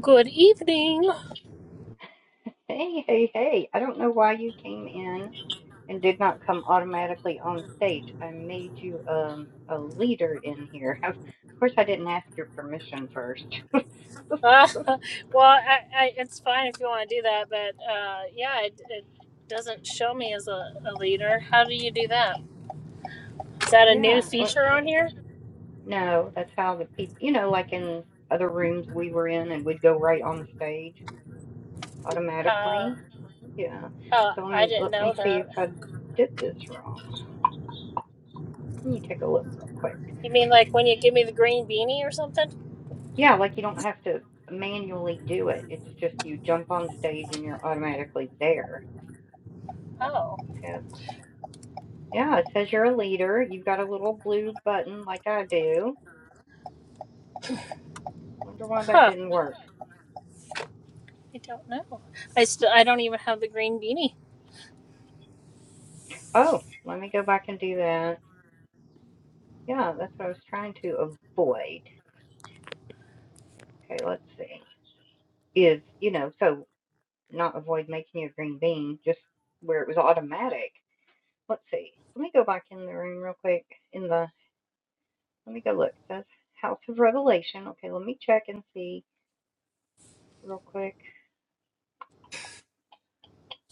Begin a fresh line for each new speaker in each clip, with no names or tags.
Good evening.
Hey, hey, hey. I don't know why you came in and did not come automatically on stage. I made you um a leader in here. Of course I didn't ask your permission first.
Uh, well, I, I, it's fine if you want to do that, but uh, yeah, it, it doesn't show me as a, a leader. How do you do that? Is that a new
Yeah, let's
feature on
see.
here?
No, that's how the people, you know, like in other rooms we were in and we'd go right on stage
Uh,
automatically. Yeah.
uh,
So let
I
me
didn't
let
know
me see if
that.
I did this wrong. Let me take a look real quick.
You mean like when you give me the green beanie or something?
Yeah, like you don't have to manually do it. It's just you jump on stage and you're automatically there.
Oh,
Okay. Yeah, it says you're a leader. You've got a little blue button like I do. Wonder why that
huh.
didn't work.
I don't know. I still I don't even have the green beanie.
Oh, let me go back and do that. Yeah, that's what I was trying to avoid. Okay, let's see. Is, you know, so not avoid making you a green bean, just where it was automatic. Let's see. Let me go back in the room real quick. In the, let me go look. It says House of Revelation. Okay, let me check and see. real quick.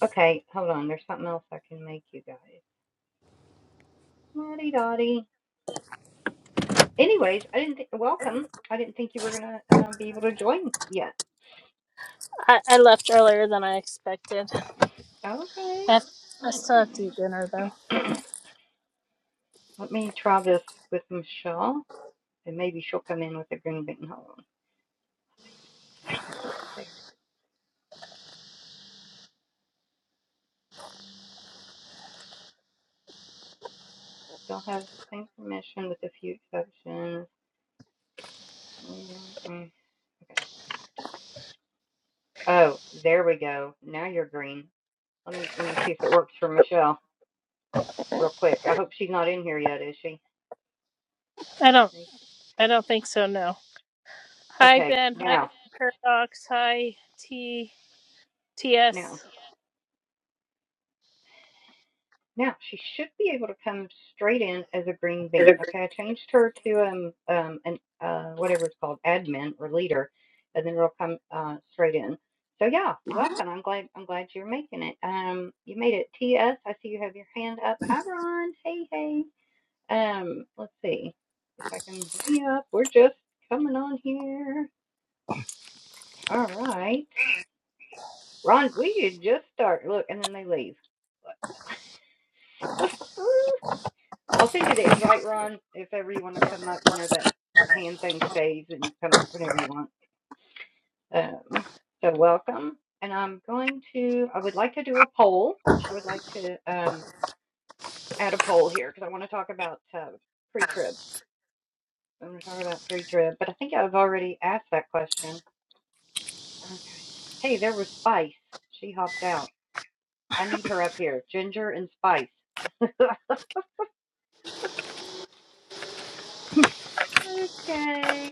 Okay, hold on. There's something else I can make you guys. Naughty dotty. Anyways, I didn't think, welcome. I didn't think you were gonna uh, be able to join yet.
I, I left earlier than I expected.
Okay.
I, have- I
All
still have to eat dinner though.
right. Let me try this with Michelle, and maybe she'll come in with a green button. Hold on. Right there. They'll have the same permission with a few exceptions. Mm, mm, Okay. Oh, there we go. Now you're green. Let me let me see if it works for Michelle real quick. I hope she's not in here yet, is she?
I don't I don't think so. No. Hi
Okay,
Ben. Hi
now,
Paradox. Hi TTS.
now,
TS.
now she should be able to come straight in as a green bean. Okay, I changed her to um um an uh whatever it's called, admin or leader, and then it'll come uh straight in. So yeah, welcome. I'm glad I'm glad you're making it. Um, you made it. TS, I see you have your hand up. Hi, Ron. Hey, hey. Um, let's see if I can bring you up. We're just coming on here. All right, Ron. We had just started. Look, and then they leave. Look. I'll send you the invite, Ron, if ever you want to come up. You know that hand thing stays and you come up whenever you want. Um, so welcome. And I'm going to, I would like to do a poll. I would like to um, add a poll here because I want to talk about uh, pre trib. I want to talk about pre trib, but I think I've already asked that question. Okay. Hey, there was Spice. She hopped out. I need her up here. Ginger and Spice. okay.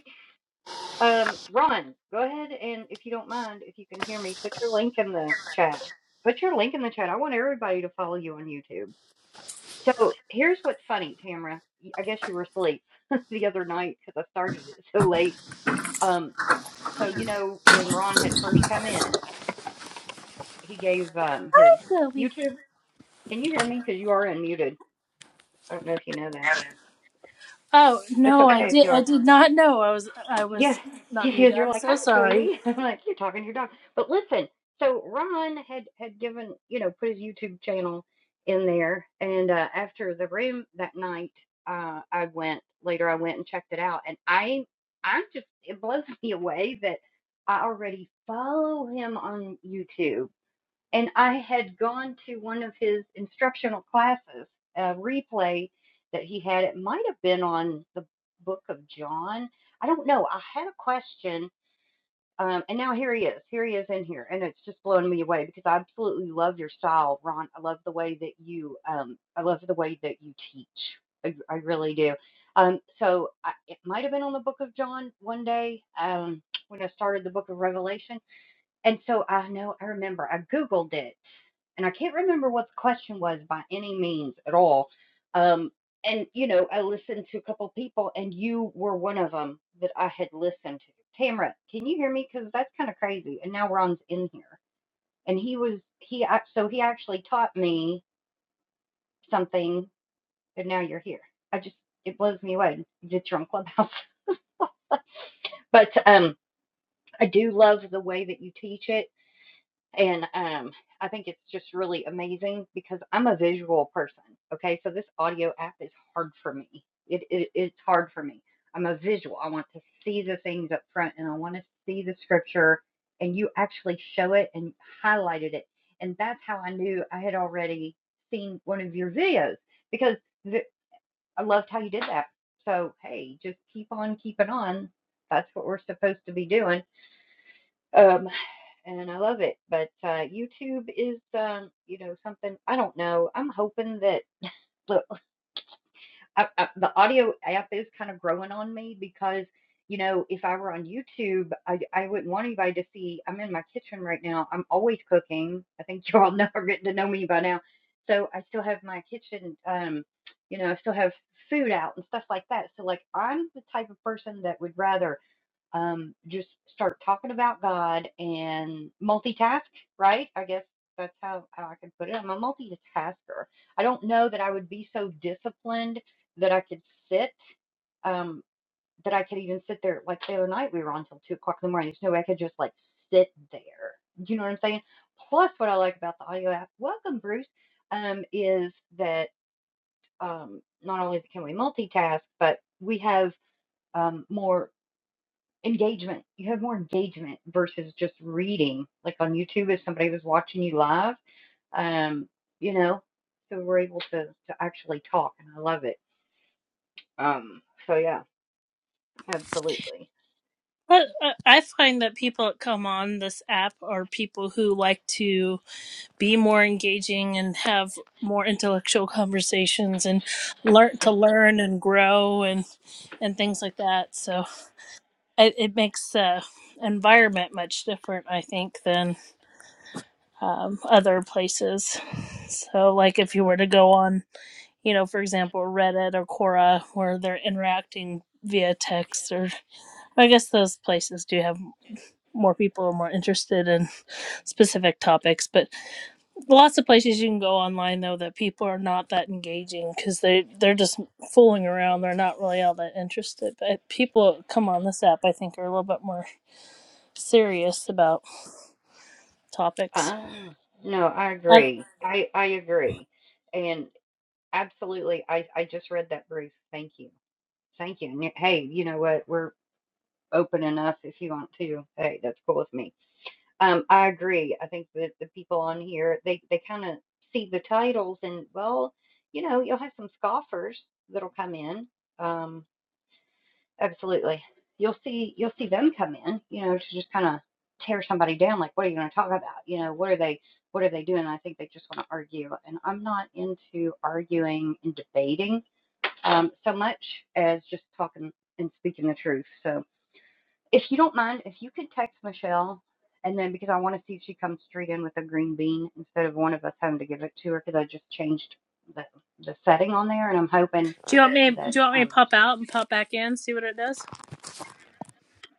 Um, Ron, go ahead and if you don't mind, if you can hear me, put your link in the chat. Put your link in the chat. I want everybody to follow you on YouTube. So here's what's funny, Tamara. I guess you were asleep the other night because I started it so late. Um, so you know when Ron had first come in, he gave um his
Chloe.
YouTube. Can you hear me? Because you are unmuted. I don't know if you know that.
Oh
That's
no, I
okay if
did.
you are.
I did not know. I was. I
Yeah,
was not
because
muted.
you're
I'm
like, "Hi,
so sorry.
sweetie." I'm like, "You're talking to your dog." But listen, so Ron had had given, you know, put his YouTube channel in there, and uh, after the room that night, uh, I went later. I went and checked it out, and I, I'm just it blows me away that I already follow him on YouTube and I had gone to one of his instructional classes, a replay that he had. It might have been on the book of John. I don't know. I had a question, um, and now here he is. Here he is in here, and it's just blowing me away because I absolutely love your style, Ron. I love the way that you, um, I love the way that you teach. I, I really do. Um, so I, it might have been on the book of John one day um, when I started the book of Revelation. And so I know I remember I Googled it and I can't remember what the question was by any means at all. Um, and you know, I listened to a couple people, and you were one of them that I had listened to. Tamara, can you hear me? Because that's kind of crazy. And now Ron's in here, and he was he ac- so he actually taught me something, and now you're here. I just it blows me away that you're on Clubhouse. But um, I do love the way that you teach it And um, I think it's just really amazing because I'm a visual person. Okay, so this audio app is hard for me. It, it it's hard for me. I'm a visual. I want to see the things up front, and I want to see the scripture. And you actually show it and highlighted it, and that's how I knew I had already seen one of your videos because the, I loved how you did that. So hey, just keep on keeping on. That's what we're supposed to be doing Um, and I love it. But uh, YouTube is, um, you know, something I don't know. I'm hoping that look, I, I, the audio app is kind of growing on me because, you know, if I were on YouTube, I, I wouldn't want anybody to see. I'm in my kitchen right now. I'm always cooking. I think you all know are getting to know me by now. So I still have my kitchen. Um, you know, I still have food out and stuff like that. So like, I'm the type of person that would rather um, just start talking about God and multitask, right? I guess that's how, how I could put it. I'm a multitasker. I don't know that I would be so disciplined that I could sit, um, that I could even sit there. Like the other night, we were on till two o'clock in the morning. There's no way I could just like sit there. You know what I'm saying? Plus, what I like about the audio app, welcome, Bruce, um, is that um, not only can we multitask, but we have um, more engagement. You have more engagement versus just reading. Like on YouTube, if somebody was watching you live, um, you know, so we're able to to actually talk, and I love it. Um, so yeah, absolutely.
But uh, I find that people that come on this app are people who like to be more engaging and have more intellectual conversations and learn to learn and grow and and things like that. So it, it makes the environment much different, I think, than. um, other places. So, like if you were to go on, you know, for example, Reddit or Quora, where they're interacting via text, or I guess those places do have more people who are more interested in specific topics. But lots of places you can go online though that people are not that engaging because they they're just fooling around. They're not really all that interested. But people come on this app, I think, are a little bit more serious about topics.
Uh, no, I
And
agree. I I agree, and absolutely. I I just read that brief. Thank you, thank you. And y- hey, you know what? We're open enough if you want to. Hey, that's cool with me. Um, I agree. I think that the people on here, they they kind of see the titles and well, you know, you'll have some scoffers that'll come in. Um, absolutely. You'll see you'll see them come in, you know, to just kind of tear somebody down like what are you going to talk about? You know, what are they what are they doing? I think they just want to argue and I'm not into arguing and debating um so much as just talking and speaking the truth. So. If you don't mind, if you could text Michelle, and then because I want to see if she comes straight in with a green bean instead of one of us having to give it to her, because I just changed the the setting on there, and I'm hoping
Do you want me? Do
that
you want me to
um
pop out and pop back in? See what it does.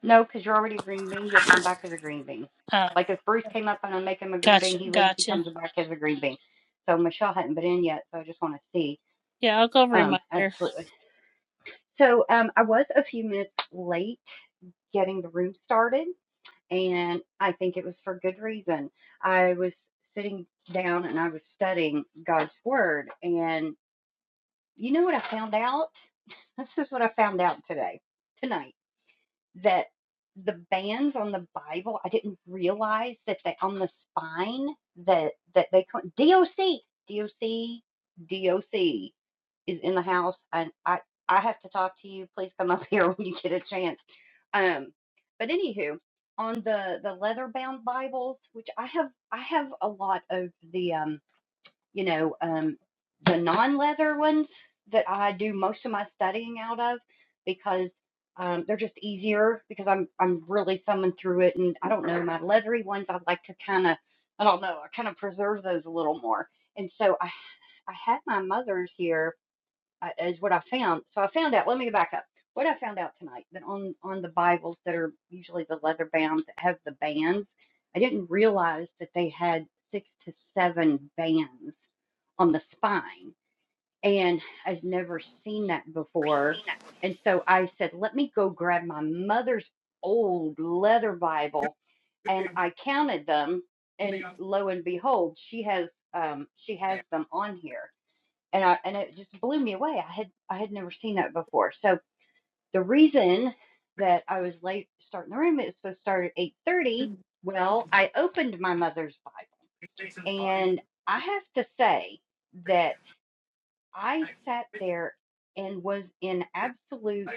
no, because you're already a green bean, you'll come back as a green bean.
Oh,
Like if Bruce came up and I make him a green
gotcha,
bean, he leaves, he
gotcha.
comes back as a green bean. So Michelle hadn't been in yet, so I just want to see.
Yeah, I'll go
Um,
remind her.
absolutely. So um, I was a few minutes late getting the room started. and I think it was for good reason. I was sitting down and I was studying God's Word, and you know what I found out? This is what I found out today, tonight, that the bands on the Bible, I didn't realize that they on the spine that that they call DOC, DOC, DOC is in the house. And I, I have to talk to you. Please come up here when you get a chance. Um, but anywho, on the the leather bound Bibles, which I have, I have a lot of the, um, you know, um, the non leather ones that I do most of my studying out of because um, they're just easier because I'm I'm really thumbing through it and I don't know my leathery ones I like to kind of I don't know I kind of preserve those a little more and so I I had my mother's here I, is what I found. So I found out. Let me go back up. What I found out tonight that on on the Bibles that are usually the leather bound that have the bands, I didn't realize that they had six to seven bands on the spine, and I've never seen that before. And so I said, let me go grab my mother's old leather Bible, and I counted them, and lo and behold, she has um, she has them on here and I and it just blew me away. I had I had never seen that before. So the reason that I was late starting the room, it was supposed to start at eight thirty. Well, I opened my mother's Bible, and I have to say that I sat there and was in absolute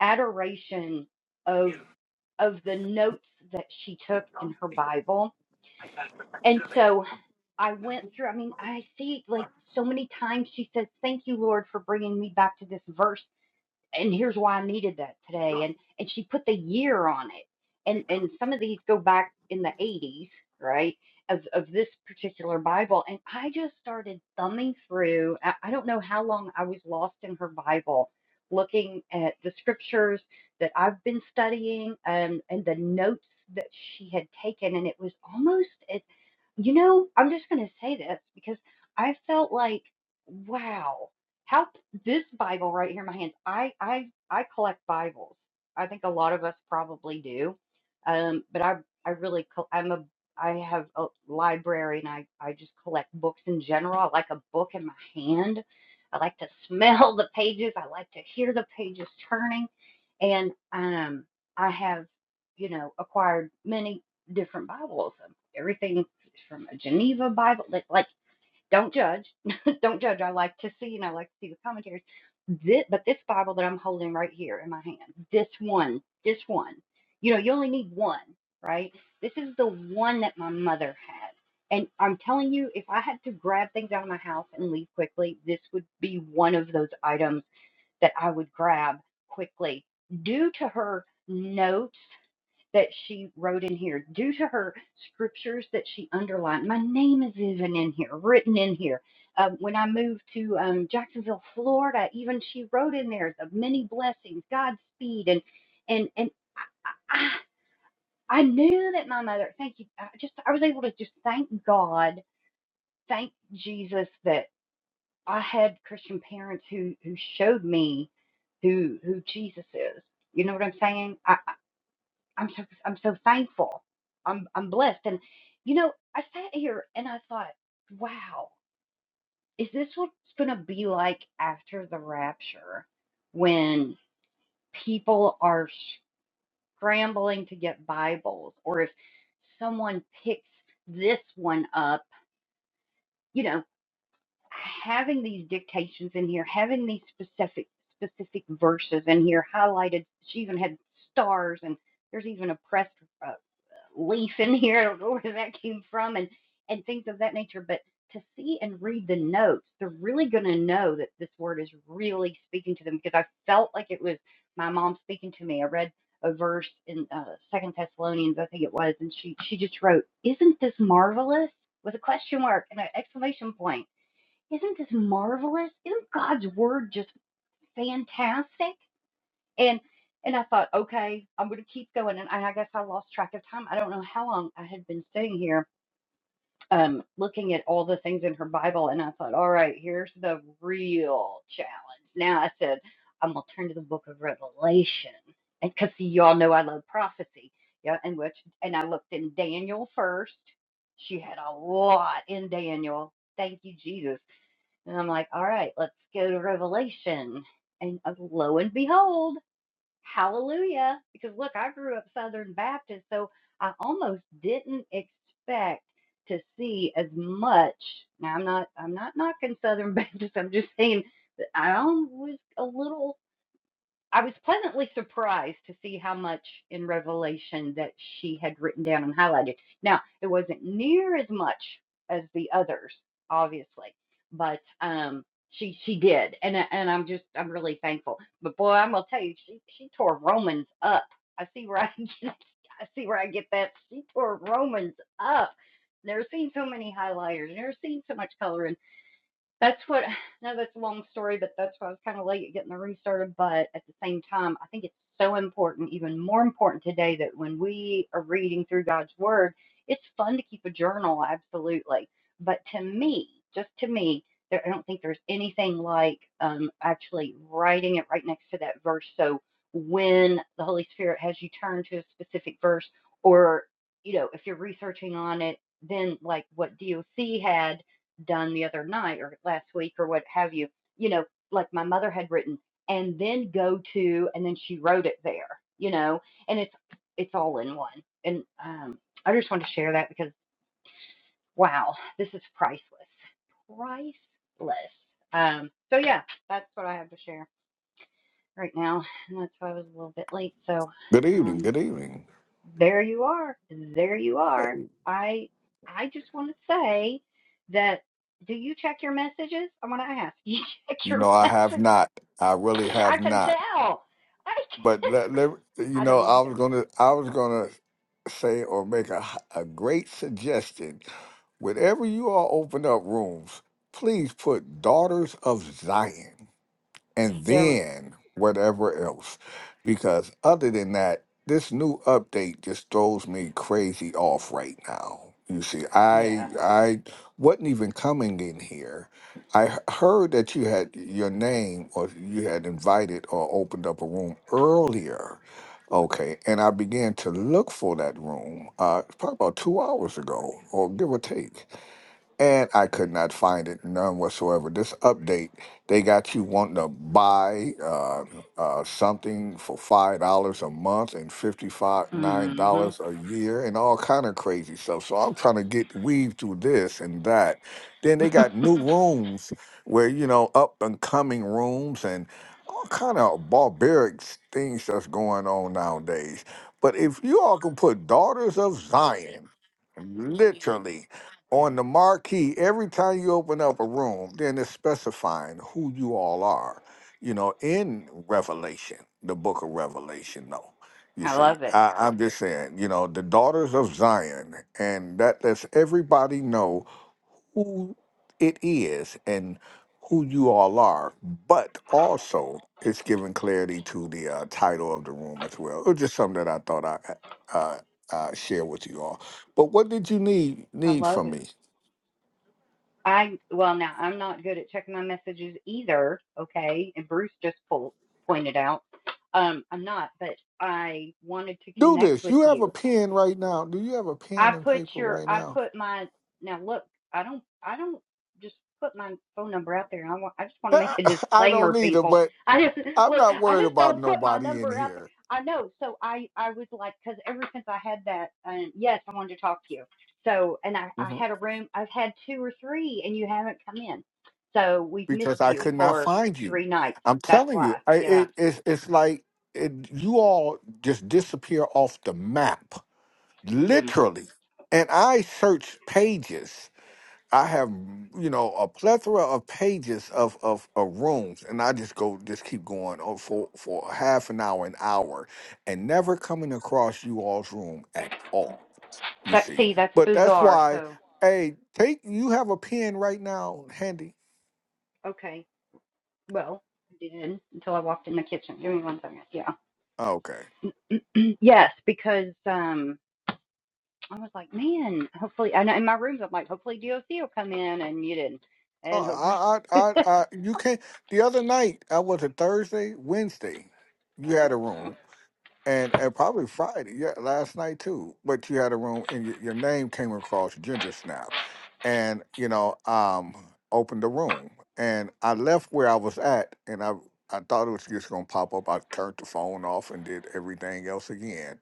adoration of of the notes that she took in her Bible. And so I went through. I mean, I see like so many times she says, "Thank you, Lord, for bringing me back to this verse." and here's why I needed that today. And and she put the year on it. And and some of these go back in the 80s, right? Of of this particular Bible. And I just started thumbing through. I, I don't know how long I was lost in her Bible, looking at the scriptures that I've been studying um, and the notes that she had taken. And it was almost it, you know, I'm just gonna say this because I felt like, wow how this Bible right here in my hands. I I I collect Bibles. I think a lot of us probably do, um, but I I really col- I'm a I have a library and I I just collect books in general. I like a book in my hand. I like to smell the pages. I like to hear the pages turning, and um I have you know acquired many different Bibles. Um, Everything from a Geneva Bible, like like don't judge. Don't judge. I like to see and I like to see the commentaries. This, but this Bible that I'm holding right here in my hand, this one, this one, you know, you only need one, right? This is the one that my mother had. And I'm telling you, if I had to grab things out of my house and leave quickly, this would be one of those items that I would grab quickly due to her notes that she wrote in here, due to her scriptures that she underlined. My name is even in here, written in here. Um, when I moved to um, Jacksonville, Florida, even she wrote in there the many blessings, Godspeed, and and and I, I I knew that my mother. Thank you. I just I was able to just thank God, thank Jesus that I had Christian parents who who showed me who who Jesus is. You know what I'm saying? I, I'm so I'm so thankful. I'm I'm blessed. And you know, I sat here and I thought, wow, is this what it's gonna be like after the rapture when people are scrambling to get Bibles or if someone picks this one up, you know. having these dictations in here, having these specific specific verses in here highlighted. She even had stars, and there's even a pressed uh, leaf in here. I don't know where that came from, and and things of that nature. But to see and read the notes, they're really going to know that this word is really speaking to them because I felt like it was my mom speaking to me. I read a verse in uh, Second Thessalonians, I think it was, and she she just wrote, "Isn't this marvelous?" with a question mark and an exclamation point isn't this marvelous? Isn't God's word just fantastic? And and I thought, okay, I'm going to keep going. And I, I guess I lost track of time. I don't know how long I had been sitting here um, looking at all the things in her Bible. And I thought, all right, here's the real challenge. Now I said, I'm going to turn to the book of Revelation. And Because y'all know I love prophecy. Yeah, and which and I looked in Daniel first. She had a lot in Daniel. Thank you, Jesus and I'm like, all right, let's go to Revelation. And uh, lo and behold, hallelujah. Because look, I grew up Southern Baptist, so I almost didn't expect to see as much. Now I'm not I'm not knocking Southern Baptist. I'm just saying that I was a little I was pleasantly surprised to see how much in Revelation that she had written down and highlighted. Now, it wasn't near as much as the others, obviously, but um, she she did, and uh, and I'm just I'm really thankful. But boy, I'm gonna tell you, she she tore Romans up. I see where I get, I see where I get that. She tore Romans up. Never seen so many highlighters. Never seen so much color in that's what I know that's a long story, but that's why I was kind of late at getting the room started. But at the same time, I think it's so important, even more important today, that when we are reading through God's Word, it's fun to keep a journal, absolutely. But to me, just to me, there, I don't think there's anything like um, actually writing it right next to that verse. So when the Holy Spirit has you turn to a specific verse, or you know, if you're researching on it, then like what DOC had done the other night or last week or what have you, you know, like my mother had written, and then go to, and then she wrote it there, you know, and it's it's all in one. And um, I just want to share that because wow, this is priceless, priceless. Um, so yeah, that's what I have to share right now, and that's why I was a little bit late. So.
Good evening.
Um,
Good evening.
there you are there you are i i just want to say that do you check your messages i want to ask do you check
You
your
know, I have
messages
not. I really
i
have
can
not.
tell i can-
But let, let, you
i
know,
don't
I was
either
gonna, I was gonna say or make a h- a great suggestion. Whenever you all open up rooms, please put Daughters of Zion. and
yeah
then whatever else. Because other than that, this new update just throws me crazy off right now. You see,
yeah
I I wasn't even coming in here. I h- heard that you had your name or you had invited or opened up a room earlier. Okay, and I began to look for that room uh, probably about two hours ago, or give or take and I could not find it none whatsoever. This update, they got you wanting to buy uh, uh, something for five dollars a month and fifty five nine
hmm
dollars a year and all kind of crazy stuff. So I'm trying to get weave through this and that. Then they got new rooms where you know up and coming rooms and all kind of barbaric s- things that's going on nowadays. But if you all can put daughters of Zion, literally on the marquee every time you open up a room then it's specifying who you all are you know in revelation the book of revelation though you
i
see
love it
I, i'm just saying you know the daughters of zion and that lets everybody know who it is and who you all are but also it's giving clarity to the uh, title of the room as well it was just something that i thought i uh, uh, share with you all but what did you need
i
need
love
from
it
me
i well now i'm not good at checking my messages either okay and bruce just pulled, pointed out um i'm not but i wanted to
Do
connect
this.
with
You have a
you
pen right now. Do you have a
I
pen and
put
paper
your
right
I
now?
put my now look, I don't I don't just put my phone number out there. I want I just want to make a
I don't
disclaimer,
either,
people.
but
I just
I'm
look,
not
I
worried
just
about
don't put my
nobody in
number out there.
here
I know. So I I was like cuz ever since I had that um yes, I wanted to talk to you. So and I I
Mhm.
had a room. I've had two or three and you haven't come in. So we've
because
missed
I
you
could not
for
find you.
three nights.
I'm
That's
telling you,
why.
I,
Yeah.
it, it's it's like it, you all just disappear off the map,
Hmm.
literally. And I search pages I have, you know, a plethora of pages of, of, of rooms, and I just go, just keep going on for, for half an hour, an hour, and never coming across you all's room at all, you
That
see.
see, that's
But that's
bizarre.
why,
So
hey, take, you have a pen right now handy?
okay. Well, I did until I walked in the kitchen. Give me one second. Yeah.
Okay.
yes, because um I was like, man, hopefully, and in my rooms, I'm like, hopefully DOC will come in, and you didn't.
Uh,
And hopefully,
I, I,
I
I, I, you can't, the other night, I was a Thursday, Wednesday, you
don't
had a room.
know.
and and probably Friday, yeah, last night too. But you had a room, and y- your name came across Ginger Snap, and you know, um, opened the room, and I left where I was at, and I I thought it was just gonna pop up. I turned the phone off and did everything else again,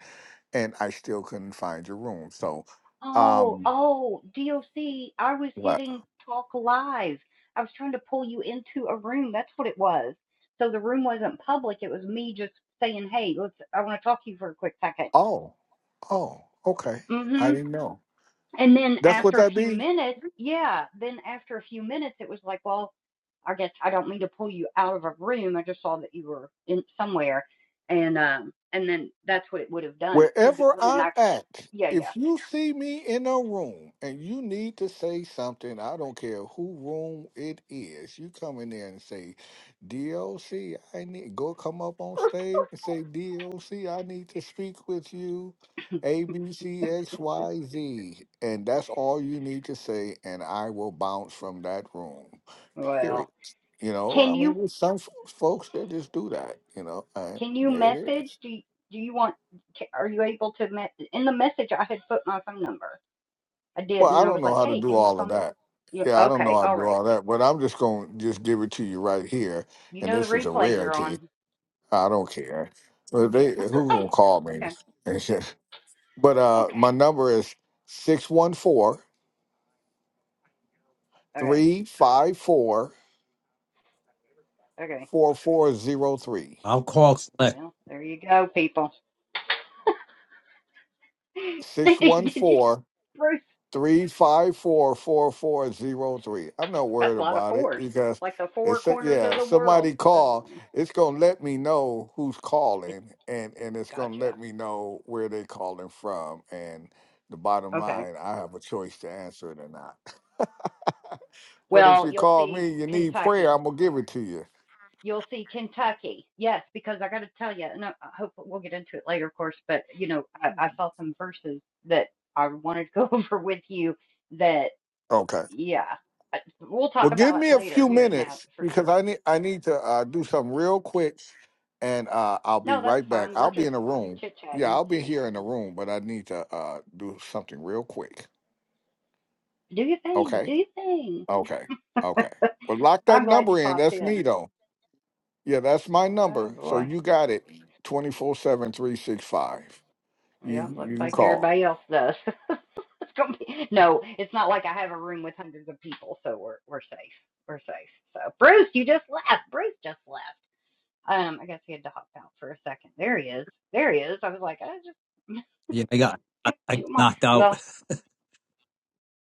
and I still couldn't find your room. So,
Oh,
um,
oh, DOC, I was
what?
hitting talk live. I was trying to pull you into a room. That's what it was. So the room wasn't public. It was me just saying, hey, let's, I want to talk to you for a quick
Oh, oh, okay.
2nd
I didn't know.
And then
That's what
after a
that
few
be.
minutes, yeah, then after a few minutes, it was like, well, I guess I don't mean to pull you out of a room. I just saw that you were in somewhere, and um, and then that's what it would have done. So it
Wherever
wasn't an
I'm
actual,
at,
yeah, yeah.
if you see me in a room and you need to say something, I don't care who room it is, you come in there and say, DOC, I need go come up on stage and say, DOC, I need to speak with you. A B C X Y Z. And that's all you need to say, and I will bounce from that room. Period.
Well,
You know,
can
I mean
you
there's some f- folks that just do that, you know. And
can you
there it is.
message? Do you, do you want? Are you able to me- in the message? I had put my phone number. I did,
Well,
and
I
then I
don't
was
know
like,
how to
hey,
do
can you
all of
come?
that.
Yeah,
Yeah, I don't know
okay,
how to
all
do
right.
all that, but I'm just going to just give it to you right here.
You
And
know the
this is a
replays are
rarity.
on.
I don't care. But they who
okay,
going to call me?
okay,
And shit. But uh my number is
okay, okay.
614
I'll call Slick.
Well, there you go, people. Bruce,
three five four four four zero three. I'm not
that's
worried
a lot of
about it
fours.
because
Like the four
it's
corners of
yeah,
the world.
somebody
Of
call,
the-
it's gonna let me know who's
It's
calling and and it's gonna let
gotcha.
me know where they calling from and the bottom
Okay.
line, I have a choice to answer it or not. But if
Well,
you
you'll
call
see
me, you need prayer,
Kentucky.
I'm gonna give it to you.
You'll see Kentucky. Yes, because I got to tell you, and I hope we'll get into it later, of course. But you know, I, I saw some verses that I wanted to go over with you. That
Okay.
yeah, we'll talk
Well, give
about it
me a
later
few
here now
minutes
for
because
sure.
I need I need to uh, do something real quick, and uh, I'll be
No, that's
right back.
fine. We're
I'll be
just
in the room.
chit
Yeah,
chatting.
I'll be here in the room, but I need to uh, do something real quick.
Do your thing. Do
Okay,
your thing.
okay, okay. Well, lock that
I'm glad you
number in.
popped
That's me
in.
though. Yeah, that's my
Oh
number. So
boy.
you got it. twenty four seven three six five. You
Yeah, looks
you can
like
call.
everybody else does. it's gonna be no, it's not like I have a room with hundreds of people, so we're we're safe. We're safe. So Bruce, you just left. Bruce just left. Um, I guess he had to hop out for a second. There he is. There he is. I was like, I just
Yeah, I got I, I got
you my
knocked out.
well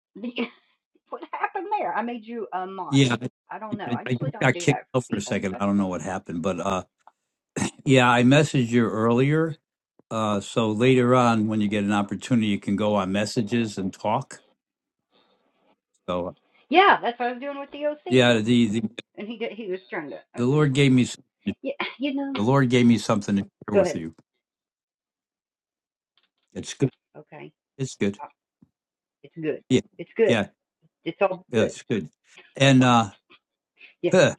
what happened there? I made you a mod.
Yeah,
I don't
I,
know. I
I
usually don't
got
do
kicked
that for
out for a
people, but
second.
I
I don't know what
just
happened, but uh, yeah, I messaged you earlier. Uh, so later on, when you get an opportunity, you can go on messages and talk. So
Yeah, that's what I was doing with the OC.
yeah, the the,
And he did he was trying to
the
okay.
Lord gave me some-
Yeah, you know.
the Lord gave me something to share
Go
with
ahead.
you. It's good.
Okay.
It's good.
It's good.
Yeah,
It's good.
yeah,
It's all
yeah
good.
it's good. And uh,
Yes.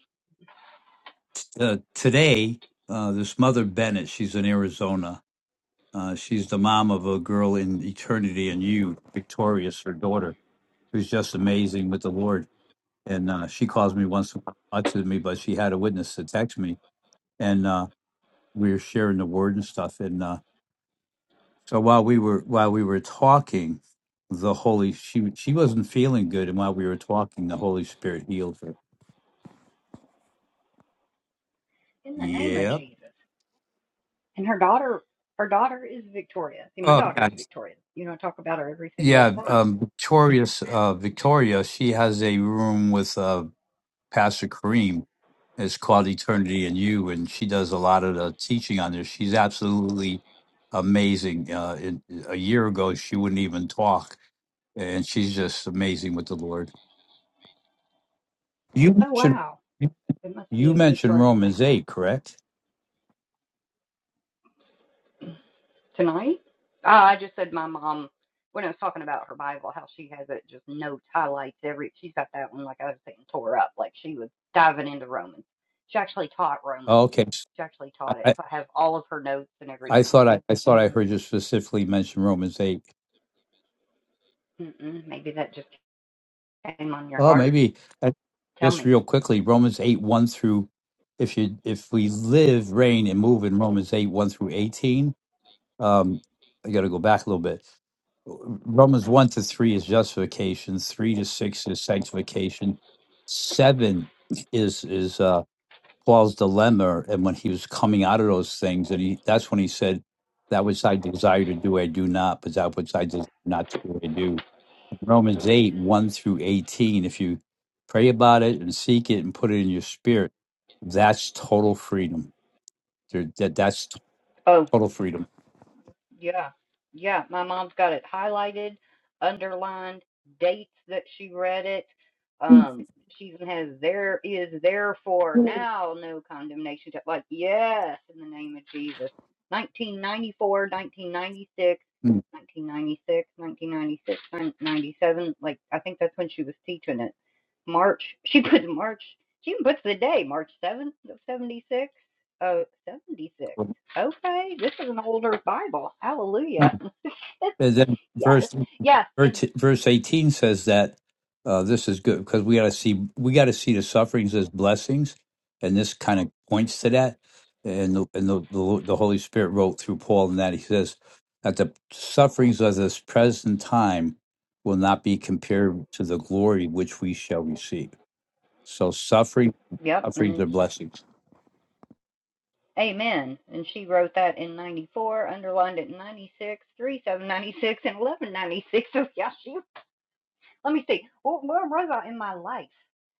uh, today, uh, this mother Bennett, she's in Arizona. Uh, she's the mom of a girl in eternity and you, Victorious, her daughter, who's just amazing with the Lord. And uh, she calls me once in a while, talks to me, but she had a witness to text me, and uh, we were sharing the word and stuff. And uh, so while we were while we were talking, the Holy she she wasn't feeling good, and while we were talking, the Holy Spirit healed her.
In the name of
Yeah.
Jesus. And her daughter, her daughter is Victoria. See, my
Oh,
daughter
yeah.
is Victoria. You know, I talk about her every single
Yeah,
time.
um, Victorious, uh, Victoria, she has a room with uh, Pastor Kareem. It's called Eternity in You, and she does a lot of the teaching on this. She's absolutely amazing. Uh, in, a year ago, she wouldn't even talk, and she's just amazing with the Lord. You
Oh,
mentioned
wow.
you
It must be a
mentioned
Victoria thing.
Romans eight, correct?
Tonight? Uh, I just said my mom, when I was talking about her Bible, how she has it just notes, highlights every, she's got that one, like I was saying, tore up. Like she was diving into Romans. She actually taught Romans.
Oh, okay,
She actually
I,
taught it.
I
So I have all of her notes and
I
everything.
thought I, I thought I
hmm
heard you specifically mention Romans eight.
Mm-mm. Maybe that just came on your
Oh,
heart?
maybe uh,
Tell
just
me.
real quickly, Romans 8, 1 through, if you if we live, reign, and move in Romans 8, 1 through 18, um, I got to go back a little bit. Romans 1 to 3 is justification, 3 to 6 is sanctification, 7 is is uh, Paul's dilemma. And when he was coming out of those things, and he that's when he said, That which I desire to do, I do not, but that which I do not do, I do. Romans 8, 1 through 18. If you pray about it and seek it and put it in your spirit, that's total freedom. There- That, that's
Oh,
total freedom.
yeah. Yeah, my mom's got it highlighted, underlined, dates that she read it. Um, she even has there is therefore now no condemnation to like yes in the name of Jesus. Nineteen ninety four, nineteen ninety six,
Mm.
nineteen ninety six, nineteen ninety six, ninety seven. Like I think that's when she was teaching it. March. She puts March. She even puts the day March 7th of 76. Uh, 76. Okay, this is an older Bible. Hallelujah.
Mm. And then
yes,
verse
yes,
Verse
and
18 says that uh, this is good because we got to see we got to see the sufferings as blessings, and this kind of points to that. And the, and the, the the Holy Spirit wrote through Paul in that he says that the sufferings of this present time will not be compared to the glory which we shall receive. So suffering
yep,
sufferings
and
are blessings.
amen. And she wrote that in 94, underlined it in 96, three seven ninety-six, and 1196. So, yeah, she Let me see. What, what was i about in my life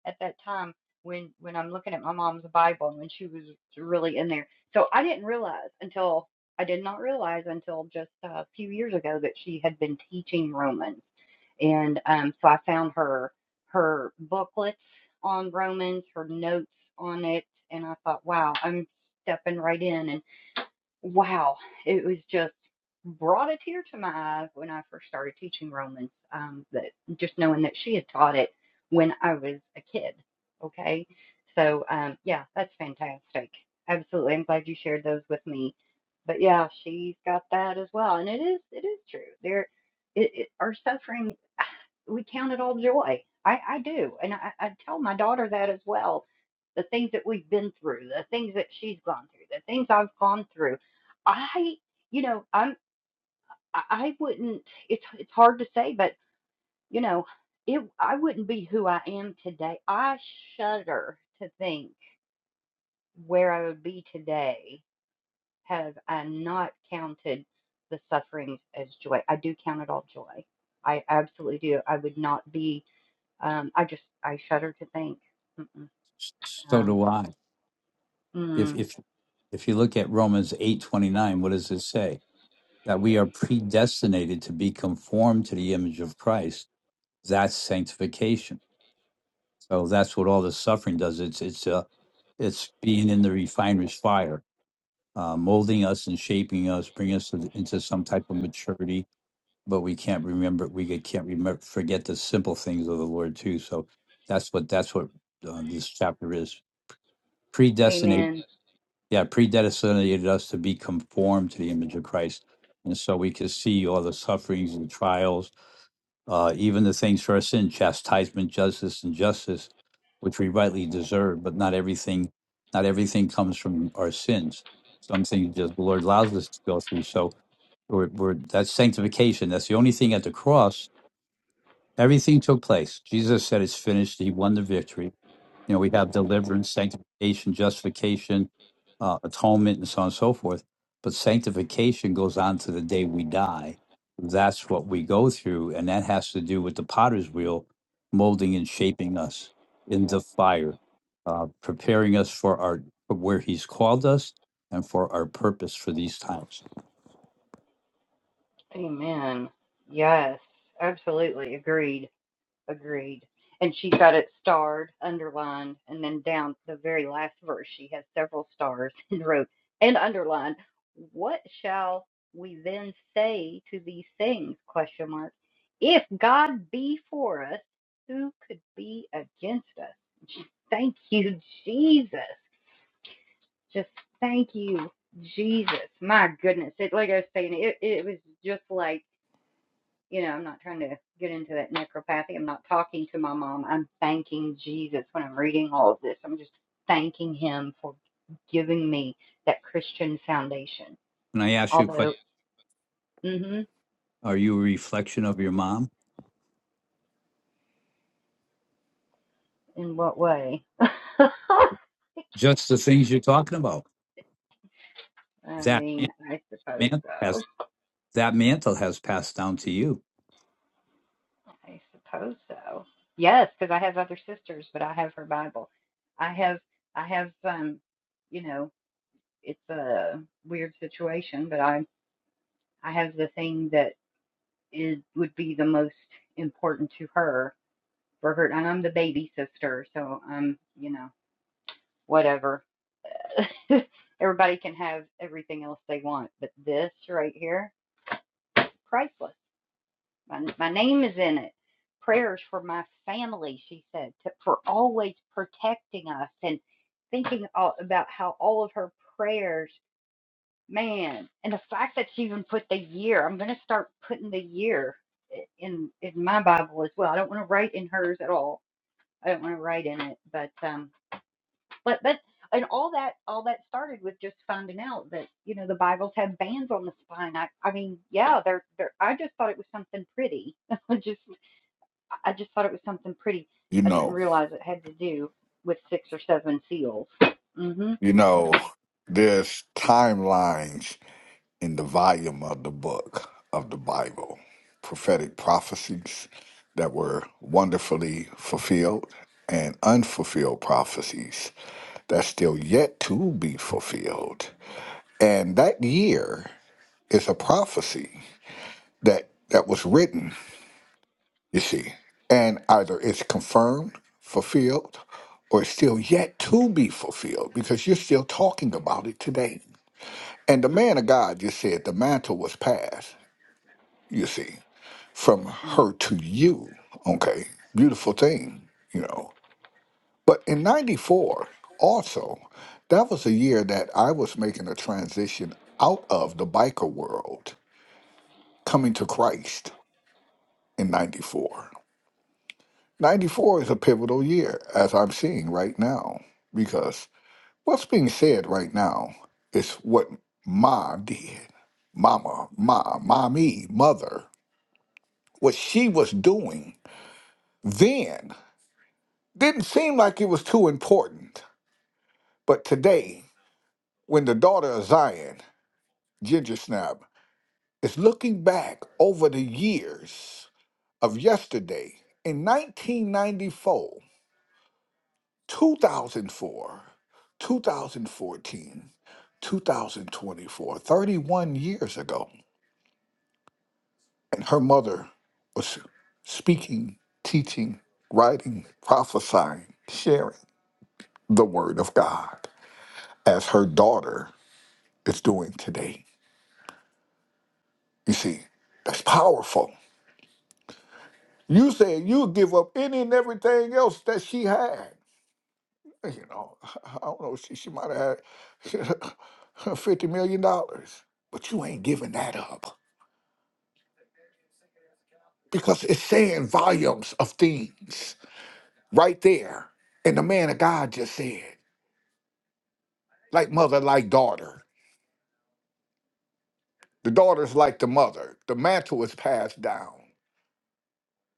at that time when when I'm looking at my mom's Bible and when she was really in there. So I didn't realize until I did not realize until just a few years ago that she had been teaching Romans, and um, so I found her her booklets on Romans, her notes on it, and I thought, wow, I'm stepping right in. and wow, it was just brought a tear to my eye when I first started teaching Romans. Um, that just knowing that she had taught it when I was a kid. Okay, so um, yeah, that's fantastic. Absolutely, I'm glad you shared those with me. But yeah, she's got that as well, and it is it is true. There, it, it, our suffering we count it all joy. I, I do. And I, I tell my daughter that as well. The things that we've been through, the things that she's gone through, the things I've gone through. I, you know, I'm, I I wouldn't, it's, it's hard to say, but you know, it, I wouldn't be who I am today. I shudder to think where I would be today had I not counted the sufferings as joy. I do count it all joy. I absolutely do. I would not be Um, I just I shudder to think. Mm-mm.
So
Um,
do I. If
mm,
if if you look at Romans eight twenty nine, what does it say? that we are predestinated to be conformed to the image of Christ. That's sanctification. So that's what all the suffering does. It's it's uh, it's being in the refiner's fire, uh, molding us and shaping us, bringing us to- into some type of maturity. But we can't remember. We can't remember. Forget the simple things of the Lord too. So that's what that's what uh, this chapter is predestinate.
amen.
Yeah, predestinated us to be conformed to the image of Christ, and so we can see all the sufferings and trials uh, even the things for our sin, chastisement, justice, and justice, which we rightly deserve. But not everything, not everything comes from our sins. Some things just the Lord allows us to go through. So we're, we're that's sanctification. That's the only thing at the cross. Everything took place. Jesus said, "It's finished." He won the victory you know, we have deliverance, sanctification, justification, uh, atonement, and so on and so forth. But sanctification goes on to the day we die. That's what we go through. And that has to do with the potter's wheel molding and shaping us in the fire, uh, preparing us for our for where he's called us and for our purpose for these times.
Amen. Yes, absolutely agreed. Agreed. And she's got it starred, underlined, and then down the very last verse she has several stars and wrote and underlined. What shall we then say to these things? Question mark. If God be for us, who could be against us? Thank you, Jesus. Just thank you, Jesus. My goodness. It, like I was saying, it, it was just like, you know, I'm not trying to get into that necropathy. I'm not talking to my mom. I'm thanking Jesus when I'm reading all of this. I'm just thanking him for giving me that Christian foundation.
Can I ask you a question?
Although, hmm
Are you a reflection of your mom?
in what way? I
Just the things you're talking about. That man-
mean, I suppose
mantle
so.
has that mantle has passed down to you.
I suppose so. Yes, because I have other sisters, but I have her Bible. I have, I have, um, you know. it's a weird situation, but I I have the thing that is would be the most important to her for her, and I'm the baby sister, so I'm you know whatever. Everybody can have everything else they want, but this right here, priceless. My, my name is in it. Prayers for my family, she said, to, for always protecting us and thinking all, about how all of her prayers Man, and the fact that she even put the year, I'm gonna start putting the year in in my Bible as well. I don't want to write in hers at all. I don't want to write in it, but um, but but and all that all that started with just finding out that you know the Bibles have bands on the spine. I I mean, yeah, they're they're. I just thought it was something pretty. I just I just thought it was something pretty.
You
I didn't
know,
realize it had to do with six or seven seals. Mm-hmm. Mhm.
you know. There's timelines in the volume of the book of the Bible, prophetic prophecies that were wonderfully fulfilled and unfulfilled prophecies that's still yet to be fulfilled. And that year is a prophecy that that was written, you see, and either it's confirmed, fulfilled, or it's still yet to be fulfilled because you're still talking about it today. And the man of God just said the mantle was passed, you see. from
Mm,
her to you. Okay, beautiful thing, you know. But in 94, also, that was a year that I was making a transition out of the biker world, coming to Christ in 94. 94 is a pivotal year, as I'm seeing right now, because what's being said right now is what Ma did. Mama, Ma, Mommy, Mother, what she was doing then Didn't seem like it was too important. But today, when the daughter of Zion, Ginger Snap, is looking back over the years of yesterday in 1994, 2004, 2014, 2024, 31 years ago, and her mother was speaking, teaching, writing, prophesying, sharing the word of God as her daughter is doing today. You see, that's powerful. You said you'd give up any and everything else that she had. You know, I don't know, she, she might have had $50 million, dollars, but you ain't giving that up because it's saying volumes of things right there. And the man of God just said, like mother, like daughter. The daughter's like the mother. The mantle is passed down.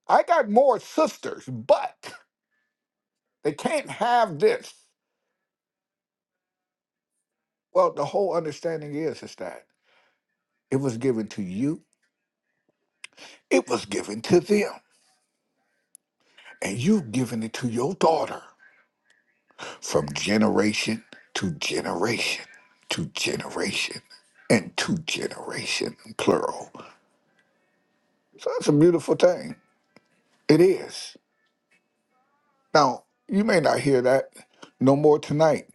I got more sisters, but they can't have this. Well, the whole understanding is is that It was given to you, it was given to them, and you've given it to your daughter from generation to generation to generation and to generation, plural. So that's a beautiful thing. It is. Now, you may not hear that no more tonight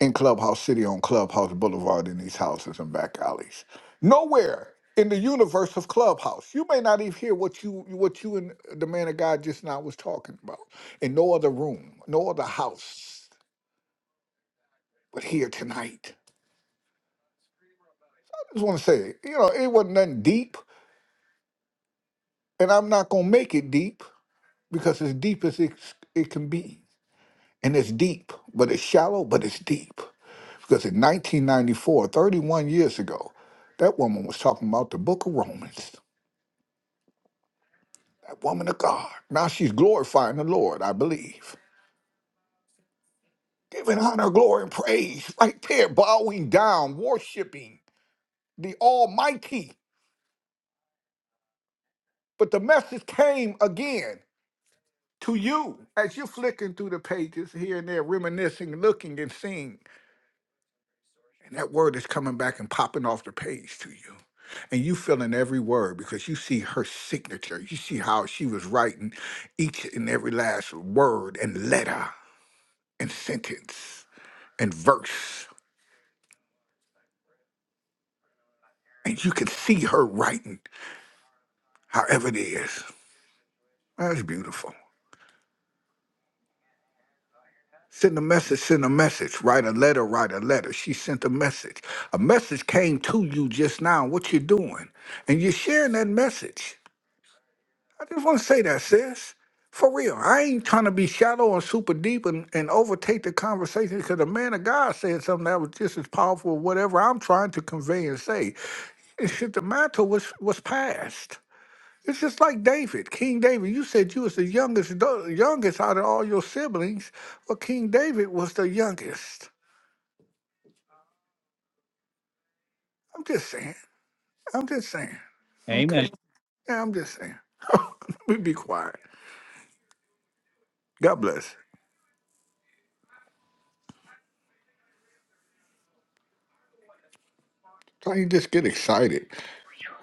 in Clubhouse City on Clubhouse Boulevard in these houses and back alleys. Nowhere in the universe of Clubhouse, you may not even hear what you what you and the man of God just now was talking about. In no other room, no other house, but here tonight. I just want to say, you know, it wasn't nothing deep, and I'm not gonna make it deep because as deep as it it can be, and it's deep, but it's shallow, but it's deep. Because in 1994, 31 years ago, that woman was talking about the Book of Romans. That woman of God. Now she's glorifying the Lord, I believe. Giving honor, glory, and praise right there, bowing down, worshiping the Almighty. But the message came again to you as you're flicking through the pages here and there, reminiscing, looking, and seeing. And that word is coming back and popping off the page to you. And you feeling every word because you see her signature. You see how she was writing each and every last word and letter and sentence and verse. and you can see her writing, however it is. That's beautiful. Send a message, send a message. Write a letter, write a letter. She sent a message. A message came to you just now, what you're doing. And you're sharing that message. I just want to say that, sis. For real. I ain't trying to be shallow and super deep and, and overtake the conversation because the man of God said something that was just as powerful as whatever I'm trying to convey and say. And shit, the mantle was was passed. It's just like David, King David. You said you was the youngest, do- youngest out of all your siblings. Well, King David was the youngest. I'm just saying. I'm just saying. Okay.
Amen.
Yeah, I'm just saying. Let me be quiet. God bless. Why you just get excited?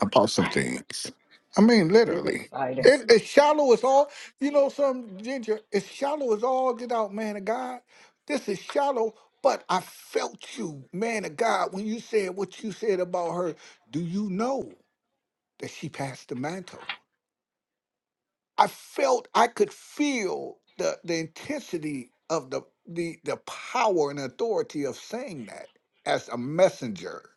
about some things. I mean,
it is
literally.
exciting.
It, it's shallow as all, you know, some ginger, it's shallow as all get out, man of God. This is shallow, but I felt you, man of God, when you said what you said about her. Do you know that she passed the mantle? I felt, I could feel the, the intensity of the, the, the power and authority of saying that as a messenger.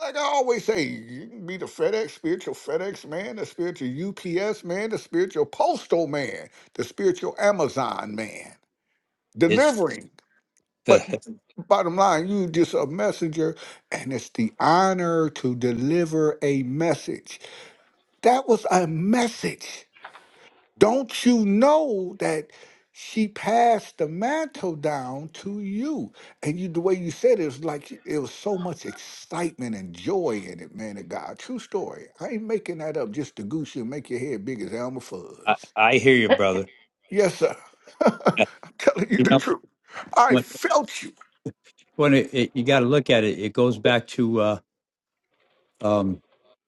Like I always say, you can be the FedEx, spiritual FedEx man, the spiritual UPS man, the spiritual postal man, the spiritual Amazon man,
It's
delivering.
the
But bottom line, you just a messenger, and it's the honor to deliver a message. That was a message. Don't you know that she passed the mantle down to you? And you, the way you said it, was like it was so much excitement and joy in it, man of God. True story. I ain't making that up just to goose you and make your head big as Elmer
I,
Fudd's.
I hear you, brother.
Yes, sir. I'm
Yeah.
telling you
You
the
know,
truth. I
when,
felt you.
when it, it, you got to look at it, it goes back to uh, um,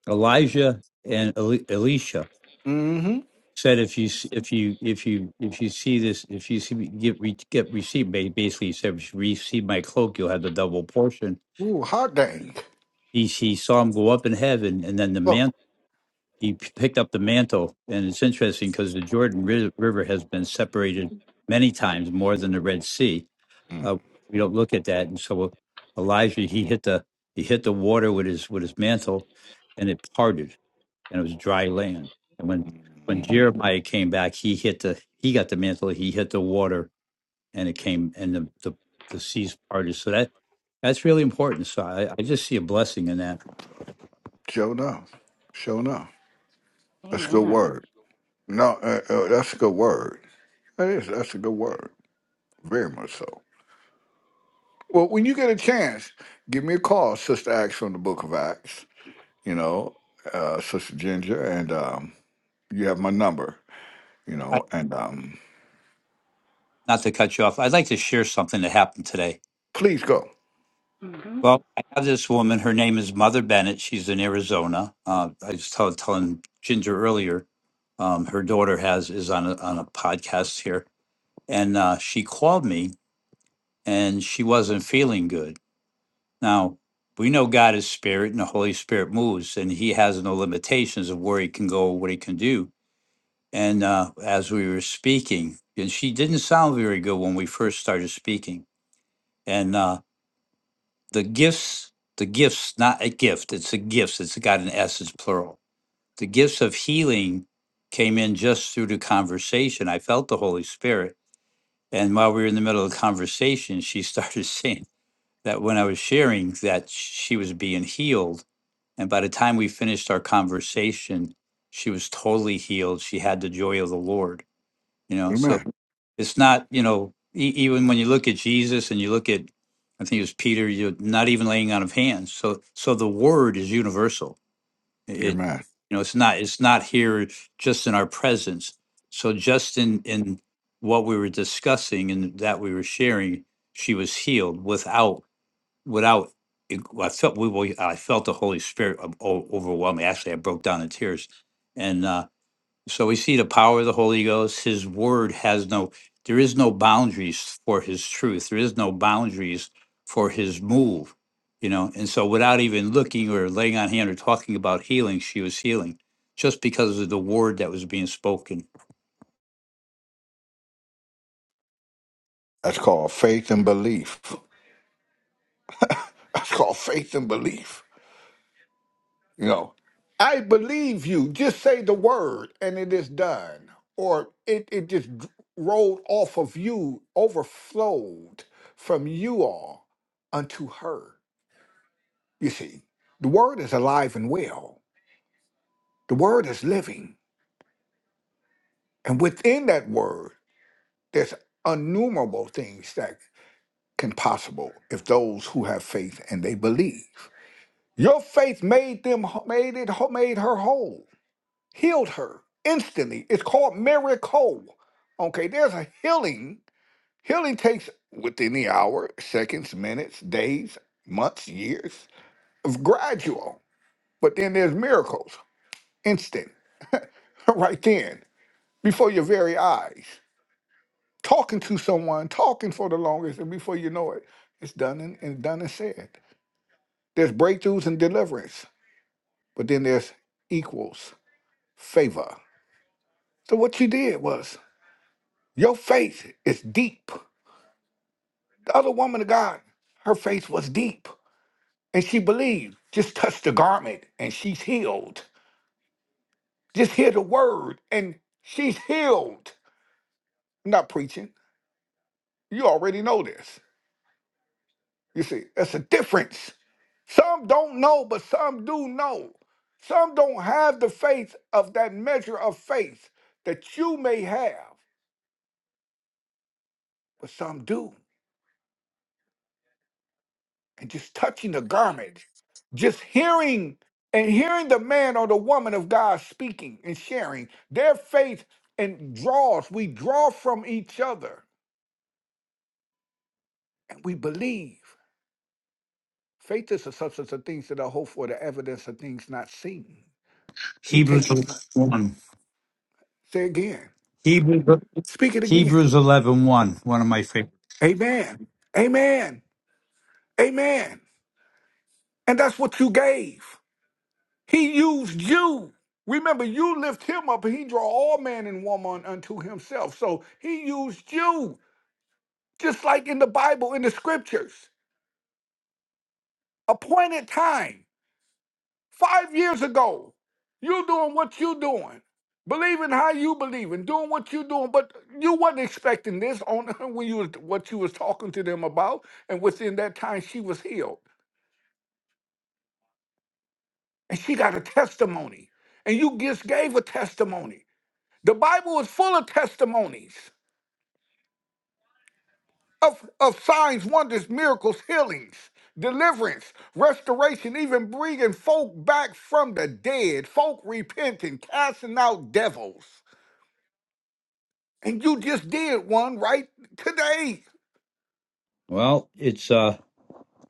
Elijah and Eli- Elisha.
Mm-hmm.
said if you s- if you if you if you see this if you see me get re, get received ba- basically he said if you receive my cloak you'll have the double portion
Ooh, hot dang.
he he saw him go up in heaven and then the man
Look.
he p- picked up the mantle and it's interesting because the jordan Ri- river has been separated many times more than the red sea uh, we don't look at that and so elijah he hit the he hit the water with his with his mantle and it parted and it was dry land. And when when
Mm-hmm.
Jeremiah came back, he hit the he got the mantle, he hit the water, and it came and the the, the seas parted. So that that's really important. So I, I just see a blessing in that.
Show enough. Show enough. That's a good
Amen.
word. No, uh, uh, that's a good word. That is. That's a good word. Very much so. Well, when you get a chance, give me a call, Sister Acts from the Book of Acts, you know, uh, Sister Ginger, and um, you have my number, you
I,
know, and um,
not to cut you off, I'd like to share something that happened today.
please go.
Mm-hmm.
Well, I have this woman. Her name is Mother Bennett. She's in Arizona. Uh, I was tell, telling Ginger earlier. Um, her daughter has is on a, on a podcast here, and uh, she called me, and she wasn't feeling good Now, we know God is spirit and the Holy Spirit moves and he has no limitations of where he can go, what he can do. And uh, as we were speaking, and she didn't sound very good when we first started speaking. And uh, the gifts, the gifts, not a gift, it's a gifts, it's got an S, it's plural. The gifts of healing came in just through the conversation. I felt the Holy Spirit. And while we were in the middle of the conversation, she started saying that when I was sharing that she was being healed And by the time we finished our conversation, she was totally healed. She had the joy of the Lord, you know. So
Amen.
it's not, you know, e- even when you look at Jesus and you look at, I think it was Peter, you're not even laying out of hands. So, so the word is universal. It,
Amen.
you know, it's not, it's not here just in our presence. So just in, in what we were discussing and that we were sharing, she was healed without without it, I felt we were, I felt the Holy Spirit o- o- overwhelm me. Actually, I broke down in tears, and uh, so we see the power of the Holy Ghost. His Word has no, there is no boundaries for His truth. There is no boundaries for His move. You know, and so without even looking or laying on hand or talking about healing, she was healing just because of the word that was being spoken.
That's called faith and belief. That's called faith and belief. You know, I believe you. Just say the word and it is done. Or it, it just rolled off of you, overflowed from you all unto her You see, the word is alive and well. The word is living. And within that word, there's innumerable things that can possible if those who have faith and they believe. Your faith made them wh- made it wh- made her whole, healed her instantly. It's called miracle. Okay, there's a healing. Healing takes within the hour, seconds, minutes, days, months, years It's gradual. But then there's miracles, instant, right then. before your very eyes, talking to someone, talking for the longest, and before you know it, it's done and, and done and said. There's breakthroughs and deliverance, but then there's equals favor. So what you did was your faith is deep. The other woman of God, her faith was deep, and she believed. Just touch the garment, and she's healed. Just hear the word, and she's healed. I'm not preaching. You already know this. You see, that's a difference. Some don't know, but some do know. Some don't have the faith of that measure of faith that you may have, but some do. And just touching the garment, just hearing and hearing the man or the woman of God speaking and sharing their faith and draws, we draw from each other and we believe. Faith is the substance of things that are hoped for, the evidence of things not seen. We take
Hebrews
it.
el- 1.
Say again.
Hebrews,
Speak it again.
Hebrews eleven one. one of my favorite.
Amen. Amen. Amen. And that's what you gave. He used you. Remember, you lift him up and he draw all man and woman unto himself. So he used you, just like in the Bible, in the scriptures. Appointed time, five years ago, you doing what you doing, believing how you believing, doing what you doing, but you wasn't expecting this on when you was what you was talking to them about, and within that time she was healed. and she got a testimony. And you just gave a testimony. The Bible is full of testimonies of, of signs, wonders, miracles, healings, deliverance, restoration, even bringing folk back from the dead, folk repenting, casting out devils. And you just did one right today.
Well, it's uh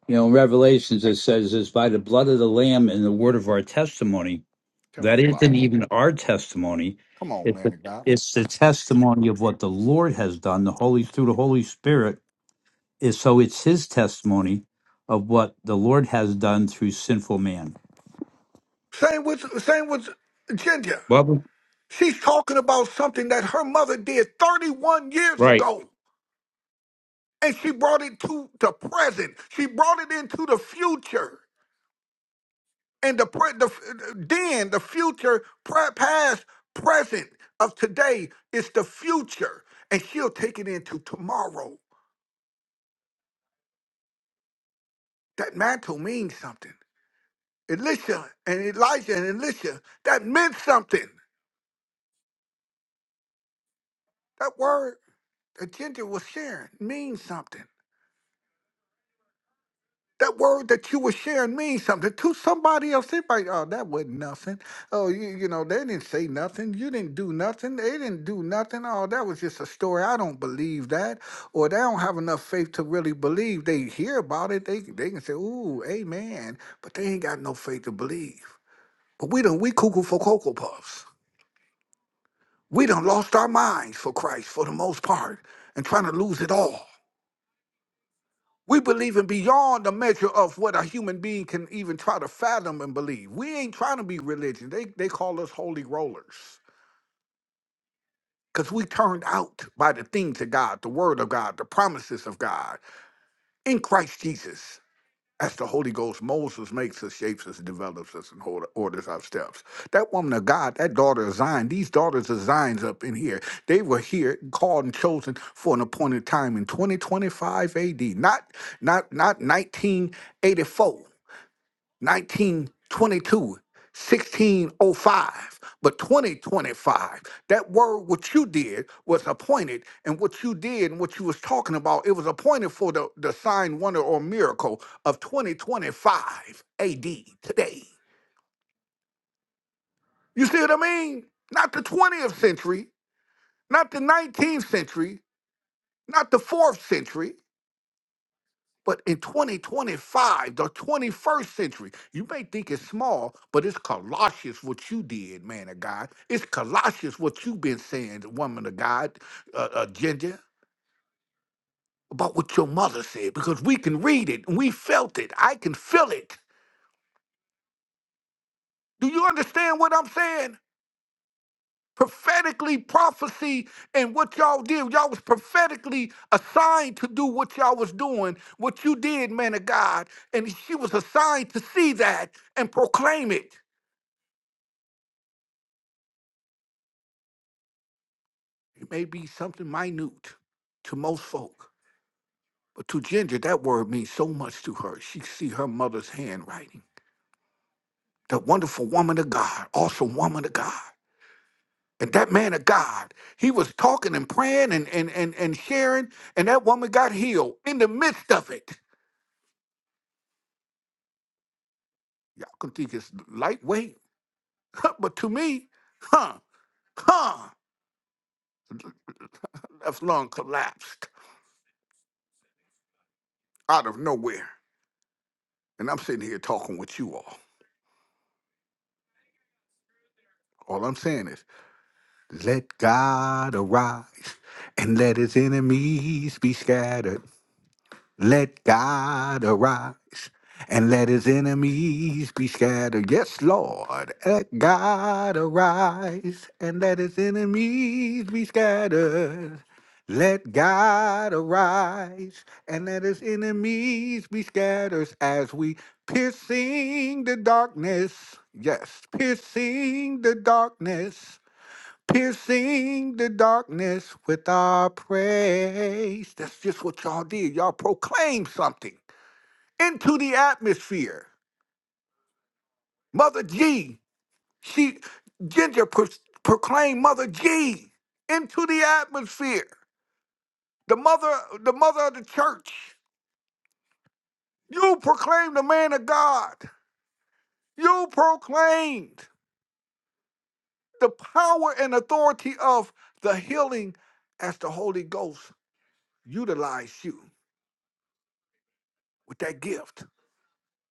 You know, in Revelations it says is by the blood of the Lamb and the word of our testimony.
Tell
That
me
isn't
about it.
even our testimony.
Come on,
It's
man
the
of God.
it's the testimony of what the Lord has done. The Holy through the Holy Spirit is so it's His testimony of what the Lord has done through sinful man.
Same with same with Ginger.
Bubba,
She's talking about something that her mother did 31 years
right?
ago. and she brought it to the present. She brought it into the future, and the pre- the then the future, pre- past, present of today is the future, and she'll take it into tomorrow. That mantle means something. Elisha and Elijah and Elisha that meant something. That word that Ginger was sharing means something. That word that you were sharing means something to somebody else. They like, oh, that wasn't nothing. Oh, you, you know, they didn't say nothing. You didn't do nothing. They didn't do nothing. Oh, that was just a story. I don't believe that. Or they don't have enough faith to really believe. They hear about it. They they can say, ooh, amen. But they ain't got no faith to believe. But we done we cuckoo for cocoa puffs. We done lost our minds for Christ for the most part and trying to lose it all. We believe in beyond the measure of what a human being can even try to fathom and believe. We ain't trying to be religion. They they call us holy rollers because we turned out by the things of God, the word of God, the promises of God in Christ Jesus. As the Holy Ghost Moses makes us, shapes us, develops us, and hold- orders our steps. That woman of God, that daughter of Zion, these daughters of Zion's up in here, they were here called and chosen for an appointed time in 2025 AD, not not not 1984. Nineteen twenty-two, sixteen oh five, but 2025. That word, what you did, was appointed, and what you did and what you was talking about, it was appointed for the, the sign, wonder, or miracle of 2025 AD today. You see what I mean? Not the 20th century, not the 19th century, not the 4th century. But in 2025, the 21st century, you may think it's small, but it's Colossians what you did, man of God. It's Colossians what you've been saying, woman of God, uh, uh, Ginger, about what your mother said, because we can read it and we felt it. I can feel it. Do you understand what I'm saying? prophetically prophecy and what y'all did y'all was prophetically assigned to do what y'all was doing what you did man of god and she was assigned to see that and proclaim it it may be something minute to most folk but to ginger that word means so much to her she see her mother's handwriting the wonderful woman of god awesome woman of god and that man of god he was talking and praying and and and, and sharing and that woman got healed in the midst of it Y'all can think it's lightweight, but to me, huh, huh, left lung collapsed out of nowhere. And I'm sitting here talking with you all. All I'm saying is, let God arise and let his enemies be scattered. Let God arise and let his enemies be scattered. Yes, Lord. Let God arise and let his enemies be scattered. Let God arise and let his enemies be scattered as we piercing the darkness. Yes, piercing the darkness piercing the darkness with our praise. That's just what y'all did. Y'all proclaimed something into the atmosphere. Mother G, she Ginger pro- proclaimed Mother G into the atmosphere. The mother, the mother of the church. You proclaimed the man of God. You proclaimed the power and authority of the healing as the Holy Ghost utilized you with that gift.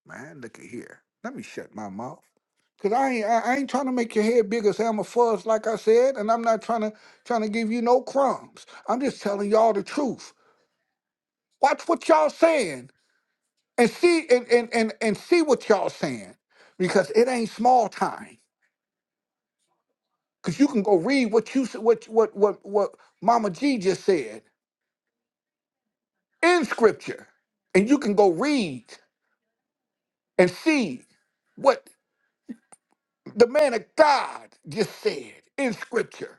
Man, look at here. Let me shut my mouth. Cause I ain't I, I ain't trying to make your head bigger, say I'm a fuzz, like I said, and I'm not trying to trying to give you no crumbs. I'm just telling y'all the truth. Watch what y'all saying and see and and and, and see what y'all saying. Because it ain't small time. Cause you can go read what you s- what what what what Mama G just said in scripture. And you can go read and see what the man of God just said in scripture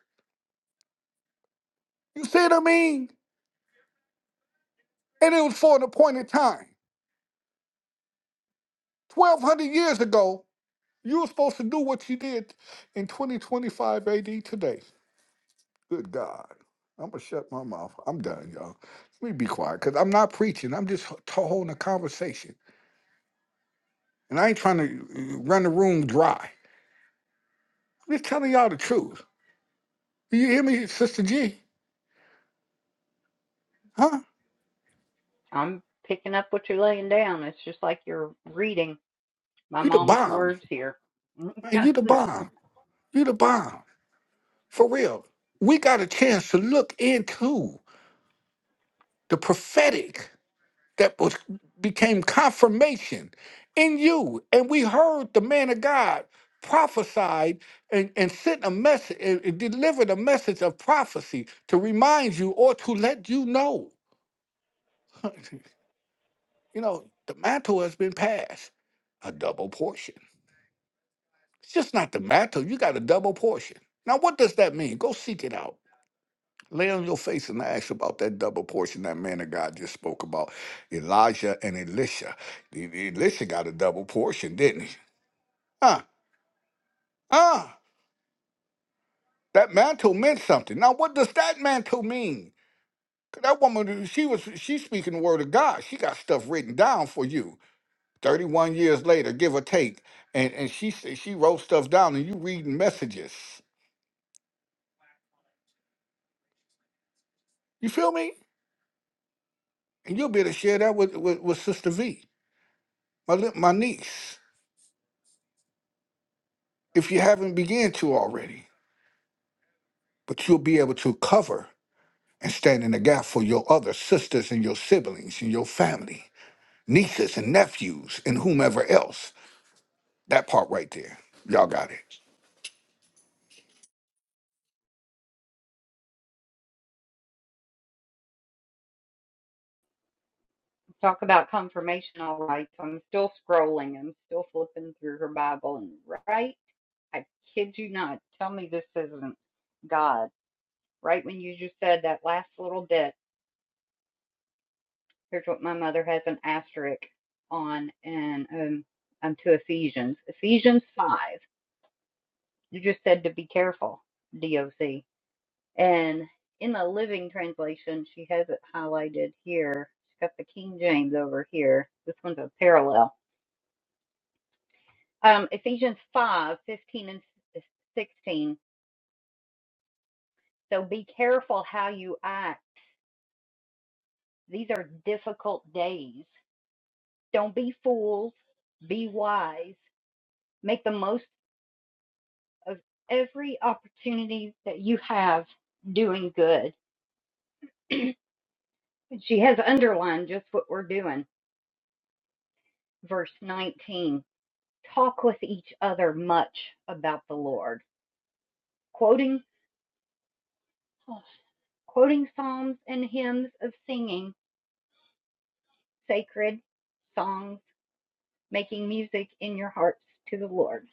You see what I mean? And it was for an appointed time. 1,200 years ago, you were supposed to do what you did in 2025 AD today. Good God. I'm going to shut my mouth. I'm done, y'all. Let me be quiet because I'm not preaching. I'm just h- to- holding a conversation. And I ain't trying to uh, run the room dry. I'm just telling y'all the truth. Do You hear me, Sister G? Huh?
I'm picking up what you're laying down. It's just like you're reading my
You the
mom's
bomb.
words here.
Man, you the
no,
bomb. You the bomb. For real. We got a chance to look into the prophetic that was became confirmation in you. And we heard the man of God prophesied and, and sent a message and, and delivered a message of prophecy to remind you or to let you know. you know, the mantle has been passed. A double portion. It's just not the mantle. You got a double portion. Now what does that mean? Go seek it out. Lay on your face and ask about that double portion that man of God just spoke about. Elijah and Elisha. E- e, Elisha got a double portion, didn't he? Huh? Huh? That mantle meant something. Now, what does that mantle mean? 'Cause That woman, she was she's speaking the word of God. She got stuff written down for you. 31 years later, give or take. And and she said she wrote stuff down and you reading messages. You feel me? And you'll be able to share that with, with, with Sister V, my, li- my niece, if you haven't began to already. but you'll be able to cover and stand in the gap for your other sisters and your siblings and your family, nieces and nephews and whomever else. That part right there. Y'all got it.
talk about confirmation. All right, so I'm still scrolling. I'm still flipping through her Bible, and right, I kid you not. Tell me this isn't God. Right when you just said that last little bit, here's what my mother has an asterisk on, and um, um to Ephesians, Ephesians five. You just said to be careful, DOC. And in the Living Translation, she has it highlighted here. She's got the King James over here. This one's a parallel. Um, Ephesians 5 15 and 16. So be careful how you act. These are difficult days. Don't be fools. Be wise. Make the most of every opportunity that you have doing good. she has underlined just what we're doing. Verse 19. talk with each other much about the Lord, quoting quoting psalms and hymns of singing sacred songs, making music in your hearts to the Lord.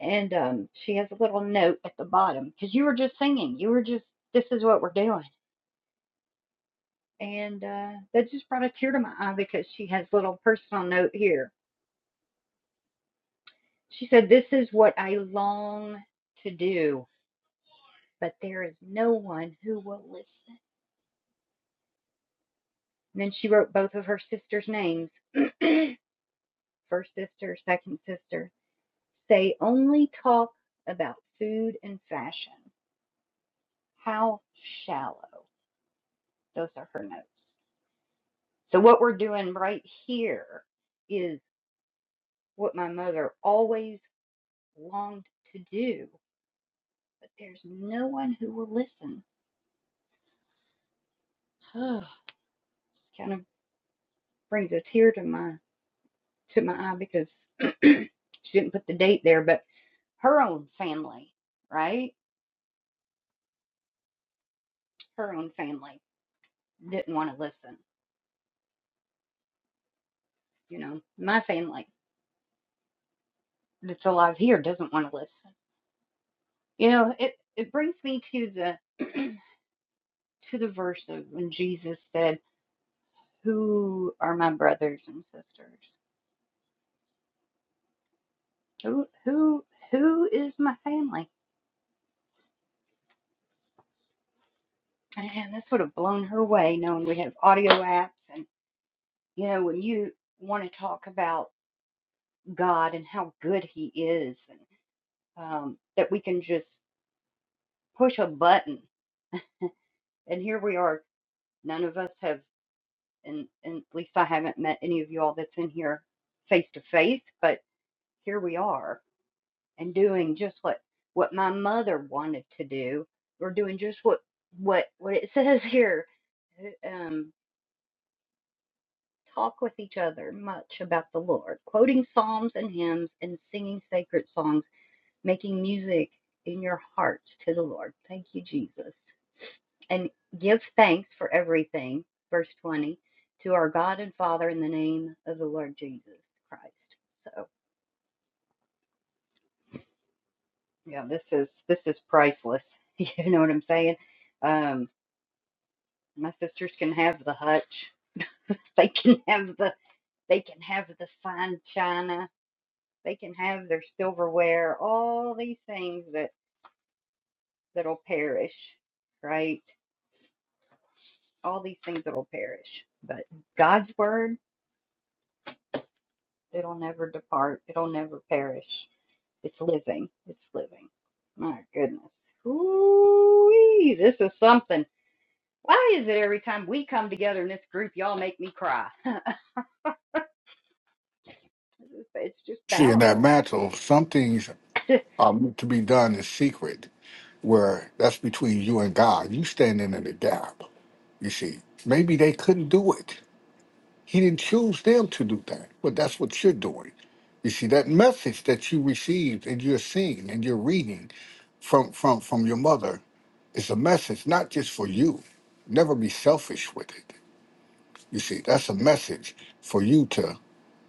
And um, she has a little note at the bottom because you were just singing. You were just, this is what we're doing. And uh, that just brought a tear to my eye because she has a little personal note here. She said, This is what I long to do, but there is no one who will listen. And then she wrote both of her sisters' names first sister, second sister. They only talk about food and fashion. How shallow. Those are her notes. So, what we're doing right here is what my mother always longed to do, but there's no one who will listen. Oh, kind of brings a tear to my to my eye because she didn't put the date there, but her own family, right? Her own family. didn't want to listen. You know, my family like, that's alive here doesn't want to listen. You know, it it brings me to the to the verse of when Jesus said, "Who are my brothers and sisters? Who who who is my family?" And this would have blown her away, knowing we have audio apps and you know when you want to talk about God and how good He is, and um, that we can just push a button, and here we are. None of us have. and and at least I haven't met any of you all that's in here face to face, but here we are and doing just what what my mother wanted to do. We're doing just what what what it says here. uh, Um, talk with each other much about the Lord, quoting psalms and hymns and singing sacred songs, making music in your hearts to the Lord. Thank you, Jesus. and give thanks for everything, verse 20, to our God and Father in the name of the Lord Jesus Christ. So, yeah, this is this is priceless. You know what I'm saying? Um, my sisters can have the hutch. They can have the they can have the fine china. They can have their silverware. All these things that that'll perish, right? All these things that'll perish. But God's word, it'll never depart. It'll never perish. It's living. It's living. My goodness. Ooh, this is something. Why is it every time we come together in this group, y'all make me cry? it's just
See, in that
powerful.
mantle, some things are meant to be done in secret, where that's between you and God. You standing in the gap. You see, maybe they couldn't do it. He didn't choose them to do that, but that's what you're doing. You see that message that you received and you're seeing and you're reading from from from your mother is a message not just for you. Never be selfish with it. You see, that's a message for you to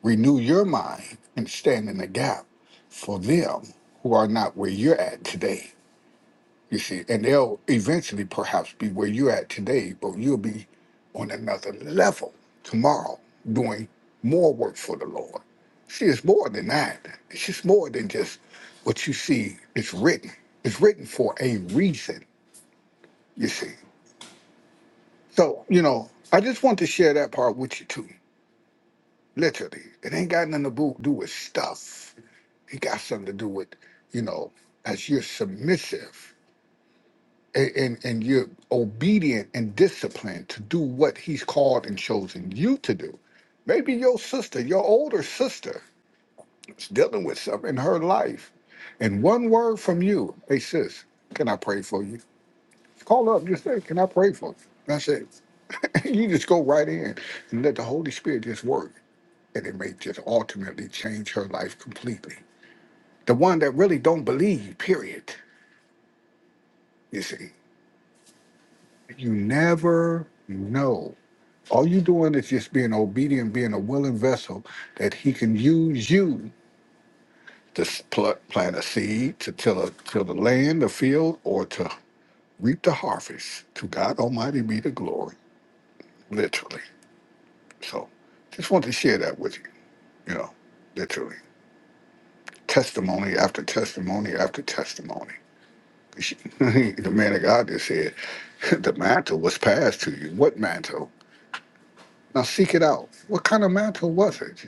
renew your mind and stand in the gap for them who are not where you're at today. You see, and they'll eventually perhaps be where you're at today, but you'll be on another level tomorrow doing more work for the Lord. See, it's more than that. It's just more than just what you see. It's written. It's written for a reason, you see. So, you know, I just want to share that part with you too. Literally. It ain't got nothing to bo- do with stuff. It got something to do with, you know, as you're submissive. a- and and you're obedient and disciplined to do what he's called and chosen you to do maybe your sister your older sister is dealing with something in her life and one word from you hey sis can i pray for you call her up just say can i pray for you that's it you just go right in and let the holy spirit just work and it may just ultimately change her life completely the one that really don't believe period you see You never know. All you're doing is just being obedient, being a willing vessel that He can use you to s- pl- plant a seed, to till, a, till the land, the field, or to reap the harvest. To God Almighty be the glory, literally. So just want to share that with you, you know, literally. Testimony after testimony after testimony. the man of God just said, the mantle was passed to you. What mantle? Now seek it out. What kind of mantle was it?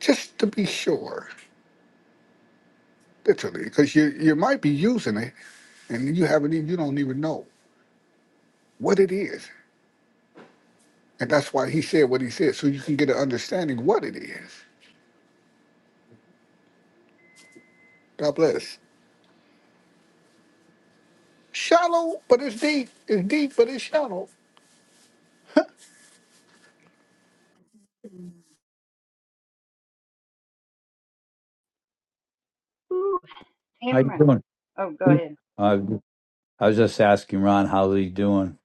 Just to be sure, literally, because you you might be using it and you haven't even you don't even know what it is, and that's why he said what he said, so you can get an understanding what it is. God bless. Shallow, but it's deep. It's deep, but it's shallow.
Ooh,
How you
Tamara.
doing?
Oh, go ahead.
Uh, I was just asking Ron how's he doing.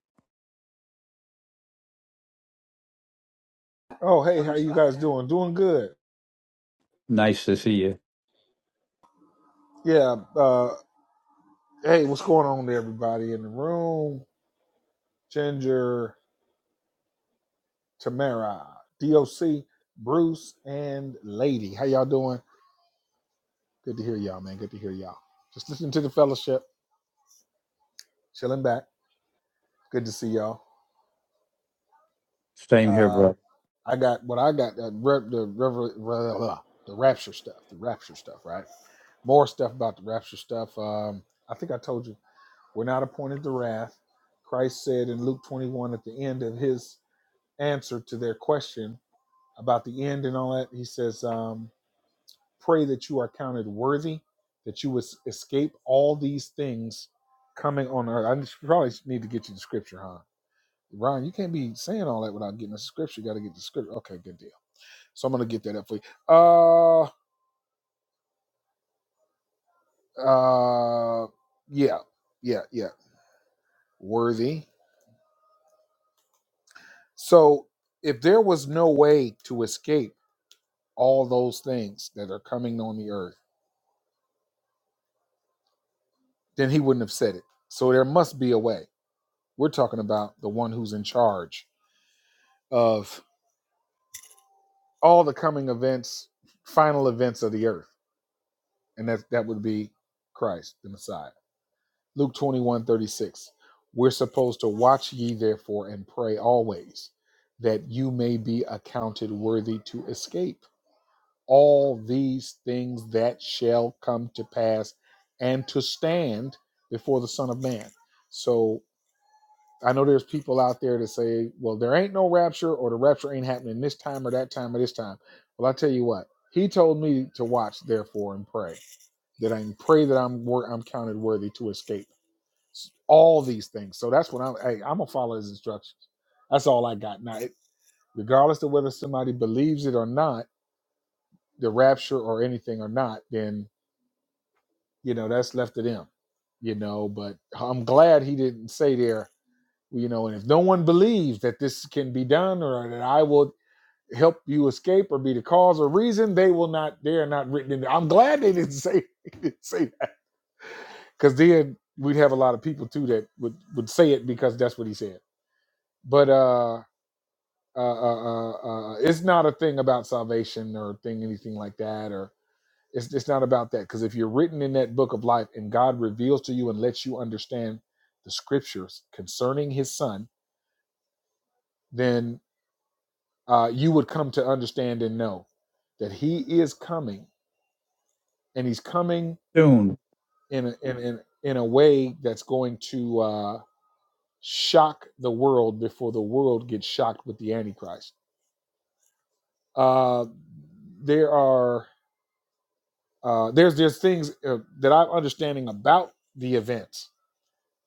Oh, hey, how you guys doing? Doing good.
Nice to see you.
Yeah. Uh, hey, what's going on to everybody in the room? Ginger, Tamara, DOC, Bruce, and Lady. How y'all doing? Good to hear y'all, man. Good to hear y'all. Just listening to the fellowship, chilling back. Good to see y'all.
Same here,
Uh,
bro.
I got what I got. Uh, re- the rever- re- blah, the rapture stuff. The rapture stuff, right? More stuff about the rapture stuff. Um, I think I told you. We're not appointed to wrath. Christ said in Luke 21 at the end of his answer to their question about the end and all that, he says, um, Pray that you are counted worthy, that you would escape all these things coming on earth. I just probably need to get you the scripture, huh? Ron, you can't be saying all that without getting the scripture. You got to get the scripture. Okay, good deal. So I'm going to get that up for you. Uh, uh, yeah, yeah, yeah. Worthy. So if there was no way to escape, all those things that are coming on the earth, then he wouldn't have said it. So there must be a way. We're talking about the one who's in charge of all the coming events, final events of the earth. And that, that would be Christ, the Messiah. Luke twenty-one thirty-six. We're supposed to watch ye therefore and pray always that you may be accounted worthy to escape all these things that shall come to pass and to stand before the Son of Man. So I know there's people out there that say, well, there ain't no rapture or the rapture ain't happening this time or that time or this time. Well, I tell you what, he told me to watch, therefore, and pray that I can pray that I'm wor- I'm counted worthy to escape all these things. So that's what I'm, hey, I'm gonna follow his instructions. That's all I got. Now, it, regardless of whether somebody believes it or not, the rapture or anything or not, then you know that's left to them you know but i'm glad he didn't say there you know and if no one believes that this can be done or that i will help you escape or be the cause or reason they will not they are not written in there. i'm glad they didn't say didn't say that because then we'd have a lot of people too that would would say it because that's what he said but uh uh, uh, uh, uh, it's not a thing about salvation or thing, anything like that, or. It's, it's not about that. Because if you're written in that book of life and God reveals to you and lets you understand the scriptures concerning his son, then uh, you would come to understand and know that he is coming and he's coming
Soon.
in a, in, in, in a way that's going to uh, shock the world before the world gets shocked with the Antichrist. Uh, there are uh, there's there's things uh, that I'm understanding about the events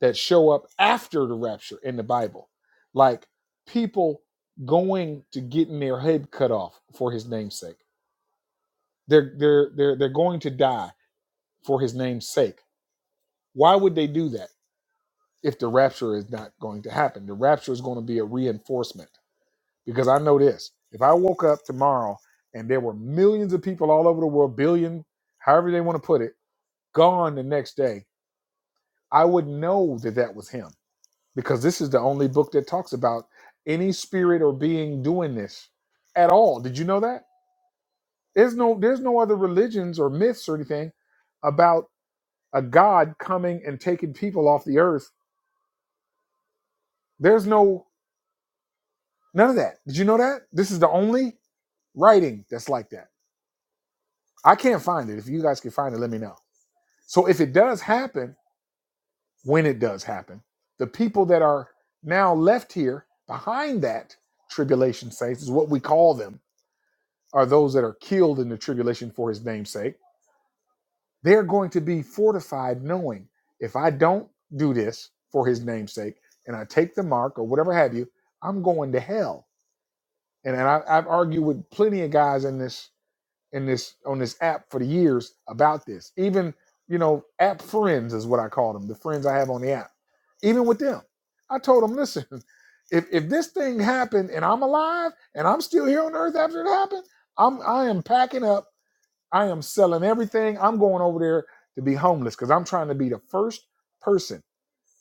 that show up after the rapture in the Bible, like people going to getting their head cut off for his name's sake. They're they're they're they're going to die for his name's sake. Why would they do that if the rapture is not going to happen? The rapture is going to be a reinforcement because I know this. If I woke up tomorrow and there were millions of people all over the world, billion, however they want to put it, gone the next day, I would know that that was him because this is the only book that talks about any spirit or being doing this at all. Did you know that? There's no there's no other religions or myths or anything about a god coming and taking people off the earth. There's no none of that. Did you know that? This is the only writing that's like that. I can't find it. If you guys can find it, let me know. So if it does happen, when it does happen, the people that are now left here behind that tribulation saints is what we call them are those that are killed in the tribulation for his name's sake, they're going to be fortified knowing if I don't do this for his name's sake and I take the mark or whatever have you, I'm going to hell. And, and I, I've argued with plenty of guys in this in this on this app for the years about this. Even you know app friends is what I call them, the friends I have on the app. Even with them, I told them, listen, if if this thing happened and I'm alive and I'm still here on earth after it happened, I'm I am packing up I am selling everything. I'm going over there to be homeless because I'm trying to be the first person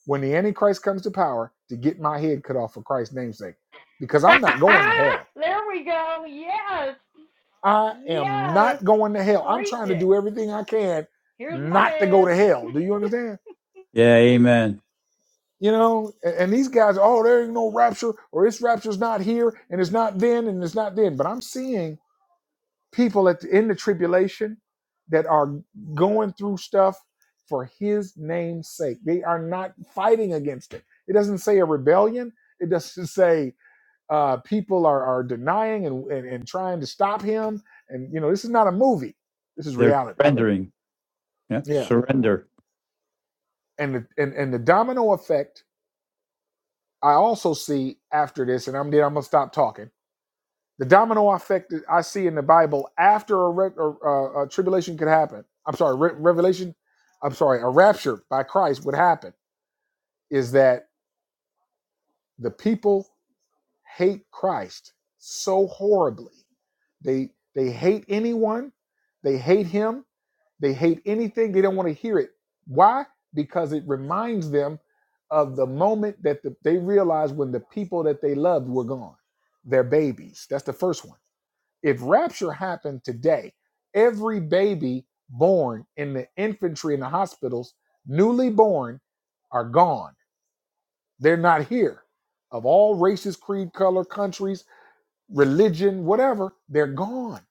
when the Antichrist comes to power to get my head cut off for Christ's namesake because I'm not going to hell.
there we go. Yes.
I am
Yes.
not going to hell. I'm
Preach
trying to
it.
do everything I can
Here's my
not to go
head.
to hell. Do you understand?
Yeah, amen.
You know, and, and these guys, oh, there ain't no rapture, or this rapture's not here, and it's not then, and it's not then. But I'm seeing people at the, in the tribulation that are going through stuff for his name's sake. They are not fighting against it. It doesn't say a rebellion. It doesn't say uh, people are, are denying and, and, and trying to stop him. And you know, this is not a movie. This is
They're
reality.
surrendering. Yeah,
Yeah.
surrender.
And the and, and the domino effect I also see after this, and I'm then I'm gonna stop talking The domino effect that I see in the Bible after a, re- or, uh, a tribulation could happen. I'm sorry, re- revelation. I'm sorry, a rapture by Christ would happen. Is that the people hate Christ so horribly? They they hate anyone. They hate him. They hate anything. They don't want to hear it. Why? Because it reminds them of the moment that the, they realized when the people that they loved were gone, their babies. That's the first one If rapture happened today, every baby born in the infantry in the hospitals, newly born, are gone. They're not here. Of all races, creed, color, countries, religion, whatever, they're gone.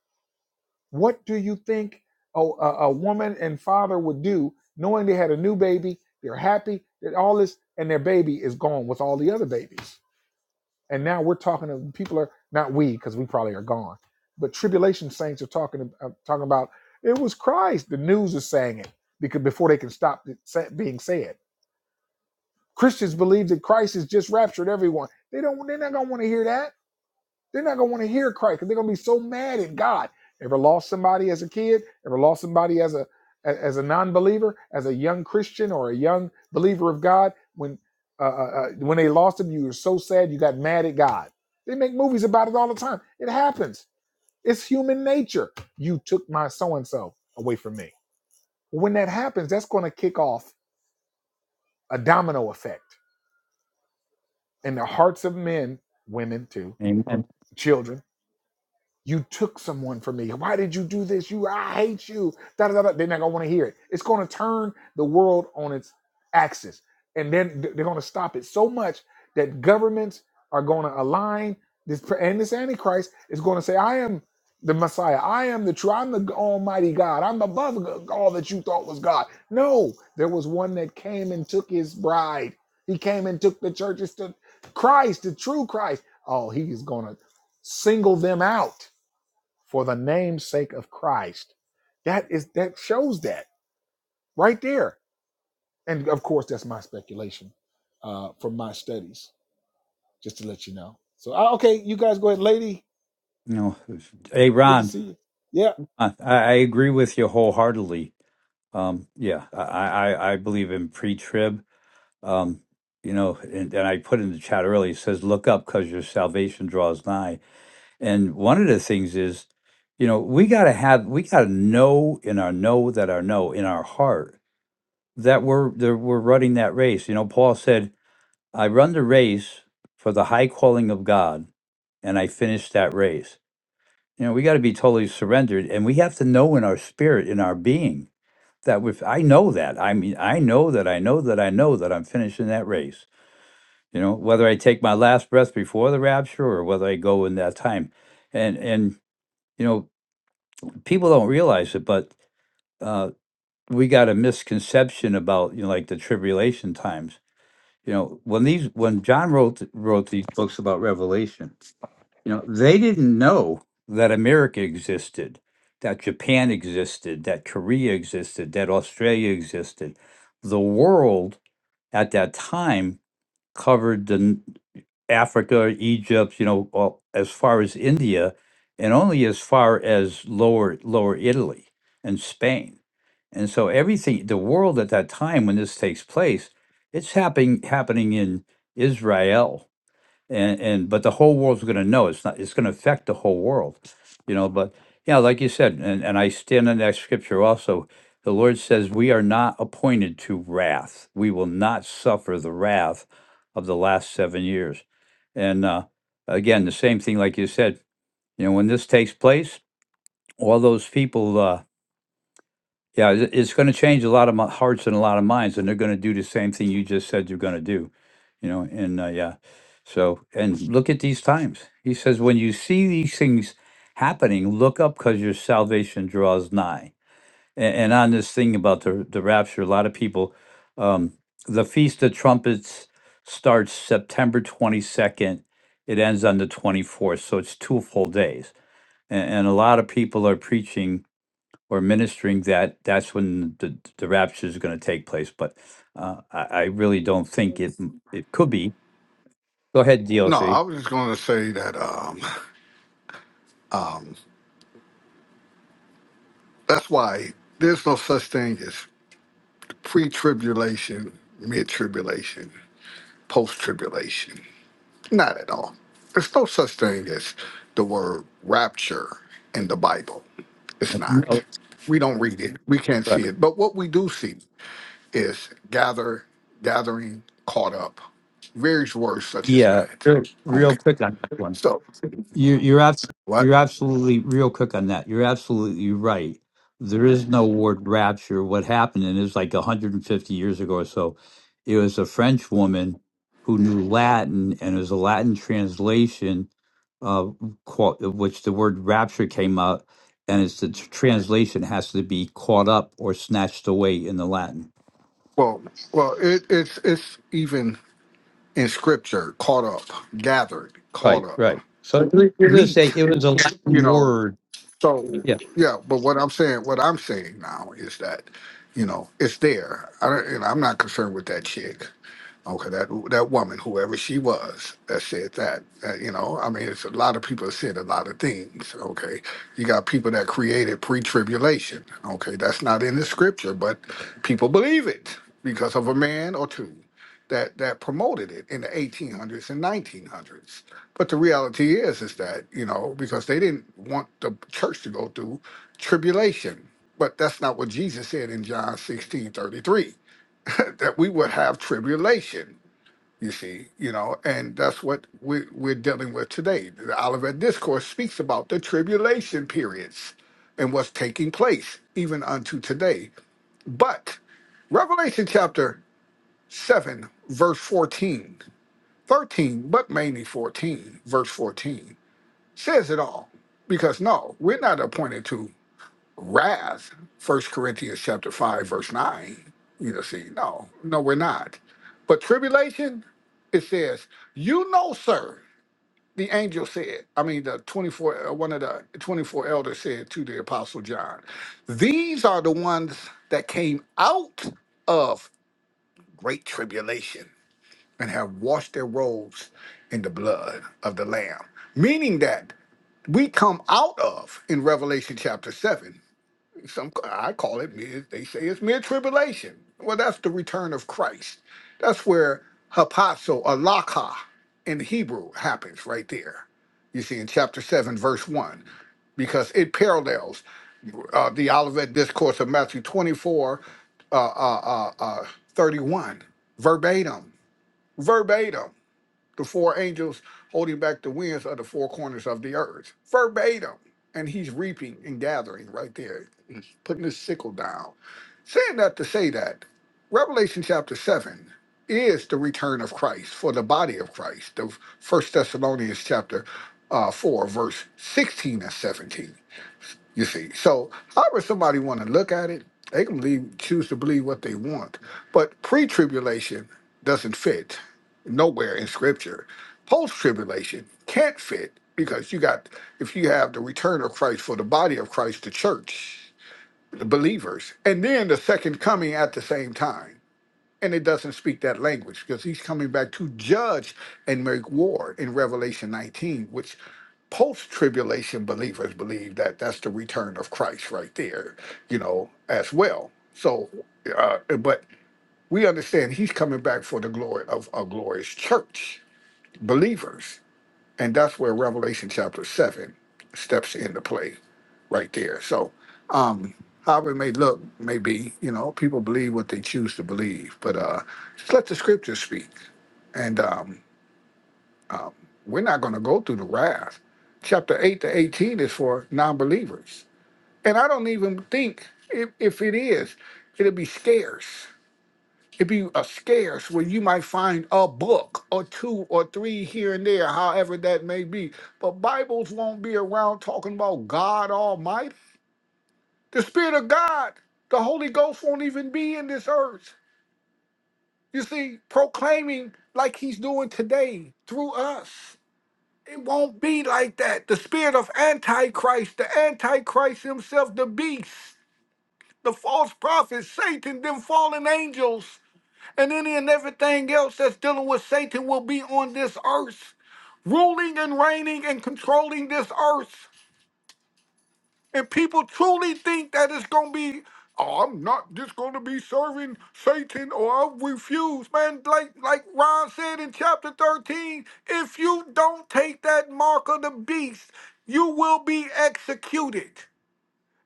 What do you think a, a, a woman and father would do knowing they had a new baby? They're happy, that all this, and their baby is gone with all the other babies. And now we're talking to people are not we because we probably are gone, but tribulation saints are talking uh, talking about it was Christ. The news is saying it because before they can stop it sa- being said, Christians believe that Christ has just raptured everyone. They don't. They're not gonna want to hear that. They're not gonna want to hear Christ because they're gonna be so mad at God. Ever lost somebody as a kid? Ever lost somebody as a as a non-believer, as a young Christian or a young believer of God? When uh, uh, uh, when they lost him, you were so sad you got mad at God. They make movies about it all the time. It happens. It's human nature. You took my so and so away from me. Well, When that happens, that's going to kick off a domino effect in the hearts of men, women too,
Amen.
children You took someone from me. Why did you do this? You, I hate you. Da, da, da, da. They're not gonna want to hear it. It's gonna turn the world on its axis, and then th- they're gonna stop it so much that governments are gonna align this and this Antichrist is gonna say, "I am the Messiah. I am the true. I'm the Almighty God. I'm above g- all that you thought was God." No, there was one that came and took his bride. He came and took the churches to Christ, the true Christ. Oh, he is gonna single them out for the name's sake of Christ. That is that shows that right there. And of course, that's my speculation uh, from my studies, just to let you know. So uh, okay, you guys go ahead, lady.
You know, hey
Good to
Ron,
see you. Yeah,
I, I agree with you wholeheartedly. Um, yeah, I, I, I believe in pre-trib. Um, you know, and, and I put in the chat earlier. It says, "Look up, because your salvation draws nigh." And one of the things is, you know, we gotta have, we gotta know in our know that our know in our heart that we're that we're running that race. You know, Paul said, "I run the race for the high calling of God, and I finished that race." You know, we got to be totally surrendered and we have to know in our spirit, in our being, that if I know that, I mean, I know that I know that I know that I'm finishing that race. You know, whether I take my last breath before the rapture or whether I go in that time. And, and, you know, people don't realize it, but uh, we got a misconception about, you know, like the tribulation times. You know, when these, when John wrote, wrote these books about Revelation, You know, they didn't know that America existed, that Japan existed, that Korea existed, that Australia existed. The world at that time covered the n- Africa, Egypt, you know, all, as far as India, and only as far as lower lower Italy and Spain. And so everything, the world at that time when this takes place, it's happening happening in Israel and and but the whole world's going to know it's not it's going to affect the whole world you know but yeah like you said and, and i stand on that scripture also the lord says we are not appointed to wrath we will not suffer the wrath of the last seven years and uh, again the same thing like you said you know when this takes place all those people Uh, yeah, it- it's going to change a lot of mi- hearts and a lot of minds, and they're going to do the same thing you just said you're going to do, you know. And uh, yeah, so and look at these times. He says, when you see these things happening, look up because your salvation draws nigh. And, and on this thing about the the rapture, a lot of people, um, the feast of trumpets starts September twenty second. It ends on the twenty fourth, so it's two full days, and, and a lot of people are preaching or ministering that, that's when the, the rapture is going to take place. But uh, I, I really don't think it it could be. Go ahead,
No, I
DLC.
was just going to say that um, um, that's why there's no such thing as pre-tribulation, mid-tribulation, post-tribulation. Not at all. There's no such thing as the word rapture in the Bible. It's
Uh,
not.
No,
We don't read it. We can't see
right.
it. But what we do see is gather, gathering, caught up. Various words such as
yeah,
that.
real, real
Okay.
quick on that one.
So
You're you're abs-
what?
you're absolutely real quick on that. You're absolutely right. There is no word rapture. What happened, and it was like 150 years ago or so. It was a French woman who knew Latin, and it was a Latin translation of qua- of which the word rapture came out, and it's the tr- translation has to be caught up or snatched away in the Latin.
Well, well, it, it's it's even in scripture, caught up, gathered, caught
Right,
up,
right. So you're going to say
meet.
it was a Latin
You know,
word.
So
Yeah.
yeah, but what I'm saying, what I'm saying now is that, you know, it's there. I don't, you know, I'm not concerned with that chick. Okay, that that woman, whoever she was, that said that, that. You know, I mean, it's a lot of people that said a lot of things. Okay, you got people that created pre-tribulation. Okay, that's not in the scripture, but people believe it because of a man or two that that promoted it in the 1800s and 1900s. But the reality is, is that you know because they didn't want the church to go through tribulation. But that's not what Jesus said in John 16:33 that we would have tribulation, you see, you know, and that's what we, we're dealing with today. The Olivet Discourse speaks about the tribulation periods and what's taking place even unto today. But Revelation chapter 7, verse 14. 13, but mainly 14, verse 14, says it all. Because no, we're not appointed to wrath. First Corinthians chapter 5, verse 9. You know, see, no, no, we're not. But tribulation, it says, you know, sir, the angel said, I mean, the 24, uh, one of the 24 elders said to the apostle John, these are the ones that came out of great tribulation and have washed their robes in the blood of the Lamb. Meaning that we come out of in Revelation chapter 7. Some I call it mid, they say it's mid tribulation. Well, that's the return of Christ. That's where hapazo or laka in Hebrew happens right there. You see in chapter 7, verse 1, because it parallels uh, the Olivet Discourse of Matthew 24, uh, uh, uh, uh, 31, verbatim verbatim the four angels holding back the winds of the four corners of the earth verbatim and he's reaping and gathering right there he's putting his sickle down saying that to say that revelation chapter 7 is the return of christ for the body of christ the first thessalonians chapter uh, 4 verse 16 and 17 you see, so however somebody want to look at it, they can believe, choose to believe what they want. But pre-tribulation doesn't fit nowhere in Scripture. Post-tribulation can't fit because you got if you have the return of Christ for the body of Christ, the church, the believers, and then the second coming at the same time and it doesn't speak that language because he's coming back to judge and make war in Revelation 19, which post tribulation believers believe that that's the return of Christ right there, you know, as well. So, uh, but we understand he's coming back for the glory of a glorious church, believers. And that's where Revelation chapter 7 steps into play right there. So, um, however it may look, maybe, you know, people believe what they choose to believe, but uh, just let the scriptures speak. And um, we're not going to go through the wrath. Chapter 8 to 18 is for non believers. And I don't even think if, if it is, it'll be scarce if you are scarce, where you might find a book or two or three here and there, however that may be. But Bibles won't be around talking about God Almighty. The Spirit of God, the Holy Ghost won't even be in this earth. You see, proclaiming like He's doing today through us. It won't be like that. The spirit of Antichrist, the Antichrist himself, the beast, the false prophets, Satan, them fallen angels. and any and everything else that's dealing with Satan will be on this earth, ruling and reigning and controlling this earth. And people truly think that it's gonna be, oh, I'm not just gonna be serving Satan or I refuse, man. Like like Ron said in chapter 13, if you don't take that mark of the beast, you will be executed.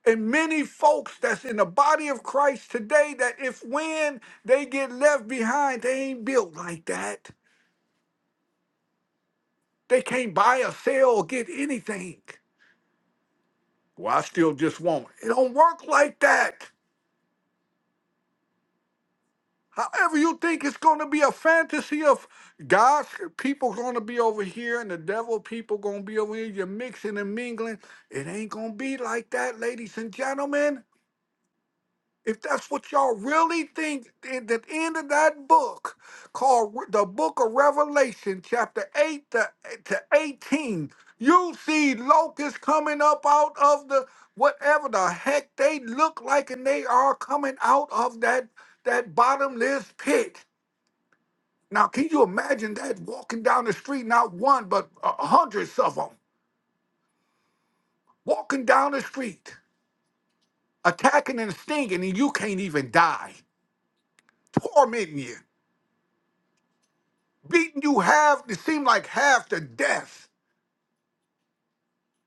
And many folks that's in the body of Christ today that if when they get left behind, they ain't built like that. They can't buy or sell or get anything. Well, I still just want it. It don't work like that. However, you think it's gonna be a fantasy of God's people gonna be over here and the devil people gonna be over here. You're mixing and mingling. It ain't gonna be like that, ladies and gentlemen. If that's what y'all really think, at the end of that book, called Re- the Book of Revelation, chapter 8 to, to 18, you see locusts coming up out of the whatever the heck they look like, and they are coming out of that, that bottomless pit. Now, can you imagine that walking down the street, not one, but uh, hundreds of them walking down the street, attacking and stinging, and you can't even die, tormenting you? beating you half, it seemed like half to death.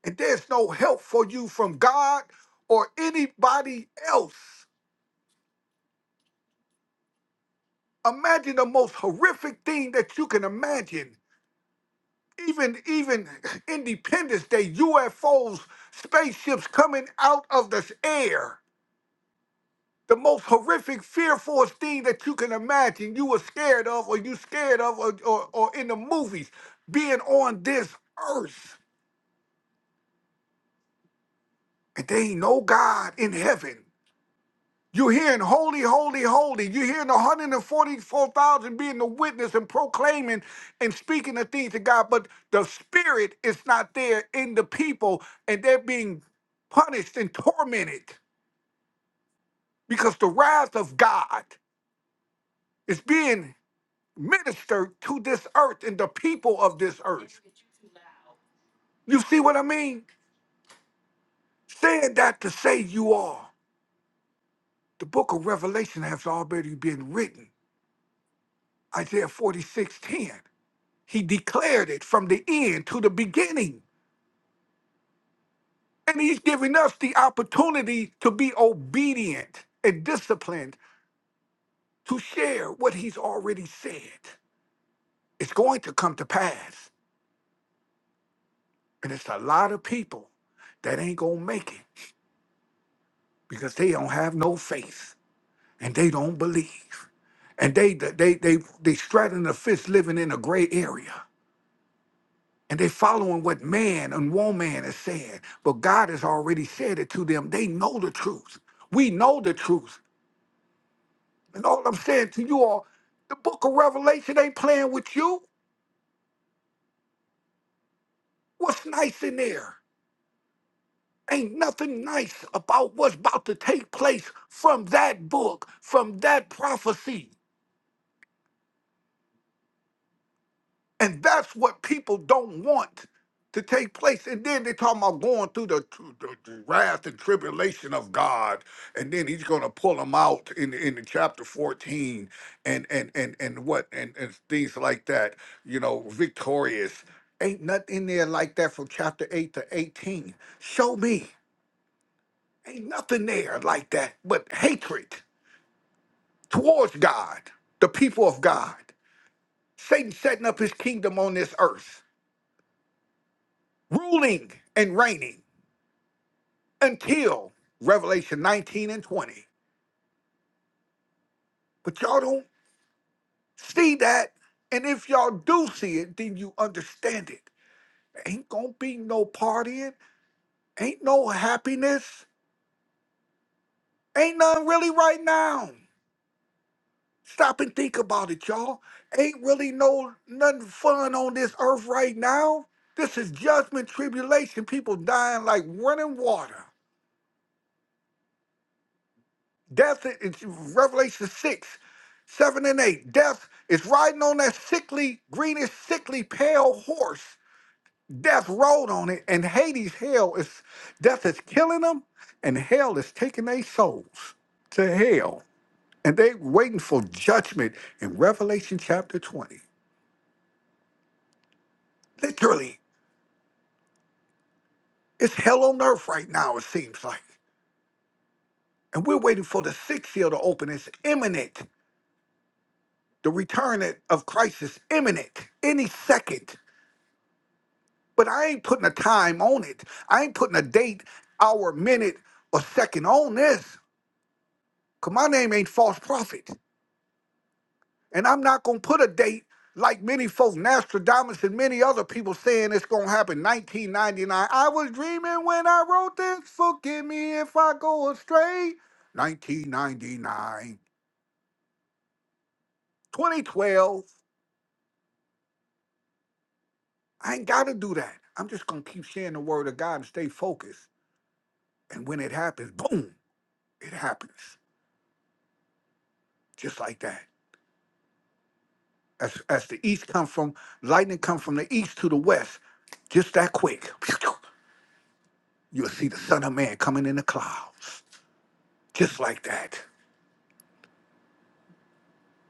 And there's no help for you from God or anybody else. Imagine the most horrific thing that you can imagine. Even even Independence Day, UFOs, spaceships coming out of the air. The most horrific, fearful thing that you can imagine. You were scared of, or you scared of, or, or, or in the movies, being on this earth. And there ain't no God in heaven You're hearing holy, holy, holy. You're hearing the 144,000 being the witness and proclaiming and speaking the things of God, but the spirit is not there in the people and they're being punished and tormented because the wrath of God is being ministered to this earth and the people of this earth. You see what I mean? Saying that to say you are. The book of Revelation has already been written. Isaiah 46:10. He declared it from the end to the beginning. And he's giving us the opportunity to be obedient and disciplined to share what he's already said. It's going to come to pass. And it's a lot of people that ain't going to make it because they don't have no faith and they don't believe. And they they they they straddling the fist living in a gray area. and they're following what man and woman is saying. But God has already said it to them. They know the truth. We know the truth. And all I'm saying to you all, the book of Revelation ain't playing with you. What's nice in there? Ain't nothing nice about what's about to take place from that book, from that prophecy. And that's what people don't want to take place. And then they talking about going through the, the, the wrath and tribulation of God. And then he's going to pull them out in, in the chapter 14 and, and, and, and what, and, and things like that, you know, victorious. Ain't nothing in there like that from chapter 8 to 18. Show me. Ain't nothing there like that but hatred towards God, the people of God. Satan setting up his kingdom on this earth ruling and reigning until Revelation 19 and 20. But y'all don't see that. And if y'all do see it, then you understand it. Ain't gonna be no partying, ain't no happiness, ain't none really right now. Stop and think about it, y'all. Ain't really no nothing fun on this earth right now. This is judgment tribulation, people dying like running water. Death i- Revelation 6, 7 and 8. Death is riding on that sickly, greenish, sickly, pale horse. Death rode on it, and Hades, hell is death is killing them, and hell is taking their souls to hell. And they waiting for judgment in Revelation chapter 20. Literally, it's hell on earth right now, it seems like. And we're waiting for the sixth seal to open. It's imminent. The return of Christ is imminent any second. But I ain't putting a time on it. I ain't putting a date, hour, minute, or second on this. Cause my name ain't false prophet. And I'm not gonna put a date like many folk, Nostradamus and many other people saying it's gonna happen 1999. I was dreaming when I wrote this. Forgive me if I go astray. 1999, 2012. I ain't gotta do that. I'm just gonna keep sharing the word of God and stay focused. And when it happens, boom, it happens just like that. As as the east come from lightning come from the east to the west, just that quick, you'll see the Son of Man coming in the clouds, just like that.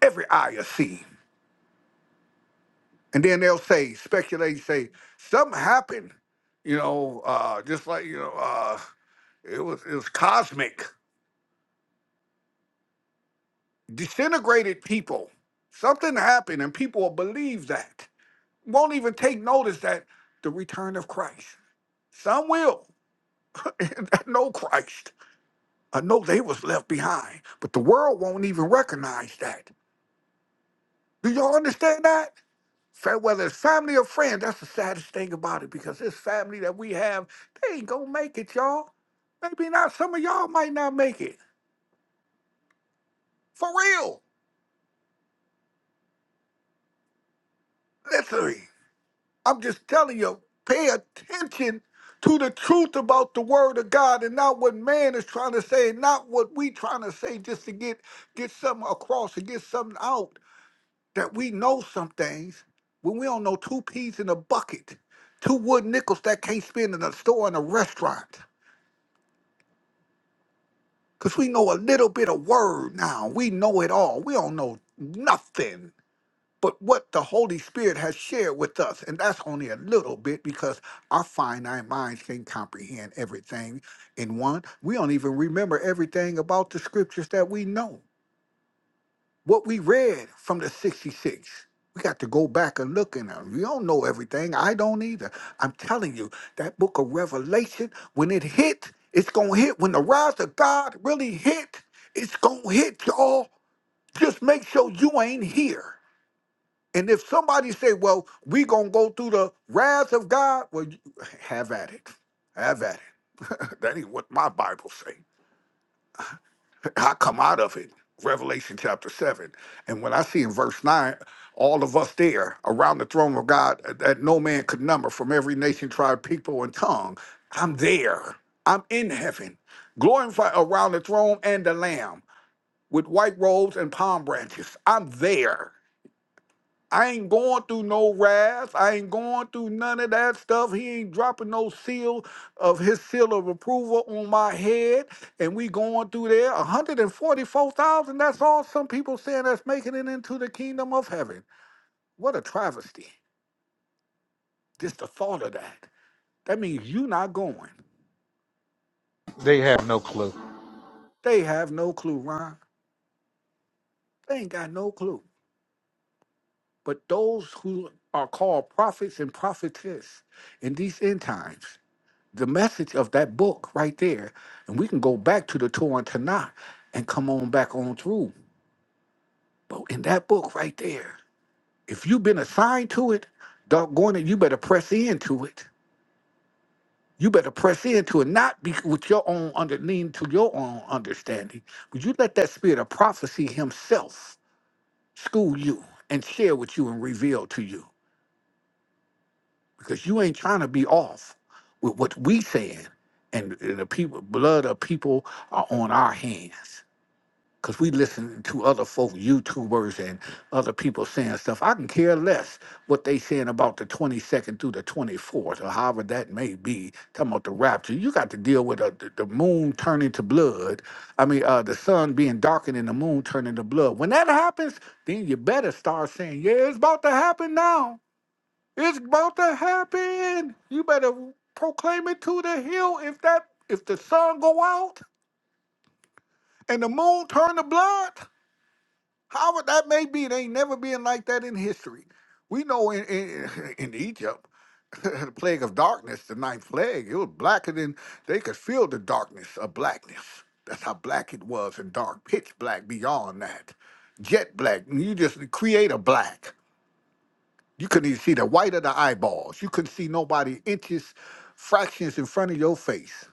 Every eye will see, and then they'll say, speculate, say something happened, you know, uh, just like you know, uh, it was it was cosmic, disintegrated people. Something happened, and people will believe that. Won't even take notice that the return of Christ. Some will know Christ. I know they was left behind, but the world won't even recognize that. Do y'all understand that? Fa- Whether it's family or friends, that's the saddest thing about it because this family that we have, they ain't gonna make it, y'all. Maybe not. Some of y'all might not make it. For real. Literally. I'm just telling you, pay attention to the truth about the word of God and not what man is trying to say, and not what we trying to say just to get get something across and get something out. that we know some things when we don't know two peas in a bucket, two wood nickels that can't spend in a store and a restaurant. Because we know a little bit of word now. We know it all. We don't know nothing but what the Holy Spirit has shared with us. And that's only a little bit because our finite minds can't comprehend everything in one. We don't even remember everything about the scriptures that we know. What we read from the 66, we got to go back and look in them. You don't know everything. I don't either. I'm telling you, that book of Revelation, when it hit, it's going to hit. When the rise of God really hit, it's going to hit y'all. Just make sure you ain't here. And if somebody say, well, we going to go through the wrath of God, well, you- have at it. Have at it. that ain't what my Bible say. I come out of it. Revelation chapter 7. And when I see in verse 9, all of us there around the throne of God uh, that no man could number from every nation, tribe, people, and tongue, I'm there. I'm in heaven, glorified around the throne and the Lamb with white robes and palm branches. I'm there. I ain't going through no wrath. I ain't going through none of that stuff. He ain't dropping no seal of his seal of approval on my head. And we going through there. 144,000. That's all some people saying that's making it into the kingdom of heaven. What a travesty. Just the thought of that. That means you not going.
they have no clue.
They have no clue, Ron. They ain't got no clue. But those who are called prophets and prophetess in these end times. the message of that book right there. And we can go back to the Torah and Tanakh and come on back on through. But in that book right there, if you've been assigned to it, doggone it, you better press into it. You better press into it, not be with your own under lean to your own understanding. But you let that spirit of prophecy himself school you and share with you and reveal to you. Because you ain't trying to be off with what we saying and the people blood of people are on our hands. Cause we listen to other folk, YouTubers and other people saying stuff. I can care less what they saying about the 22nd through the 24th or however that may be. Talking about the rapture. You got to deal with uh, the, the moon turning to blood. I mean, uh, the sun being darkened and the moon turning to blood. When that happens, then you better start saying, yeah, it's about to happen now. It's about to happen. You better proclaim it to the hill if that if the sun go out and the moon turn to blood. However, that may be? They ain't never been like that in history. We know in in, in Egypt, the plague of darkness, the ninth plague, it was blacker than they could feel the darkness of blackness. That's how black it was and dark, pitch black beyond that. Jet black. and You just create a black. You couldn't even see the white of the eyeballs. You couldn't see nobody inches, fractions in front of your face.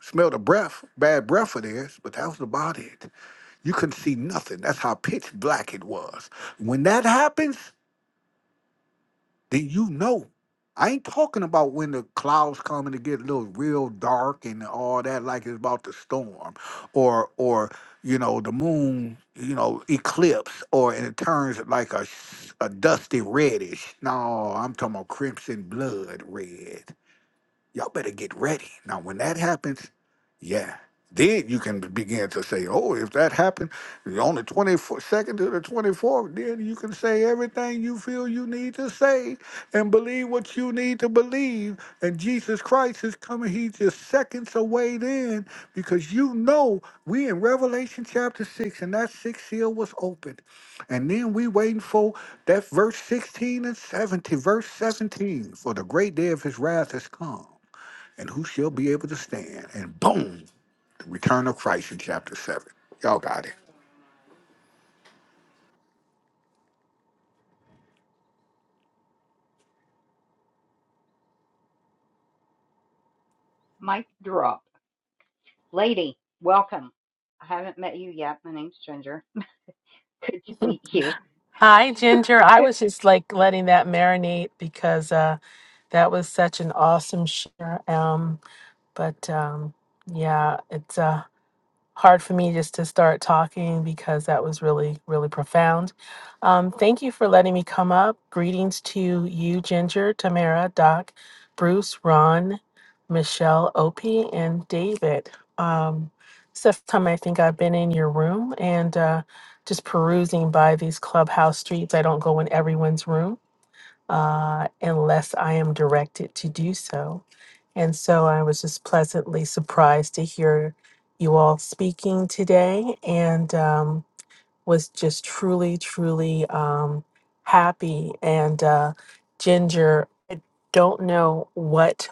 Smell the breath, bad breath of theirs, but that was about it. You couldn't see nothing. That's how pitch black it was. When that happens, then you know. I ain't talking about when the clouds come and it get a little real dark and all that, like it's about to storm, or or you know the moon, you know eclipse, or and it turns like a s- a dusty reddish. No, I'm talking about crimson blood red. Y'all better get ready. Now, when that happens, yeah, then you can begin to say, oh, if that happened on the 22nd to the 24th, then you can say everything you feel you need to say and believe what you need to believe. And Jesus Christ is coming. He's just seconds away then because you know we in Revelation chapter 6 and that sixth seal was opened. And then we waiting for that verse 16 and 17, verse 17, for the great day of his wrath has come and who shall be able to stand? And boom, the return of Christ in chapter seven. Y'all got it.
Mic drop. Lady, welcome. I haven't met you yet. My name's Ginger. Good to meet you.
Hi, Ginger. I was just like letting that marinate because uh that was such an awesome share. Um, but um yeah, it's uh hard for me just to start talking because that was really, really profound. Um, thank you for letting me come up. Greetings to you, Ginger, Tamara, Doc, Bruce, Ron, Michelle, Opie, and David. Um, it's the first time I think I've been in your room and uh, just perusing by these clubhouse streets. I don't go in everyone's room uh, unless I am directed to do so. And so I was just pleasantly surprised to hear you all speaking today and um, was just truly, truly um, happy. And uh, Ginger, I don't know what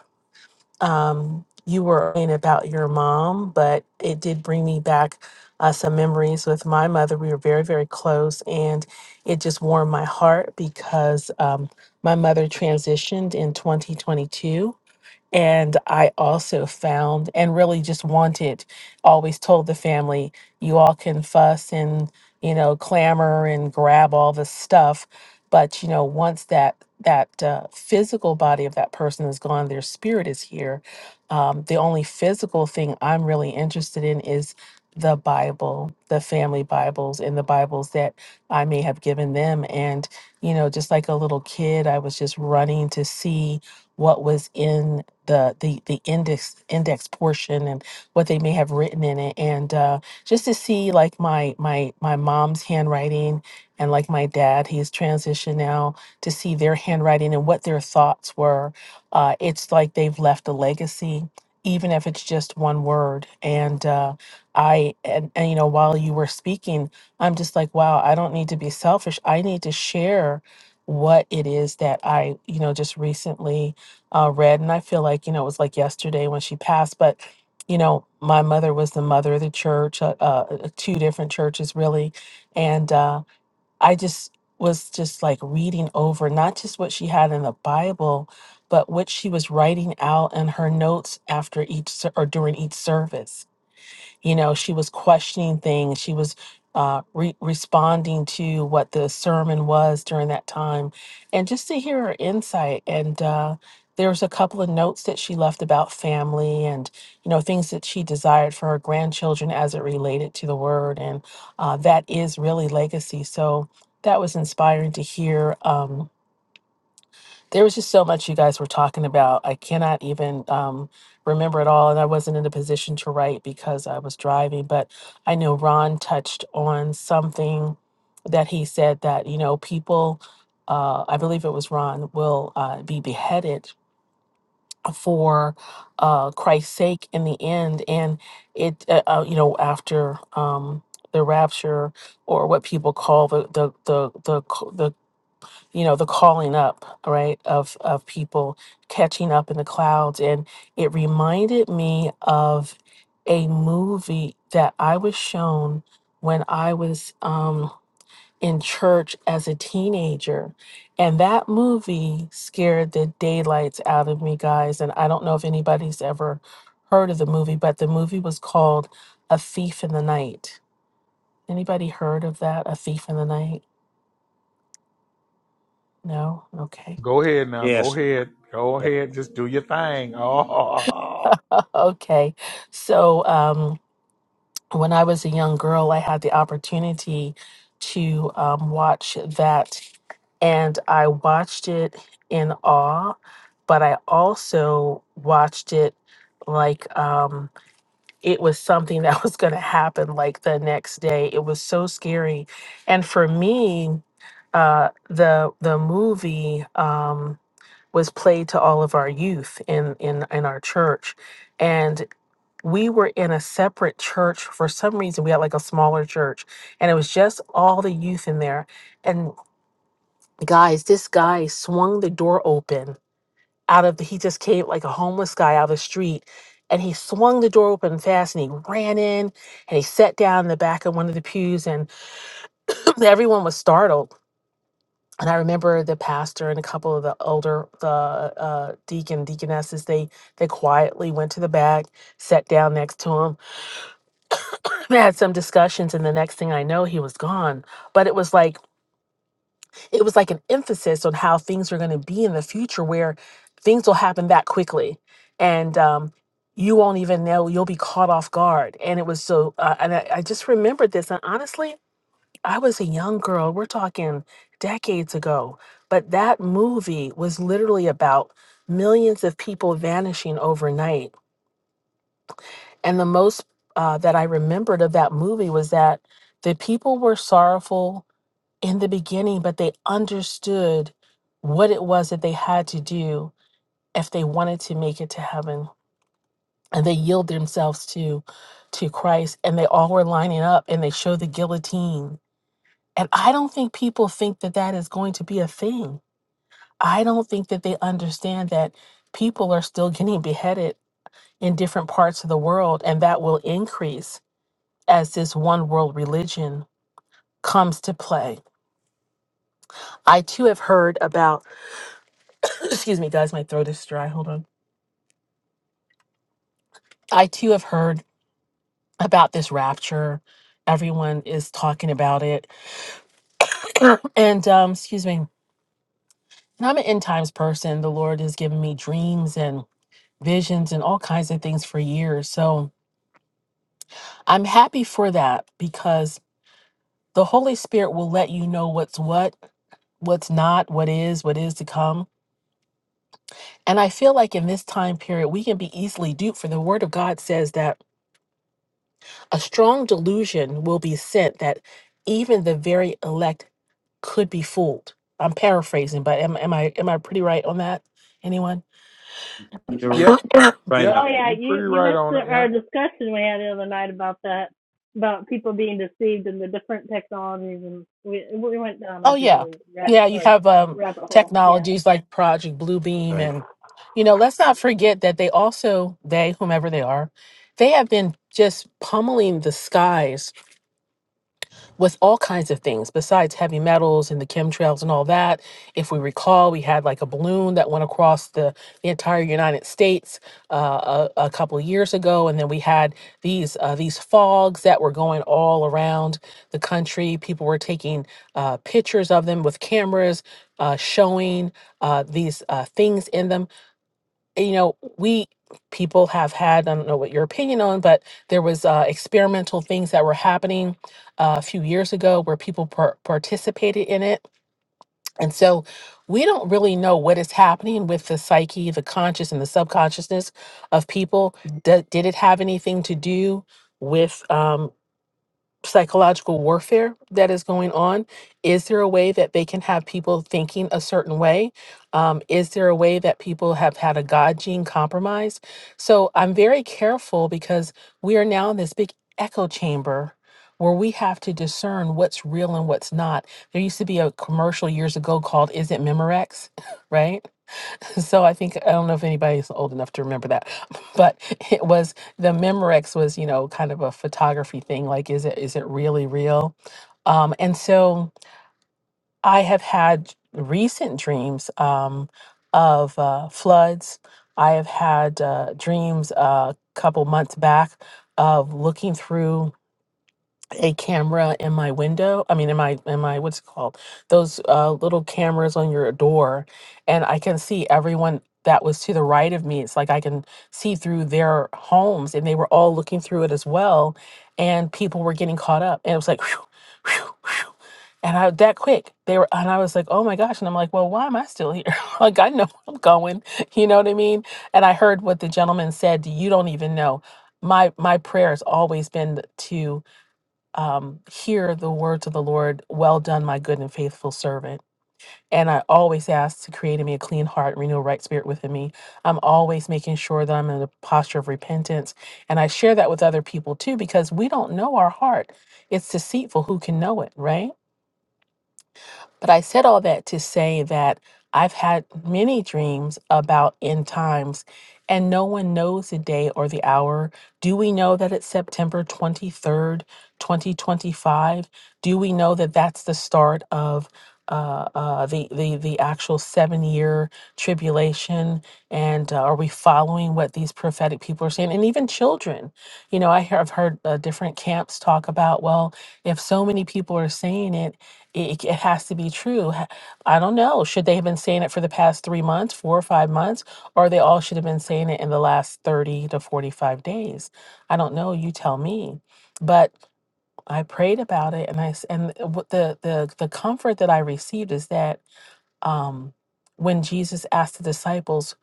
um, you were in about your mom, but it did bring me back uh, some memories with my mother. We were very, very close, and it just warmed my heart because um, my mother transitioned in 2022 and I also found and really just wanted, always told the family, you all can fuss and, you know, clamor and grab all this stuff. But, you know, once that, that uh, physical body of that person is gone, their spirit is here. Um, the only physical thing I'm really interested in is the Bible, the family Bibles, and the Bibles that I may have given them. And, you know, just like a little kid, I was just running to see what was in the the the index index portion and what they may have written in it and uh just to see like my my my mom's handwriting and like my dad he's transitioned now to see their handwriting and what their thoughts were uh it's like they've left a legacy even if it's just one word and uh i and, and you know while you were speaking i'm just like wow i don't need to be selfish i need to share what it is that i you know just recently uh, read. And I feel like, you know, it was like yesterday when she passed, but, you know, my mother was the mother of the church, uh, uh, uh, two different churches really. And uh, I just was just like reading over not just what she had in the Bible, but what she was writing out in her notes after each ser- or during each service you know, she was questioning things. She was uh, re- responding to what the sermon was during that time, and just to hear her insight. And uh, there was a couple of notes that she left about family and you know things that she desired for her grandchildren as it related to the word, and uh, that is really legacy. So that was inspiring to hear. Um, there was just so much you guys were talking about. I cannot even um, remember it all, and I wasn't in a position to write because I was driving. But I know Ron touched on something that he said that you know people, uh, I believe it was Ron, will uh, be beheaded for uh, Christ's sake in the end, and it uh, uh, you know after um, the rapture or what people call the the the the, co- the you know the calling up right of of people catching up in the clouds and it reminded me of a movie that i was shown when i was um in church as a teenager and that movie scared the daylights out of me guys and i don't know if anybody's ever heard of the movie but the movie was called a thief in the night anybody heard of that a thief in the night no okay
Go ahead now. Go
Yes.
ahead. Go ahead. Just do your thing.
Okay. So, um, when I was a young girl, I had the opportunity to um, watch that, and I watched it in awe, but I also watched it like um, it was something that was going to happen like the next day. It was so scary. And for me, uh, the the movie um, was played to all of our youth in in in our church, and we were in a separate church for some reason we had like a smaller church and it was just all the youth in there and guys this guy swung the door open out of the, he just came like a homeless guy out of the street and he swung the door open fast and he ran in and he sat down in the back of one of the pews and everyone was startled and i remember the pastor and a couple of the older the uh, deacon deaconesses they they quietly went to the back sat down next to him we had some discussions and the next thing i know he was gone but it was like it was like an emphasis on how things are going to be in the future where things will happen that quickly and um you won't even know you'll be caught off guard and it was so uh, and I, I just remembered this and honestly i was a young girl we're talking decades ago but that movie was literally about millions of people vanishing overnight And the most uh, that I remembered of that movie was that the people were sorrowful in the beginning, but they understood what it was that they had to do if they wanted to make it to heaven. And they yield themselves to to Christ, and they all were lining up, and they show the guillotine. And I don't think people think that that is going to be a thing. I don't think that they understand that people are still getting beheaded in different parts of the world, and that will increase as this one world religion comes to play. I too have heard about, excuse me, guys, my throat is dry. Hold on. I too have heard about this rapture. Everyone is talking about it. and, um, excuse me, and I'm an end times person. The Lord has given me dreams and visions and all kinds of things for years. So I'm happy for that because the Holy Spirit will let you know what's what, what's not, what is, what is to come And I feel like in this time period, we can be easily duped, for the word of God says that a strong delusion will be sent that even the very elect could be fooled. I'm paraphrasing, but am, am I am I pretty right on that? Anyone?
Oh,
You're
yep,
right
yep.
Oh
right
yeah,
You're
you
pretty
you
right
missed
on
the,
it. Yeah,
our discussion we had the other night about that, about people being deceived and the different technologies, and we we went down a
Oh yeah.
deeper rabbit
Yeah, you
uh,
have um
rabbit hole. Yeah.
technologies like Project Bluebeam
on.
and you know, let's not forget that they also they whomever they are, they have been just pummeling the skies with all kinds of things besides heavy metals and the chemtrails and all that. If we recall, we had like a balloon that went across the, the entire United States uh, a, a couple of years ago, and then we had these uh, these fogs that were going all around the country. People were taking uh, pictures of them with cameras, uh, showing uh, these uh, things in them you know we people have had i don't know what your opinion on but there was uh, experimental things that were happening uh, a few years ago where people par- participated in it and so we don't really know what is happening with the psyche the conscious and the subconsciousness of people Did did it have anything to do with um, psychological warfare that is going on? Is there a way that they can have people thinking a certain way? Um, is there a way that people have had a God gene compromise? So I'm very careful because we are now in this big echo chamber where we have to discern what's real and what's not. There used to be a commercial years ago called Is It Memorex? Right? So I think I don't know if anybody's old enough to remember that, but it was the Memorex was you know kind of a photography thing. Like, is it is it really real? Um, and so I have had recent dreams um, of uh, floods. I have had uh, dreams uh, a couple months back of looking through a camera in my window i mean in my in my what's it called those uh, little cameras on your door and i can see everyone that was to the right of me it's like i can see through their homes and they were all looking through it as well and people were getting caught up and it was like whew, whew, whew. and i that quick they were and i was like oh my gosh and i'm like well why am i still here like i know i'm going you know what i mean and i heard what the gentleman said you don't even know my my prayer has always been to um, hear the words of the Lord, well done, my good and faithful servant. And I always ask to create in me a clean heart, renew a right spirit within me. I'm always making sure that I'm in a posture of repentance. And I share that with other people too, because we don't know our heart. It's deceitful. Who can know it, right? But I said all that to say that I've had many dreams about end times, and no one knows the day or the hour. Do we know that it's September 23rd, 2025? Do we know that that's the start of? Uh, uh, the, the the actual seven year tribulation and uh, are we following what these prophetic people are saying and even children you know i hear, i've heard uh, different camps talk about well if so many people are saying it it, it has to be true. Ha- I don't know. Should they have been saying it for the past three months, four or five months, or they all should have been saying it in the last 30 to 45 days? I don't know. You tell me. But I prayed about it, and I s- and what the the the comfort that I received is that um, when Jesus asked the disciples,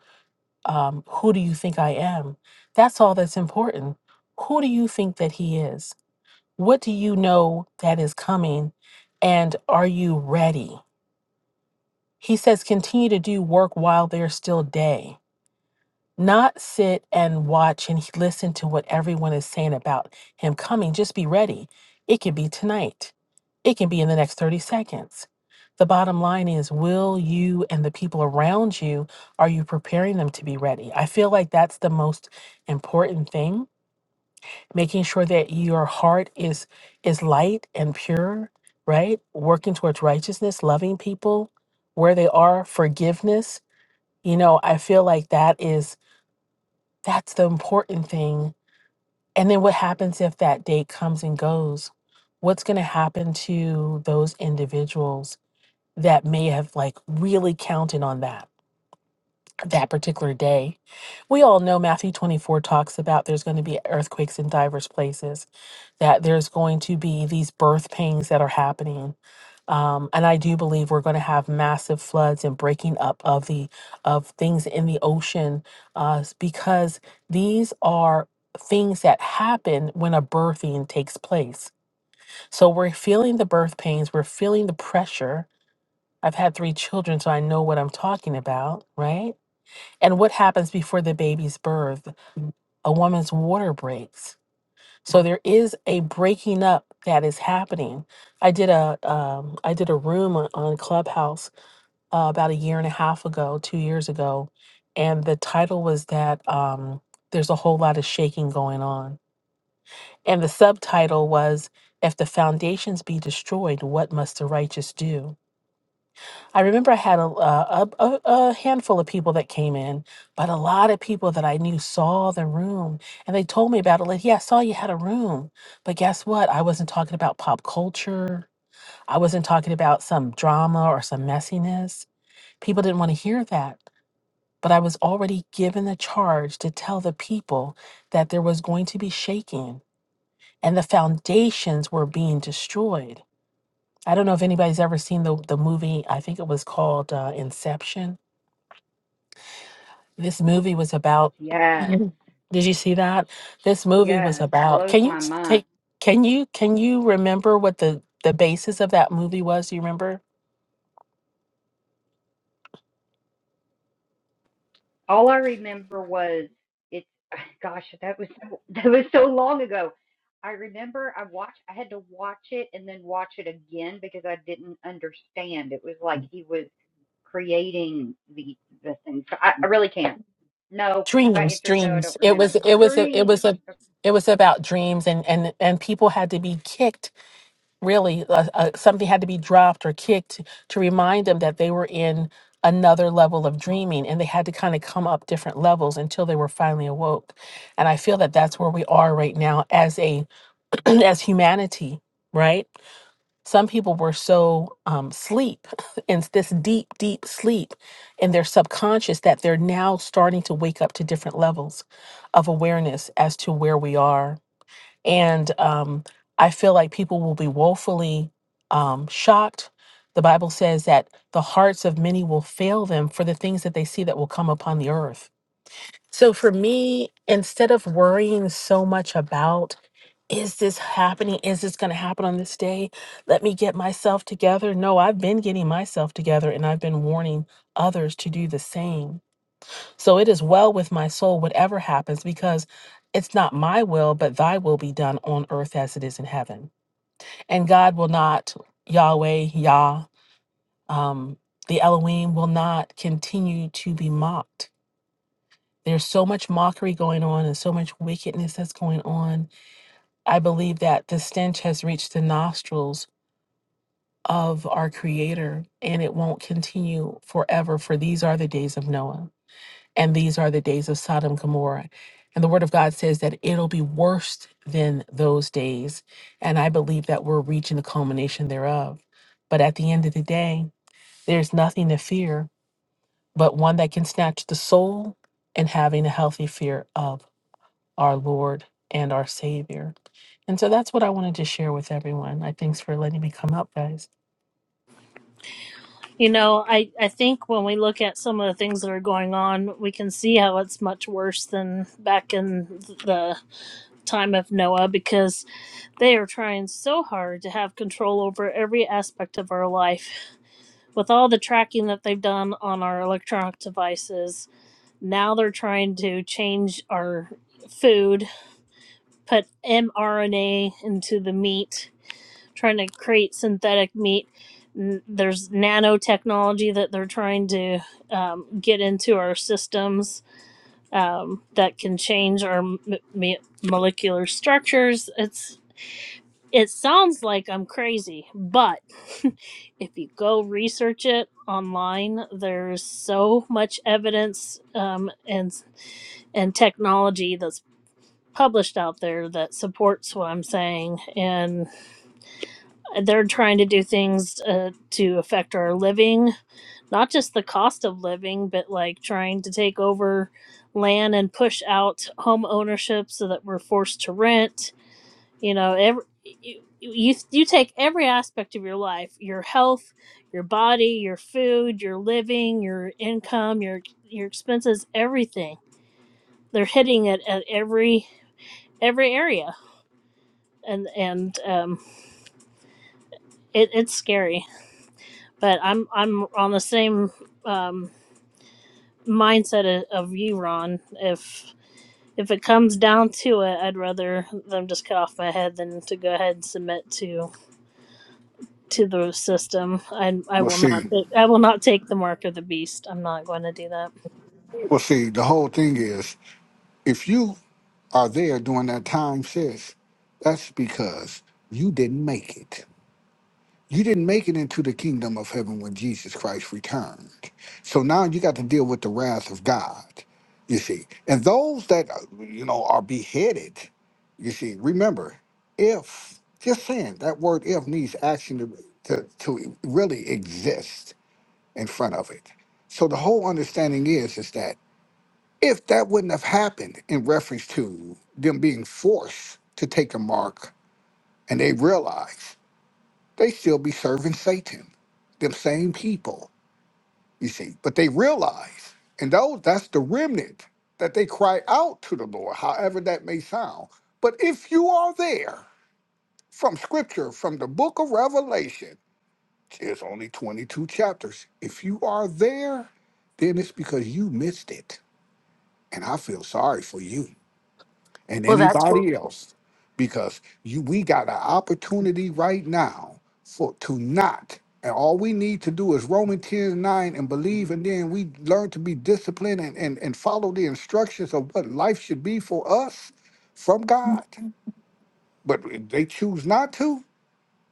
um, "Who do you think I am?" That's all that's important. Who do you think that he is? What do you know that is coming? And are you ready? He says, continue to do work while there's still day, not sit and watch and listen to what everyone is saying about him coming. Just be ready. It can be tonight, it can be in the next 30 seconds. The bottom line is, will you and the people around you, are you preparing them to be ready? I feel like that's the most important thing making sure that your heart is is light and pure right working towards righteousness loving people where they are forgiveness you know i feel like that is that's the important thing and then what happens if that date comes and goes what's going to happen to those individuals that may have like really counted on that that particular day. We all know Matthew 24 talks about there's going to be earthquakes in diverse places, that there's going to be these birth pains that are happening. Um, and I do believe we're going to have massive floods and breaking up of the of things in the ocean uh, s- because these are things that happen when a birthing takes place. So we're feeling the birth pains, we're feeling the pressure. I've had three children, so I know what I'm talking about, right? And what happens before the baby's birth? A woman's water breaks. So there is a breaking up that is happening. I did a um, I did a room on, on Clubhouse uh, about a year and a half ago, two years ago, and the title was that um, there's a whole lot of shaking going on, and the subtitle was if the foundations be destroyed, what must the righteous do? I remember I had a, uh, a, a, a handful of people that came in, but a lot of people that I knew saw the room and they told me about it. Like, yeah, I saw you had a room, but guess what? I wasn't talking about pop culture. I wasn't talking about some drama or some messiness. People didn't want to hear that. But I was already given the charge to tell the people that there was going to be shaking and the foundations were being destroyed. I don't know if anybody's ever seen the, the movie, I think it was called uh, Inception This movie was about.
Yes.
Did you see that? This movie was
Yes.
about.
Blows
Can you
my mind.
take? Can you can you remember what the the basis of that movie was? Do you remember?
all I remember was it's gosh, that was so, that was so long ago. I remember I watched I had to watch it and then watch it again because I didn't understand. It was like he was creating the the thing. So I, I really can't. No, my
dreams
answer is no, I
dreams
don't
it
remember.
was it was a, it
Dream.
was a it was about dreams and and and people had to be kicked really uh, uh, something had to be dropped or kicked to remind them that they were in another level of dreaming and they had to kind of come up different levels until they were finally awoke and i feel that that's where we are right now as a as humanity right some people were so um, sleep in this deep deep sleep in their subconscious that they're now starting to wake up to different levels of awareness as to where we are and um, i feel like people will be woefully um, shocked the bible says that the hearts of many will fail them for the things that they see that will come upon the earth so for me, instead of worrying so much about is this happening? Is this going to happen on this day? Let me get myself together. No, I've been getting myself together and I've been warning others to do the same. So it is well with my soul, whatever happens, because it's not my will, but thy will be done on earth as it is in heaven. And God will not, Yahweh, Yah, um, the Elohim will not continue to be mocked there's so much mockery going on and so much wickedness that's going on. I believe that the stench has reached the nostrils of our Creator and it won't continue forever, for these are the days of Noah and these are the days of Sodom and Gomorrah. And the Word of God says that it'll be worse than those days. And I believe that we're reaching the culmination thereof. But at the end of the day, there's nothing to fear but one that can snatch the soul and having a healthy fear of our Lord and our Savior. And so that's what I wanted to share with everyone. I thanks for letting me come up, guys.
You know, I I think when we look at some of the things that are going on, we can see how it's much worse than back in the time of Noah because they are trying so hard to have control over every aspect of our life. With all the tracking that they've done on our electronic devices, now they're trying to change our food, put mRNA into the meat, trying to create synthetic meat. N- There's nanotechnology that they're trying to um, get into our systems um, that can change our m- m- molecular structures. It's it sounds like I'm crazy, but if you go research it online, there's so much evidence um, and and technology that's published out there that supports what I'm saying. And they're trying to do things uh, to affect our living, not just the cost of living, but like trying to take over land and push out home ownership so that we're forced to rent you know every you, you you take every aspect of your life your health your body your food your living your income your your expenses everything they're hitting it at every every area and and um it, it's scary but i'm i'm on the same um mindset of, of you ron if if it comes down to it i'd rather them just cut off my head than to go ahead and submit to to the system. I I
Well,
will not
see,
take I will not take the mark of the beast. I'm not going to do that.
well, see, the whole thing is if you are there during that time, sis, that's because you didn't make it. You didn't make it into the kingdom of heaven when Jesus Christ returned. So now you got to deal with the wrath of God, you see. And those that, uh, you know, are beheaded, you see, remember, if, just saying, that word if needs action to, to, to really exist in front of it. So the whole understanding is, is that if that wouldn't have happened in reference to them being forced to take a mark and they realize they still be serving Satan, them same people, you see. But they realize, and those that's the remnant that they cry out to the Lord, however that may sound. But if you are there from scripture, from the book of Revelation, there's only 22 chapters. If you are there, then it's because you missed it. And I feel sorry for you and
Well, that's what.
anybody else because you we got an opportunity right now for to not and all we need to do is Romans 10 9 and believe, and then we learn to be disciplined and, and, and follow the instructions of what life should be for us from God. But they choose not to.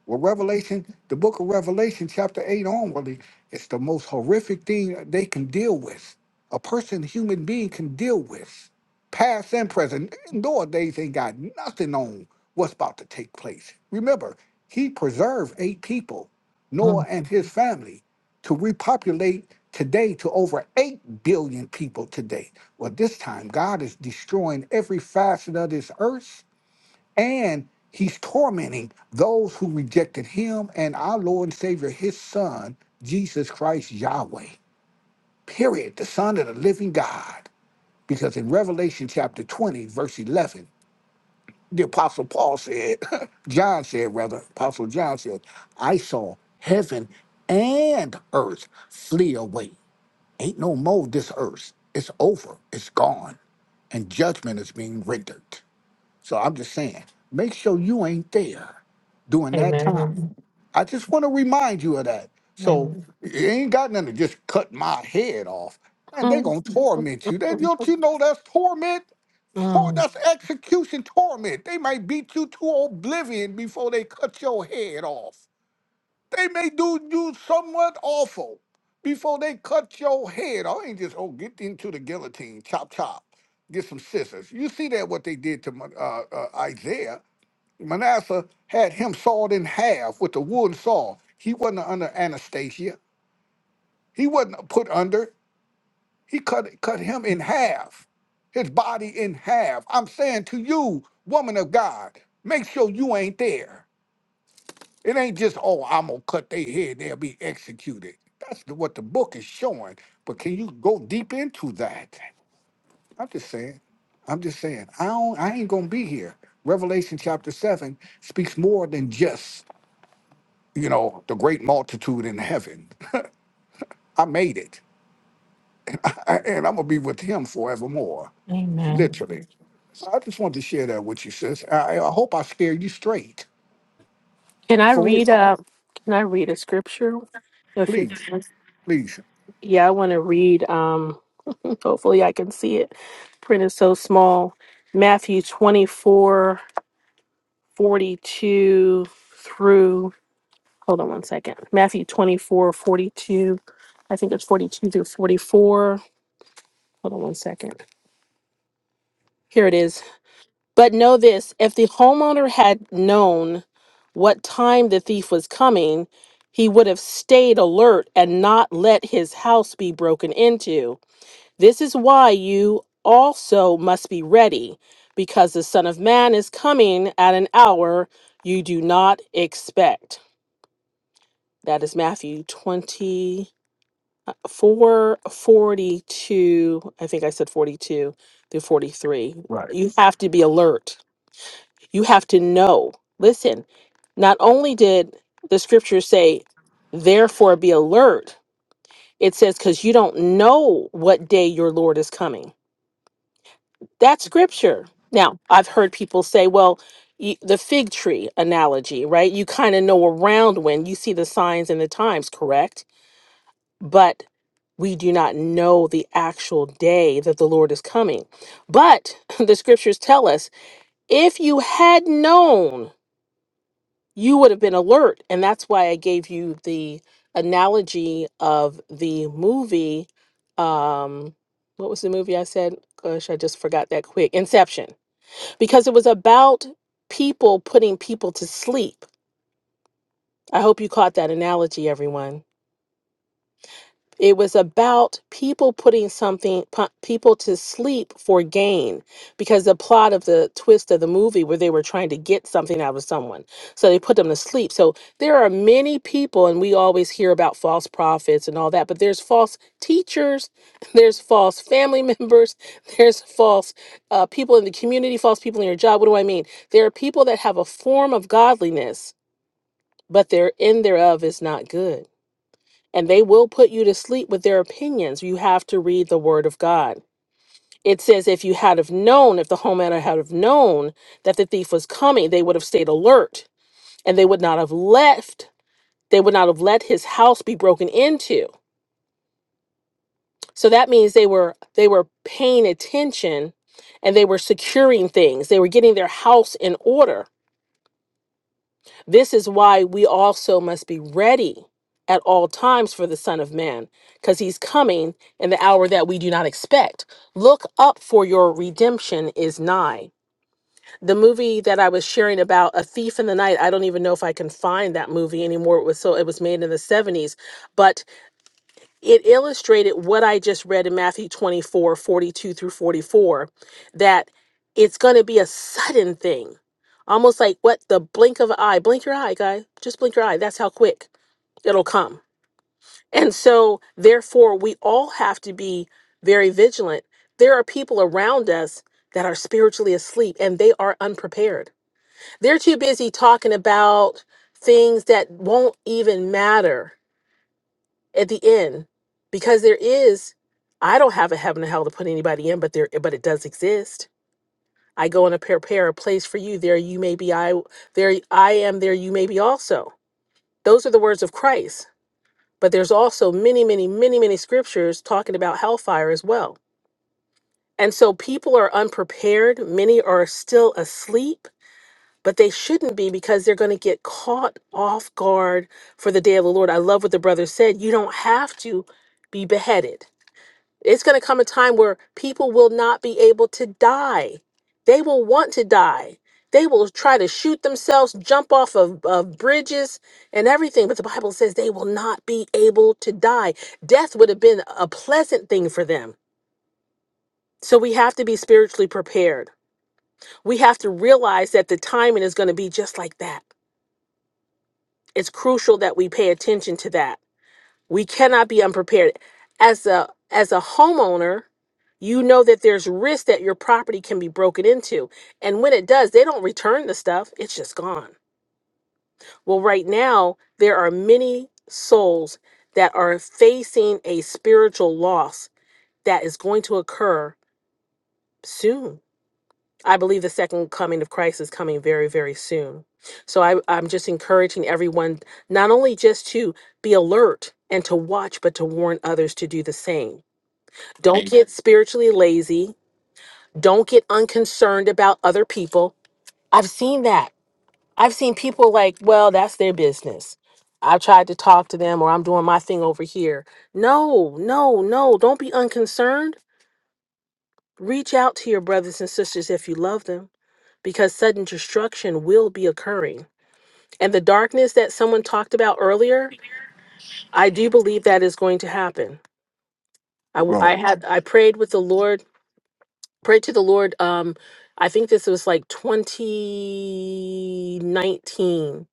Well, Revelation, the book of Revelation, chapter 8 onwardly, it's the most horrific thing they can deal with. A person, human being can deal with. Past and present. Nowadays ain't got nothing on what's about to take place. Remember, he preserved eight people,
Mm.
Noah and his family, to repopulate today to over 8 billion people today. Well, this time God is destroying every facet of this earth and he's tormenting those who rejected him and our Lord and Savior, his son, Jesus Christ Yahweh. Period. The Son of the living God. Because in Revelation chapter 20, verse 11, the Apostle Paul said, John said, rather, Apostle John said, I saw heaven and earth flee away. Ain't no more this earth. It's over. It's gone. And judgment is being rendered. So I'm just saying, make sure you ain't there during that time.
Amen.
I just want to remind you of that. So
Amen.
it ain't got nothing to just cut my head off. Man, they
Mm.
gonna torment you. They,
Mm.
don't you know that's torment? Tor-
mm,
that's execution torment. They might beat you to oblivion before they cut your head off. They may do you somewhat awful before they cut your head. Oh, I ain't just, oh, get into the guillotine, chop, chop, get some scissors. You see that what they did to Man- uh, uh, Isaiah. Manasseh had him sawed in half with a wooden saw. He wasn't under Anastasia. He wasn't put under. He cut, cut him in half, his body in half. I'm saying to you, woman of God, make sure you ain't there. It ain't just, oh, I'm gonna cut their head, they'll be executed. That's the- what the book is showing. But can you go deep into that? I'm just saying. I'm just saying. I don't, I ain't gonna be here. Revelation chapter seven speaks more than just, you know, the great multitude in heaven. I made it. I- and I'm gonna be with him forevermore.
Amen.
Literally. So I just wanted to share that with you, sis. I, I hope I scared you straight.
Can I
For real.
read a Can I read a scripture? If you,
Please. Please.
yeah, I want to read. Um, hopefully, I can see it. Print is so small. Matthew twenty four forty two through. Hold on one second. Matthew twenty four forty two. I think it's forty two through forty four. Hold on one second. Here it is. But know this if the homeowner had known what time the thief was coming, he would have stayed alert and not let his house be broken into. This is why you also must be ready, because the Son of Man is coming at an hour you do not expect. That is Matthew twenty four forty two. I think I said 42 through 43.
Right.
You have to be alert you have to know. Listen, not only did the scripture say, therefore be alert, it says, because you don't know what day your Lord is coming. That's scripture. Now, I've heard people say, well, you, the fig tree analogy, right? You kind of know around when you see the signs and the times, correct? But we do not know the actual day that the Lord is coming. But the scriptures tell us if you had known you would have been alert. And that's why I gave you the analogy of the movie. Um, what was the movie I said? Gosh, I just forgot that quick. Inception. Because it was about people putting people to sleep. I hope you caught that analogy, everyone. It was about people putting something pu- people to sleep for gain because the plot of the twist of the movie where they were trying to get something out of someone. So they put them to sleep. So there are many people and we always hear about false prophets and all that, but there's false teachers, there's false family members, there's false uh, people in the community, false people in your job. What do I mean? There are people that have a form of godliness, but their end thereof is not good and they will put you to sleep with their opinions. You have to read the word of God. It says, if you had have known, if the homeowner had have known that the thief was coming, they would have stayed alert and they would not have left. They would not have let his house be broken into. So that means they were they were paying attention and they were securing things. They were getting their house in order This is why we also must be ready at all times for the Son of Man, because he's coming in the hour that we do not expect. Look up, for your redemption is nigh. The movie that I was sharing about, A Thief in the Night, I don't even know if I can find that movie anymore. It was so it was made in the 70s, but it illustrated what I just read in Matthew 24 42 through 44 that it's going to be a sudden thing, almost like what the blink of an eye, blink your eye, guy, just blink your eye. That's how quick it'll come. And so, therefore, we all have to be very vigilant. There are people around us that are spiritually asleep and they are unprepared. They're too busy talking about things that won't even matter at the end because there is i don't have a heaven and hell to put anybody in but there but it does exist i go and prepare a place for you there you may be i there i am there you may be also those are the words of christ but there's also many many many many scriptures talking about hellfire as well and so people are unprepared many are still asleep but they shouldn't be because they're going to get caught off guard for the day of the lord i love what the brother said you don't have to be beheaded It's going to come a time where people will not be able to die. They will want to die. They will try to shoot themselves, jump off of, of bridges and everything. But the Bible says they will not be able to die. Death would have been a pleasant thing for them. So we have to be spiritually prepared. We have to realize that the timing is going to be just like that. It's crucial that we pay attention to that We cannot be unprepared. As a as a homeowner, you know that there's risk that your property can be broken into. And when it does, they don't return the stuff. It's just gone. Well, right now, there are many souls that are facing a spiritual loss that is going to occur soon. I believe the second coming of Christ is coming very, very soon. So I, I'm just encouraging everyone not only just to be alert and to watch, but to warn others to do the same Don't Amen. get spiritually lazy. Don't get unconcerned about other people. I've seen that. I've seen people like, well, that's their business. I've tried to talk to them or I'm doing my thing over here. No, no, no. Don't be unconcerned. Reach out to your brothers and sisters if you love them because sudden destruction will be occurring. And the darkness that someone talked about earlier, I do believe that is going to happen. I, w-
Well,
I had I prayed with the Lord Pray to the Lord. Um, I think this was like 2019,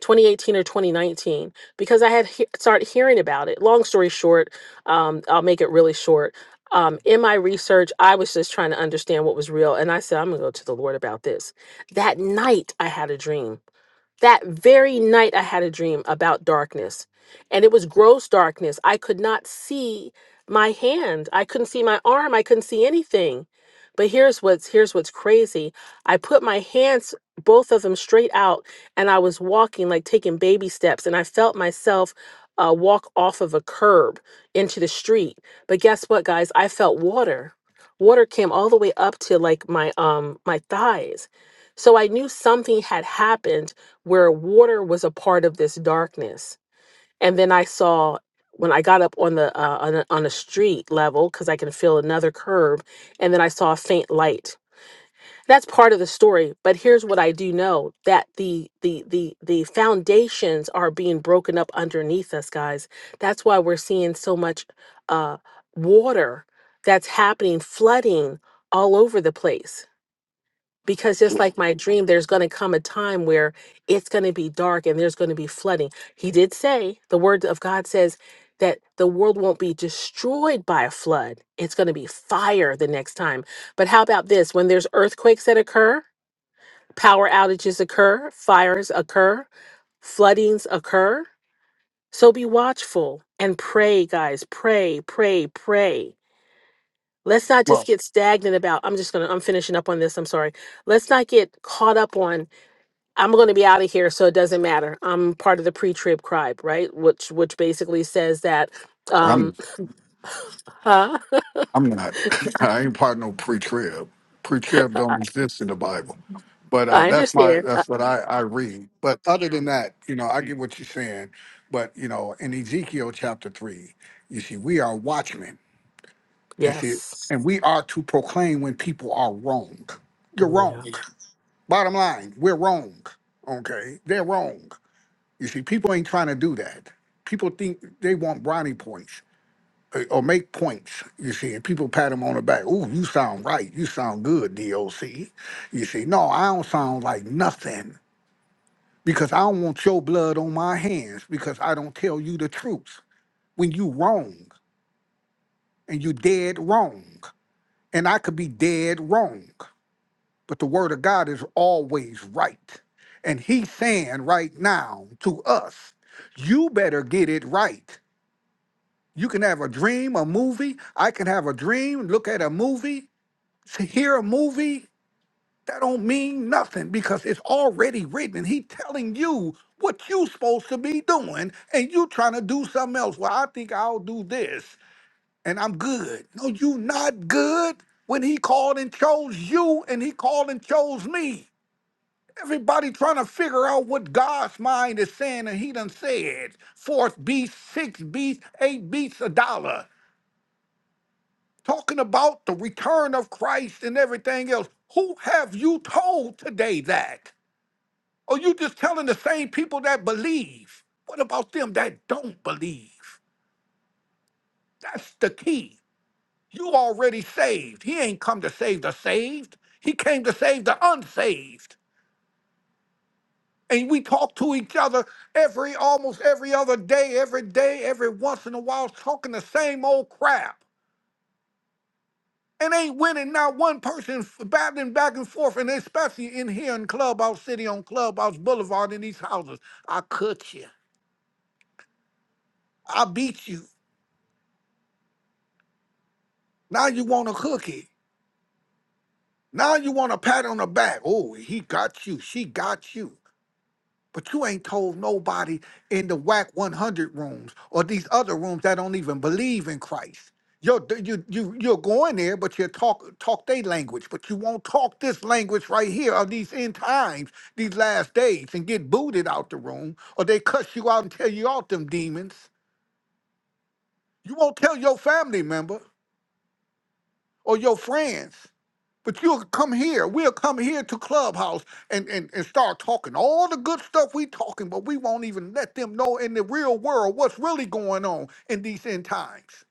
2018 or 2019, because I had he- started hearing about it. Long story short, um, I'll make it really short. Um, in my research, I was just trying to understand what was real. And I said, I'm going to go to the Lord about this. That night, I had a dream that very night, I had a dream about darkness, and it was gross darkness. I could not see my hand. I couldn't see my arm. I couldn't see anything. But here's what's here's what's crazy. I put my hands, both of them, straight out, and I was walking like taking baby steps, and I felt myself uh, walk off of a curb into the street. But guess what, guys? I felt water. Water came all the way up to like my um my thighs. So I knew something had happened where water was a part of this darkness. And then I saw when I got up on the uh, on, a, on a street level because I can feel another curve, and then I saw a faint light. That's part of the story. But here's what I do know: that the the the the foundations are being broken up underneath us, guys. That's why we're seeing so much uh, water that's happening, flooding all over the place because just like my dream there's going to come a time where it's going to be dark and there's going to be flooding he did say the word of god says that the world won't be destroyed by a flood it's going to be fire the next time but how about this when there's earthquakes that occur power outages occur fires occur floodings occur so be watchful and pray guys pray pray pray let's not just
well,
get stagnant about i'm just going to i'm finishing up on this i'm sorry let's not get caught up on I'm going to be out of here, so it doesn't matter. I'm part of the pre-trib tribe, right? Which which basically says that um
I'm
huh?
I'm not. I ain't part of no pre-trib. Pre-trib don't exist in the Bible. But uh,
I
that's my
understand. Uh,
that's what I, I read. But other than that, you know, I get what you're saying. But you know, in Ezekiel chapter three, you see, we are watchmen, and see,
yes.
and we are to proclaim when people are wrong. You're wrong. Bottom line, we're wrong. Okay, they're wrong. You see, people ain't trying to do that. People think they want brownie points uh, or make points. You see, and people pat him on the back. Ooh, you sound right. You sound good, DOC. You see, no, I don't sound like nothing because I don't want your blood on my hands because I don't tell you the truth when you wrong and you dead wrong. And I could be dead wrong, but the word of God is always right. And he's saying right now to us, you better get it right. You can have a dream, a movie. I can have a dream, look at a movie, to hear a movie that don't mean nothing because it's already written and he telling you what you supposed to be doing and you trying to do something else well i think i'll do this and i'm good no you not good when he called and chose you and he called and chose me everybody trying to figure out what god's mind is saying and he done said fourth beast sixth beast eight beats a dollar talking about the return of Christ and everything else. Who have you told today that? Are you just telling the same people that believe? What about them that don't believe? That's the key. You already saved. He ain't come to save the saved. He came to save the unsaved. And we talk to each other every almost every other day, every day, every once in a while, talking the same old crap. and ain't winning not one person f- battling back and forth, and especially in here in Clubhouse City on Clubhouse Boulevard in these houses. I cooked you. I beat you. Now you want a cookie. Now you want a pat on the back. Oh, he got you. She got you. But you ain't told nobody in the WAC 100 rooms or these other rooms that don't even believe in Christ. You're, d- you, you, you're going there, but you talk talk their language, but you won't talk this language right here of these end times, these last days, and get booted out the room, or they cuss you out and tell you out them demons. You won't tell your family member or your friends. But you'll come here. We'll come here to Clubhouse and, and, and start talking all the good stuff we talking, but we won't even let them know in the real world what's really going on in these end times.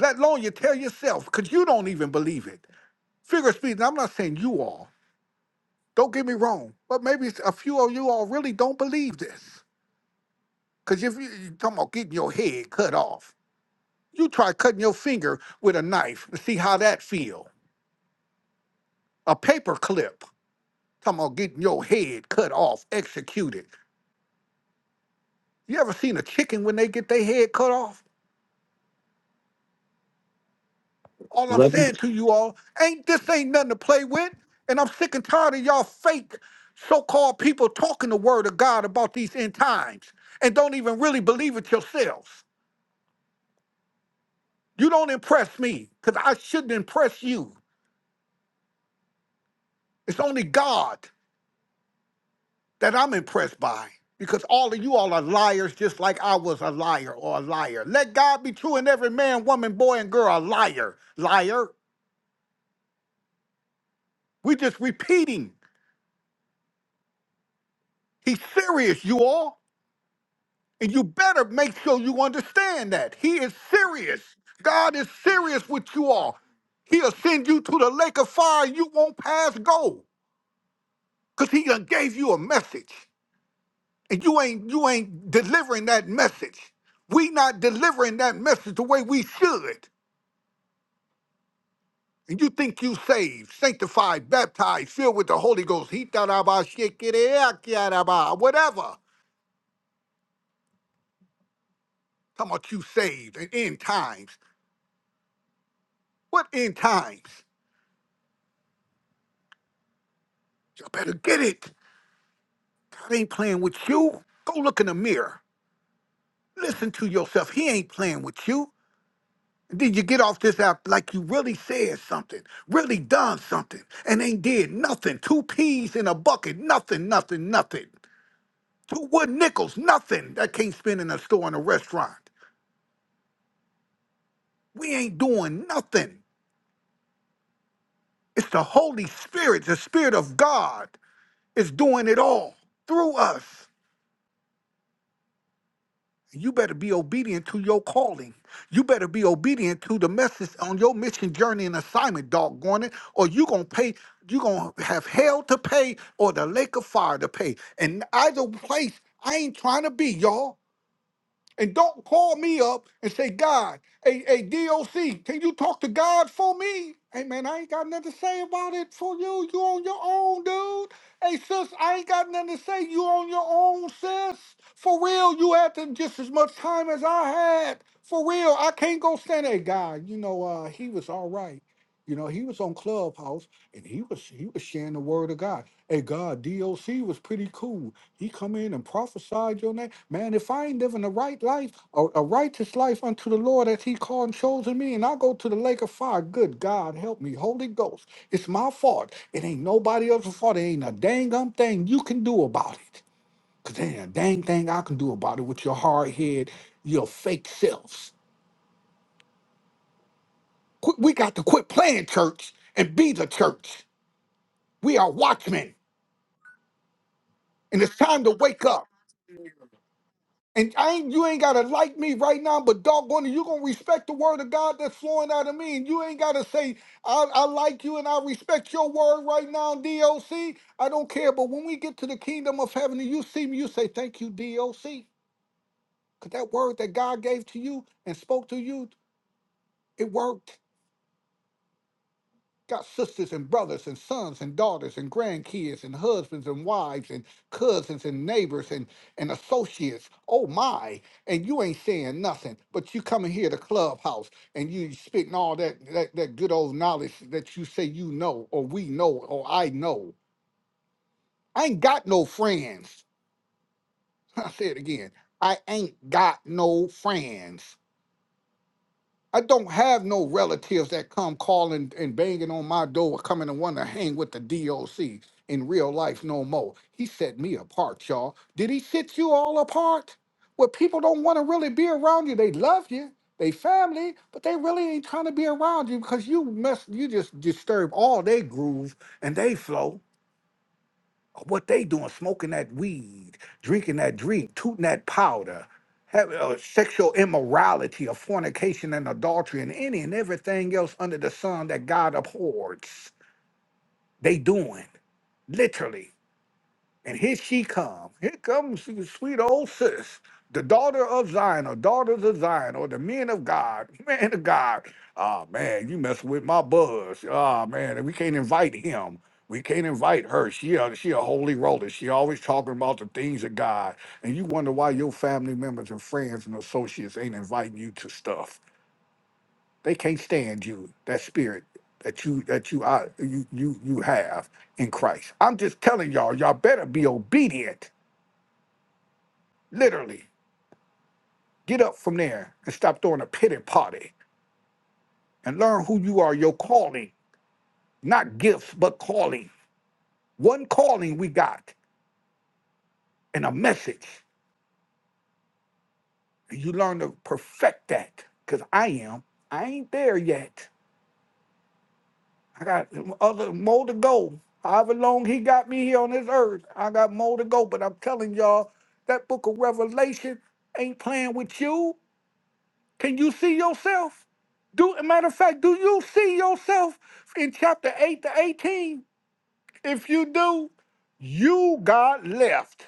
Let alone you tell yourself, because you don't even believe it. Figure of speech, I'm not saying you all. Don't get me wrong, but maybe a few of you all really don't believe this. Because if you, you talking about getting your head cut off, you try cutting your finger with a knife and see how that feel. A paper clip. Talking about getting your head cut off, executed. You ever seen a chicken when they get their head cut off? All I'm
Let me,
saying to you all, ain't this ain't nothing to play with. And I'm sick and tired of y'all fake so-called people talking the word of God about these end times and don't even really believe it yourselves. You don't impress me, because I shouldn't impress you. It's only God. that I'm impressed by because all of you all are liars just like I was a liar or a liar. Let God be true and every man, woman, boy, and girl a liar. Liar. we just repeating. He's serious, you all. And you better make sure you understand that. He is serious. God is serious with you all. He'll send you to the lake of fire you won't pass go. Cause he done gave you a message. And you ain't you ain't delivering that message. We not delivering that message the way we should. and you think you saved, sanctified, baptized, filled with the Holy Ghost, hitaraba, shekereba, kiaraba, whatever. Talking about you saved and end times. What end times? You better get it. God ain't playing with you. Go look in the mirror. Listen to yourself. He ain't playing with you. And then you get off this app like you really said something, really done something, and ain't did nothing. Two peas in a bucket, nothing, nothing, nothing. Two wood nickels, nothing. That can't spend in a store and a restaurant. We ain't doing nothing. It's the Holy Spirit, the Spirit of God, is doing it all through us. You better be obedient to your calling. You better be obedient to the message on your mission journey and assignment, doggone it, or you gonna pay, you gonna have hell to pay or the lake of fire to pay. And either place, I ain't trying to be, y'all. And don't call me up and say, God, hey, hey, DOC, can you talk to God for me? Hey, man, I ain't got nothing to say about it for you. You on your own, dude. Hey, sis, I ain't got nothing to say. You on your own, sis. For real, you had to just as much time as I had. For real, I can't go stand that guy. You know, uh, he was all right. You know, he was on Clubhouse and he was he was sharing the word of God. Hey, God, DOC was pretty cool. He come in and prophesied your name. Man, if I ain't living a right life, a, a righteous life unto the Lord as he called and chosen me, and I go to the lake of fire, good God, help me. Holy Ghost, it's my fault. It ain't nobody else's fault. It ain't a dang gum thing you can do about it. Because there ain't a dang thing I can do about it with your hard head, your fake selves. Quit, we got to quit playing church and be the church. We are watchmen, and it's time to wake up. And I ain't you ain't gotta like me right now, but doggone it, you gonna respect the word of God that's flowing out of me. And you ain't gotta say, I, I like you and I respect your word right now, DOC. I don't care. But when we get to the kingdom of heaven and you see me, you say, Thank you, DOC. Because that word that God gave to you and spoke to you, it worked. Got sisters and brothers and sons and daughters and grandkids and husbands and wives and cousins and neighbors and, and associates. Oh my. And you ain't saying nothing, but you coming here to clubhouse and you spitting all that, that that good old knowledge that you say you know or we know or I know. I ain't got no friends. I say it again. I ain't got no friends. I don't have no relatives that come calling and banging on my door, coming and want to hang with the DOC in real life no more. He set me apart, y'all. Did he set you all apart? Well, people don't want to really be around you. They love you, they family, but they really ain't trying to be around you because you mess, you just disturb all their groove and they flow what they doing, smoking that weed, drinking that drink, tooting that powder, having uh, sexual immorality, of fornication and adultery, and any and everything else under the sun that God abhors. They doing literally. And here she come. Here comes the sweet old sis, the daughter of Zion, or daughters of Zion, or the men of God, man of God. Ah man, you messing with my buzz. Ah man, and we can't invite him. We can't invite her. She a, she a holy roller. She always talking about the things of God. And you wonder why your family members and friends and associates ain't inviting you to stuff. They can't stand you, that spirit that you that you are you you you have in Christ. I'm just telling y'all, y'all better be obedient Literally, get up from there and stop throwing a pity party and learn who you are, your calling, not gifts, but calling. One calling we got and a message. And you learn to perfect that because I am. I ain't there yet. I got other more to go. However long he got me here on this earth, I got more to go. But I'm telling y'all, that book of Revelation ain't playing with you. Can you see yourself? Do matter of fact, do you see yourself in chapter 8 to 18? If you do, you got left.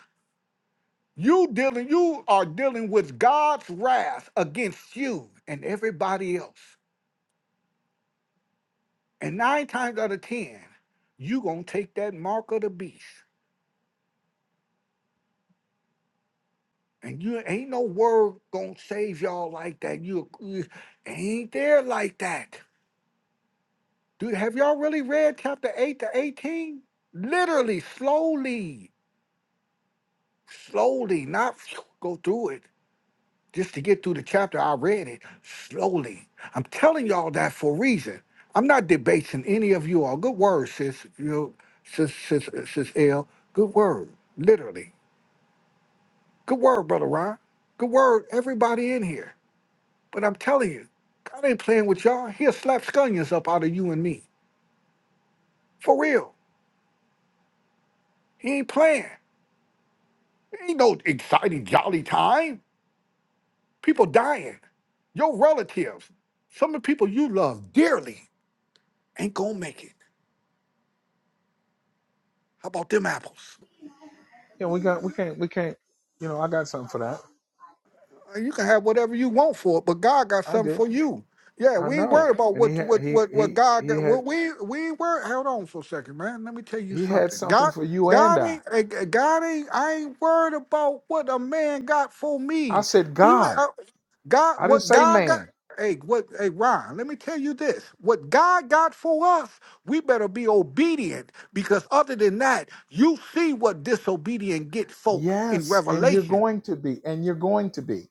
You dealing, you are dealing with God's wrath against you and everybody else. And nine times out of ten, you gonna take that mark of the beast. And you ain't no word gonna save y'all like that. You you- it ain't there like that. Dude, have y'all really read chapter 8 to 18? Literally, slowly, slowly, not go through it just to get through the chapter. I read it slowly. I'm telling y'all that for a reason. I'm not debating any of you all. Good word, sis, you know, sis, sis, uh, sis L. Good word, literally. Good word, brother Ron. Good word, everybody in here. But I'm telling you, God ain't playing with y'all. He'll slap scunions up out of you and me. For real. He ain't playing. Ain't no exciting, jolly time. People dying. Your relatives, some of the people you love dearly, ain't gonna make it. How about them apples?
yeah. We got. We can't. We can't. You know, I got something for that.
Uh, You can have whatever you want for it, but God got
I
something
do.
for you. Yeah,
I
we ain't
know.
worried about
And he
what
had.
what
He
what what
he
God
he
got.
had.
What we we ain't worried. Hold on for a second, man. Let me tell you
He had
something.
something
God
for you and
God
I.
ain't uh, God ain't. I ain't worried about what a man got for
I
me.
said,
You ain't.
God.
God,
I didn't
what
say
God got,
man.
hey, what, hey, Ron, let me tell you this. What God got for us, we better be obedient because other than that, you see what disobedient get folk in
Yes, and you're
Revelation.
going to be, and you're going to be.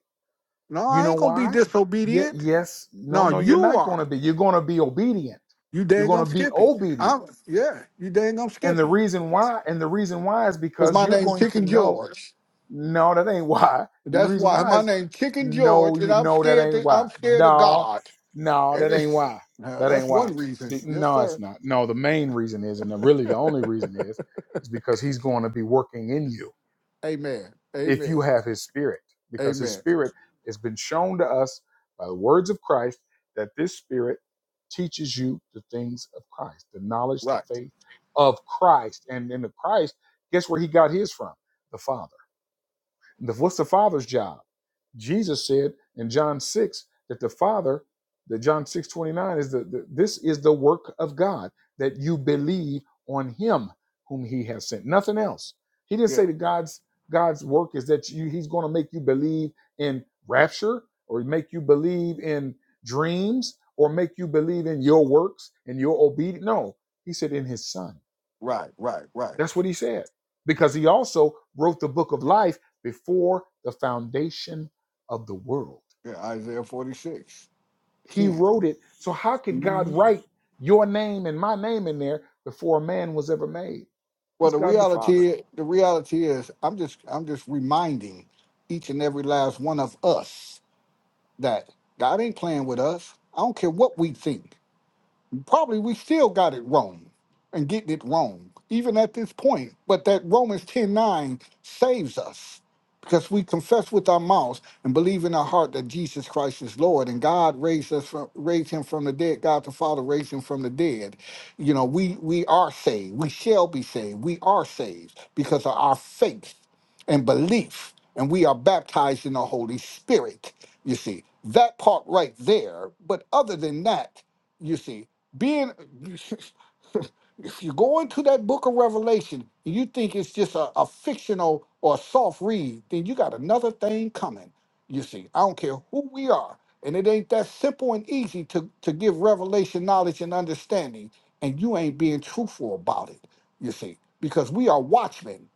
No,
You
I
know
ain't gonna be
why? Ye-
disobedient.
yes, no,
No,
no, you're
you
not going
are.
to be. You're going to be obedient.
You
You're
dang
going
gum
to be
Skippy.
obedient.
I'm, yeah, you dang gum
And the
Skippy.
reason why, and the reason why is
Cause
because
my
you're
name's
going to
Chicken
know,
George.
no, that ain't why. The
That's
reason
why
why
my
is
name's Chicken
no,
George, and
you
I'm
no, that
scared.
ain't
To,
why.
I'm scared of
No,
God.
no,
And
that ain't
it-
why.
no,
That ain't
that's
why.
one reason.
The-
Yes,
No, it's
sir.
not. No, the main reason is, and the, really the only reason is, is because he's going to be working in you
Amen.
if you
Amen.
have his spirit, because his
Amen.
spirit has been shown to us by the words of Christ that this spirit teaches you the things of Christ, the knowledge, the
Right.
faith of Christ. And in the Christ, guess where he got his from? The Father. The- What's the Father's job? Jesus said in John 6 that the Father, that John 6 29 is the, the this is the work of God, that you believe on him whom he has sent. Nothing else. He didn't
Yeah.
say that God's God's work is that you he's going to make you believe in rapture or make you believe in dreams or make you believe in your works and your obedience. No, he said in his son.
Right. Right. Right.
That's what he said. Because he also wrote the book of life before the foundation of the world.
Yeah. Isaiah forty six
He
ten.
wrote it. So, how could God
Mhm.
write your name and my name in there before a man was ever made?
Well,
He's
the
God the Father.
reality, the reality is, I'm just, I'm just reminding each and every last one of us that God ain't playing with us. I don't care what we think. probably we still got it wrong and getting it wrong, even at this point. But that Romans 10 9 saves us because we confess with our mouths and believe in our heart that Jesus Christ is Lord and God raised us from raised him from the dead. God the Father raised him from the dead. You know, we we are saved. We shall be saved. We are saved because of our faith and belief. And we are baptized in the Holy Spirit. You see, that part right there. But other than that, you see, being if you go into that book of Revelation and you think it's just a, a fictional or a soft read, then you got another thing coming. You see, I don't care who we are. And it ain't that simple and easy to, to give revelation knowledge and understanding, and you ain't being truthful about it, you see, because we are watchmen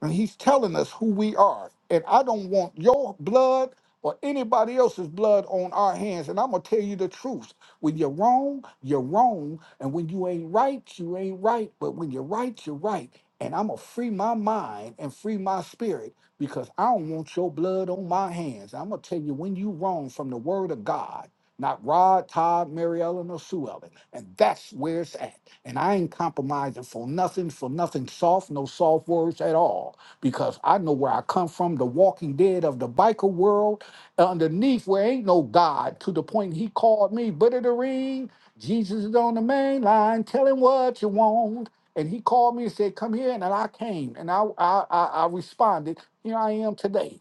and he's telling us who we are. And I don't want your blood or anybody else's blood on our hands. And I'm gonna tell you the truth. When you're wrong, you're wrong. And when you ain't right, you ain't right. But when you're right, you're right. And I'm going to free my mind and free my spirit because I don't want your blood on my hands. I'm going to tell you when you wrong from the word of God, not Rod, Todd, Mary Ellen, or Sue Ellen. And that's where it's at. And I ain't compromising for nothing, for nothing soft, no soft words at all because I know where I come from, the walking dead of the biker world underneath where ain't no God to the point he called me, but the ring, Jesus is on the main line, tell him what you want. And he called me and said, Come here, and then I came and I I I, I responded, here I am today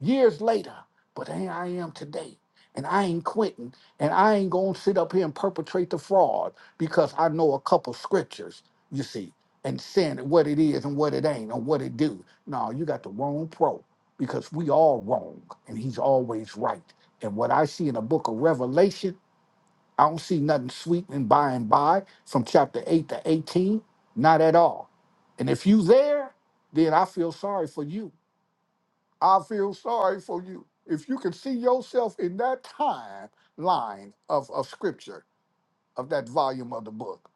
years later, but here I am today. And I ain't quitting. And I ain't going to sit up here and perpetrate the fraud because I know a couple scriptures, you see, and saying what it is and what it ain't and what it do. No, you got the wrong pro because we all wrong and he's always right. And what I see in the book of Revelation, I don't see nothing sweet and by and by from chapter 8 to 18, not at all. And if you there, then I feel sorry for you I feel sorry for you. If you can see yourself in that time line of, of scripture, of that volume of the book,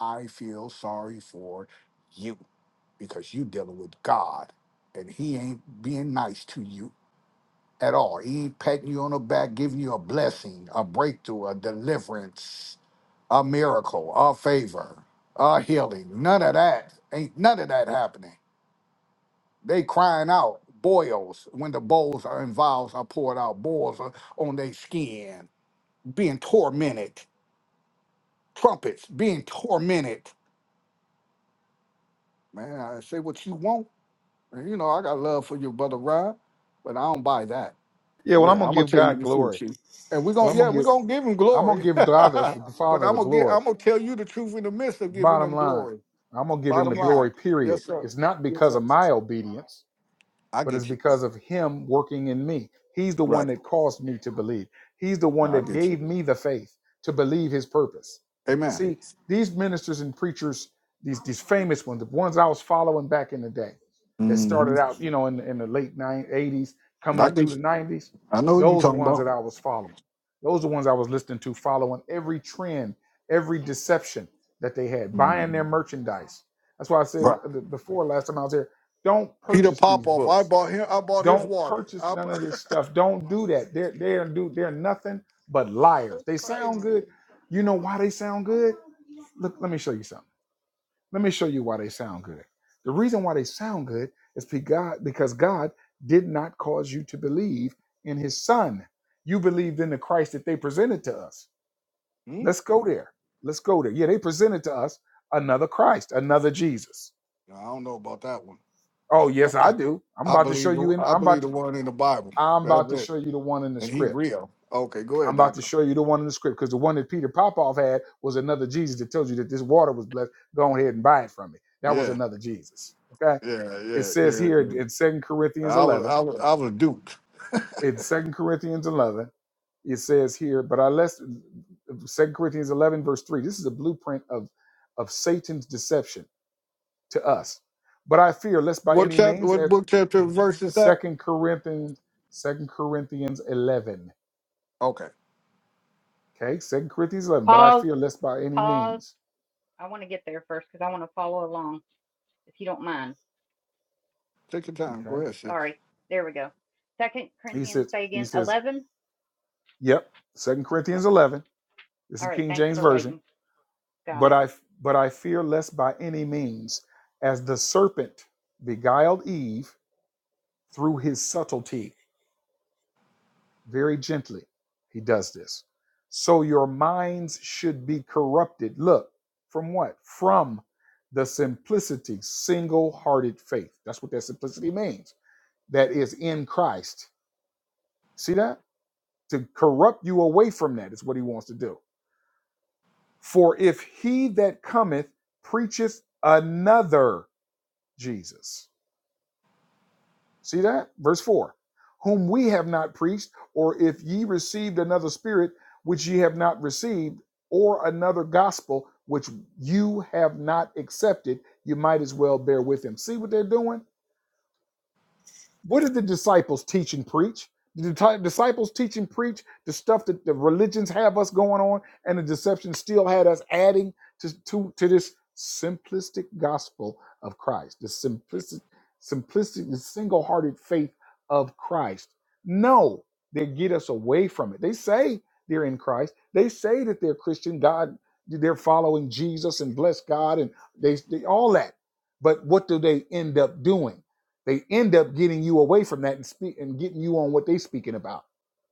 I feel sorry for you because you dealing with God and he ain't being nice to you at all. He ain't patting you on the back, giving you a blessing, a breakthrough, a deliverance, a miracle, a favor, a healing. None of that. Ain't none of that happening. They crying out boils when the bowls are and vials are poured out, boils are on their skin, being tormented, trumpets being tormented. Man, I say what you want. And, You know, I got love for you, brother Rod, but I don't buy that
Yeah,
for
well, I'm
real.
going
I'm
to
gonna
give
tell you
God
the truth,
glory.
Chief. And we're
Well,
gonna
I'm
yeah,
going to
we're
give.
gonna give him
I'm gonna
glory.
give God the,
but
the Father
I'm
the
gonna get
glory.
I'm gonna tell you the truth in the midst of giving
Bottom
him
line,
glory.
I'm gonna give him
Bottom
the glory.
line.
Period.
Yes, sir.
It's not
Yes,
because
sir.
of my obedience.
I
but it's
get you.
because of him working in me. He's the one
Right.
that caused me to believe. He's the
No,
one
I
that
get
gave
you.
me the faith to believe his purpose.
Amen.
See, these ministers and preachers, these these famous ones, the ones I was following back in the day that
Mm-hmm.
started out, you know, in, in the late 90s, 80s, coming
I
up
can,
through the 90s,
I know who you
those
talking
ones that
about.
I was following. Those are the ones I was listening to, following every trend, every deception that they had, buying their
Mhm.
merchandise. That's why I said
Right.
uh, before last time I was here, don't
Peter
purchase these
Popoff. I
books
bought him. I bought his
don't
water.
purchase
I,
none
bu-
of this stuff. Don't do that. They're they're do they're nothing but liars. They sound good. You know why they sound good? Look, let me show you something. Let me show you why they sound good. The reason why they sound good is because because God did not cause you to believe in his son. You believed in the Christ that they presented to us.
hmm?
Let's go there. Let's go there. Yeah, they presented to us another Christ, another Jesus.
I don't know about that one.
Oh, yes, I
Uh-uh.
do. I'm
I
about to show
believe.
you in
I
I'm
believe
about
the
to
one in the Bible.
I'm about
That's
to
it.
show you the one in the
And he
script.
real. Okay, go
I'm
ahead,
about to
doctor.
show you the one in the script because the one that Peter Popoff had was another Jesus that tells you that this water was blessed. Go ahead and buy it from me. That was
Yeah,
another Jesus. Okay.
yeah,
It
yeah, yeah.
says here
okay.
in Second Corinthians
I was,
11,
I was, I was duped.
in Second Corinthians 11, it says here, but unless Second Corinthians 11, verse 3, this is a blueprint of, of Satan's deception to us. But I fear, lest by
What
any
chapter?
means,
What
at
book chapter and verse is that?
Second Corinthians, Second Corinthians 11,
Okay,
okay, Second Corinthians 11, but I
Pause,
fear, lest by any
pause.
means.
I want to get there first because I want to follow along if you don't mind.
take your time. Go
Okay.
ahead, sis.
Sorry. There we go. Second
He
Corinthians
says,
say
he
again.
says,
Eleven?
yep, Second Corinthians
Okay.
11. This
All
is
right.
King
Thanks
James
for
Version.
waiting. Got
But
it.
I, but I fear lest by any means, as the serpent beguiled Eve through his subtlety, very gently, he does this. So your minds should be corrupted. Look, from what? From the simplicity, single hearted faith. That's what that simplicity means. That is in Christ. See that? To corrupt you away from that is what he wants to do For if he that cometh preacheth another Jesus, see that? Verse 4 Whom we have not preached, or if ye received another spirit which ye have not received, or another gospel which you have not accepted, you might as well bear with him. See what they're doing? What did the disciples teach and preach? the ti- disciples teach and preach the stuff that the religions have us going on and the deception still had us adding to, to, to this simplistic gospel of Christ, the simplistic, simplistic, the single hearted faith of Christ? No, they get us away from it. They say they're in Christ, they say that they're Christian, God, they're following Jesus and bless God, and they, they all that. But what do they end up doing? They end up getting you away from that and speak and getting you on what they're speaking about.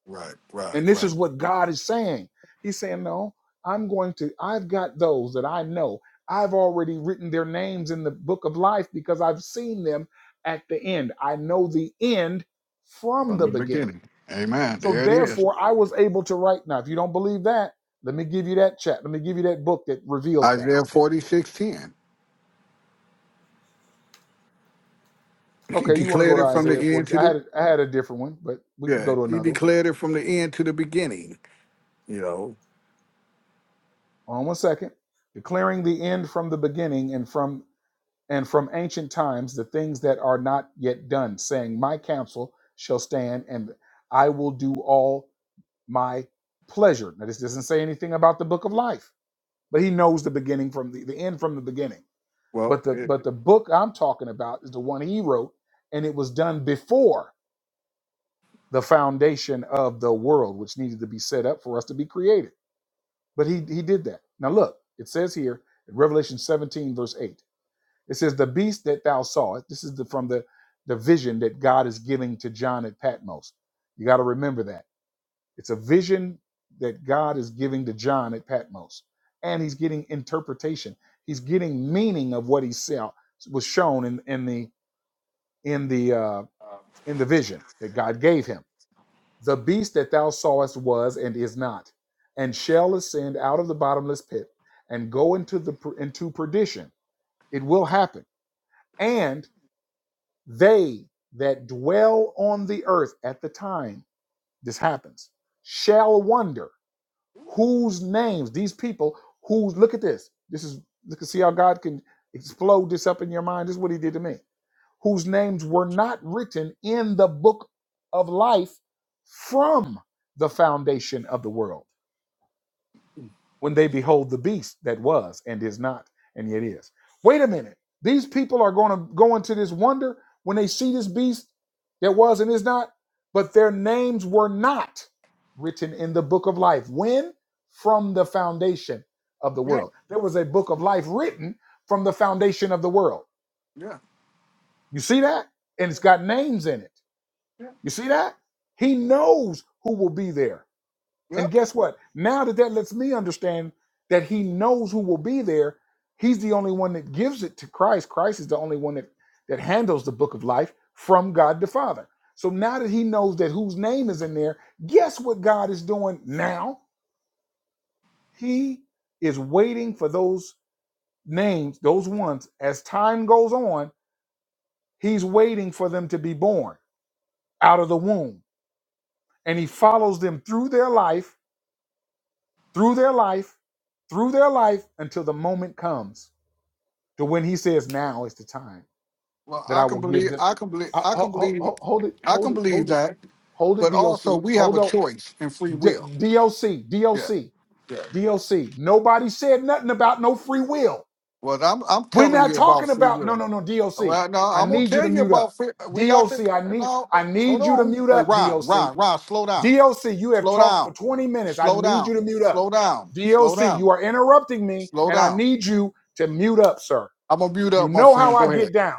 Right, right,
And this
right.
is what God is saying. He's saying, No, I'm going to, I've got those that I know. I've already written their names in the book of life because I've seen them at the end. I know the end from
From
the
the
beginning.
beginning. Amen.
So
There it is.
therefore, I was able to write. Now, if you don't believe that, let me give you that chat. Let me give you that book that reveals that.
Isaiah forty six ten. He
Okay, you want to go
declared
to
it from the
Isaiah
end
40.
to
I
the
had I had a different one, but we can
yeah.
go to
He
another one.
declared it from the end to the beginning. You know.
on one second. Declaring the end from the beginning and from and from ancient times the things that are not yet done, saying, My counsel shall stand and I will do all my pleasure. Now this doesn't say anything about the book of life, but he knows the beginning from the, the end from the beginning.
Well.
But the
It,
but the book I'm talking about is the one he wrote, and it was done before the foundation of the world, which needed to be set up for us to be created. But he he did that. Now look, it says here in Revelation 17, verse 8, it says, The beast that thou sawest, this is the, from the, the vision that God is giving to John at Patmos. You got to remember that. It's a vision that God is giving to John at Patmos. And he's getting interpretation. He's getting meaning of what he saw was shown in, in the in the uh, in the vision that God gave him. The beast that thou sawest was and is not, and shall ascend out of the bottomless pit and go into the into perdition. It will happen. And they that dwell on the earth at the time this happens shall wonder whose names these people whose look at this. This is look at see how God can explode this up in your mind. This is what he did to me whose names were not written in the book of life from the foundation of the world when they behold the beast that was and is not and yet is. Wait a minute. These people are going to go into this wonder when they see this beast that was and is not, but their names were not written in the book of life. When? From the foundation of the
yeah.
world. There was a book of life written from the foundation of the world.
Yeah.
You see that? And it's got names in it
Yeah.
You see that? He knows who will be there. And
Yep.
guess what? Now that that lets me understand that he knows who will be there, he's the only one that gives it to Christ. Christ is the only one that, that handles the book of life from God the Father. So now that he knows that whose name is in there, guess what God is doing now? He is waiting for those names, those ones. As time goes on, he's waiting for them to be born out of the womb. And he follows them through their life through their life, through their life until the moment comes to when he says, Now is the time
Well,
that I
I
will
can
give
believe.
them.
I can believe.
Uh,
I
ho-
can
ho-
believe.
Hold it,
I
hold
can
it,
believe
hold it,
that.
hold it,
But also,
DOC.
we have
Hold
a
on.
choice and free
D-
will.
DOC,
Yeah.
DOC,
Yeah.
DOC. Nobody said nothing about no free will.
Well, I'm I'm
We're
telling
not
you about
talking
free
about no,
will.
no, no, DOC.
Well, no,
I
I'm gonna
need you
tell
to
you
mute up.
about free. We got to.
DOC, I need
No,
I
hold
need you to
on.
mute
Hey,
up,
Ron,
DOC.
Ron, Ron, slow down,
DOC, you have
slow
talked for
down,
20 minutes. I
slow
need
down,
you to mute up.
slow down, slow
DOC,
down.
you are interrupting me,
Slow
and I
down.
need you to mute up, sir.
I'm gonna mute
You
up, my
know how
friend.
I
Go ahead.
get down.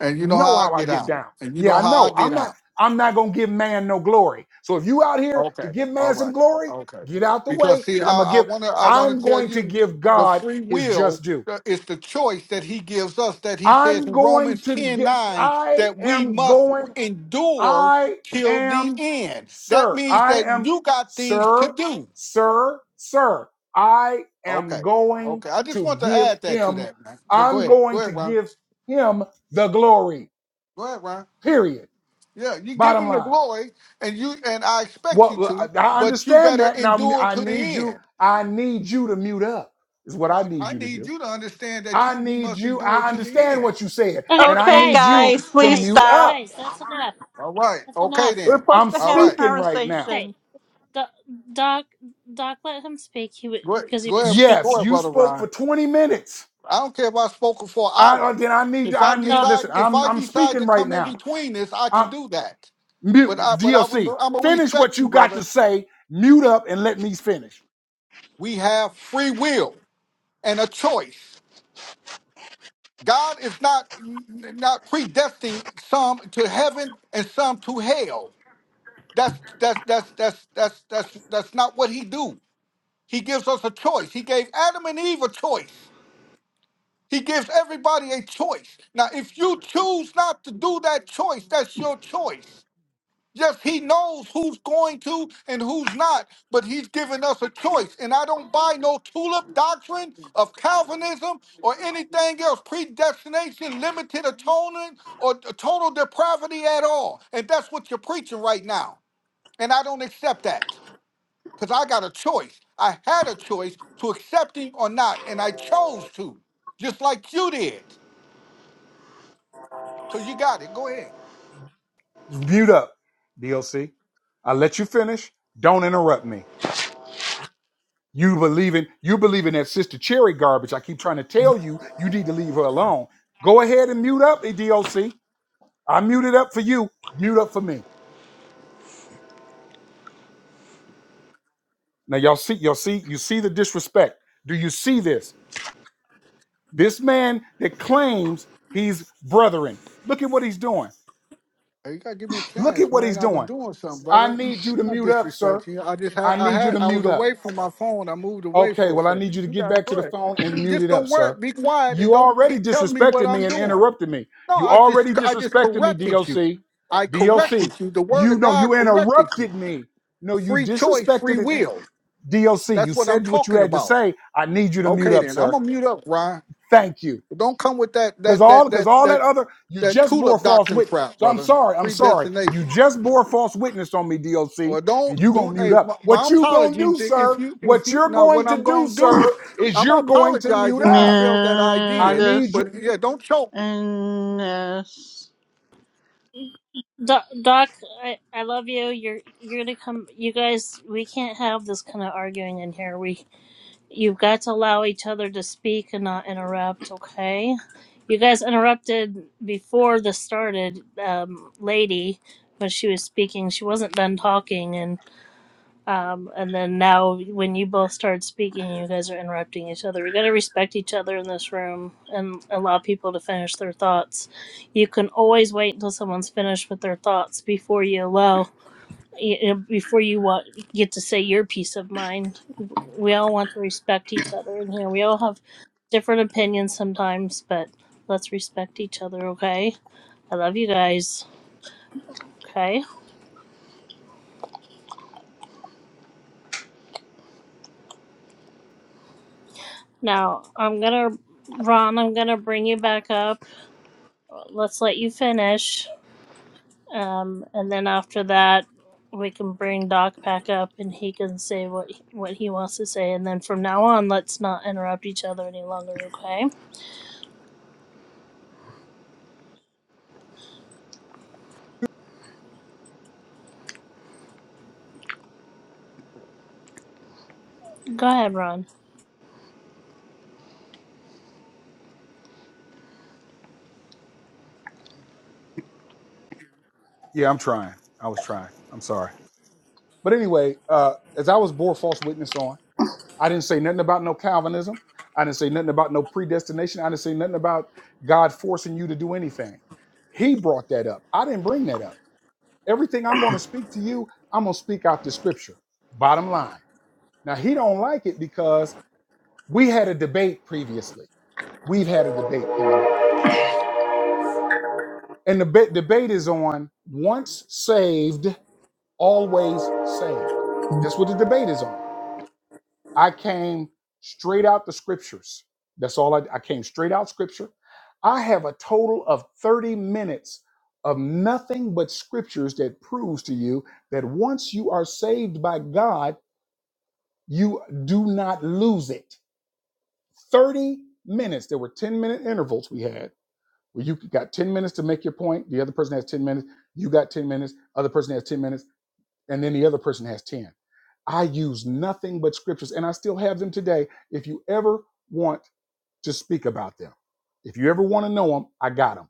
And
You
you know
know
how I
how I
get
get
out.
down.
And you
Yeah,
know
I
how I
know.
get
I'm not.
out.
I'm not gonna give man no glory. So if you out here to
Okay.
give man
All
some
right.
glory,
Okay.
get out the way,
Because see,
because
I,
I'm gonna
I
give.
wanna I wanna
I'm
tell
going to
you
give
the
God
free
his
will
just due.
uh, is the choice that he gives us that he says
I'm
in
going
Romans
to
10
get.
9
I
that we
am
must
going.
endure
I
till the
am
end. That
sir.
means
I
that
am
you got things to
sir,
do.
sir, sir. I am
Okay.
going
Okay. I just
to
want to
give
add that to
him,
that, man. But go
I'm
ahead. Go
going to
ahead, Ron.
give him the glory.
Go ahead, Ron.
Period.
Yeah, you give
Bottom
him the
line.
glory, and you and I expect you to,
What I
but you
understand
better
that. Now
endure
I
to the
need you,
end.
I need you to mute up, is what I
No,
need
I
you to
need
do.
you to understand that
I
you we
need
must
you,
endure
I
to the
understand
end.
what you said,
Okay,
and I
Okay,
need
guys,
you
guys,
guys,
to
please
guys,
mute
stop.
up.
guys. That's enough.
All right,
That's
okay
enough.
We're
then.
supposed
I'm
to
All
have a
right,
speaking right now.
Okay,
conversation.
Do- Doc, Doc, let him speak. He
go
because he
go
was
ahead, go
Yes,
speaking.
ahead,
you
brother
spoke
Ryan.
for 20 minutes
I don't care if I spoke for an
I uh,
hour.
then I need to
If I
I need
Doc,
listen,
decide, if
I'm
I
I'm
decide
speaking
to
right
come in
now.
between this, I can
I'm
do that.
mute
But I, but I
DLC.
remember, I'm gonna
Finish what
respect you,
you got to
brother.
say. Mute up and let me finish.
We have free will and a choice. God is not not predestining some to heaven and some to hell. That's that's that's that's that's that's that's not what he do. He gives us a choice. He gave Adam and Eve a choice. He gives everybody a choice. Now, if you choose not to do that choice, that's your choice. Just he knows who's going to and who's not, but he's given us a choice. And I don't buy no tulip doctrine of Calvinism or anything else, predestination, limited atonement, or t- total depravity at all. And that's what you're preaching right now. And I don't accept that because I got a choice. I had a choice to accepting or not, and I chose to, just like you did. So you got it. Go ahead.
Mute up, DLC. I let you finish. Don't interrupt me. You believe in you believe in that sister cherry garbage. I keep trying to tell you you need to leave her alone. Go ahead and mute up, eh, DLC. I muted up for you. Mute up for me. Now y'all see, y'all see, you see the disrespect. Do you see this? This man that claims he's brethren. Look at what he's doing.
Hey, you gotta give me a
Look at
chance,
what
man.
he's
I was
doing.
doing something,
I
brother.
need you to
I'm not
mute up, sir.
disrespecting you. I just had
I
I
need you
had
to
I
mute
was
up.
away from my phone. I moved away
Okay,
for a
well, I need you
second.
to
You
get
gotta
back to
go
the
ahead.
phone and mute
Just
it up,
don't worry.
sir.
Be quiet and
You
don't
already
keep telling me what
disrespected me
I'm
and
doing.
interrupted me.
No,
You
I just
already
I just
disrespected me,
corrected you.
DOC.
I
DOC,
corrected you. The word
you
of
know,
God
you
corrected you.
interrupted me. No, you
Free choice, free
disrespected and and-
will.
DOC. You
That's what I'm
said what you
talking
had to
about.
say. I need you to mute
Okay
up,
then. I'm
sir.
gonna mute up, Ron.
Thank you.
Don't come with that
Because
that
all
that
because
that
all that
that
other you
that
just bore
tulip
false
doctrine
witness.
crap,
So I'm
brother.
sorry, I'm sorry. You
Predestination.
just bore false witness on me, DOC,
Well,
and you
don't
gonna
do.
mute
Hey,
up.
my, my
What you gonna do,
apologies. i- If
sir?
you, if
What
you,
you're
now
going
what I'm
to do,
gonna do
sir,
is,
is
I'm gonna
you're going to
apologize
mute
if you
up.
felt that I
I
And
did.
need
this,
you.
But yeah, don't choke.
and this.
Doc, Doc I, I love you. You're you're gonna come. You guys, we can't have this kind of arguing in here. We You've got to allow each other to speak and not interrupt, okay? You guys interrupted before this started, um, lady, when she was speaking. She wasn't done talking, and um, and then now when you both started speaking, you guys are interrupting each other. We got to respect each other in this room and allow people to finish their thoughts. You can always wait until someone's finished with their thoughts before you allow you know, before you wa- get to say your peace of mind, we all want to respect each other in here. We all have different opinions sometimes, but let's respect each other, okay? I love you guys, okay? Now, I'm gonna, Ron, I'm gonna bring you back up. Let's let you finish. Um, and then after that, we can bring Doc back up and he can say what what he wants to say. And then from now on, let's not interrupt each other any longer, okay? Go ahead, Ron.
Yeah, I'm trying. I was trying. I'm sorry. But anyway, uh, as I was bore false witness on, I didn't say nothing about no Calvinism. I didn't say nothing about no predestination. I didn't say nothing about God forcing you to do anything. He brought that up. I didn't bring that up. Everything I'm going to speak to you, I'm going to speak out the scripture. Bottom line. Now he don't like it because we had a debate previously. We've had a debate, him and I. And the ba- debate is on once saved, always saved. That's what the debate is on. I came straight out the scriptures. That's all I, I came straight out scripture. I have a total of 30 minutes of nothing but scriptures that proves to you that once you are saved by God, You do not lose it. 30 minutes. There were 10 minute intervals we had where you got 10 minutes to make your point. The other person has 10 minutes. You got 10 minutes. Other person has 10 minutes. And then the other person has 10. I use nothing but scriptures and I still have them today. If you ever want to speak about them, if you ever want to know them, I got them.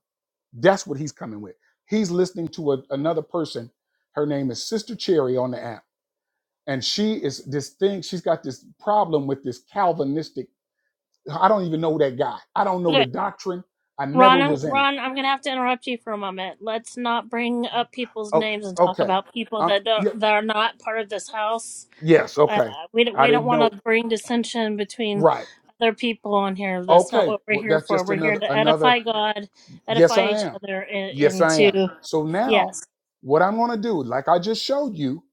That's what he's coming with. He's listening to a, another person. Her name is Sister Cherry on the app. And she is this thing, she's got this problem with this Calvinistic I don't even know that guy. I don't know
Okay.
the doctrine. I
Ron,
never
I'm-
was in it.
Ron, I'm gonna have to interrupt you for a moment. Let's not bring up people's
Oh,
names and talk
okay.
about people
Um,
that don't
yeah,
that are not part of this house.
yes,
Uh,
okay.
we don't
I
we don't
didn't
want
know.
to bring dissension between
Right.
other people on here. That's not
Okay.
what we're
Well,
here
that's
for.
just
We're here
another
to
another.
edify God,
Yes,
edify
I
each
am.
other, and,
Yes,
and
I am.
to
So now,
yes,
what I'm going to do, like I just showed you,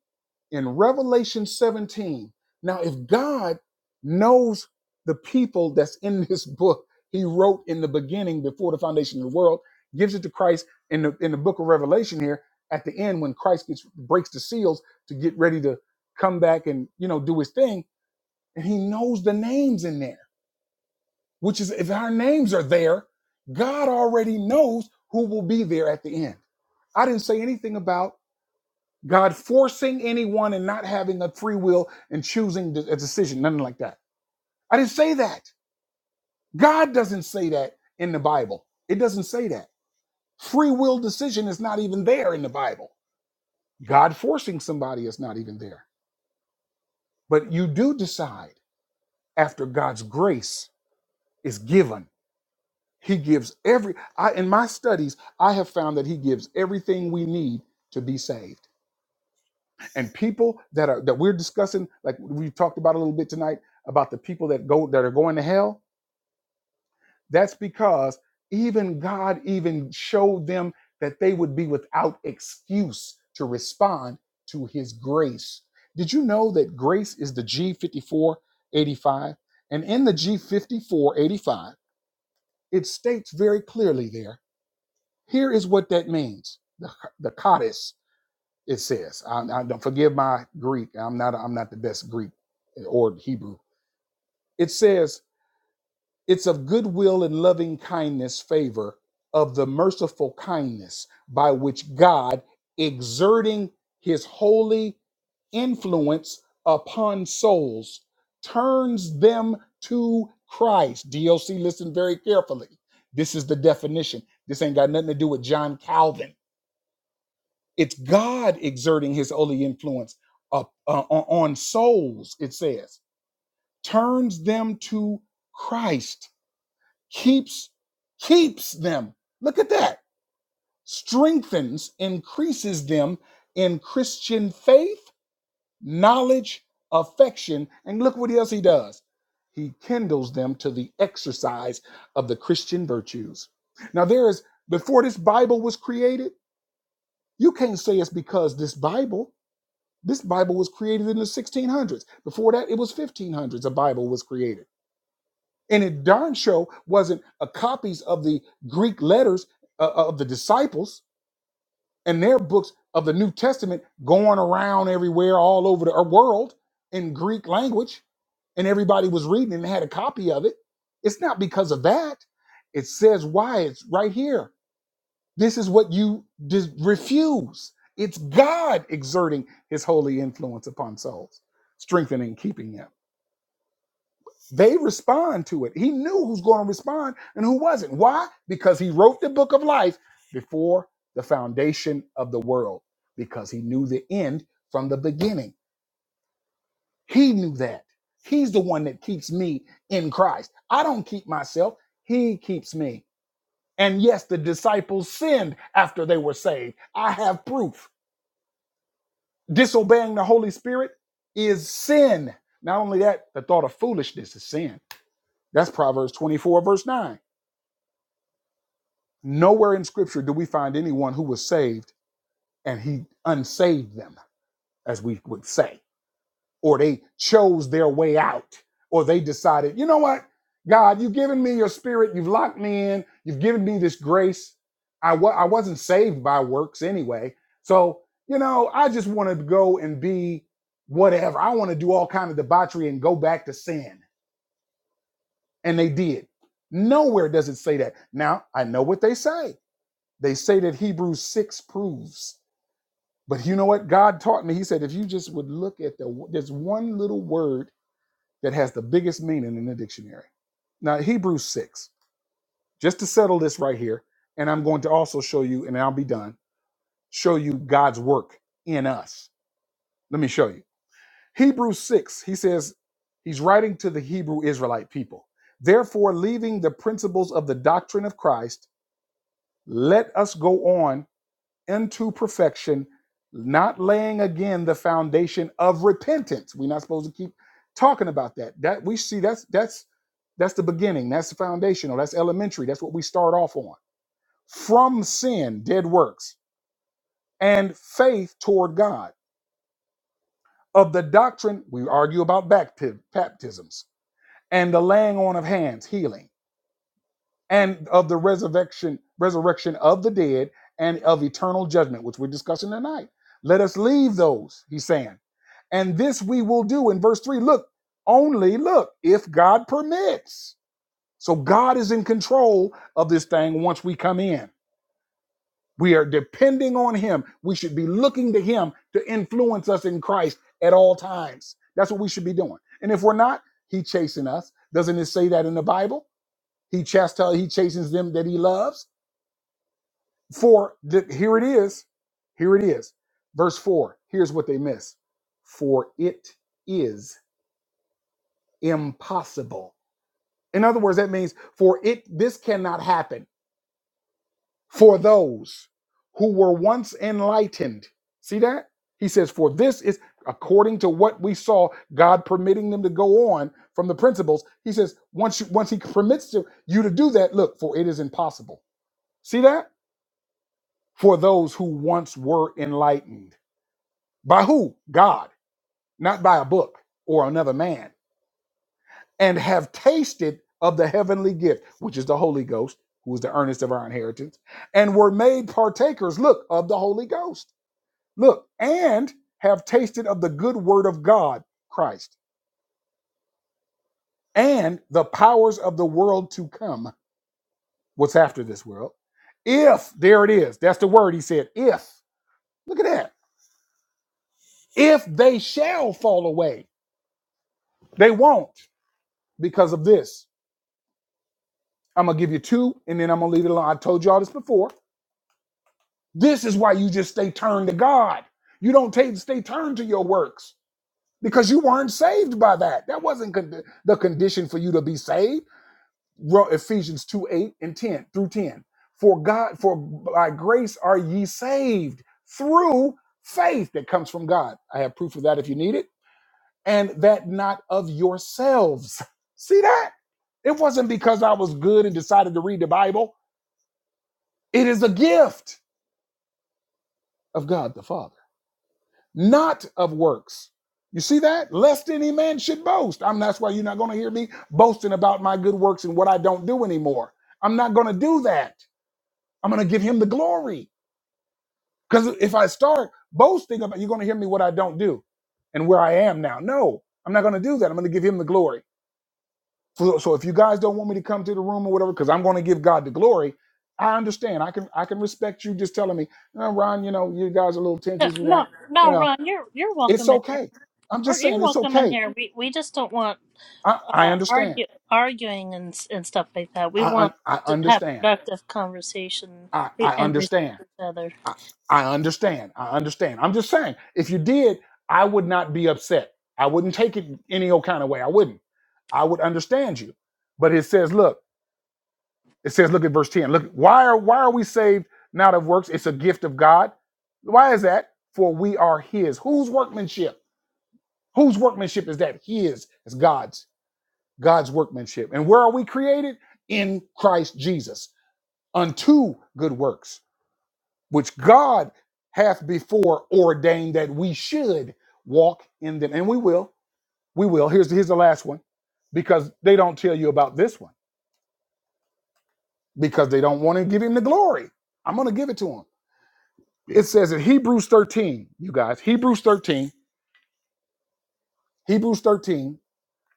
in Revelation 17. Now, if God knows the people that's in this book, he wrote in the beginning before the foundation of the world, gives it to Christ in the in the book of Revelation here at the end when Christ gets breaks the seals to get ready to come back and you know do his thing, and he knows the names in there, which is if our names are there, God already knows who will be there at the end. I didn't say anything about God forcing anyone and not having a free will and choosing a decision, nothing like that. I didn't say that. God doesn't say that in the Bible. It doesn't say that. Free will decision is not even there in the Bible. God forcing somebody is not even there. But you do decide after God's grace is given. He gives every I in my studies, I have found that he gives everything we need to be saved and people that are that we're discussing like we talked about a little bit tonight about the people that go that are going to hell that's because even god even showed them that they would be without excuse to respond to his grace did you know that grace is the g5485 and in the g5485 it states very clearly there here is what that means the, the codice it says I, I don't forgive my greek i'm not i'm not the best greek or hebrew it says it's of goodwill and loving kindness favor of the merciful kindness by which god exerting his holy influence upon souls turns them to christ doc listen very carefully this is the definition this ain't got nothing to do with john calvin It's God exerting his holy influence up, uh, on on souls, it says, turns them to Christ, keeps, keeps them. Look at that. Strengthens, increases them in Christian faith, knowledge, affection. And look what else he does. He kindles them to the exercise of the Christian virtues. Now, there is, before this Bible was created, you can't say it's because this Bible. This Bible was created in the 1600s. Before that, it was 1500s. A Bible was created, and it darn sure wasn't a copies of the Greek letters uh, uh, of the disciples and their books of the New Testament going around everywhere, all over the uh, world in Greek language, and everybody was reading and had a copy of it. It's not because of that. It says why it's right here this is what you dis- refuse. It's God exerting his holy influence upon souls, strengthening, and keeping them. They respond to it. He knew who's going to respond and who wasn't. Why? Because he wrote the book of life before the foundation of the world, because he knew the end from the beginning. He knew that. He's the one that keeps me in Christ. I don't keep myself, he keeps me. And yes, the disciples sinned after they were saved. I have proof. disobeying the Holy Spirit is sin. Not only that, the thought of foolishness is sin. That's Proverbs 24, verse 9. Nowhere in Scripture do we find anyone who was saved and he unsaved them, as we would say. or they chose their way out, or they decided, you know what, God, you've given me your spirit, you've locked me in, you've given me this grace. I wa- I wasn't saved by works anyway, so you know I just want to go and be whatever. I want to do all kind of debauchery and go back to sin, and they did. Nowhere does it say that. Now I know what they say. They say that Hebrews six proves. But you know what God taught me? He said, if you just would look at the there's one little word that has the biggest meaning in the dictionary. Now, Hebrews 6, just to settle this right here, and I'm going to also show you, and I'll be done, show you God's work in us. Let me show you. Hebrews 6, he says, he's writing to the Hebrew Israelite people. Therefore, leaving the principles of the doctrine of Christ, let us go on into perfection, not laying again the foundation of repentance. We're not supposed to keep talking about that. That we see that's that's that's the beginning. That's the foundational. That's elementary. That's what we start off on. From sin, dead works, and faith toward God. Of the doctrine, we argue about bapti- baptisms and the laying on of hands, healing and of the resurrection resurrection of the dead and of eternal judgment which we're discussing tonight let us leave those he's saying and this we will do in verse 3 look only look if god permits so god is in control of this thing once we come in we are depending on him we should be looking to him to influence us in christ at all times that's what we should be doing and if we're not he chasing us doesn't it say that in the bible he chastise he chastens them that he loves For the, here it is. Here it is. Verse 4. Here's what they miss. For it is impossible. In other words, that means for it, this cannot happen for those who were once enlightened. See that? He says, for this is according to what we saw God permitting them to go on from the principles. He says, once you, once he permits you you to do that, look, for it is impossible. See that? For those who once were enlightened. By who? God, not by a book or another man, and have tasted of the heavenly gift, which is the Holy Ghost, who is the earnest of our inheritance, and were made partakers, look, of the Holy Ghost. Look, and have tasted of the good word of God, Christ, and the powers of the world to come. What's after this world? If, there it is, that's the word he said, if. Look at that. If they shall fall away, they won't because of this I'm gonna give you two, and then I'm gonna leave it alone. I told you all this before. This is why you just stay turned to God. You don't take, stay turned to your works because you weren't saved by that. That wasn't con- the condition for you to be saved. Ro- Ephesians 2 8 and 10 through 10. For God, for by grace are ye saved through faith that comes from God. I have proof of that if you need it. And that not of yourselves. See that? It wasn't because I was good and decided to read the Bible. It is a gift of God the Father, not of works. You see that? Lest any man should boast. I'm that's why you're not going to hear me boasting about my good works and what I don't do anymore. I'm not going to do that. I'm going to give him the glory. Because if I start boasting about you're going to hear me what I don't do and where I am now. No, I'm not going to do that. I'm going to give him the glory. So, so if you guys don't want me to come to the room or whatever, because I'm going to give God the glory, I understand. I can I can respect you just telling me, "Uh, Ron, you know, you guys are a little
no,
tensions. You're
no,
not, you
no,
know,
Ron, you're you're
it's
welcome in here.
okay. I'm just
We're-
saying
You're
it's
welcome in
okay.
here. We we just don't want
I, I
uh,
understand.
argue, arguing and s- and stuff like that. We
I
want
un- I
to have
understand.
productive conversation
I
re-
I
and respect
understand.
each other.
I I understand. I understand. I'm just saying, if you did, I would not be upset. I wouldn't take it any old kind of way. I wouldn't. I would understand you. But it says, look. It says, look at verse 10. Look, why are why are we saved not of works? It's a gift of God. Why is that? For we are his. Whose workmanship? Whose workmanship is that? His. It's God's. God's workmanship. And where are we created? In Christ Jesus. Unto good works, which God hath before ordained that we should walk in them. And we will. We will. Here's, here's the last one. Because they don't tell you about this one. Because they don't want to give him the glory. I'm going to give it to him it says in Hebrews 13, you guys, Hebrews 13, Hebrews 13.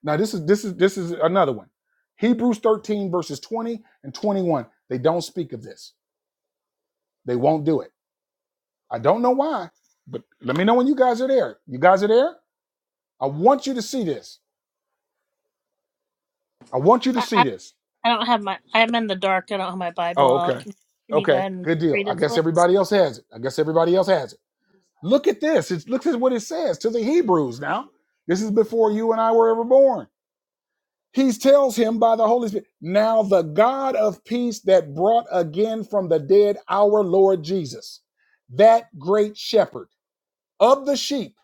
Now this is this is this is another one. Hebrews 13 verses 20 and 21. They don't speak of this. They won't do it. I don't know why, but let me know when you guys are there. You guys are there? I want you to see this. I want you to
I,
see
I
this.
I don't have my I'm in the dark. I don't have my Bible
Oh,
out.
okay.
Can can you go
Okay.
ahead and
Good deal.
read
I
it for
guess
us,
everybody else has it. I guess everybody else has it. Look at this. It looks at what it says to the Hebrews now. This is before you and I were ever born. He tells him by the Holy Spirit, now the God of peace that brought again from the dead our Lord Jesus, that great shepherd of the sheep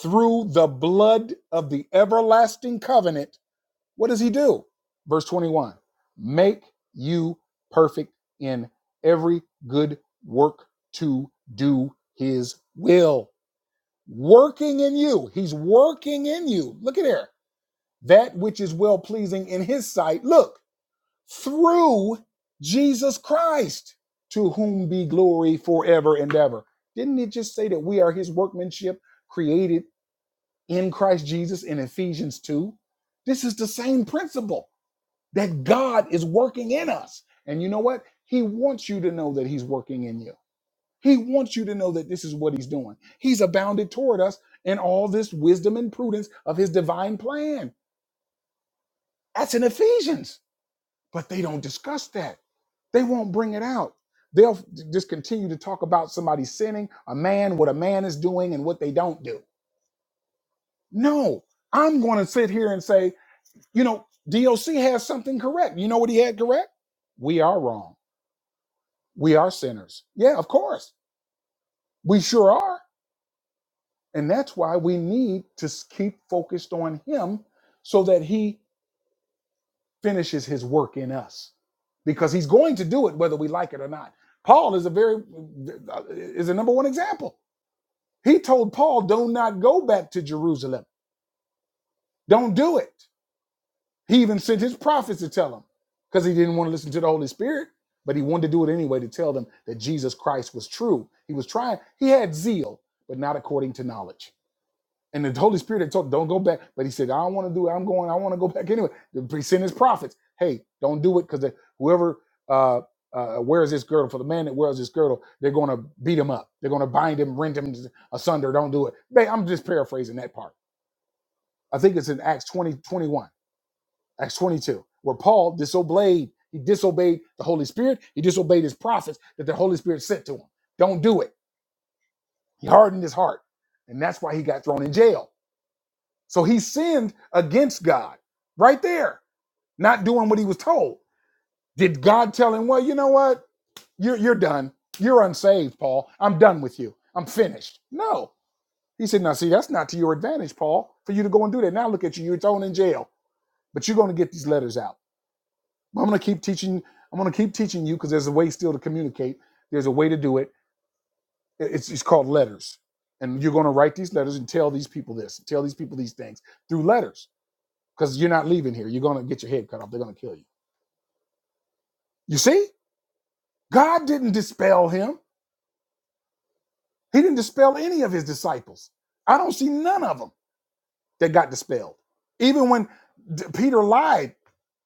through the blood of the everlasting covenant. What does he do? Verse 21 Make you perfect in every good work to do his will. Working in you. He's working in you. Look at here. That which is well pleasing in his sight. Look through Jesus Christ, to whom be glory forever and ever. Didn't it just say that we are his workmanship created in Christ Jesus in Ephesians 2? This is the same principle that God is working in us. And you know what? He wants you to know that he's working in you. He wants you to know that this is what he's doing. He's abounded toward us in all this wisdom and prudence of his divine plan. That's in Ephesians, but they don't discuss that. They won't bring it out. They'll f- just continue to talk about somebody sinning, a man, what a man is doing, and what they don't do. No, I'm going to sit here and say, you know, DOC has something correct. You know what he had correct? We are wrong. We are sinners. Yeah, of course. We sure are. And that's why we need to s- keep focused on him so that he finishes his work in us because he's going to do it whether we like it or not. Paul is a very uh, is a number one example. He told Paul, "Don't not go back to Jerusalem. Don't do it." He even sent his prophets to tell him because he didn't want to listen to the Holy Spirit, but he wanted to do it anyway to tell them that Jesus Christ was true. He was trying. He had zeal, but not according to knowledge. And the Holy Spirit had told him, don't go back. But he said, I don't want to do it. I'm going. I want to go back anyway. He sent his prophets. Hey, don't do it because whoever uh, uh, wears this girdle, for the man that wears this girdle, they're going to beat him up. They're going to bind him, rend him asunder. Don't do it. They, I'm just paraphrasing that part. I think it's in Acts 20:21, Acts 22, where Paul disobeyed. He disobeyed the Holy Spirit. He disobeyed his prophets that the Holy Spirit sent to him. Don't do it. He hardened his heart. And that's why he got thrown in jail So he sinned against God right there, not doing what he was told. Did God tell him, well, you know what? You're, you're done. You're unsaved, Paul. I'm done with you. I'm finished. No. He said, now see, that's not to your advantage, Paul, for you to go and do that. Now look at you. You're thrown in jail, but you're going to get these letters out. I'm going to keep teaching. I'm going to keep teaching you because there's a way still to communicate. There's a way to do it. It's, it's called letters. And you're going to write these letters and tell these people this, tell these people these things through letters because you're not leaving here. You're going to get your head cut off. They're going to kill you. You see, God didn't dispel him. He didn't dispel any of his disciples. I don't see none of them that got dispelled. Even when D- Peter lied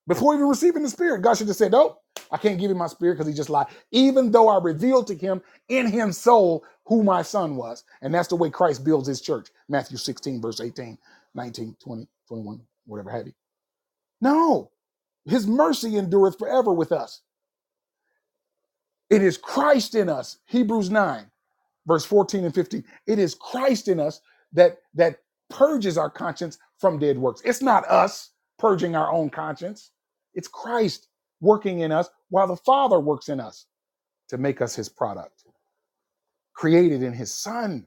before even receiving the Spirit, God should have said, Nope, I can't give him my Spirit because he just lied. Even though I revealed to him in his soul who my son was. And that's the way Christ builds his church Matthew 16, verse 18, 19, 20, 21, whatever have you. No, his mercy endureth forever with us. It is Christ in us, Hebrews 9, verse 14 and 15. It is Christ in us that that purges our conscience from dead works. It's not us purging our own conscience. It's Christ working in us while the Father works in us to make us his product, created in his son.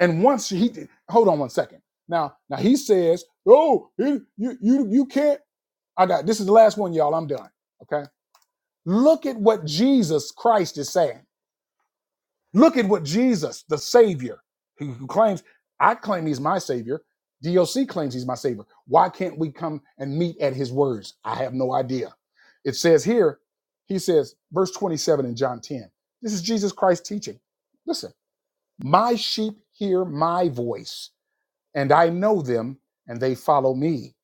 And once he did, hold on one second. Now, now he says, Oh, you you you you can't. I got this is the last one, y'all. I'm done. Okay. Look at what Jesus Christ is saying. Look at what Jesus, the Savior, who, who claims, I claim he's my Savior. DOC claims he's my Savior. Why can't we come and meet at his words? I have no idea. It says here, he says, verse 27 in John 10. This is Jesus Christ teaching. Listen, my sheep hear my voice, and I know them, and they follow me.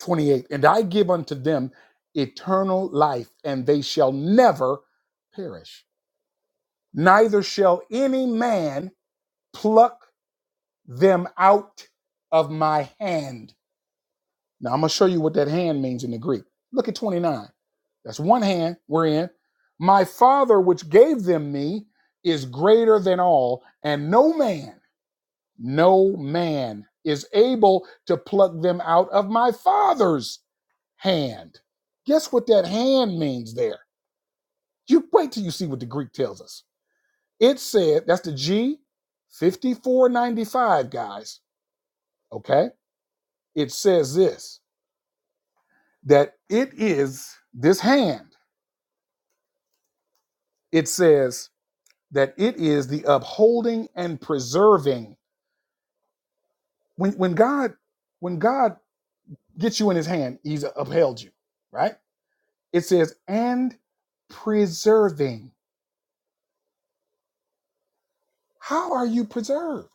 28. And I give unto them eternal life, and they shall never perish. Neither shall any man pluck them out of my hand. Now I'm going to show you what that hand means in the Greek. Look at 29. That's one hand we're in. My Father, which gave them me, is greater than all, and no man, no man is able to pluck them out of my Father's hand. Guess what that hand means there? You wait till you see what the Greek tells us. It said, that's the G 5495, guys. Okay it says this that it is this hand it says that it is the upholding and preserving when when god when god gets you in his hand he's upheld you right it says and preserving how are you preserved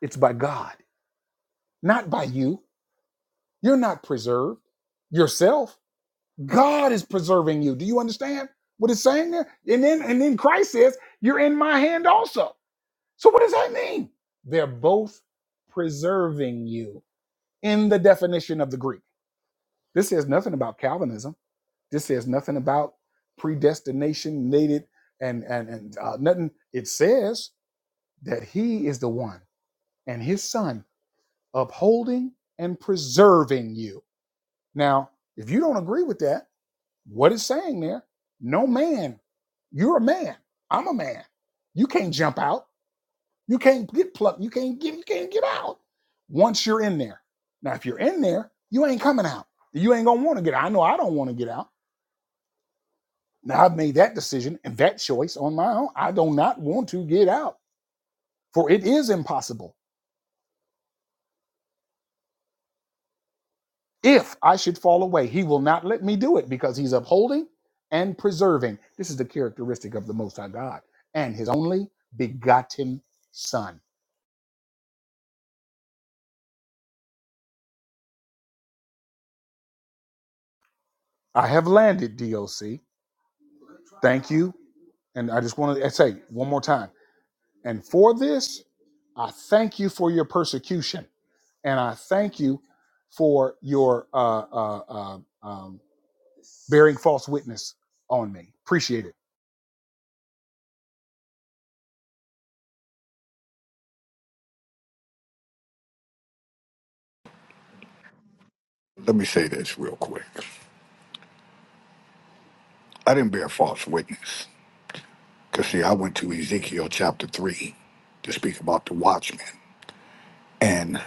it's by god not by you you're not preserved yourself god is preserving you do you understand what it's saying there and then and then christ says you're in my hand also So what does that mean? They're both preserving you in the definition of the Greek. This says nothing about Calvinism. This says nothing about predestination, native, and and and uh, nothing. It says that He is the one and His Son upholding and preserving you. Now, if you don't agree with that, what it's saying there? No man. You're a man. I'm a man. You can't jump out. You can't get plucked. You can't get you can't get out once you're in there. Now, if you're in there, you ain't coming out. You ain't gonna want to get out. I know I don't want to get out. Now I've made that decision and that choice on my own. I do not want to get out, for it is impossible. If I should fall away, he will not let me do it because he's upholding and preserving. This is the characteristic of the Most High God and his only begotten Son. I have landed, DOC. Thank you. And I just want to say one more time And for this, I thank you for your persecution. And I thank you for your uh, uh, uh, um, bearing false witness on me. Appreciate it.
Let me say this real quick. I didn't bear false witness because see, I went to Ezekiel chapter three to speak about the watchman and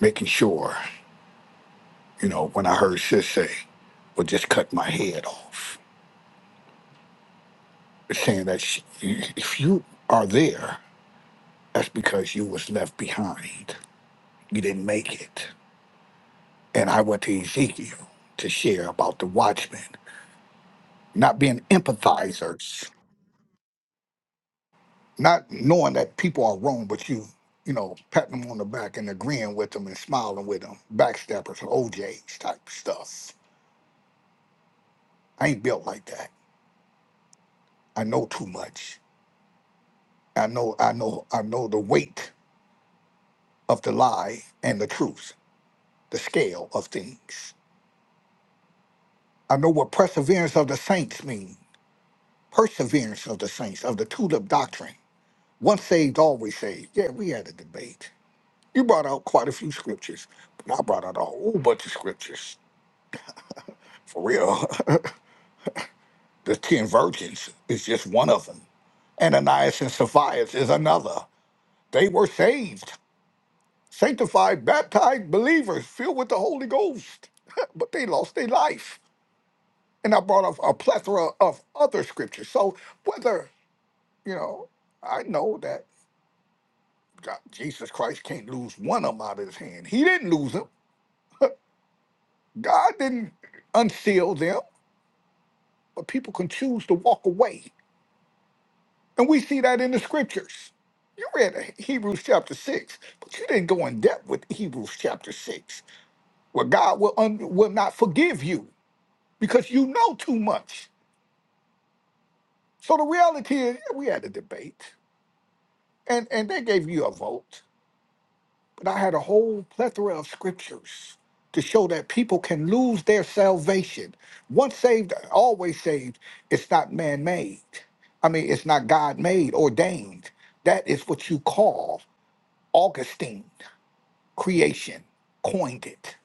making sure, you know, when I heard sis say, "Well, just cut my head off," saying that she, if you are there, that's because you was left behind. You didn't make it. And I went to Ezekiel to share about the watchmen, not being empathizers, not knowing that people are wrong, but you, you know, patting them on the back and agreeing with them and smiling with them, backstabbers, OJs type stuff. I ain't built like that. I know too much. I know, I know, I know the weight of the lie and the truth, the scale of things. I know what perseverance of the saints mean. Perseverance of the saints, of the tulip doctrine. Once saved, always saved. Yeah, we had a debate. You brought out quite a few scriptures, but I brought out a whole bunch of scriptures. For real. the ten virgins is just one of them. Ananias and Sapphira is another. They were saved, sanctified, baptized believers, filled with the Holy Ghost. but they lost their life. And I brought up a plethora of other scriptures. So whether, you know, I know that God, Jesus Christ can't lose one of them out of his hand. He didn't lose them. God didn't unseal them, but people can choose to walk away. And we see that in the scriptures. You read Hebrews chapter 6, but you didn't go in depth with Hebrews chapter 6, where God will, un- will not forgive you because you know too much. So the reality is, yeah, we had a debate, and, and they gave you a vote, but I had a whole plethora of scriptures to show that people can lose their salvation. Once saved, always saved, it's not man made. I mean, it's not God made, ordained. That is what you call Augustine. creation coined it.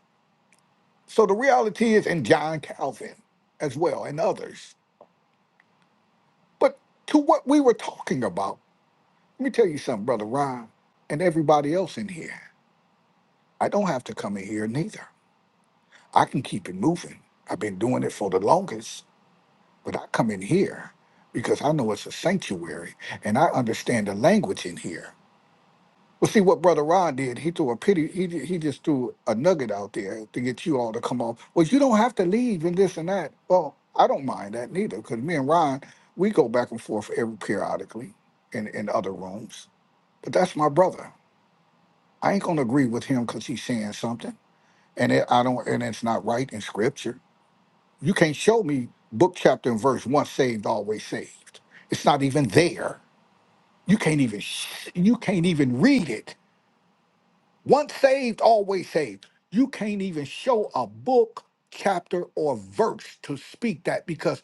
So the reality is, and John Calvin as well, and others. But to what we were talking about, let me tell you something, Brother Ron, and everybody else in here. I don't have to come in here neither. I can keep it moving. I've been doing it for the longest, but I come in here because I know it's a sanctuary and I understand the language in here. Well, see what Brother Ron did. He threw a pity. He ju- he just threw a nugget out there to get you all to come off. Well, you don't have to leave and this and that. Well, I don't mind that neither, because me and Ron, we go back and forth every periodically in in other rooms. But that's my brother. I ain't gonna agree with him because he's saying something, and it, I don't, and it's not right in Scripture. You can't show me book chapter and verse. Once saved, always saved. It's not even there. You can't even sh- you can't even read it Once saved, always saved. You can't even show a book, chapter, or verse to speak that because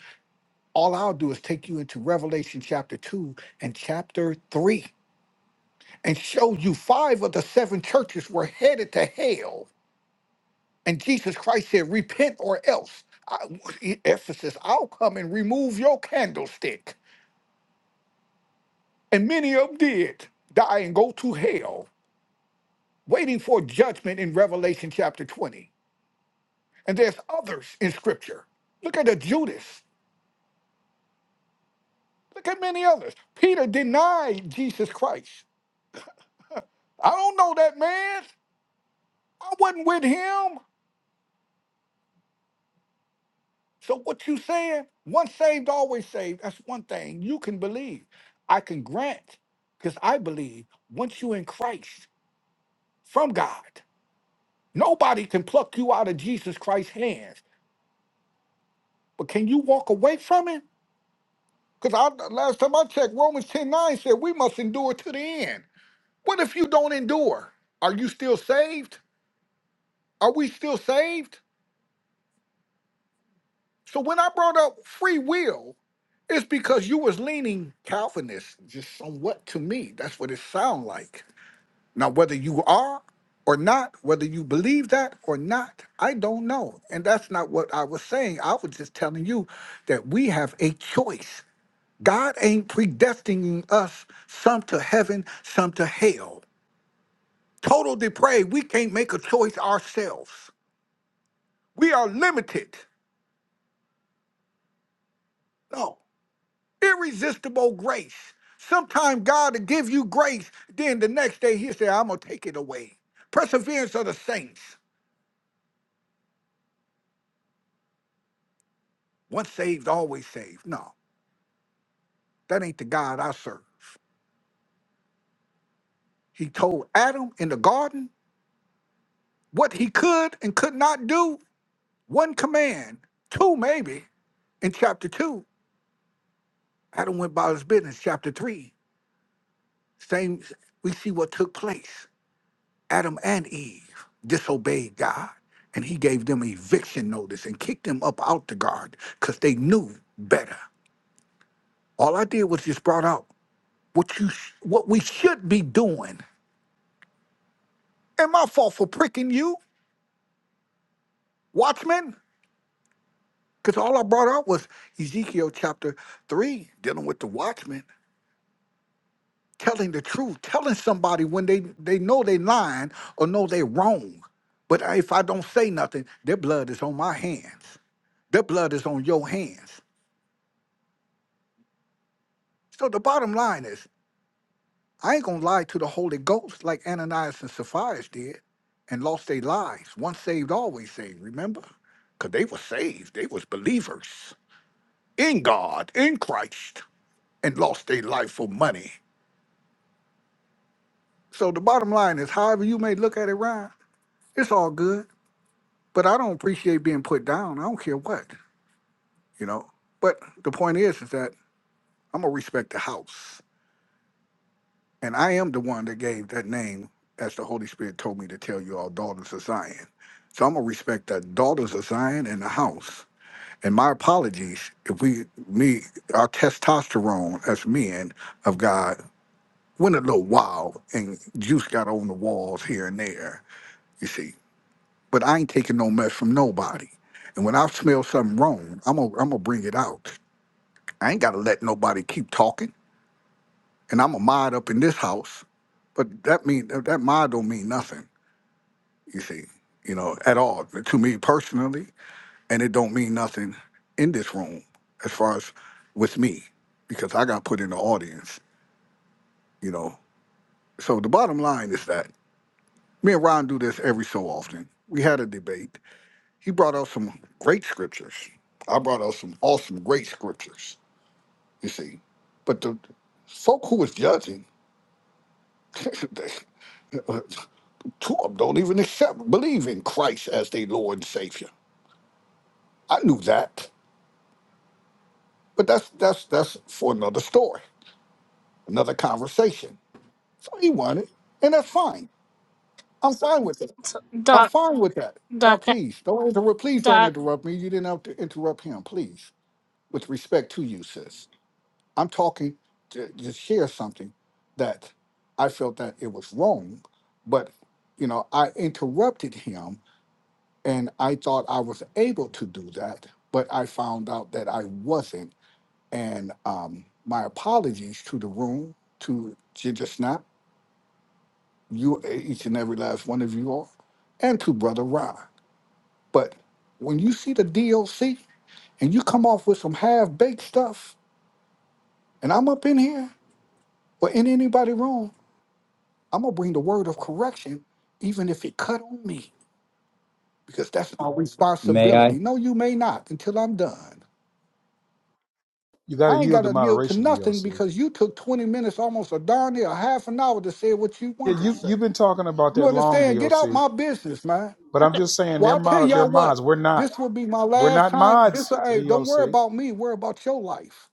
all I'll do is take you into Revelation chapter 2 and chapter 3 and show you five of the seven churches were headed to hell. And Jesus Christ said, Repent or else. I, Ephesus, I'll come and remove your candlestick. And many of them did die and go to hell, waiting for judgment in Revelation chapter 20. And there's others in scripture. Look at the Judas. Look at many others. Peter denied Jesus Christ. I don't know that man. I wasn't with him. So what you saying? Once saved, always saved. That's one thing you can believe. I can grant because I believe once you in Christ from God, nobody can pluck you out of Jesus Christ's hands. But can you walk away from it? Because I last time I checked, Romans 10 9 said we must endure to the end. What if you don't endure? Are you still saved? Are we still saved? So when I brought up free will, it's because you was leaning Calvinist just somewhat to me. That's what it sound like. Now whether you are or not, whether you believe that or not, I don't know. And that's not what I was saying. I was just telling you that we have a choice. God ain't predestining us some to heaven, some to hell. Total depraved. We can't make a choice ourselves. We are limited. No, irresistible grace. Sometimes God will give you grace, then the next day he'll say, I'm going to take it away. Perseverance of the saints. Once saved, always saved. No, that ain't the God I serve. He told Adam in the garden what he could and could not do. One command, two maybe, in chapter two. Adam went about his business, chapter three. Same, we see what took place. Adam and Eve disobeyed God, and he gave them eviction notice and kicked them up out the garden because they knew better. All I did was just brought out what you sh- what we should be doing. Ain't my fault for pricking you, watchman. Because all I brought out was Ezekiel chapter three, dealing with the watchman, telling the truth, telling somebody when they, they know they lying or know they wrong. But if I don't say nothing, their blood is on my hands. Their blood is on your hands. So the bottom line is, I ain't gonna lie to the Holy Ghost like Ananias and Sapphira did and lost their lives. Once saved, always saved, remember? Because they were saved. They was believers in God, in Christ, and lost their life for money. So the bottom line is, however you may look at it, Ryan, it's all good. But I don't appreciate being put down. I don't care what, you know. But the point is, is that I'm gonna respect the house. And I am the one that gave that name, as the Holy Spirit told me to tell you all, daughters of Zion. So I'm gonna respect the daughters of Zion in the house. And my apologies if we, me, our testosterone as men of God went a little wild and juice got on the walls here and there, you see. But I ain't taking no mess from nobody. And when I smell something wrong, I'm gonna, I'm gonna bring it out. I ain't gotta let nobody keep talking. and I'm a mod up in this house, but that mean that that mod don't mean nothing. You see, you know, at all to me personally, and it don't mean nothing in this room as far as with me because I got put in the audience. You know, so the bottom line is that me and Ron do this every so often. We had a debate. He brought out some great scriptures. I brought out some awesome great scriptures. You see, but the folk who was judging Two of them don't even accept believe in Christ as their Lord and Savior. I knew that, but that's that's that's for another story, another conversation. So he won it, and that's fine. I'm fine with it.
so,
I'm
Doc?
fine with that. Now,
Doc, I-
please don't interrupt. Please don't
Doc.
interrupt me. You didn't have to interrupt him. Please, with respect to you, sis. I'm talking to, to share something that I felt that it was wrong, but you know I interrupted him And I thought I was able to do that, but I found out that I wasn't. And um, my apologies to the room, to Ginger Snap, you, each and every last one of you all, and to Brother Ron. But when you see the DOC and you come off with some half baked stuff, and I'm up in here or in anybody room, I'm going to bring the word of correction, even if it cut on me, because that's my
may I,
responsibility. No, you may not until I'm done.
You got
I
to
ain't got
yield to
to yield to
moderation,
nothing
DOC.
because you took 20 minutes, almost a darn near a half an hour to say what you
Yeah,
wanted to
you, you've
say.
been talking about
You
that long,
understand? Get out
DOC.
my business, man.
But I'm
Okay,
just saying
Well,
they're,
I'll tell
mod- they're
y'all what.
mods. We're not.
This will be my
We're
last
not
time. This,
mods,
hey, don't worry
DOC.
about me. Worry about your life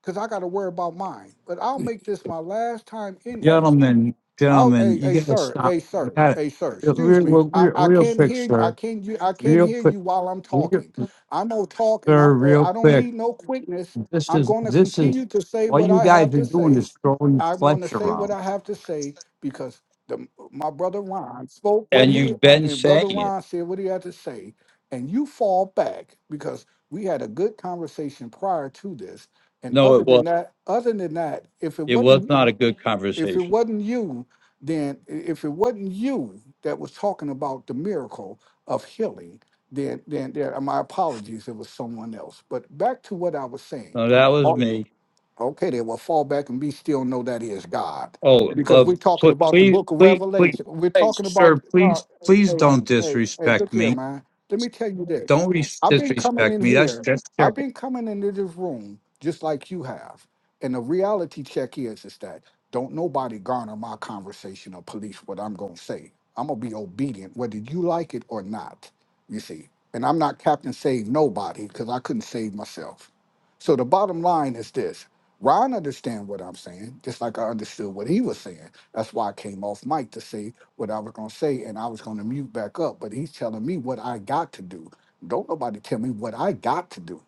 because I got to worry about mine. But I'll make this my last time in here
gentlemen,
I'll,
gentlemen,
hey,
you
hey,
gotta
sir,
stop.
hey,
You
sir,
gotta
hey, sir,
real,
excuse me.
real,
I,
real,
I
real
can't
quick,
hear, I
sir.
can't, you, I can't
Real
hear
quick,
you while I'm
real,
talking. I'm gonna talk and
sir.
I'm, eh, I
Real
don't
quick.
need no quickness.
This
I'm
is
gonna
this is
continue to say
all
what
you
I have
guys are
to
doing
say.
is throwing
I'm gonna
flesh
say what
around,
I have to say because the, my brother Ron spoke what
and
he,
you've been
and brother
saying it.
Ron said what he had to say. And you fall back because we had a good conversation prior to this. And
No, it
other
was
than that, other than that, if it
it was
wasn't
not a good
if it
conversation.
wasn't you, then if it wasn't you that was talking about the miracle of healing, then then there, my apologies, it was someone else. But back to what I was saying.
No, that was me.
Okay, they will fall back and be still and know that he is God.
Oh,
Because we're
club,
talking
pl-
about the
please,
book of
please, please,
Revelation. We're
thanks,
talking about
sir.
no,
Please,
hey,
please
hey,
don't
hey, hey,
disrespect
look here,
me.
man. Let me tell you this.
Don't re-
I've been coming
disrespect
in
me. That's
here,
that's
I've
terrible.
been coming into this room just like you have. And the reality check is is that don't nobody garner my conversation or police what I'm gonna say. I'm gonna be obedient, whether you like it or not, you see. And I'm not Captain Save Nobody, because I couldn't save myself. So the bottom line is this. Ron understand what I'm saying, just like I understood what he was saying. That's why I came off mic to say what I was gonna say, and I was gonna mute back up. But he's telling me what I got to do. Don't nobody tell me what I got to do.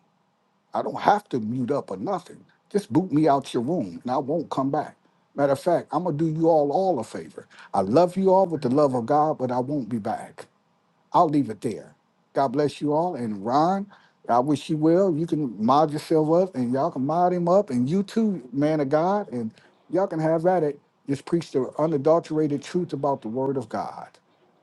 I don't have to mute up or nothing. Just boot me out your room, and I won't come back. Matter of fact, I'm gonna do you all all a favor. I love you all with the love of God, but I won't be back. I'll leave it there. God bless you all. And Ron, I wish you well. You can mod yourself up and y'all can mod him up. And you too, man of God. And y'all can have at it. Just preach the unadulterated truth about the word of God.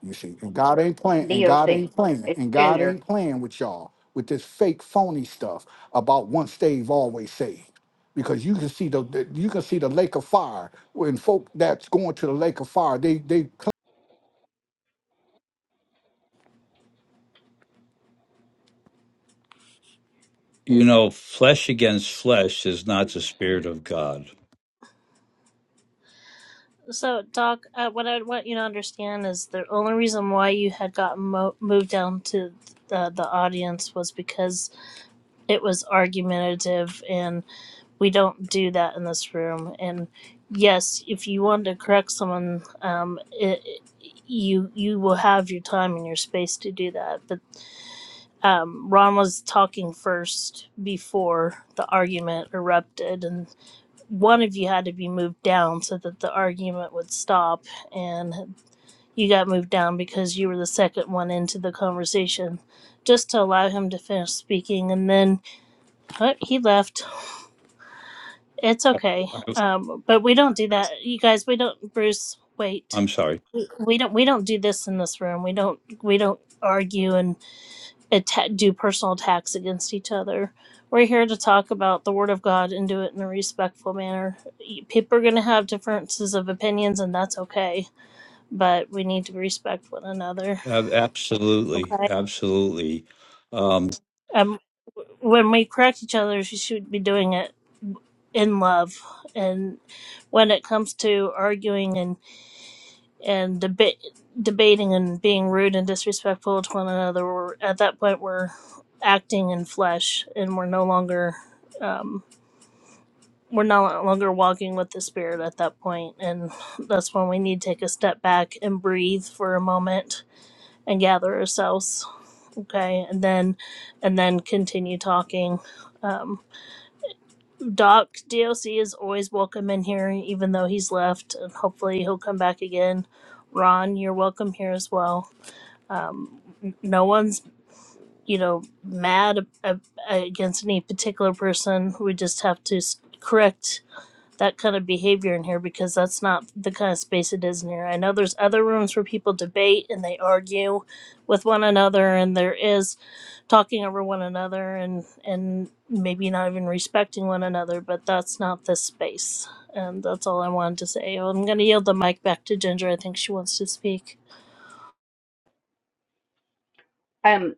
You see, and God ain't playing, and God
DOC.
ain't playing,
It's
and God
Ginger.
ain't playing with y'all with this fake phony stuff about once saved, always saved. Because you can see the the- you can see the lake of fire when folk that's going to the lake of fire, they they
You know, flesh against flesh is not the spirit of God.
so Doc, uh, what I want you to understand is the only reason why you had gotten mo- moved down to the the audience was because it was argumentative we don't do that in this room. And yes, if you want to correct someone, um, it, it- you you will have your time and your space to do that. But um, Ron was talking first before the argument erupted, and one of you had to be moved down so that the argument would stop. And you got moved down because you were the second one into the conversation, just to allow him to finish speaking. And then oh, he left It's okay.
I,
Um, but we don't do that. You guys, we don't Bruce, wait.
I'm sorry.
We we don't we don't do this in this room. We don't we don't argue and atta- do personal attacks against each other. We're here to talk about the word of God and do it in a respectful manner. Y- People are going to have differences of opinions and that's okay, but we need to respect one another.
Ab- Absolutely,
Okay?
absolutely. Um,
Um w- when we correct each other, we should be doing it in love and when it comes to arguing and and deba- debating and being rude and disrespectful to one another. We're, at that point, we're acting in flesh, and we're no longer um, we're no longer walking with the spirit at that point, point. and that's when we need to take a step back and breathe for a moment and gather ourselves. Okay, and then and then continue talking. Um, Doc DOC is always welcome in here, even though he's left, and hopefully he'll come back again. Ron, you're welcome here as well Um, no one's, you know, mad a- a- against any particular person. We just have to s- correct that kind of behavior in here because that's not the kind of space it is in here. I know there's other rooms where people debate and they argue with one another, and there is talking over one another and and maybe not even respecting one another. But that's not this space, and that's all I wanted to say. I'm going to yield the mic back to Ginger. I think she wants to speak.
Um,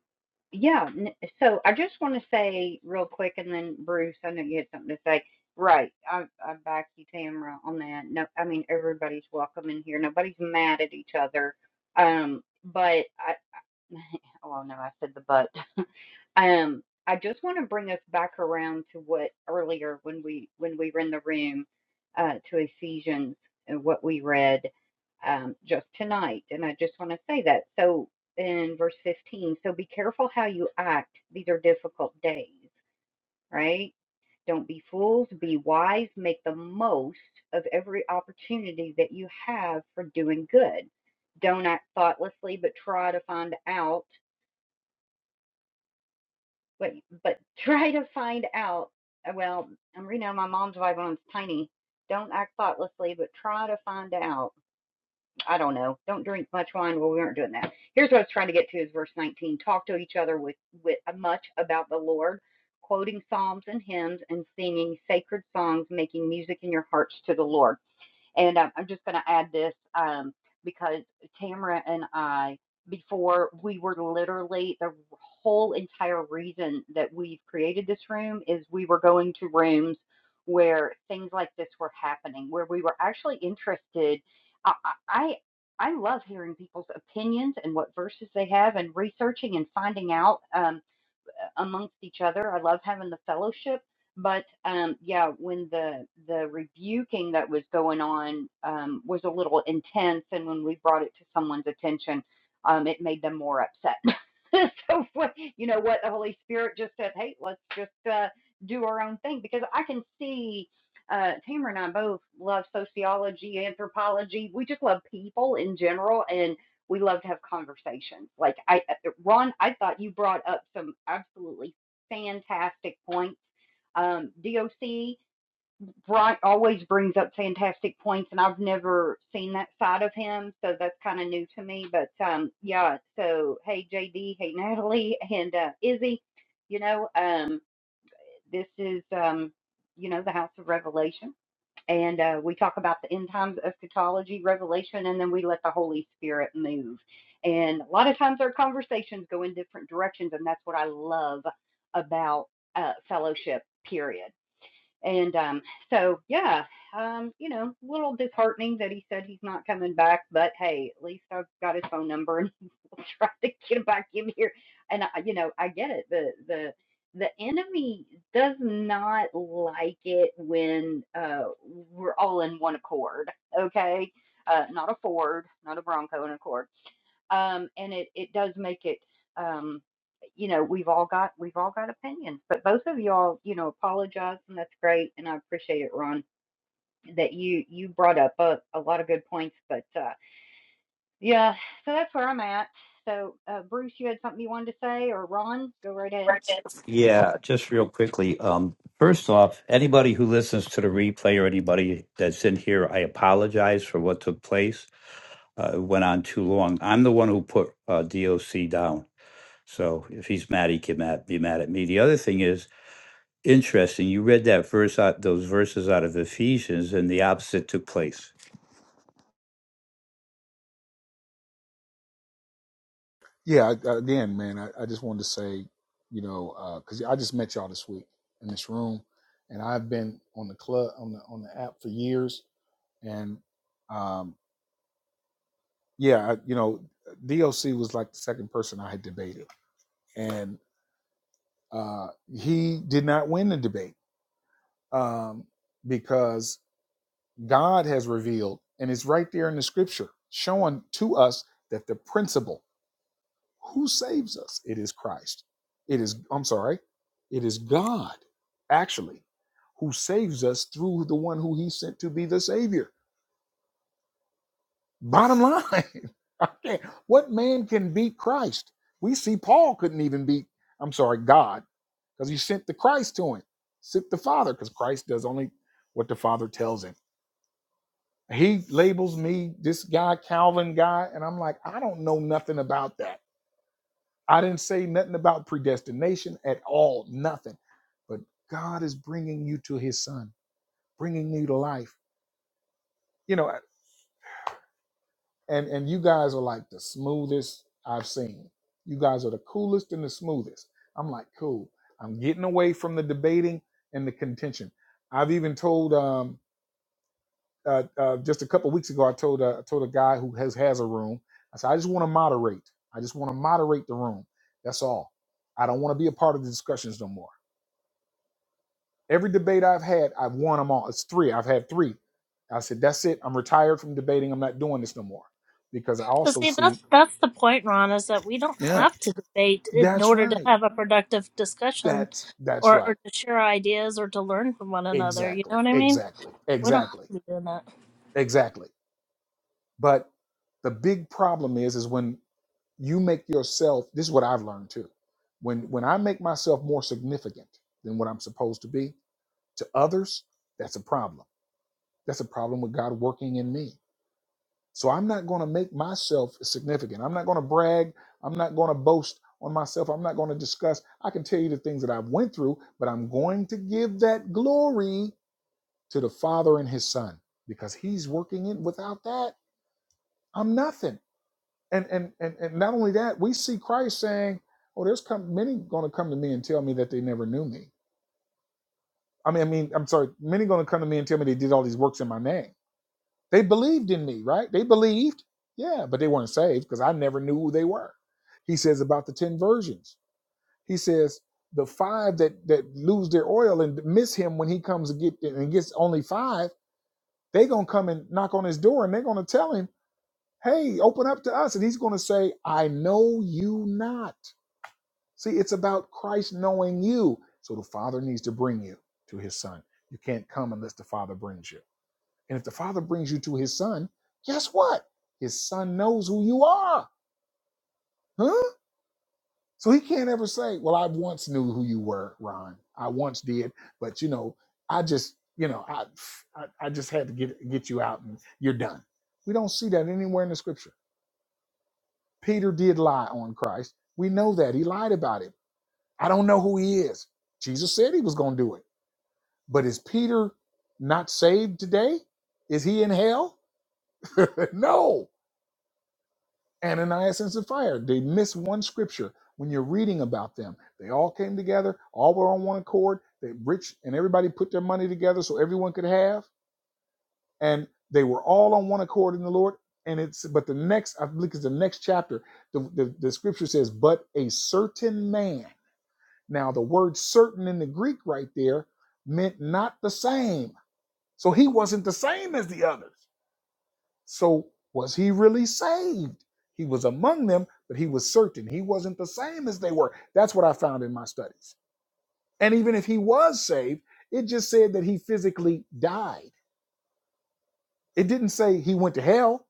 yeah. n- So I just want to say real quick, and then Bruce, I know you had something to say. Right. I I back you, Tamara, on that. No, I mean everybody's welcome in here. Nobody's mad at each other. Um, but I. Oh no, I said the but. Um, I just want to bring us back around to what earlier when we when we were in the room uh, to Ephesians and what we read um, just tonight, and I just want to say that. So in verse 15, so be careful how you act. These are difficult days, right? Don't be fools. Be wise. Make the most of every opportunity that you have for doing good. Don't act thoughtlessly, but try to find out. but but try to find out. uh, Well, I'm reading out my mom's Bible and it's tiny. Don't act thoughtlessly, but try to find out. I don't know. Don't drink much wine. Well, we aren't doing that. Here's what I was trying to get to is verse 19. Talk to each other with, with uh, much about the Lord, quoting psalms and hymns and singing sacred songs, making music in your hearts to the Lord. And um, I'm just going to add this um, because Tamara and I, before we were literally the whole entire reason that we've created this room is we were going to rooms where things like this were happening, where we were actually interested. I, I, I love hearing people's opinions and what verses they have and researching and finding out. um, amongst each other. I love having the fellowship, but um, yeah, when the the rebuking that was going on um, was a little intense, and when we brought it to someone's attention, um, it made them more upset. so what, you know what the Holy Spirit just said, hey, let's just uh, do our own thing because I can see. Uh, Tamara and I both love sociology, anthropology. We just love people in general, and we love to have conversations. Like I, uh, uh, Ron, I thought you brought up some absolutely fantastic points. Um, DOC Brian always brings up fantastic points, and I've never seen that side of him, so that's kind of new to me. But um, yeah, so hey JD, hey Natalie, and uh, Izzy, you know, um, this is um, you know the House of Revelation and uh, we talk about the end times eschatology revelation and then we let the holy spirit move and a lot of times our conversations go in different directions and that's what i love about uh, fellowship period and um, so, yeah, um, you know, a little disheartening that he said he's not coming back, but hey, at least I've got his phone number and we'll try to get him back in here. And, I, you know, I get it. The, the, the enemy does not like it when uh, we're all in one accord, okay? Uh, not a Ford, not a Bronco, an accord um, and it it does make it um, you know we've all got we've all got opinions, but both of y'all you know apologize, and that's great, and I appreciate it, Ron, that you you brought up a, a lot of good points, but uh, yeah, so that's where I'm at. So uh, Bruce, you had something you wanted to say, or Ron, go right ahead.
yeah, just real quickly. Um, first off, anybody who listens to the replay or anybody that's in here, I apologize for what took place. Uh, it went on too long. I'm the one who put uh, DOC down. So if he's mad, he can mad, be mad at me. The other thing is interesting. You read that verse out, those verses out of Ephesians, and the opposite took place
Yeah, I- again, man, I, I just wanted to say, you know, because I just met y'all this week in this room. And I've been on the club on the on the app for years, and um, yeah, I, you know, DOC was like the second person I had debated, and uh, he did not win the debate um, because God has revealed, and it's right there in the Scripture, showing to us that the principle who saves us it is Christ. It is I'm sorry, it is God actually who saves us through the one who He sent to be the Savior Bottom line, I can't, what man can beat Christ? We see Paul couldn't even beat, I'm sorry, God, because he sent the Christ to him, sent the Father, because Christ does only what the Father tells him. He labels me this guy, Calvin guy, and I'm like, I don't know nothing about that. I didn't say nothing about predestination at all, nothing. But God is bringing you to his son, bringing you to life. You know, and and you guys are like the smoothest I've seen. You guys are the coolest and the smoothest. I'm like, cool. I'm getting away from the debating and the contention. I've even told um, uh, uh, just a couple weeks ago, I told uh, I told a guy who has has a room. I said, I just want to moderate. I just want to moderate the room. That's all. I don't want to be a part of the discussions no more. Every debate I've had, I've won them all. It's three. I've had three. I said, that's it. I'm retired from debating. I'm not doing this no more because I
But
also
see,
see
that's that's the point, Ron, is that we don't have to debate in
That's
order to
right.
have a productive discussion,
That's that's
or or
right.
to share ideas or to learn from one another. You know
Exactly.
what I mean?
Exactly.
We don't have
Exactly.
to be doing that.
Exactly. But the big problem is is when you make yourself this is what I've learned too. When when I make myself more significant than what I'm supposed to be to others, that's a problem. That's a problem with God working in me. So I'm not going to make myself significant. I'm not going to brag. I'm not going to boast on myself. I'm not going to discuss. I can tell you the things that I've went through, but I'm going to give that glory to the Father and His Son because He's working in. Without that, I'm nothing. And and and, and not only that, we see Christ saying, "Oh, there's come, many going to come to me and tell me that they never knew me." I mean, I mean, I'm sorry, many going to come to me and tell me they did all these works in my name. They believed in me, right? They believed, yeah, but they weren't saved because I never knew who they were. He says about the ten virgins. He says the five that that lose their oil and miss him when he comes to get and gets only five they gonna come and knock on his door and they're gonna tell him, Hey, open up to us. And he's gonna say, I know you not. See, it's about Christ knowing you. So the Father needs to bring you to his son. You can't come unless the Father brings you. And if the Father brings you to his son, guess what? His son knows who you are. Huh? So he can't ever say, "Well, I once knew who you were, Ron. I once did, but you know, I just, you know, I, I, I just had to get get you out, and you're done." We don't see that anywhere in the scripture. Peter did lie on Christ. We know that he lied about it. I don't know who he is. Jesus said he was going to do it, but is Peter not saved today? Is he in hell? no Ananias and Sapphira. They miss one scripture when you're reading about them. They all came together, all were on one accord. They rich and everybody put their money together so everyone could have, and they were all on one accord in the Lord. And it's but the next, I believe, is the next chapter. The, the the scripture says, "But a certain man." Now the word "certain" in the Greek right there meant not the same. So he wasn't the same as the others. So was he really saved? He was among them, but he was certain he wasn't the same as they were. That's what I found in my studies. And even if he was saved, it just said that he physically died. It didn't say he went to hell.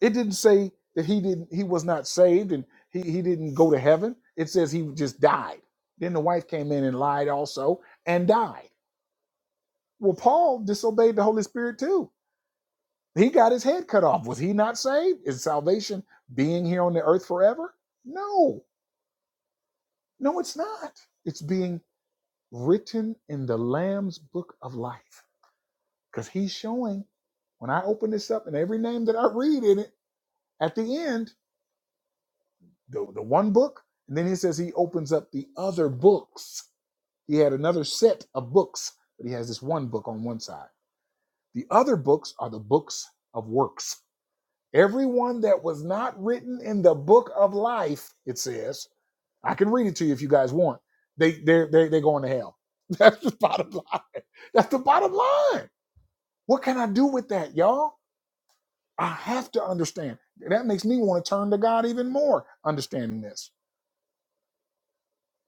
It didn't say that he didn't he was not saved and he, he didn't go to heaven. It says he just died. Then the wife came in and lied also and died. Well, Paul disobeyed the Holy Spirit too He got his head cut off. Was he not saved? Is salvation being here on the earth forever? No, no, it's not. It's being written in the Lamb's book of life because he's showing when I open this up and every name that I read in it at the end, the, the one book, and then he says he opens up the other books. He had another set of books, but he has this one book on one side. The other books are the books of works Everyone that was not written in the book of life, it says, I can read it to you if you guys want. They they're they they're going to hell. That's the bottom line. That's the bottom line. What can I do with that, y'all? I have to understand. That makes me want to turn to God even more, understanding this.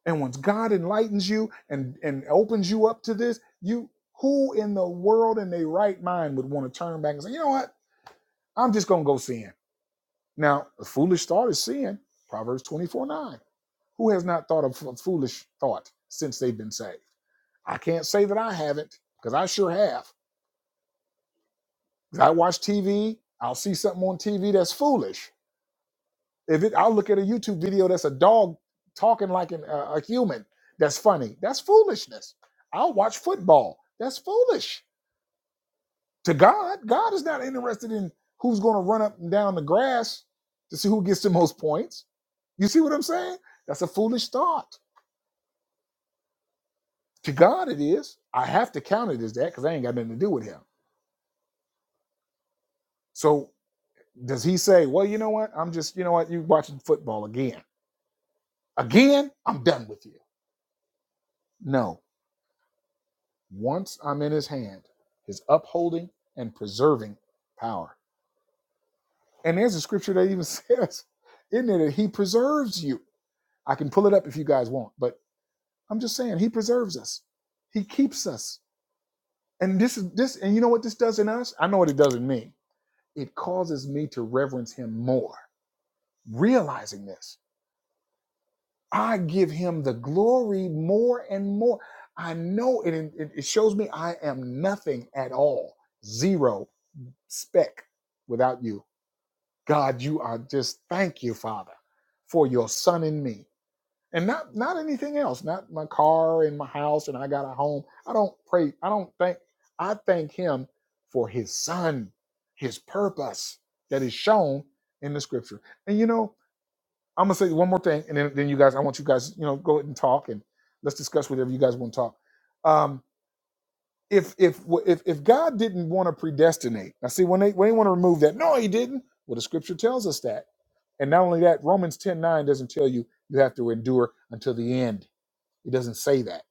And once God enlightens you and, and opens you up to this, you who in the world in their right mind would want to turn back and say, you know what? I'm just gonna go sin. Now, a foolish thought is sin, Proverbs 24:9. Who has not thought of a foolish thought since they've been saved? I can't say that I haven't, because I sure have. 'Cause I watch TV, I'll see something on TV that's foolish. If it, I'll look at a YouTube video that's a dog talking like an, uh, a human, that's funny. That's foolishness. I'll watch football. That's foolish. To God, God is not interested in who's going to run up and down the grass to see who gets the most points. You see what I'm saying? That's a foolish thought. To God, it is. I have to count it as that because I ain't got nothing to do with him. So does he say, well, you know what? I'm just, you know what? You are watching football again. Again, I'm done with you. No. Once I'm in his hand, his upholding and preserving power. And there's a scripture that even says, isn't it, that he preserves you. I can pull it up if you guys want, but I'm just saying, he preserves us. He keeps us. And this is this, and you know what this does in us? I know what it does in me. It causes me to reverence him more realizing this. I give him the glory more and more. I know it, it, it shows me I am nothing at all, zero speck without you. God, you are just thank you, Father, for your son in me. And not not anything else, not my car and my house and I got a home. I don't pray, I don't thank I thank him for his son, his purpose that is shown in the scripture. And you know, I'm gonna say one more thing, and then, then you guys, I want you guys, you know, go ahead and talk, and let's discuss whatever you guys want to talk. Um, if if if if God didn't want to predestinate, now see when they when they want to remove that, no, He didn't. Well, the Scripture tells us that, and not only that, Romans ten nine doesn't tell you you have to endure until the end. It doesn't say that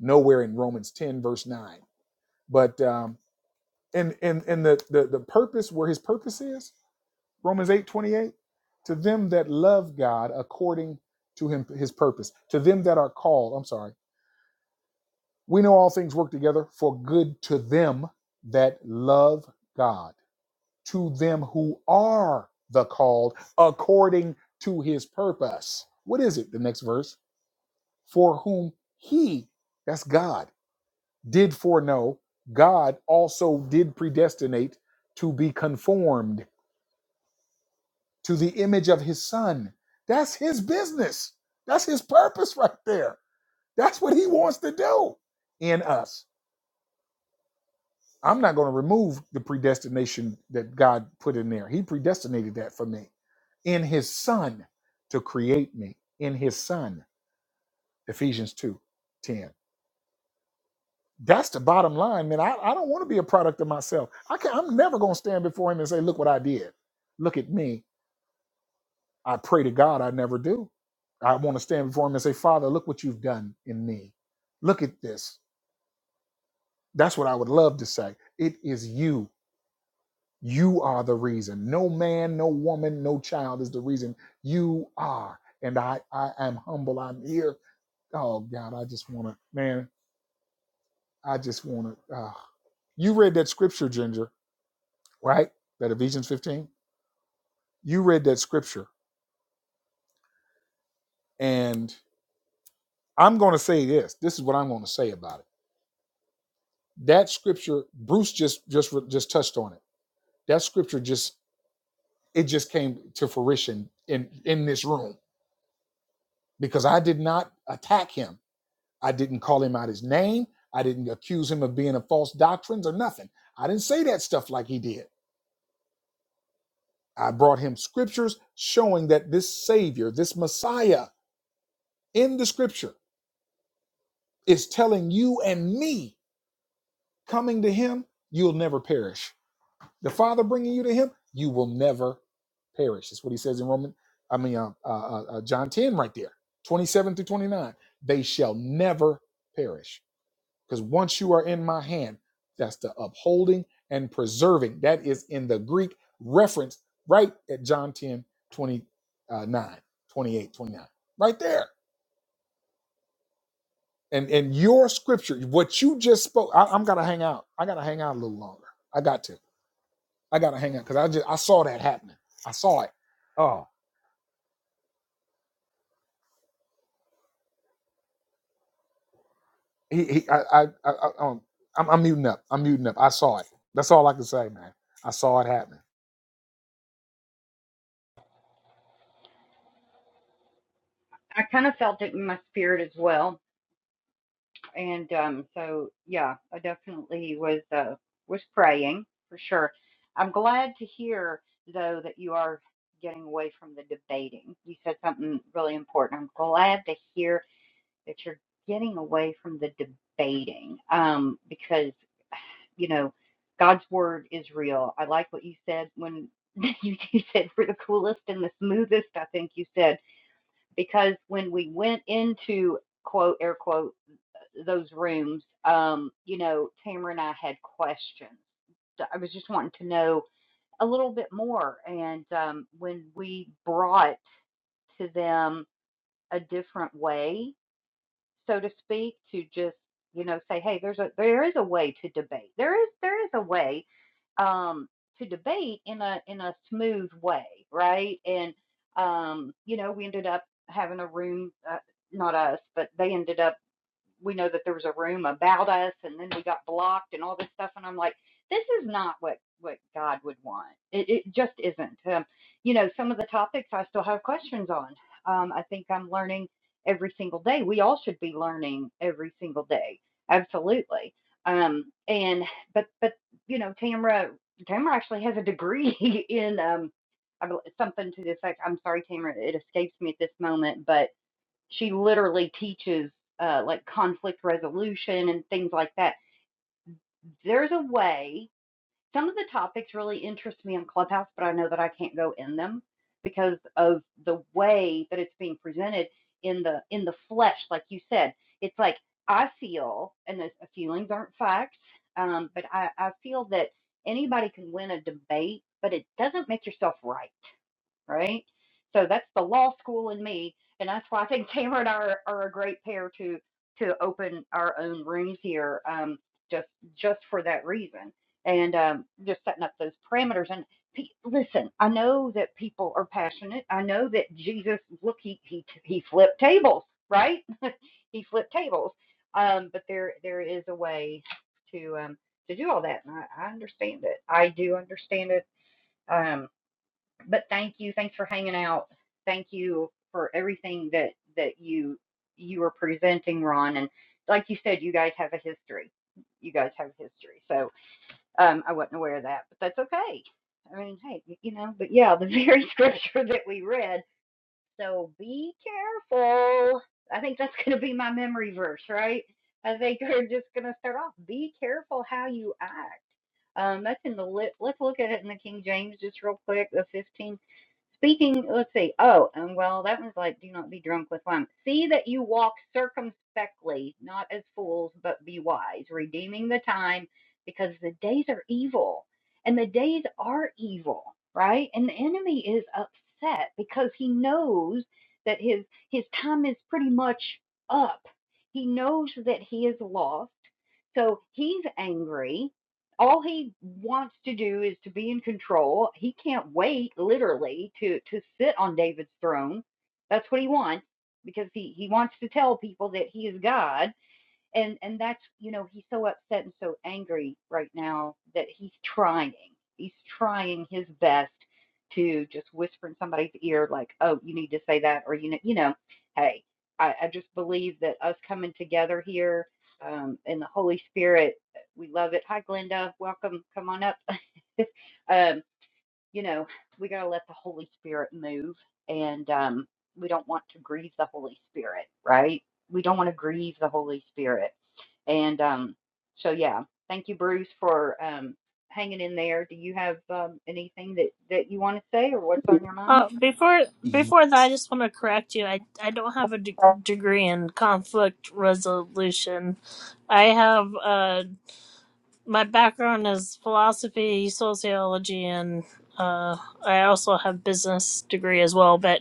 nowhere in Romans ten verse nine. But um, and and and the the the purpose where His purpose is Romans 8:28, To them that love God according to him his purpose, to them that are called, I'm sorry, we know all things work together for good to them that love God, to them who are the called according to his purpose. What is it? The next verse. For whom he, that's God, did foreknow, God also did predestinate to be conformed to the image of his son. That's his business. That's his purpose right there. That's what he wants to do in us. I'm not going to remove the predestination that God put in there. He predestinated that for me in his son to create me in his son. Ephesians 2, 10. That's the bottom line, man. I, I don't want to be a product of myself. I can, I'm never going to stand before him and say, Look what I did. Look at me I pray to God I never do. I want to stand before him and say, Father, look what you've done in me. Look at this. That's what I would love to say. It is you. You are the reason. No man, no woman, no child is the reason. You are. And I, I am humble. I'm here. Oh God, I just want to, man, I just want to. Uh. You read that scripture, Ginger, right? That Ephesians 15. You read that scripture. And I'm going to say this. This is what I'm going to say about it that scripture bruce just just just touched on it that scripture just it just came to fruition in in this room because i did not attack him i didn't call him out his name i didn't accuse him of being a false doctrines or nothing i didn't say that stuff like he did i brought him scriptures showing that this savior this messiah in the scripture is telling you and me coming to him you'll never perish the Father bringing you to Him, you will never perish. That's what He says in Roman. I mean, uh, uh, uh, uh, John ten, right there, twenty seven through twenty nine. They shall never perish because once you are in My hand, that's the upholding and preserving. That is in the Greek reference right at John ten twenty uh, nine, twenty eight, twenty nine, right there. And and your scripture, what you just spoke, I, I'm going to hang out. I gotta hang out a little longer. I got to. I gotta hang up because I just I saw that happening. I saw it. Oh, he, he I, I, I, I um, I'm, I'm muting up. I'm muting up. I saw it. That's all I can say, man. I saw it happening.
I kind of felt it in my spirit as well and um, so yeah, I definitely was uh, was praying for sure. I'm glad to hear though that you are getting away from the debating. You said something really important. I'm glad to hear that you're getting away from the debating um, because you know God's word is real. I like what you said when. You, you said we're the coolest and the smoothest, I think you said, because when we went into quote, air quote, those rooms, um, you know, Tamara and I had questions. So I was just wanting to know a little bit more. And um, when we brought to them a different way, so to speak, to just you know say, hey, there's a there is a way to debate. There is there is a way um, to debate in a in a smooth way, right? And um, you know, we ended up having a room, uh, not us, but they ended up we know that there was a room about us and then we got blocked and all this stuff and i'm like this is not what what god would want it, it just isn't um, you know some of the topics i still have questions on um, i think i'm learning every single day we all should be learning every single day absolutely um, and but but you know tamra tamra actually has a degree in um, I bel- something to the effect i'm sorry tamra it escapes me at this moment but she literally teaches uh, like conflict resolution and things like that. There's a way. Some of the topics really interest me on Clubhouse, but I know that I can't go in them because of the way that it's being presented in the in the flesh. Like you said, it's like I feel, and the feelings aren't facts, um, but I, I feel that anybody can win a debate, but it doesn't make yourself right right? So that's the law school in me, and that's why I think Tamara and I are, are a great pair to to open our own rooms here, um, just just for that reason, and um, just setting up those parameters. And pe- listen, I know that people are passionate. I know that Jesus, look, he he he flipped tables, right? He flipped tables. Um, but there there is a way to um, to do all that, and I, I understand it. I do understand it. Um but thank you thanks for hanging out thank you for everything that that you you were presenting ron and like you said you guys have a history you guys have a history so um i wasn't aware of that but that's okay i mean hey you know but yeah the very scripture that we read so be careful i think that's going to be my memory verse right i think we're just going to start off be careful how you act um, that's in the lit. Let's look at it in the King James just real quick, the 15:15. Speaking, let's see. Oh, and well, that one's like, do not be drunk with wine. See that you walk circumspectly, not as fools, but be wise, redeeming the time, because the days are evil, and the days are evil, right? And the enemy is upset because he knows that his his time is pretty much up. He knows that he is lost so he's angry. All he wants to do is to be in control. He can't wait, literally, to to sit on David's throne. That's what he wants because he he wants to tell people that he is God and and that's you know he's so upset and so angry right now that he's trying he's trying his best to just whisper in somebody's ear like oh you need to say that or you know you know hey i, I just believe that us coming together here um in the holy spirit we love it hi glenda welcome come on up um you know we got to let the holy spirit move and um we don't want to grieve the holy spirit right we don't want to grieve the holy spirit and um, so, yeah, thank you, Bruce, for um, hanging in there. Do you have um, anything that, that you want to say or what's on your mind?
Uh, before before that, I just want to correct you. I I don't have a de- degree in conflict resolution. I have. uh, my background is philosophy, sociology, and uh, I also have business degree as well. But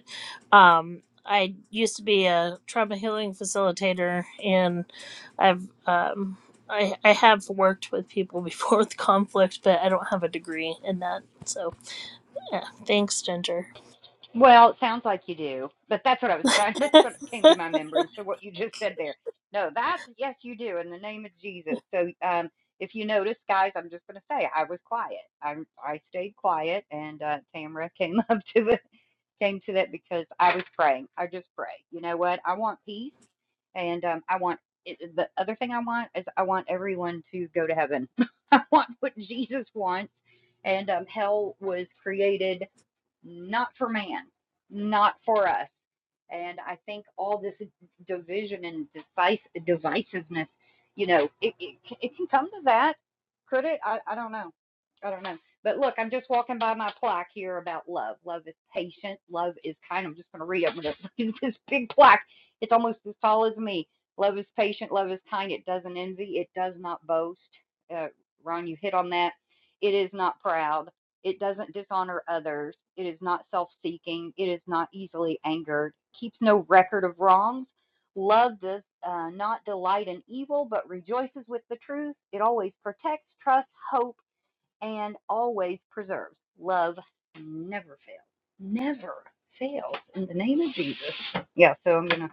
um, I used to be a trauma healing facilitator, and I've um, I, I have worked with people before with conflict, but I don't have a degree in that. So yeah. thanks, Ginger.
Well, it sounds like you do, but that's what I was trying. That's what came to my remembrance. So, what you just said there. No, that's yes, you do in the name of Jesus. So, um, if you notice, guys, I'm just going to say I was quiet. I I stayed quiet, and uh, Tamara came up to the came to that because I was praying. I just pray. You know what? I want peace. And um, I want it, the other thing I want is I want everyone to go to heaven. I want what Jesus wants. And um, hell was created not for man, not for us. And I think all this division and device, divisiveness, you know, it, it, it can come to that, could it? I, I don't know. I don't know. But look, I'm just walking by my plaque here about love. Love is patient. Love is kind. I'm just going to read it. It's this big plaque. It's almost as tall as me. Love is patient. Love is kind. It doesn't envy. It does not boast. Uh, Ron, you hit on that. It is not proud. It doesn't dishonor others. It is not self seeking. It is not easily angered. Keeps no record of wrongs. Love does uh, not delight in evil, but rejoices with the truth. It always protects, trusts, hopes, and always preserves. Love never fails. Never fails in the name of Jesus. Yeah, so I'm going to.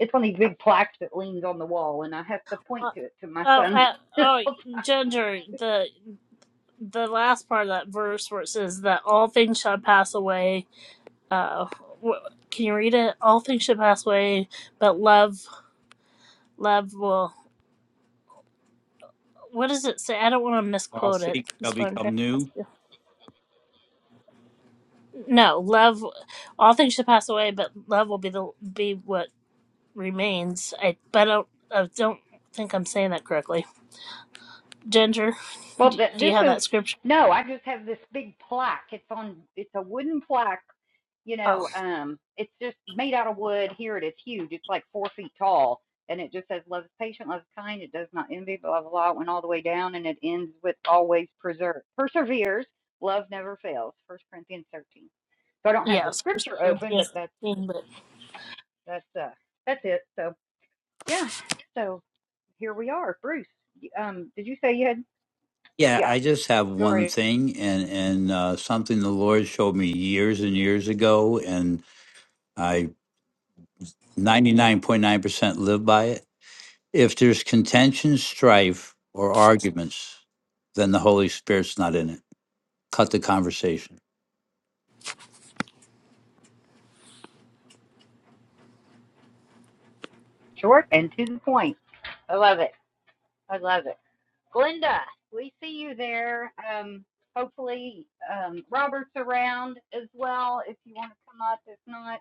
It's one of these big plaques that leans on the wall, and I have to point
Uh,
to it to my
Oh,
son
I, oh, Ginger, the the last part of that verse where it says that all things shall pass away, uh, wh- can you read it? All things should pass away, but love, love will. What does it say? I don't want to
All
misquote it.
things shall
That's what I'm trying
become
to ask
new.
you. No, love. All things should pass away, but love will be the be what remains. I but I don't I don't think I'm saying that correctly. Ginger,
Well,
do,
th-
do you
this
have
is
that scripture?
no. I just have this big plaque. It's on. It's a wooden plaque. You
Oh,
know, um, it's just made out of wood. Here it is, huge. It's like four feet tall, and it just says, "Love is patient, love is kind. It does not envy." Blah blah blah. It went all the way down, and it ends with "always preserve, perseveres. Love never fails." First Corinthians thirteen. So I don't have the
yes, First
scripture open, but
Corinthians
that's
13, but.
that's uh that's it. So yeah. So here we are, Bruce. y- Um, did you say you had?
Yeah,
Yeah.
I just have
Go
one
right
thing, and and uh, something the Lord showed me years and years ago, and I ninety nine point nine percent live by it. If there's contention, strife, or arguments, then the Holy Spirit's not in it. Cut the conversation.
short and to the point. I love it. I love it. Glenda, we see you there. Um, hopefully, um, Robert's around as well if you want to come up. If not,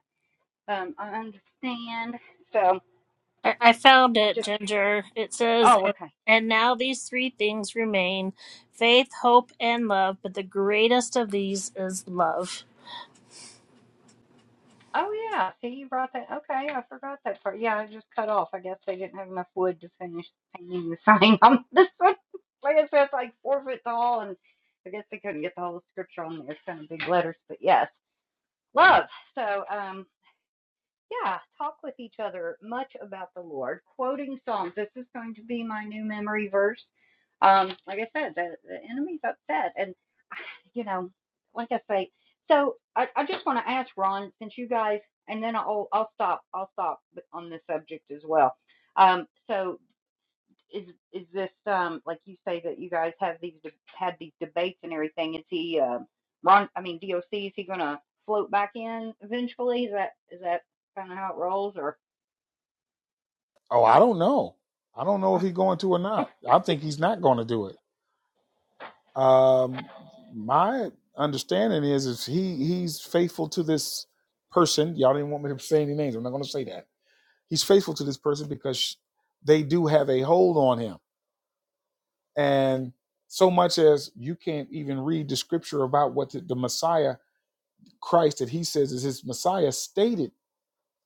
um, I understand. So
I, I found
I
it,
just,
Ginger. It says,
oh,
and,
okay.
and now these three things remain faith, hope, and love, but the greatest of these is love.
Oh, yeah. See, you brought that. Okay. I forgot that part. Yeah, I just cut off. I guess they didn't have enough wood to finish painting the sign on this one. Like I said, it's like four foot tall, and I guess they couldn't get the whole scripture on there. It's kind of big letters, but yes. Love. So, um, yeah, talk with each other much about the Lord, quoting Psalms. This is going to be my new memory verse. Um, like I said, the, the enemy's upset, and you know, like I say, so I, I just want to ask Ron, since you guys, and then I'll I'll stop I'll stop on this subject as well. Um, so is is this um like you say that you guys have these had these debates and everything? Is he um Ron? I mean, DOC is he going to float back in eventually? Is that is that kind of how it rolls, or?
Oh, I don't know. I don't know if he's going to or not. I think he's not going to do it. Um, my understanding is is he he's faithful to this person. Y'all didn't want me to say any names. I'm not going to say that. He's faithful to this person because sh- they do have a hold on him and so much as you can't even read the scripture about what the, the Messiah Christ that he says is his Messiah stated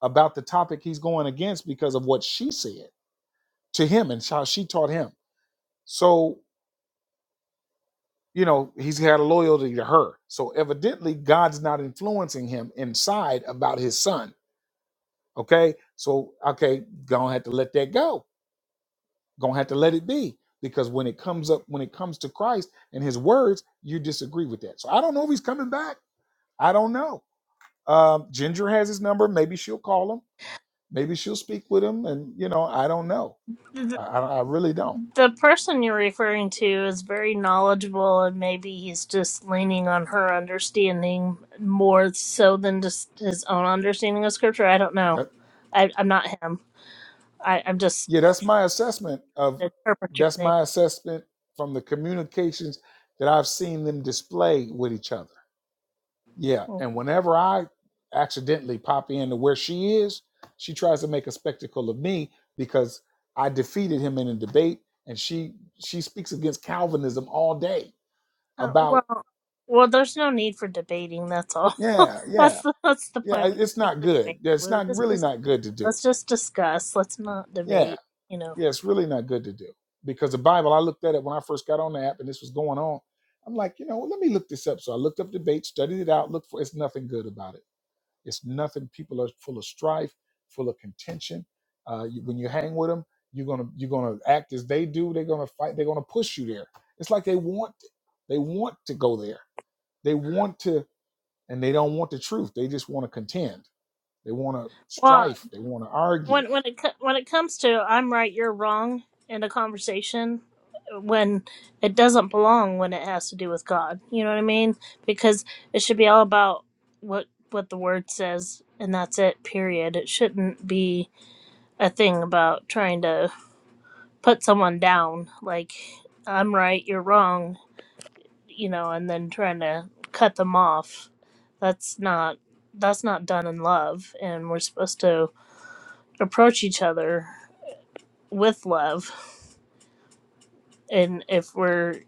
about the topic he's going against because of what she said to him and how she taught him. So, you know, he's had a loyalty to her. So evidently God's not influencing him inside about his son. Okay. So, okay, gonna have to let that go. Gonna have to let it be. Because when it comes up, when it comes to Christ and his words, you disagree with that. So I don't know if he's coming back I don't know. Um, Ginger has his number. Maybe she'll call him. Maybe she'll speak with him. And you know, I don't know.
The,
I, I I really don't.
the person you're referring to is very knowledgeable, and maybe he's just leaning on her understanding more so than just his own understanding of scripture. I don't know.
That,
I, I'm not him. I, I'm just
yeah, that's my assessment of.
an interpreter
That's
thing.
my assessment from the communications that I've seen them display with each other. Yeah, and whenever I accidentally pop into where she is, she tries to make a spectacle of me because I defeated him in a debate, and she she speaks against Calvinism all day
Uh,
about
well, well, there's no need for debating. That's all.
yeah, yeah.
that's the, that's the
yeah,
point. We
it-
don't
it's
need
not
to debate.
good. Yeah, it's
We
not
just,
really
just
not good to do.
let's just discuss. Let's not
Yeah,
debate. You know.
yeah, it's really not good to do because the Bible. I looked at it when I first got on the app and this was going on. I'm like, you know, well, let me look this up. So I looked up debate, studied it out. Look for it's nothing good about it. It's nothing. People are full of strife, full of contention. Uh, you, when you hang with them, you're gonna you're gonna act as they do. They're gonna fight. They're gonna push you there. It's like they want they want to go there. They want to, and they don't want the truth. They just want to contend They want to
Well,
strife. They want to argue.
when when it co- when it comes to I'm right, you're wrong in a conversation, when it doesn't belong when it has to do with God. You know what I mean? Because it should be all about what what the word says, and that's it. Period. It shouldn't be a thing about trying to put someone down like i'm right you're wrong you know and then trying to cut them off that's not that's not done in love and we're supposed to approach each other with love and if we're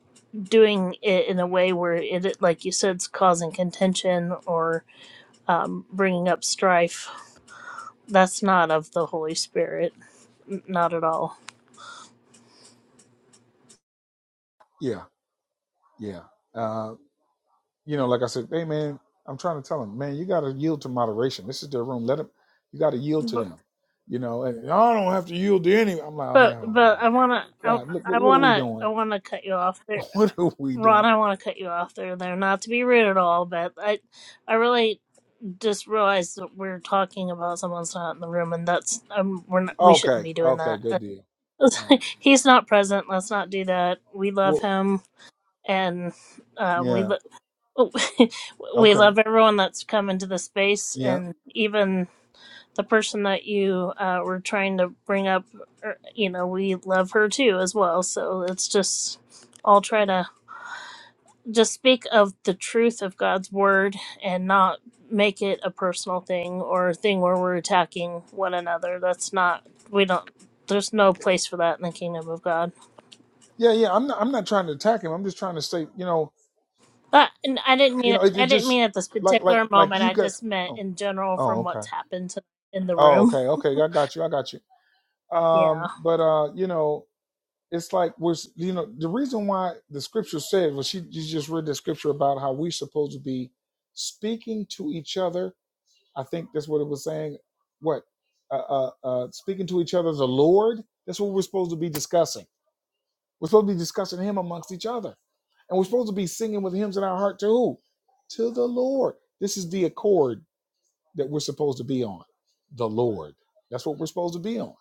doing it in a way where it like you said is causing contention or um, bringing up strife that's not of the holy spirit N- not at all
Yeah, yeah. Uh, you know, like I said, hey man, I'm trying to tell them, man, you got to yield to moderation. This is their room. Let them. You got to yield to
but
them. You know, and I don't have to yield to any. I'm like, oh,
but,
yeah, oh
but
boy,
i want to I,
Yeah. look, what,
I
what are
want
we
to i
doing?
want to cut you off there
What are we
Ron,
doing?
I want to cut you off there, though, not to be rude at all, but I, I really just realized that we're talking about someone's not in the room, and that's um, we're not, we shouldn't
Okay,
be doing
okay, good
that.
deal. All right.
He's not present. Let's not do that. We love
Well,
him, and uh, we
yeah.
lo- we
Okay.
love everyone that's come into the space,
Yeah.
and even the person that you uh, were trying to bring up, er, you know, we love her too as well. So it's just, I'll try to just speak of the truth of God's word and not make it a personal thing or a thing where we're attacking one another. That's not we don't there's no place for that in the kingdom of God.
Yeah. Yeah. I'm not. I'm not trying to attack him. I'm just trying to say, you know,
But and I didn't mean
you know,
it
it,
I
it
didn't
just
mean at this
like like
particular
like
moment.
you
I
guys.
just meant
Oh.
in general
Oh.
from
Okay.
what's happened to, in the
Oh,
room.
okay, okay, I got you, I got you.
Yeah.
Um, but uh, you know, it's like we're s- you know the reason why the scripture said well, she you just read the scripture about how we're supposed to be speaking to each other. I think that's what it was saying. What uh, uh, uh, speaking to each other the Lord. That's what we're supposed to be discussing. We're supposed to be discussing Him amongst each other, and we're supposed to be singing with hymns in our heart to who? To the Lord. This is the accord that we're supposed to be on. The Lord. That's what we're supposed to be on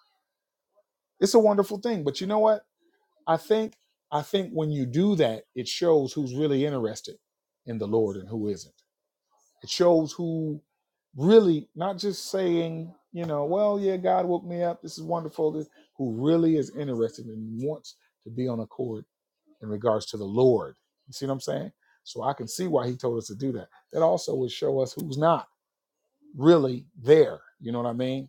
It's a wonderful thing. But you know what? I think I think when you do that, it shows who's really interested in the Lord and who isn't. It shows who really not just saying, you know, well, yeah, God woke me up. This is wonderful. This, who really is interested and wants to be on accord in regards to the Lord. You see what I'm saying? So I can see why he told us to do that. That also would show us who's not really there. You know what I mean?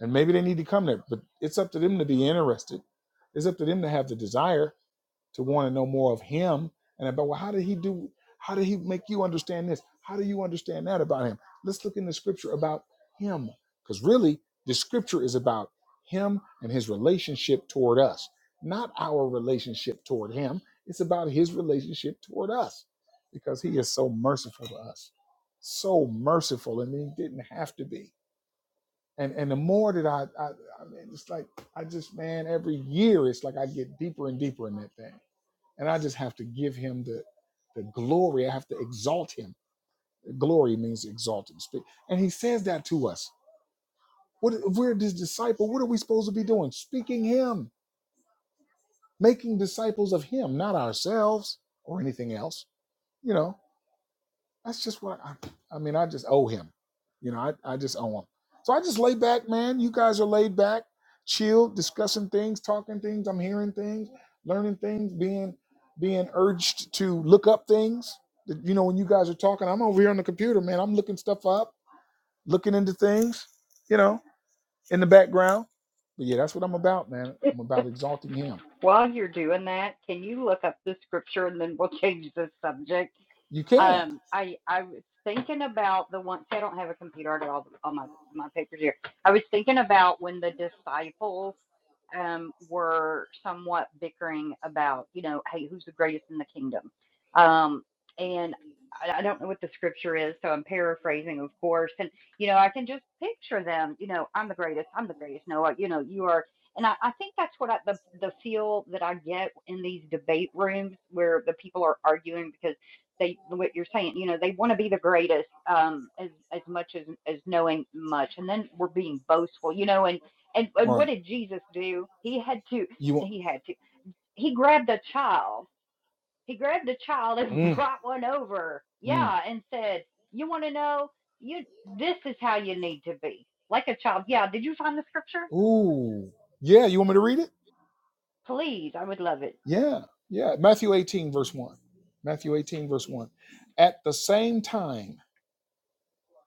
And maybe they need to come there, but it's up to them to be interested. It's up to them to have the desire to want to know more of him and about well how did he do how did he make you understand this how do you understand that about him let's look in the scripture about him because really the scripture is about him and his relationship toward us not our relationship toward him it's about his relationship toward us because he is so merciful to us so merciful and he didn't have to be and and the more that i i, I mean it's like i just man every year it's like i get deeper and deeper in that thing and I just have to give him the the glory. I have to exalt him. Glory means exalted. Speak, and he says that to us. What if we're his disciple? What are we supposed to be doing? Speaking him, making disciples of him, not ourselves or anything else. You know. That's just what I, I mean. I just owe him. You know, I, I just owe him. So I just lay back, man. You guys are laid back, chill, discussing things, talking things. I'm hearing things, learning things, being being urged to look up things. That, You know, when you guys are talking, I'm over here on the computer, man. I'm looking stuff up, looking into things. You know, in the background. But yeah, that's what I'm about, man. I'm about exalting him.
While you're doing that, can you look up the scripture and then we'll change the subject?
You can,
Um, I I was thinking about the one. See, I don't have a computer. I got all, all my my papers here. I was thinking about when the disciples um were somewhat bickering about, you know, hey, who's the greatest in the kingdom? Um, and I, I don't know what the scripture is, so I'm paraphrasing, of course. And you know, I can just picture them. You know, I'm the greatest. I'm the greatest. No, you know, you are. And I, I think that's what I, the the feel that I get in these debate rooms where the people are arguing because they what you're saying you know they want to be the greatest um as as much as as knowing much and then we're being boastful you know and and, and what
right?
did jesus do he had to
You want?
he had to he grabbed a child he grabbed a child and
Mm.
brought one over
mm.
yeah and said you want to know you this is how you need to be like a child yeah did you find the scripture
Ooh. Yeah, you want me to read it?
please i would love it
Yeah. Yeah. Matthew 18, verse 1. Matthew 18, verse 1. At the same time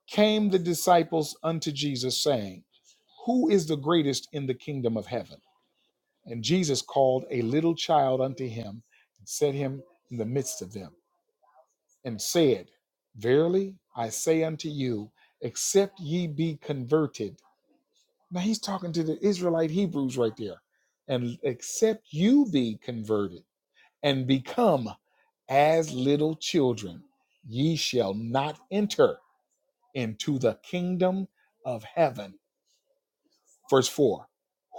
came the disciples unto Jesus, saying, Who is the greatest in the kingdom of heaven? And Jesus called a little child unto him and set him in the midst of them, and said, Verily I say unto you, except ye be converted, Now he's talking to the Israelite Hebrews right there. And except you be converted and become as little children, ye shall not enter into the kingdom of heaven. Verse 4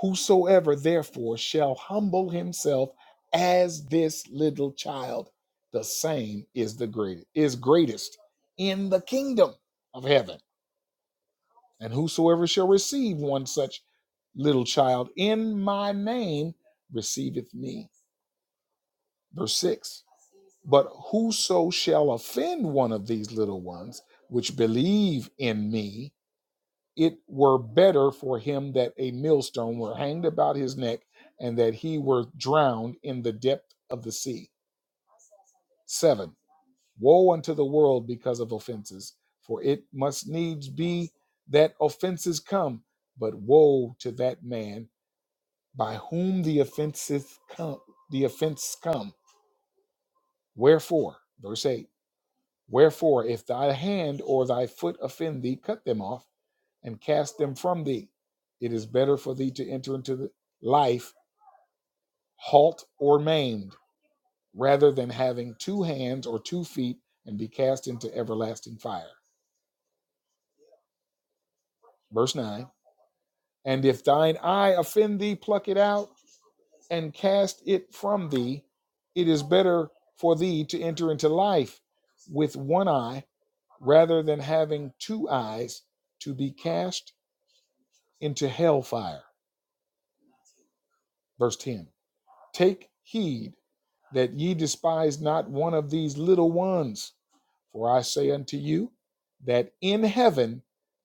Whosoever therefore shall humble himself as this little child, the same is the greatest, is greatest in the kingdom of heaven. And whosoever shall receive one such little child in my name receiveth me. Verse 6 But whoso shall offend one of these little ones which believe in me, it were better for him that a millstone were hanged about his neck and that he were drowned in the depth of the sea. 7. Woe unto the world because of offenses, for it must needs be that offenses come, but woe to that man by whom the offenses come, the offense come. Wherefore, verse 8, wherefore if thy hand or thy foot offend thee, cut them off and cast them from thee. It is better for thee to enter into the life halt or maimed rather than having two hands or two feet and be cast into everlasting fire Verse 9 And if thine eye offend thee, pluck it out and cast it from thee. It is better for thee to enter into life with one eye rather than having two eyes to be cast into hellfire. Verse 10 Take heed that ye despise not one of these little ones, for I say unto you that in heaven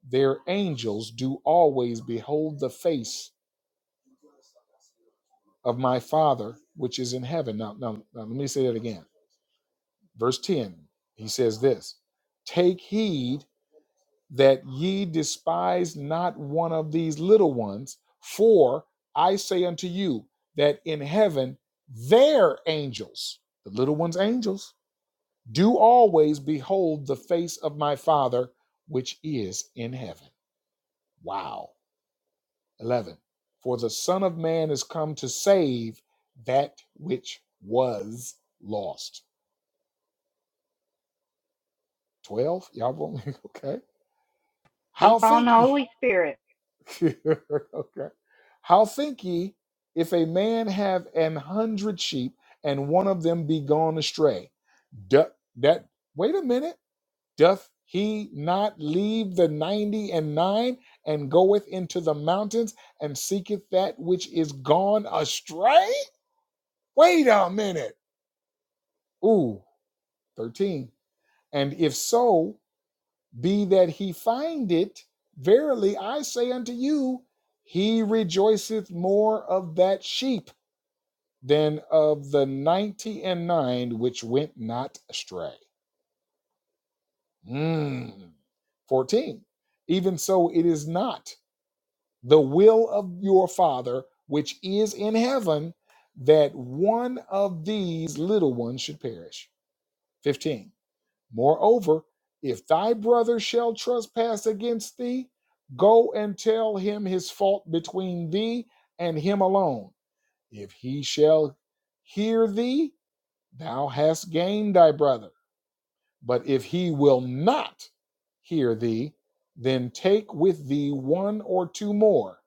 their angels do always behold the face of my Father which is in heaven. Now, now, now let me say that again. Verse 10, he says this Take heed that ye despise not one of these little ones, for I say unto you that in heaven their angels, the little ones' angels, do always behold the face of my Father which is in heaven. Wow. 11. For the Son of Man is come to save that which was lost. 12. Y'all want me? Okay.
keep
How
on the
think ye?
holy spirit
okay. How think ye if a man have an hundred sheep and one of them be gone astray? Doth that, wait a minute. Doth he not leave the ninety and nine and goeth into the mountains and seeketh that which is gone astray? Wait a minute. Ooh, 13. And if so, be that he find it, verily I say unto you, he rejoiceth more of that sheep than of the ninety and nine which went not astray. Mm. 14. Even so, it is not the will of your Father which is in heaven that one of these little ones should perish. 15 Moreover, if thy brother shall trespass against thee, go and tell him his fault between thee and him alone. If he shall hear thee, thou hast gained thy brother. But if he will not hear thee, then take with thee one or two more,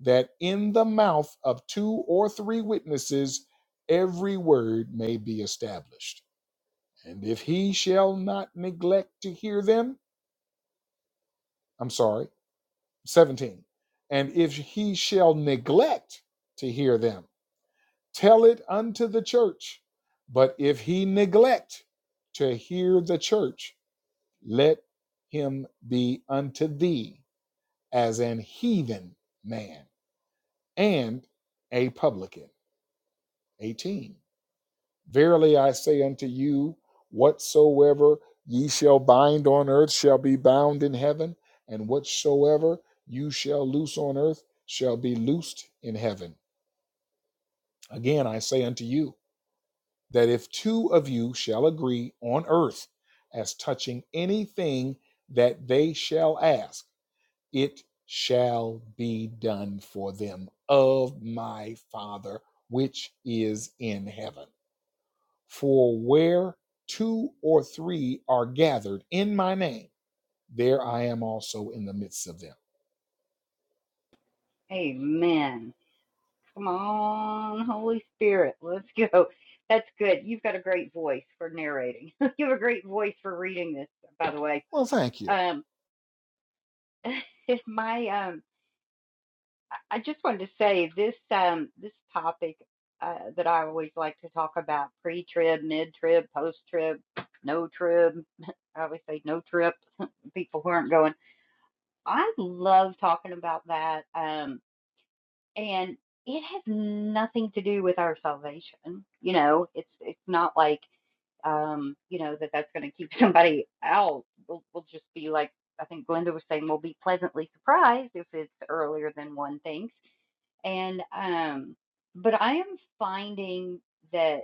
that in the mouth of two or three witnesses every word may be established. And if he shall not neglect to hear them, I'm sorry, 17. And if he shall neglect to hear them, tell it unto the church. But if he neglect to hear the church, let him be unto thee as an heathen man and a publican. 18. Verily I say unto you, whatsoever ye shall bind on earth shall be bound in heaven, and whatsoever you shall loose on earth shall be loosed in heaven. Again I say unto you, that if two of you shall agree on earth as touching anything that they shall ask, it shall be done for them of my Father which is in heaven. For where two or three are gathered in my name, there I am also in the midst of them.
amen Come on, Holy Spirit, let's go. That's good. You've got a great voice for narrating. you have a great voice for reading this, by the way.
Well, thank you.
Um, if my, um, I just wanted to say this, um, this topic uh, that I always like to talk about: pre-trib, mid-trib, post-trib, no trib. I always say no trip. People who aren't going. I love talking about that. Um, and it has nothing to do with our salvation. You know, it's it's not like um, you know that that's going to keep somebody out. We'll, we'll just be like I think Glenda was saying, we'll be pleasantly surprised if it's earlier than one thinks. And um, but I am finding that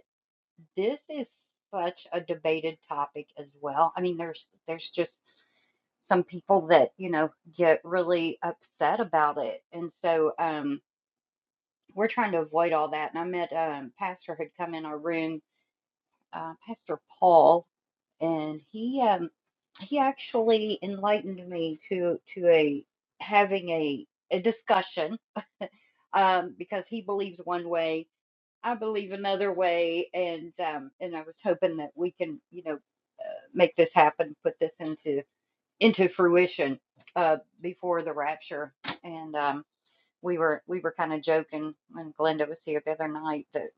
this is such a debated topic as well. I mean, there's there's just some people that you know get really upset about it, and so um, we're trying to avoid all that. And I met um, Pastor had come in our room, uh, Pastor Paul, and he um, he actually enlightened me to to a having a a discussion um, because he believes one way, I believe another way, and um, and I was hoping that we can you know uh, make this happen, put this into into fruition uh, before the rapture, and um, we were we were kind of joking when Glenda was here the other night that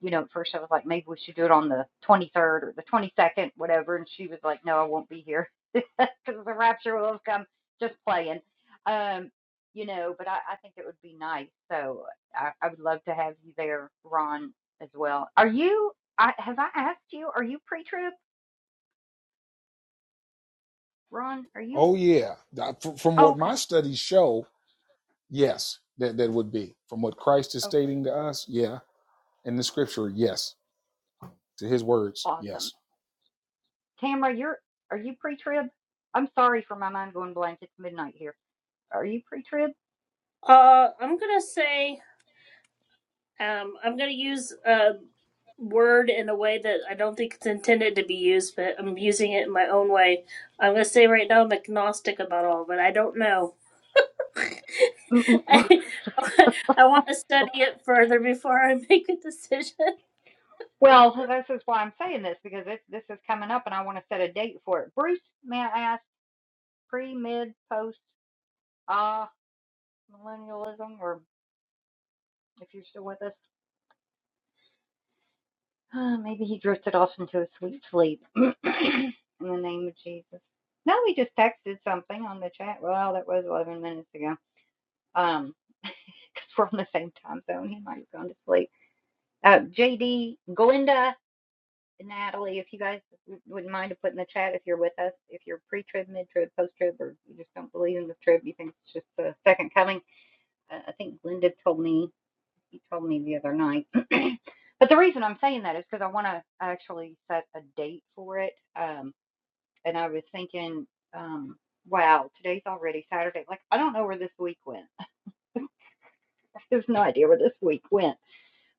you know at first I was like maybe we should do it on the 23rd or the 22nd whatever and she was like no I won't be here because the rapture will have come just playing um you know but I, I think it would be nice so I, I would love to have you there Ron as well are you I have I asked you are you pre-trib Ron are you
Oh, yeah. From what my
okay
studies show, yes, that, that would be. From what Christ is
okay
stating to us, yeah. In the scripture, yes. To his words,
awesome
yes.
Tamara, you're are you pre-trib? I'm sorry for my mind going blank. It's midnight here. Are you pre-trib?
Uh I'm gonna say Um, I'm going to use a word in a way that I don't think it's intended to be used, but I'm using it in my own way. I'm going to say right now I'm agnostic about all of it. I don't know. I, I want to study it further before I make a decision.
well, this is why I'm saying this because it, this is coming up, and I want to set a date for it. Bruce, may I ask pre, mid, post, ah, uh, millennialism, or if you're still with us, uh, maybe he drifted off into a sweet sleep. In the name of Jesus. No, he just texted something on the chat. Well, that was 11 minutes ago. Um, because we're on the same time zone, he might have gone to sleep. Uh, JD, Glinda, and Natalie, if you guys wouldn't mind to put in the chat if you're with us, if you're pre-trib, mid-trib, post-trib, or you just don't believe in the trib, you think it's just the second coming. Uh, I think Glinda told me, he told me the other night. but the reason I'm saying that is because I want to actually set a date for it. Um, and I was thinking, um, wow, today's already Saturday. Like, I don't know where this week went. I have no idea where this week went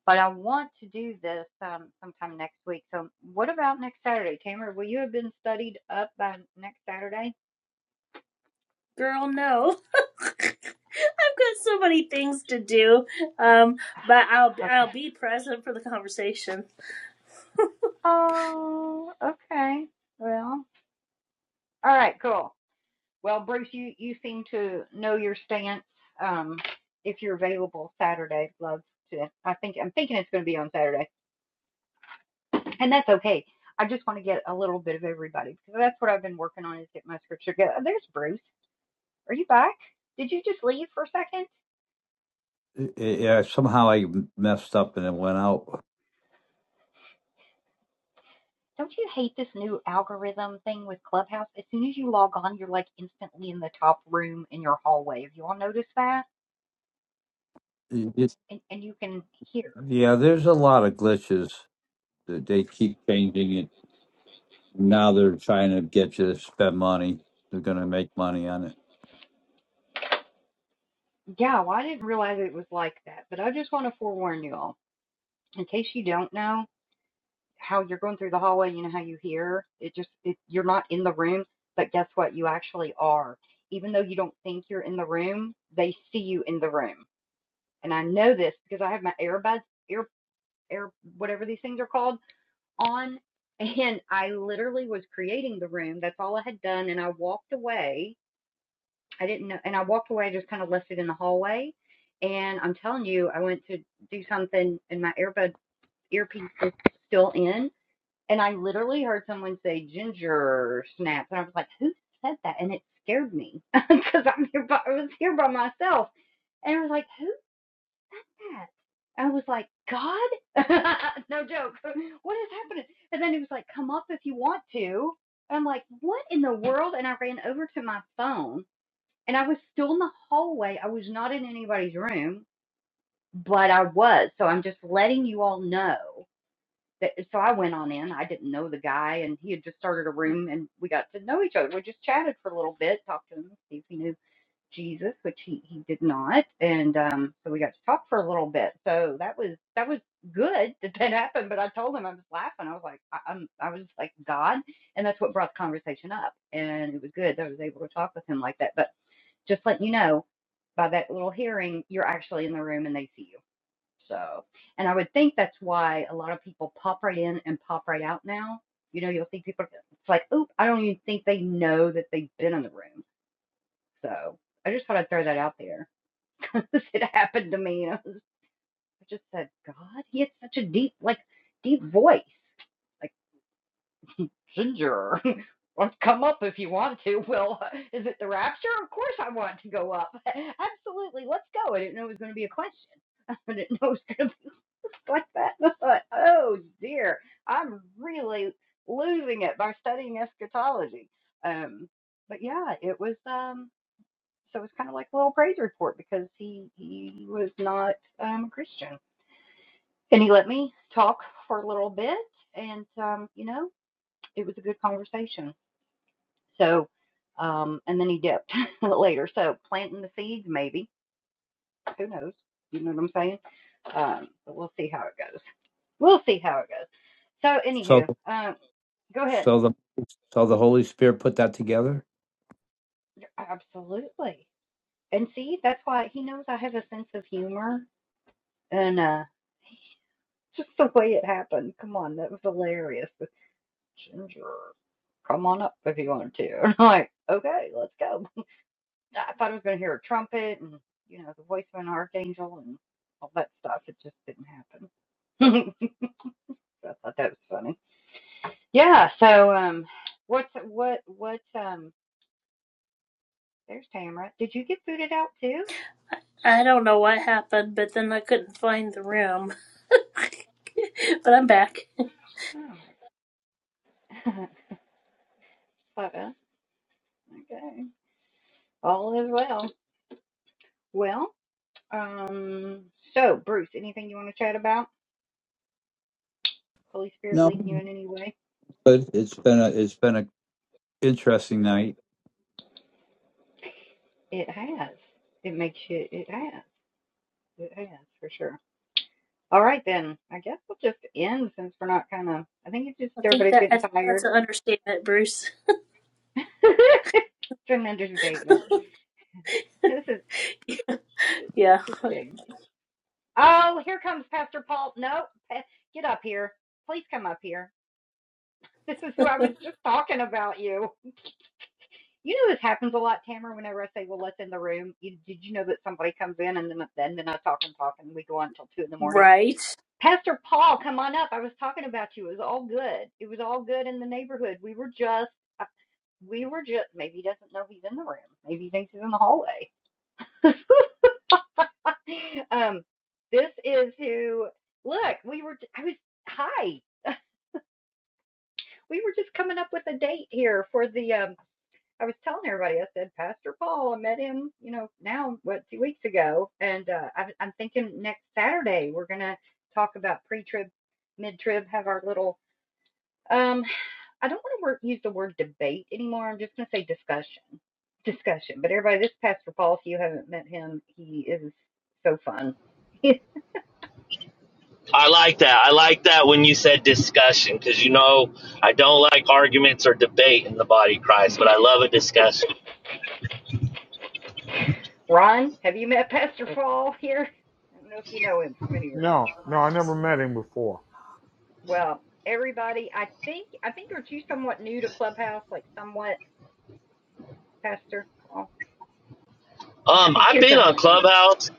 But I want to do this um, sometime next week. So what about next Saturday, Tamara? Will you have been studied up by next Saturday?
Girl, no. I've got so many things to do, um, but I'll
Okay.
I'll be present for the conversation.
Oh, okay. Well, all right, cool. Well, Bruce, you you seem to know your stance. Um, if you're available Saturday, i love to. I think I'm thinking it's going to be on Saturday, and that's okay. I just want to get a little bit of everybody because that's what I've been working on is get my scripture. Go. There's Bruce. Are you back? Did you just leave for a second?
Y- Yeah, somehow I messed up and it went out.
Don't you hate this new algorithm thing with Clubhouse? As soon as you log on, you're like instantly in the top room in your hallway. Have you all noticed that?
Y- y-
And and you can hear.
Yeah, there's a lot of glitches that they keep changing it. Now they're trying to get you to spend money. They're going to make money on it.
Yeah, well, I didn't realize it was like that, but I just want to forewarn you all in case you don't know how you're going through the hallway. You know how you hear it just it, you're not in the room, but guess what? You actually are. Even though you don't think you're in the room, they see you in the room. And I know this because I have my earbuds, ear, air, whatever these things are called on and I literally was creating the room. That's all I had done. And I walked away. I didn't know. And I walked away. I just kind of left it in the hallway. And I'm telling you, I went to do something and my earbud earpiece was still in. And I literally heard someone say ginger snaps. And I was like, who said that? And it scared me because I'm here by, I was here by myself. And I was like, "Who?" that? I was like, God? no joke. What is happening? And then he was like, come up if you want to. And I'm like, what in the world? And I ran over to my phone and I was still in the hallway. I was not in anybody's room, but I was. So I'm just letting you all know that. So I went on in. I didn't know the guy and he had just started a room and we got to know each other. We just chatted for a little bit, talked to him, see if he knew Jesus, which he, he did not, and um, so we got to talk for a little bit. So that was that was good that that happened. But I told him I was laughing. I was like, I, I'm I was like God, and that's what brought the conversation up, and it was good that I was able to talk with him like that. But just letting you know, by that little hearing, you're actually in the room and they see you. So, and I would think that's why a lot of people pop right in and pop right out now. You know, you'll see people. It's like, oop, I don't even think they know that they've been in the room. So I just thought I'd throw that out there. it happened to me. And I, was, I just said, God, he had such a deep, like, deep voice, like Ginger. Let's come up if you want to. Well, is it the rapture? Of course I want to go up. Absolutely, let's go. I didn't know it was going to be a question. I didn't know it was going to be like that. And I thought, oh dear, I'm really losing it by studying eschatology. Um, but yeah, it was. Um, so it's kind of like a little praise report because he he was not um, a Christian. and he let me talk for a little bit and um you know it was a good conversation so um and then he dipped later so planting the seeds maybe who knows you know what i'm saying um but we'll see how it goes we'll see how it goes so
So,
anywho um go ahead
so the so the Holy Spirit put that together.
absolutely and see that's why he knows i have a sense of humor and uh just the way it happened come on that was hilarious The Ginger, come on up if you want to. And I'm like, okay, let's go. I thought I was going to hear a trumpet and, you know, the voice of an archangel and all that stuff. It just didn't happen. so I thought that was funny. Yeah. So, um, what's, what, what, um, there's Tamara. Did you get booted out too?
I don't know what happened, but then I couldn't find the room. but I'm back.
Oh. Okay. All is well. Well, um, so Bruce, anything you want to chat about? Holy Spirit
No,
leading you in any way?
but it's been a it's been a interesting night.
It has. It makes you, it has. It has for sure. All right, then. I guess we'll just end since we're not kind of, I think it's just
I think
everybody's
that I
getting
think that's
tired.
an understatement, Bruce.
it's an understatement. This is it's
Yeah,
interesting. Oh, here comes Pastor Paul. No, get up here. Please come up here. This is who I was just talking about you. You know this happens a lot, Tamara, whenever I say, well, let's in the room. You, did you know that somebody comes in and then, and then I talk and talk and we go on until 2 in the morning?
right.
Pastor Paul, come on up. I was talking about you. It was all good. It was all good in the neighborhood. We were just, uh, we were just, maybe he doesn't know he's in the room. Maybe he thinks he's in the hallway. um, this is who, look, we were, I was, hi. We were just coming up with a date here for the, um, I was telling everybody, I said, Pastor Paul, I met him, you know, now, what, two weeks ago. And uh, I, I'm thinking next Saturday, we're going to talk about pre trib, mid trib, have our little, um. I don't want to word, use the word debate anymore. I'm just going to say discussion. Discussion. But everybody, this is Pastor Paul. If you haven't met him, he is so fun.
I like that. I like that when you said discussion because you know I don't like arguments or debate in the body of Christ, but I love a discussion.
Ron, have you met Pastor Paul here? I don't know if you know him from anywhere.
No, no, I never met him before.
Well, everybody, I think I think aren't you somewhat new to Clubhouse? Like somewhat, Pastor Paul. I
Um,
think
I've
you're
been on
somewhat new.
Clubhouse.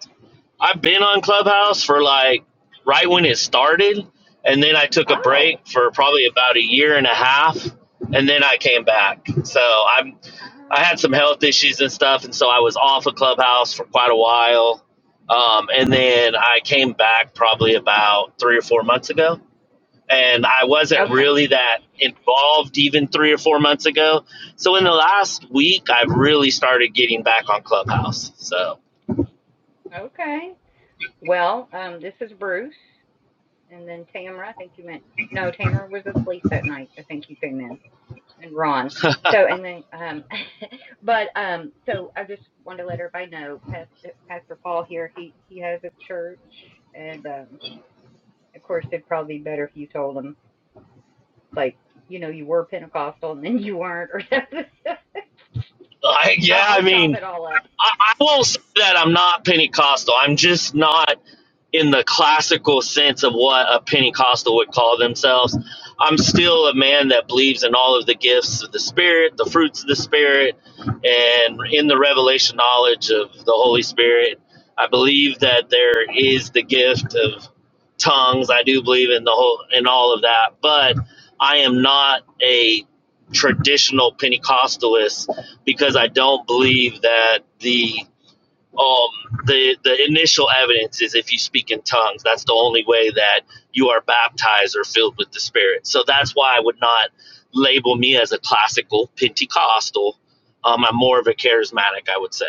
I've been on Clubhouse for like right when it started, and then I took a
Oh.
break for probably about a year and a half, and then I came back. So I'm I
Oh,
had some
okay.
health issues and stuff, and so I was off of Clubhouse for quite a while. Um, and then I came back probably about three or four months ago and I wasn't
Okay.
really that involved even three or four months ago. So in the last week, I've really started getting back on Clubhouse. So,
Okay. Well, um, this is Bruce. And then Tamara, I think you meant, no, Tamara was asleep that night. I think you came in. And Ron. So, and then, um, but, um, so I just wanted to let everybody know, Pastor, Pastor Paul here, he, he has a church. And, um, of course, it'd probably be better if you told him, like, you know, you were Pentecostal and then you weren't or something.
like,
I-
yeah, I
I'll chop
mean,
it all up.
I, I will say that I'm not Pentecostal. I'm just not in the classical sense of what a Pentecostal would call themselves. I'm still a man that believes in all of the gifts of the Spirit, the fruits of the Spirit, and in the revelation knowledge of the Holy Spirit. I believe that there is the gift of tongues. I do believe in the whole in all of that, but I am not a traditional Pentecostalist because I don't believe that the um the the initial evidence is if you speak in tongues. That's the only way that you are baptized or filled with the Spirit. So that's why I would not label me as a classical Pentecostal. Um, I'm more of a charismatic, I would say.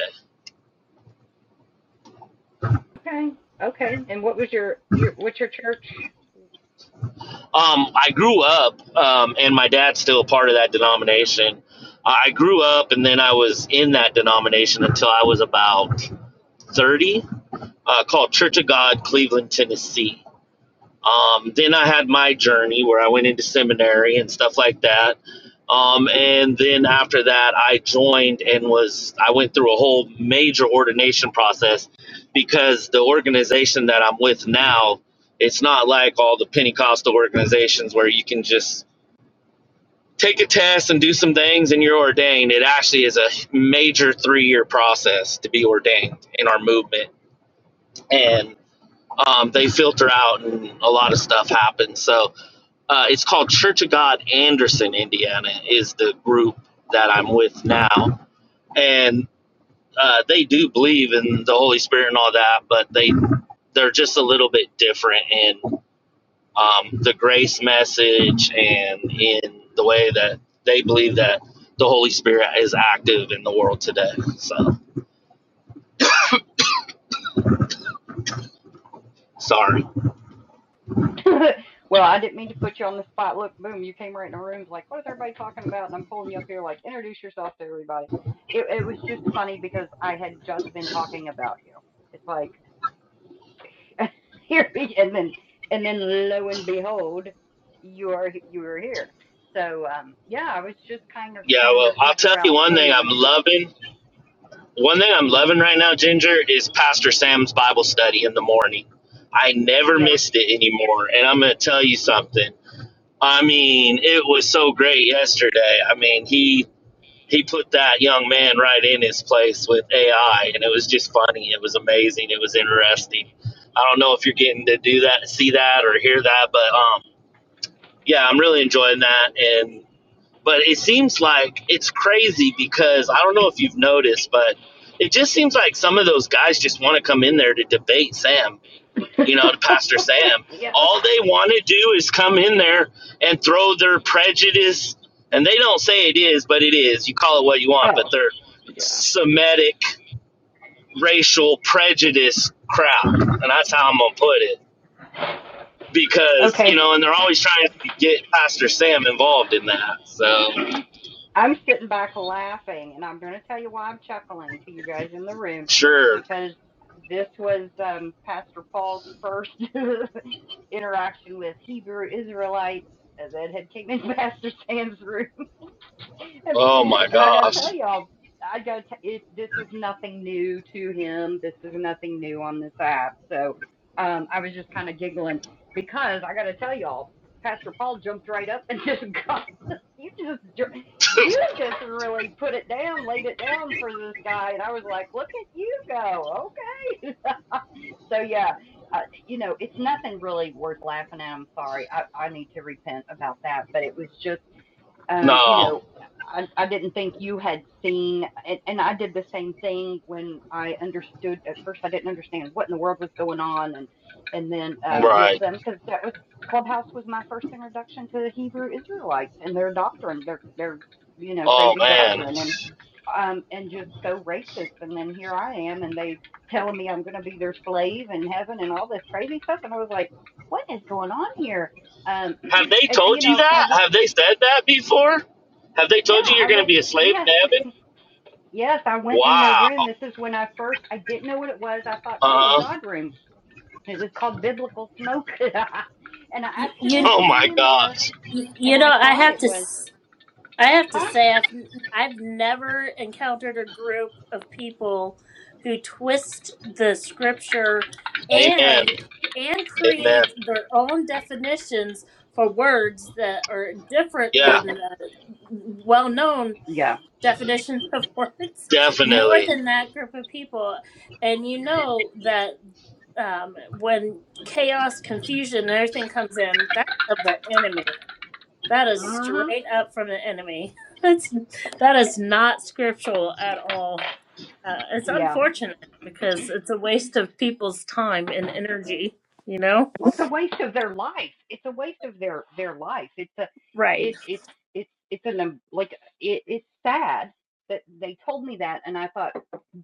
Okay. Okay. And what was your, your, what's your church?
Um, I grew up, um, and my dad's still a part of that denomination. I grew up, and then I was in that denomination until I was about 30, uh, called Church of God, Cleveland, Tennessee Um, then I had my journey where I went into seminary and stuff like that. Um, and then after that, I joined and was I went through a whole major ordination process because the organization that I'm with now, it's not like all the Pentecostal organizations where you can just take a test and do some things and you're ordained. It actually is a major three year process to be ordained in our movement, and um, they filter out and a lot of stuff happens. So uh, it's called Church of God Anderson, Indiana, is the group that I'm with now, and uh, they do believe in the Holy Spirit and all that, but they they're just a little bit different in um, the grace message and in the way that they believe that the Holy Spirit is active in the world today. So sorry.
well, I didn't mean to put you on the spot. Look, boom, you came right in the room. Like, what is everybody talking about? And I'm pulling you up here, like, introduce yourself to everybody. It, it was just funny because I had just been talking about you. It's like here, and then and then lo and behold, you are you were here. So um, yeah, I was just kind of
Yeah,
trying to
well, I'll tell
figure
you
out
one
when
thing
we're
I'm
gonna do
loving One thing I'm
this. Hmm.
loving right now, Ginger, is Pastor Sam's Bible study in the morning. I never
Yeah.
missed it anymore. And I'm going to tell you something. I mean, it was so great yesterday. I mean, he he put that young man right in his place with AI and it was just funny. It was amazing. It was interesting. I don't know if you're getting to do that, see that or hear that, but um yeah, I'm really enjoying that and. But it seems like it's crazy because I don't know if you've noticed, but it just seems like some of those guys just want to come in there to debate Sam, you know, to Pastor Sam.
yes.
All they want to do is come in there and throw their prejudice, and they don't say it is, but it is. You call it what you want, but
Oh.
they're
Yeah.
Semitic, racial prejudice crowd. And that's how I'm going to put it. Because, you
Okay.
know, and they're always trying to get Pastor Sam involved in that. So,
I'm sitting back laughing, and I'm going to tell you why I'm chuckling to you guys in the room
sure.
because this was um, Pastor Paul's first interaction with Hebrew Israelites that had taken Pastor Sam's room
Oh my
and I gotta
gosh.
tell y'all, I gotta t- it. This is nothing new to him. This is nothing new on this app. So um, I was just kind of giggling because I gotta tell y'all, Pastor Paul jumped right up and just got. You just you just really put it down, laid it down for this guy, and I was like, "Look at you go, okay." so yeah, uh, you know, it's nothing really worth laughing at. I'm sorry, I I need to repent about that, but it was just um, you
No.
know, I, I didn't think you had seen, and, and I did the same thing when I understood. At first, I didn't understand what in the world was going on, and and then um, with
Right.
them because that was Clubhouse was my first introduction to the Hebrew Israelites and their doctrine, their their you know
Oh
crazy
man.
doctrine, and um and just so racist. And then here I am, and they telling me I'm going to be their slave in heaven and all this crazy stuff, and I was like, what is going on here? Um,
Have they
and you
told you
know, I
that?
went
Have they said that before? Have they
yeah,
told you
I
you're going to
went.
be a slave
Yes,
to heaven?
yes, I went in their
Wow. Uh,
room. This is when I first. I didn't know what it was. I thought, oh, a
huh.
God room. It was called Biblical Smoke, and I
You
accidentally
oh
went
my
in there,
gosh.
you,
and
you know
I
I
thought
have
it
to
was,
s- I have to
huh?
say I've I've never encountered a group of people who twist the scripture
Amen.
and and create
Amen.
their own definitions for words that are different
Yeah,
than the well known
Yeah.
definition of words more
definitely.
than that group of people and you know that um, when chaos confusion and everything comes in that's of the enemy that
mm
is
Mhm.
straight up from the enemy that's that is not scriptural at all uh, it's
Yeah.
unfortunate because it's a waste of people's time and energy you know
Well, it's a waste of their life. It's a waste of their their life. It's a
right
it it's it's it's an um, like it, it's sad that they told me that, and I thought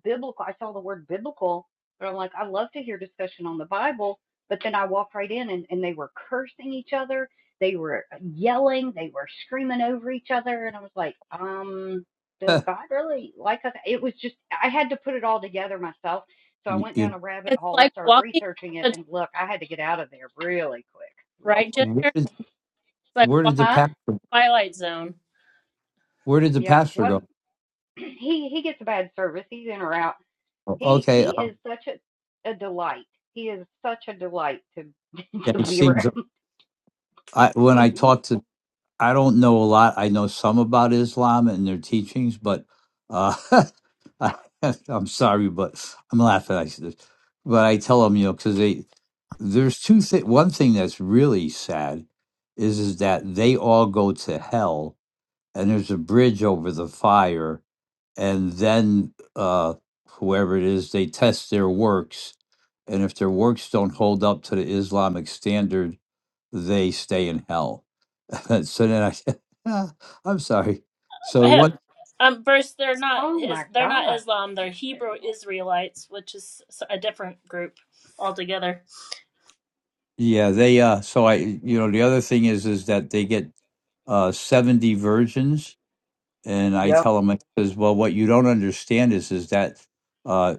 biblical. I saw the word biblical, but I'm like, I love to hear discussion on the Bible, but then I walked right in, and and they were cursing each other. They were yelling. They were screaming over each other, and I was like, um. Does God really like us? It was just I had to put it all together myself so I
You-
went down
you-
a rabbit
it's
hole,
like
started
walking
researching it,
the
and look, I had to get out of there really quick, real
right gender
quick.
where,
it's
did,
like
where did
walking
the
Huh?
pastor
twilight zone
Where did the
Yeah.
pastor
What?
go?
He he gets a bad service. He's in or out. He
Okay,
he
uh,
is such a a delight. He is such a delight to
yeah, he
to be
seems.
around.
I when I talked to I don't know a lot. I know some about Islam and their teachings, but uh, I, I'm sorry, but I'm laughing. I said, but I tell them, you know, because they there's two things. One thing that's really sad is is that they all go to hell, and there's a bridge over the fire, and then uh, whoever it is, they test their works, and if their works don't hold up to the Islamic standard, they stay in hell uh, so then I said, ah, I'm sorry. So
Heh,
what?
Um, first, they're not
Oh my
is- they're not
gosh.
Islam. They're Hebrew
Terrible.
Israelites, which is s- a different group altogether.
Yeah, they. Uh, so I, you know, the other thing is, is that they get uh, 70 virgins, and I
Yep.
tell them, I says, well, what you don't understand is, is that uh,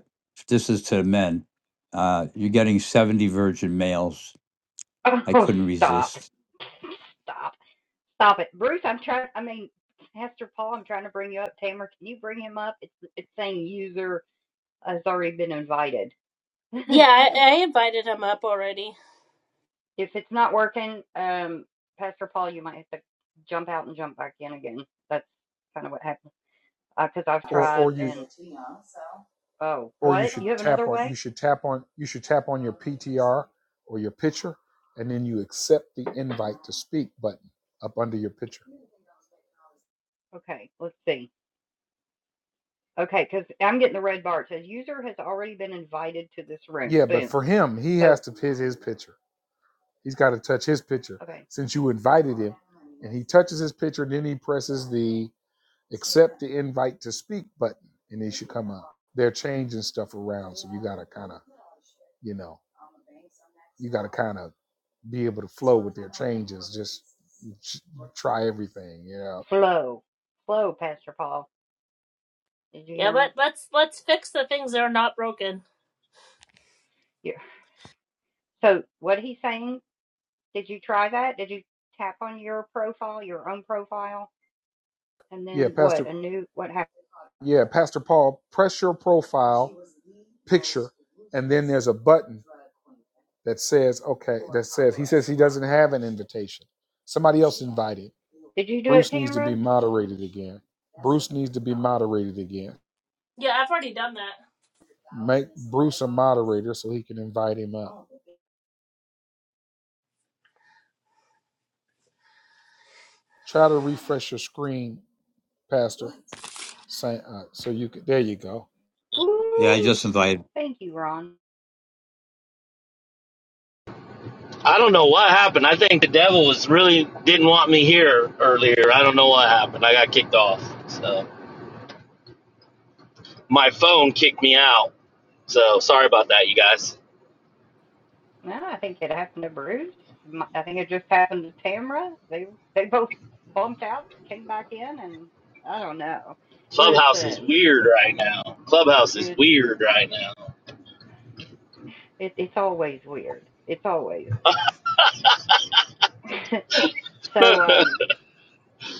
this is to the men. Uh, you're getting 70 virgin males. I
Oh,
couldn't
stop,
resist.
stop, stop it, Bruce. I'm trying. I mean, Hester Paul. I'm trying to bring you up. Tamer, can you bring him up? It's it's saying user has already been invited.
Yeah, I, I invited him up already.
If it's not working, um, Pastor Paul, you might have to jump out and jump back in again. That's kind of what happened. Because uh, I've
Or,
tried
or you.
and, oh,
or you
what?
should
You have another
tap on you
way?
should tap on you should tap on your PTR or your picture and then you accept the invite to speak button up under your picture.
Okay, let's see. Okay, because I'm getting the red bar. It says user has already been invited to this room.
Yeah, but
Boom.
for him, he
So,
has to hit his picture. He's got to touch his picture
okay,
since you invited him. And he touches his picture, then he presses the accept the invite to speak button and it should come up. They're changing stuff around, so you gotta kind of, you know, you gotta kind of be able to flow with their changes. Just ch- try everything, you know.
flow. Flow, Pastor Paul. Did you
Yeah,
hear
let
me?
let's let's fix the things that are not broken.
Yeah. So, what he's saying, did you try that? Did you tap on your profile, your own profile? And
Yeah,
then what?
Pastor.
A new, what happened?
Yeah, Pastor Paul. Press your profile picture, and then there's a button that says, okay, that says he says he doesn't have an invitation. Somebody else invited.
Did you do it,
Bruce needs to be
Tamra?
moderated again. Bruce needs to be moderated again.
Yeah, I've already done
Make Bruce a moderator so he can invite him up. Try to refresh your screen, Pastor. Saint, uh, so you can, there you go.
Yeah, I
Ooh,
just invited.
thank you, Ron.
I don't know what happened. I think the devil was really didn't want me here earlier. I don't know what happened. I got kicked off. So my phone kicked me out. So sorry about that, you guys.
No, I think it happened to Bruce. My- I think it just happened to Tamara. They they both bumped out, came back in, and I don't know.
Clubhouse is
Listen,
weird right now. Clubhouse is
it's
weird right now.
it, it's always weird. It's always weird. so um,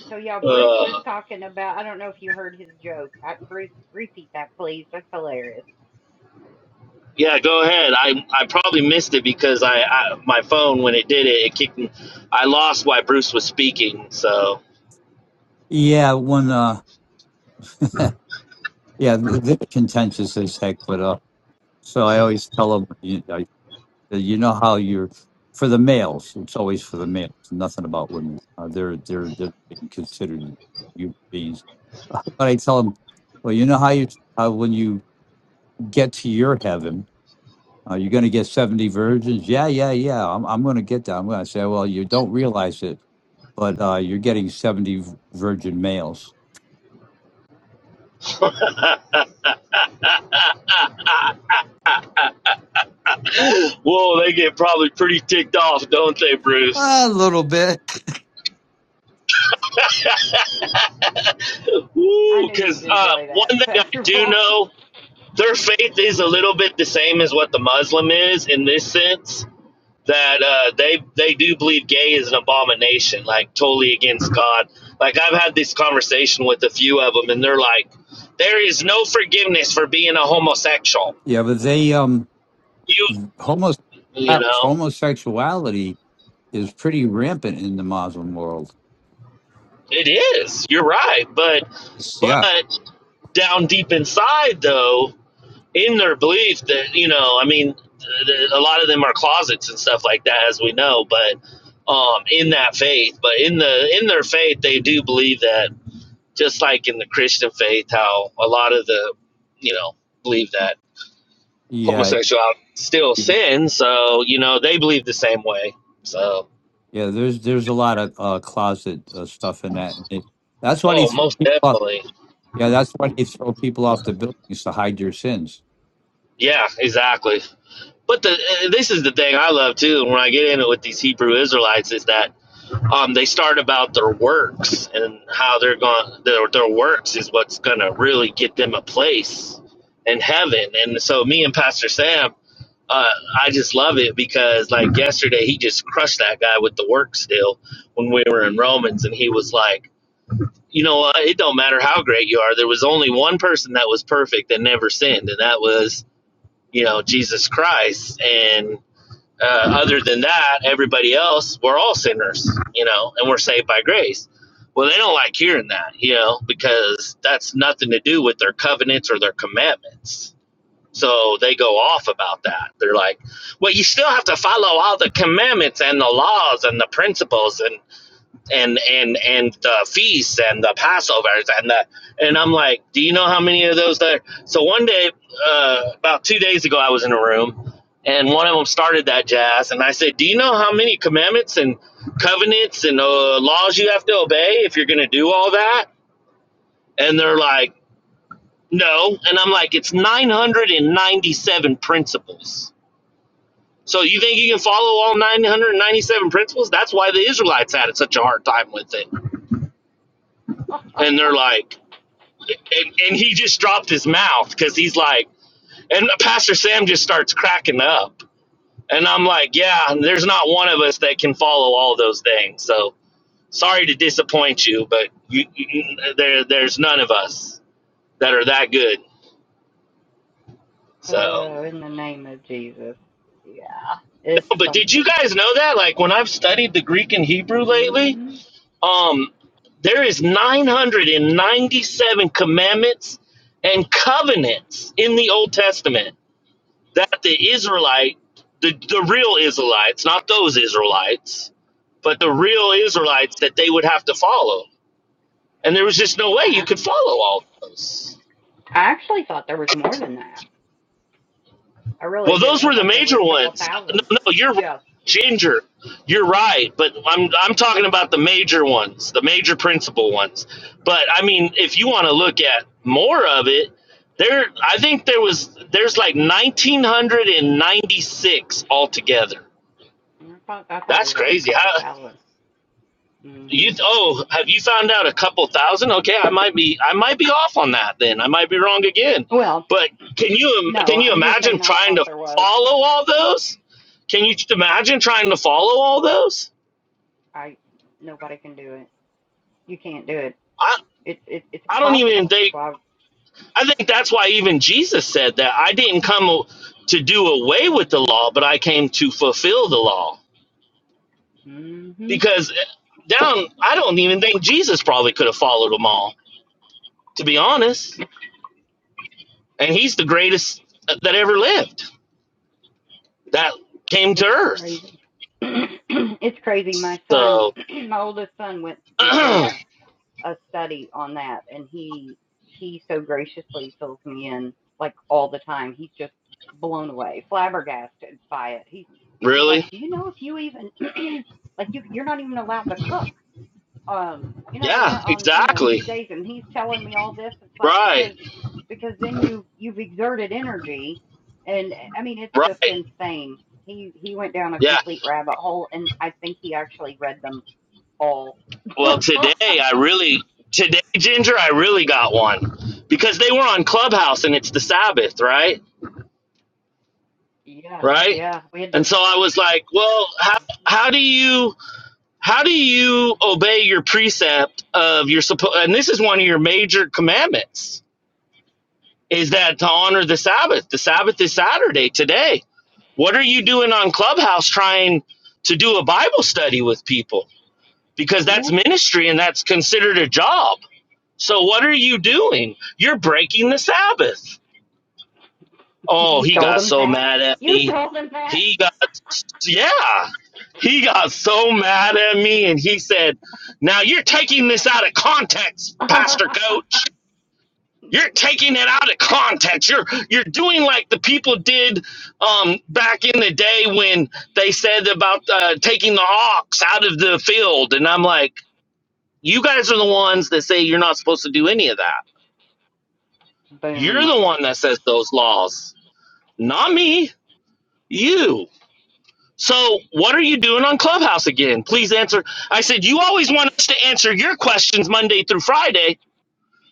so yeah, Bruce was
uh,
talking about. I don't know if you heard his joke. I, Bruce, repeat that, please. That's hilarious.
yeah, go ahead. I, I probably missed it because I, I my phone when it did it it kicked. me- I lost why Bruce was speaking. So.
Yeah, one. Uh, yeah, th- they're contentious as heck, but uh, so I always tell them. Uh, You know how you're for the males. It's always for the males. Nothing about women. Uh, they're they're they're being considered human beings. Uh, But I tell them, well, you know how you how when you get to your heaven, uh, you're going to get seventy virgins. Yeah, yeah, yeah. I'm I'm going to get that. I'm going to say, well, you don't realize it, but uh, you're getting seventy v- virgin males.
Whoa, they get probably pretty ticked off, don't they, Bruce?
A little bit.
I
Woo,
knew you'd
because uh,
enjoy
one
that,
thing I
Pastor
do
Paul.
know their faith is a little bit the same as what the Muslim is in this sense that uh, they they do believe gay is an abomination, like totally against God. Like I've had this conversation with a few of them, and they're like, "There is no forgiveness for being a homosexual."
Yeah, but they um
You
homos
you know
homosexuality is pretty rampant in the Muslim world
it is. You're right, but
It's- yeah,
but down deep inside though in their belief that you know i mean a lot of them are closets and stuff like that as we know but um in that faith but in the in their faith they do believe that just like in the christian faith how a lot of the you know believe that
yeah, it-
homosexuality is still sin so you know they believe the same way so
yeah. There's there's a lot of uh, closet uh, stuff in that. It, that's why they
oh
throw
most
people off.
definitely
Yeah, that's why they throw people off the buildings to hide your sins.
yeah exactly but the uh, this is the thing i love too when i get in it with these hebrew israelites is that um, they start about their works and how they're going their, their works is what's going to really get them a place in heaven and so me and pastor sam uh, i just love it because like yesterday he just crushed that guy with the work still when we were in romans and he was like you know what it don't matter how great you are there was only one person that was perfect that never sinned and that was you know jesus christ and uh, other than that, everybody else, we're all sinners, you know, and we're saved by grace. Well, they don't like hearing that, you know, because that's nothing to do with their covenants or their commandments. So they go off about that. They're like, well, you still have to follow all the commandments and the laws and the principles. and and and and the feasts and the Passovers and the and I'm like, do you know how many of those there? So one day, uh, about two days ago, I was in a room, and one of them started that jazz, and I said, do you know how many commandments and covenants and uh, laws you have to obey if you're going to do all that? And they're like, no, and I'm like, it's 997 principles. So you think you can follow all 997 principles? That's why the Israelites had such a hard time with it.
oh,
And they're like, and, and he just dropped his mouth because he's like, and Pastor Sam just starts cracking up. And I'm like, yeah, there's not one of us that can follow all those things. So sorry to disappoint you, but you, you, there, there's none of us that are that good. So, no,
in the name of Jesus. Yeah, it's
but did you
something.
guys know that? Like when I've studied the Greek and Hebrew lately,
hmm
um, there is 997 commandments and covenants in the Old Testament. that the Israelite, the, the real Israelites, not those Israelites, but the real Israelites that they would have to follow. And there was just no way
I,
you could follow all those.
I actually thought there was more than that. I really
Well,
did.
those
I
were the
thought there were
major
a couple
ones. No,
thousand.
no you're right.
Yeah,
Ginger. You're right, but I'm I'm talking about the major ones, the major principal ones. But I mean, if you want to look at more of it, there I think there was there's like 1996 altogether.
I thought I thought there
That's
was like a
crazy.
couple
How
1000
You
hmm
oh, have you found out a couple thousand? Okay, I might be I might be off on that then. I might be wrong again.
Well,
But can you
no,
can you
I'm just
imagine
saying I
trying
thought
to
there was.
follow
Yeah,
all those? Can you imagine trying to follow all those?
I nobody can do it. You can't do it.
I
It's it, it's
I don't even
impossible.
think
So I.
I think that's why even Jesus said that I didn't come to do away with the law, but I came to fulfill the law.
hmm hmm
Because eh, down I don't even think Jesus probably could have followed them all, to be honest. And he's the greatest eh, that ever lived. that came to
It's
Earth.
crazy. it's crazy. My son,
So,
my oldest son, went went down a a study on that and he he so graciously fills me in like all the time he's just blown away flabbergasted by it he he's like
really?
do you know if you even like you you're not even allowed to cook um you're not
Yeah,
allowed on you know
exactly.
these days and he's telling me all this it's like
Right,
because because then you you've exerted energy and i mean it's just
right.
insane he he went down a
Yeah.
complete rabbit hole and i think he actually read them all
Well, today I really, today, Ginger, I really got one because they were on Clubhouse and it's the Sabbath, right?
Yeah,
Right.
yeah. We had
And
to.
so I was like, well, how, how do you, how do you obey your precept of your, suppo- and this is one of your major commandments is that to honor the Sabbath. The Sabbath is Saturday today What are you doing on Clubhouse trying to do a Bible study with people? Because that's
Ooh,
ministry and that's considered a job. So what are you
ooh.
doing? You're breaking the Sabbath. Oh,
You
he
told
got
him
so
that.
mad at
You
me.
told him that.
He got, yeah, he got so mad at me and he said, Now you're taking this out of context, Pastor Coach. You're taking it out of context. You're you're doing like the people did um, back in the day when they said about uh, taking the ox out of the field, and I'm like, you guys are the ones that say you're not supposed to do any of that. You're
Boom.
the one that says those laws, not me. You. So what are you doing on Clubhouse again? Please answer. I said you always want us to answer your questions Monday through Friday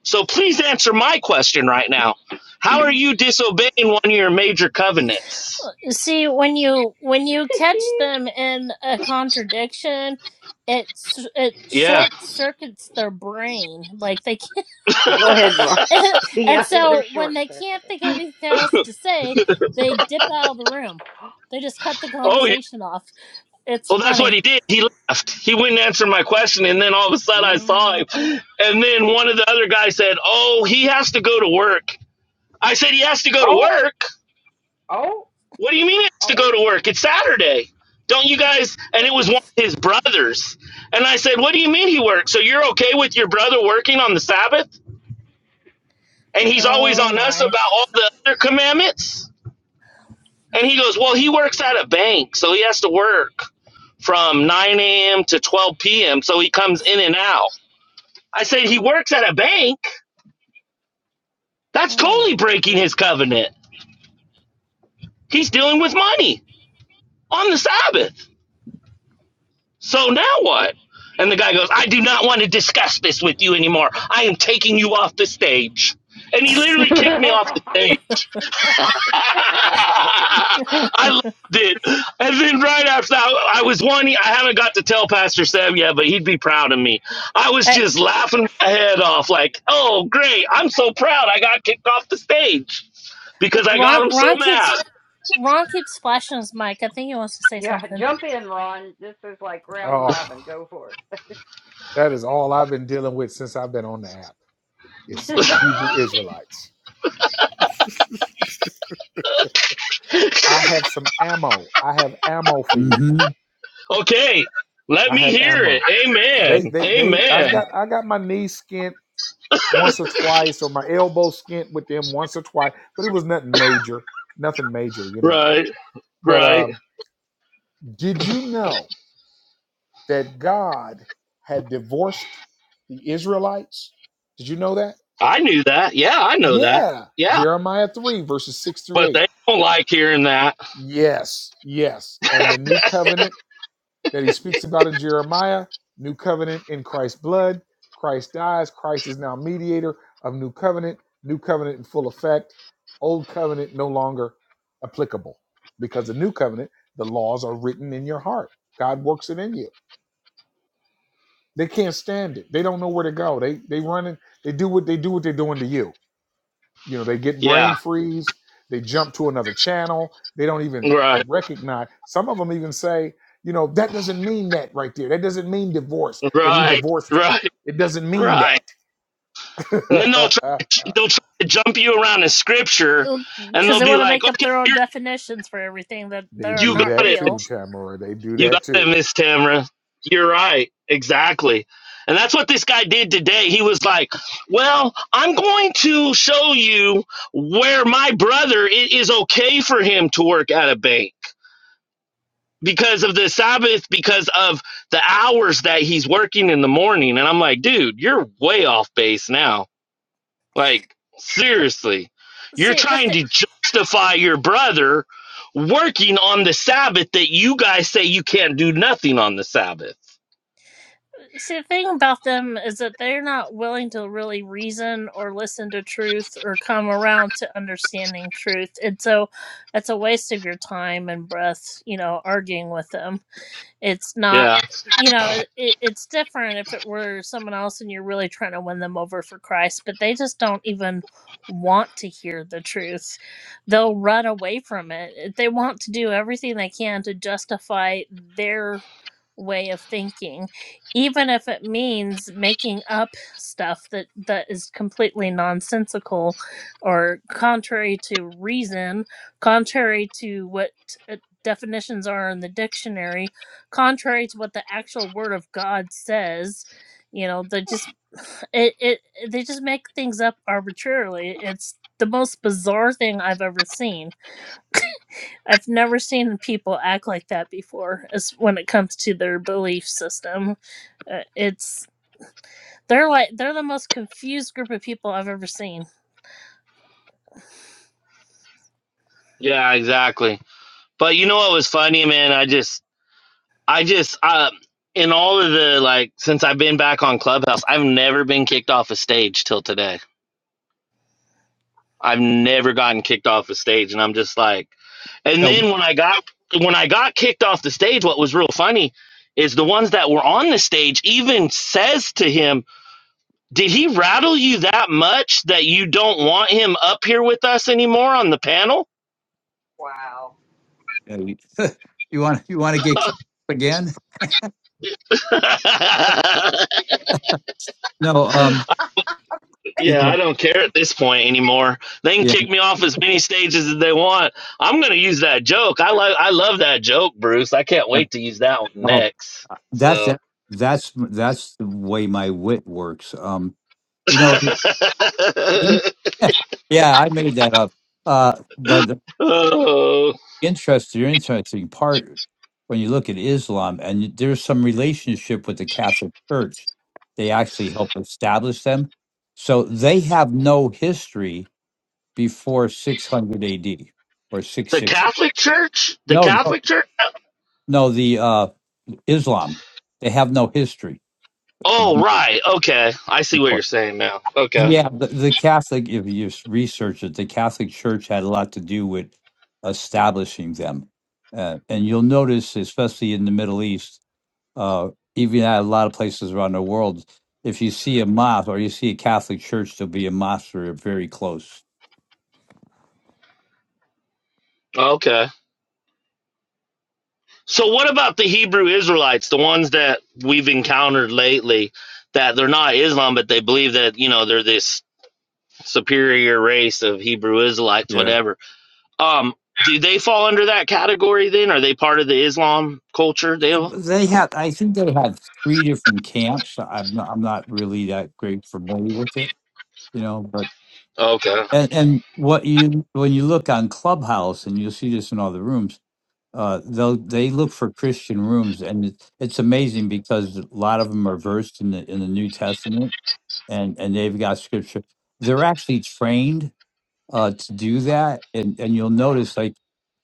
So please answer my question right now. How are you disobeying one of your major covenants?
that. See, when you when you catch them in a contradiction, it s- it
Yeah.
short circuits their brain. Like they
Go ahead, Ron.
and
yeah, they're
so when
short
they can't
circuited.
think of anything else to say, they dip out of the room. They just cut the
Oh, yeah.
conversation off. It's
well, that's what
funny.
he did. He left. He wouldn't answer my question, and then all of a sudden I saw
hmm
him. And then one of the other guys said, "Oh, he has to go to work." I said, "He has to go to
Oh,
work."
oh,
What do you mean he has to
oh.
go to work? It's Saturday. Don't you
It's.
guys? And
it's
it was one of his brothers. And I said, "What do you mean he works? So you're okay with your brother working on the Sabbath?" And he's always
Oh
on us
my!
about all the other commandments. And he goes, Well, he
Oh
works
dear.
at a bank, so he has to work from 9 a.m. to 12 p.m., so he comes in and out. I said, He works at a bank? That's
Oh,
totally breaking his
gee.
covenant. He's dealing with money on the Sabbath. So now what? And the guy goes, I do not want to discuss this with you anymore. I am taking you off the stage. And he literally kicked me off the stage.
Gosh.
I loved it. And then right after that, I was one. I haven't got to tell Pastor Sam yet, but he'd be proud of me. I was
I,
just laughing my head off, like, "Oh, great! I'm so proud! I got kicked off the stage because I got
Ron
him so
Ron keeps
mad."
Ron keeps flashing his mic. I think he wants to say
Yeah,
something
jump in, Ron. This is like round
Oh,
robin. Go for it.
that is all I've been dealing with since I've been on the app. It's Hebrew Israelites. I have some ammo. I have ammo for you.
Mm-hmm.
Okay, let
I
me
have
hear it.
ammo. They,
Amen.
they, they. I've
Amen.
got, I got my knee skint once or twice, or my elbow skint with them once or twice, but it was nothing major. Nothing major, you know.
Right.
But
Right.
um, did you know? that God had divorced the Israelites. Did you know that?
I knew that. Yeah, I know that.
Yeah.
Yeah,
Jeremiah 3, verses 6 through
but
8.
they don't like hearing that.
Yes, yes. And the new covenant that he speaks about in Jeremiah, new covenant in Christ's blood. Christ dies. Christ is now mediator of new covenant, new covenant in full effect, old covenant no longer applicable because the new covenant, the laws are written in your heart. God works it in you. They can't stand it. They don't know where to go. They they run in, they do what they do what they're doing to you. You know, they get brain
Yeah.
freeze, they jump to another channel, they don't even
Right.
recognize. Some of them even say, you know, that doesn't mean that right there. That doesn't mean divorce, that he
Right.
divorced them.
Right.
It doesn't mean
Right.
that.
And then they'll try, they'll try to jump you around in scripture, and
because
they'll
they
be
want to
like,
make up
"Okay,
their own
you're,
definitions for everything that that
they
are
you
do
not
got
that
it,
too,
real.
Tamara. They do
you got
that too.
it, Miss Tamra. You're right, exactly." And that's what this guy did today. He was like, "Well, I'm going to show you where my brother it is okay for him to work at a bank." Because of the Sabbath, because of the hours that he's working in the morning. And I'm like, dude, you're way off base now Like, seriously, you're
See the
trying
thi-
to justify your brother working on the Sabbath that you guys say you can't do nothing on the Sabbath.
See, the thing about them is that they're not willing to really reason or listen to truth or come around to understanding truth. And so it's a waste of your time and breath, you know, arguing with them. It's not,
Yeah,
you know, it, it's different if it were someone else and you're really trying to win them over for Christ, but they just don't even want to hear the truth. They'll run away from it. They want to do everything they can to justify their way of thinking even if it means making up stuff that that is completely nonsensical or contrary to reason contrary to what uh, definitions are in the dictionary contrary to what the actual word of God says. You know, they just it, it they just make things up arbitrarily. It's the most bizarre thing I've ever seen. I've never seen people act like that before as when it comes to their belief system. Uh, it's they're like they're the most confused group of people I've ever seen.
yeah, exactly. But you know what was funny, man? I just, I just, uh, in all of the like, since I've been back on Clubhouse, I've never been kicked off a stage till today. I've never gotten kicked off a stage, and I'm just like, and
So
then when I got when I got kicked off the stage, what was real funny is the ones that were on the stage even says to him, "Did he rattle you that much that you don't want him up here with us anymore on the panel?"
wow.
yeah, we- you want you want to get kicked again? No, um, you
yeah, I
know,
don't care at this point anymore. They can
yeah,
kick me off as many stages as they want. I'm gonna use that joke. I like I love that joke, Bruce. I can't
yeah.
wait to use that one
Well,
next.
that's
So.
that's that's the way my wit works. Um, you know, you- yeah, I made that up. Uh, but
oh,
Interesting, interesting part when you look at Islam, and there's some relationship with the Catholic Church. They actually helped establish them. So they have no history before 600 AD or
the
660.
Catholic Church? The
No, no,
Catholic Church?
no the uh, Islam, they have no history of
Oh, right. Okay. I see what you're
before.
saying now. Okay.
Yeah, the, the Catholic, if you s- research it, the Catholic Church had a lot to do with establishing them. Uh, and you'll notice, especially in the Middle East, uh, even at a lot of places around the world, if you see a mosque or you see a Catholic church, there'll be a mosque or very close.
Okay. So, what about the Hebrew Israelites, the ones that we've encountered lately that they're not Islam, but they believe that, you know, they're this superior race of Hebrew Israelites,
Yeah.
whatever? Um, do they fall under that category then? Are they part of the Islam culture deal?
They had, I think they had three different camps. I'm not, I'm not really that great familiar with it, you know. But
Okay.
and and what you when you look on Clubhouse and you'll see this in all the rooms, uh, they'll they look for Christian rooms, and it, it's amazing because a lot of them are versed in the in the New Testament, and and they've got scripture. They're actually trained uh, to do that, and and you'll notice like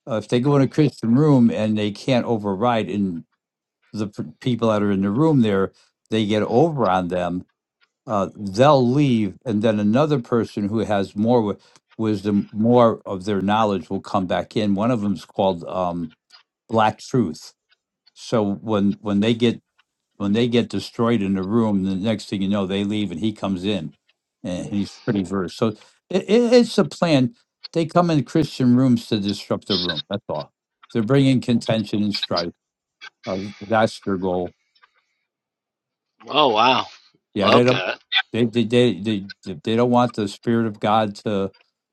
uh, if they go in a Christian room and they can't override, and the p- people that are in the room there, they get over on them. Uh, they'll leave, and then another person who has more wi- wisdom, more of their knowledge, will come back in. One of them is called um, Black Truth. So when when they get when they get destroyed in the room, the next thing you know, they leave and he comes in and he's pretty versed. So it, it, it's a plan. They come in Christian rooms to disrupt the room. That's all. They're bringing contention and strife. Uh, that's their goal.
Oh, wow.
Yeah, they don't.
Okay.
They they they they, they don't want the spirit of God to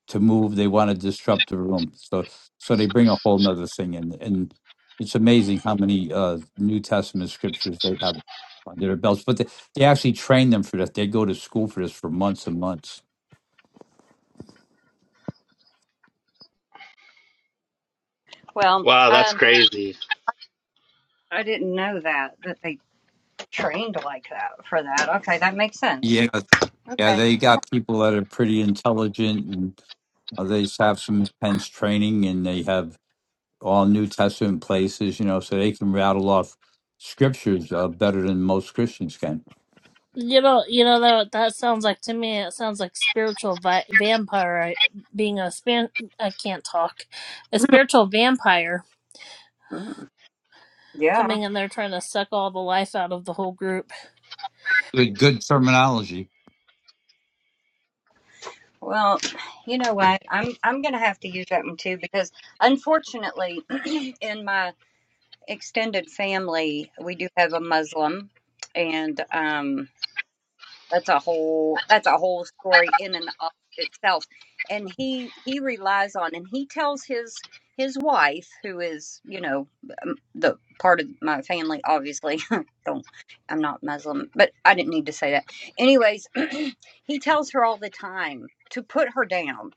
to move. They want to disrupt the room. So so they bring a whole nother thing in, and it's amazing how many uh, New Testament scriptures they have under their belts. But they, they actually train them for this. They go to school for this for months and months.
Well,
Wow, that's
um,
crazy.
I didn't know that that they trained like that for that. Okay, that makes sense.
Yeah, yeah.
Okay.
They got people that are pretty intelligent, and uh, they have some intense training, and they have all New Testament places, you know, so they can rattle off scriptures uh, better than most Christians can.
You know, you know that that sounds like to me. It sounds like spiritual vi- vampire being a span. I can't talk. A spiritual vampire
Yeah.
coming in there trying to suck all the life out of the whole group.
Good, good terminology.
Well, you know what? I'm I'm gonna have to use that one too because unfortunately, in my extended family, we do have a Muslim, and um, that's a whole that's a whole story in and of itself and he he relies on and he tells his his wife who is you know um, the part of my family obviously don't i'm not muslim but i didn't need to say that anyways he tells her all the time to put her down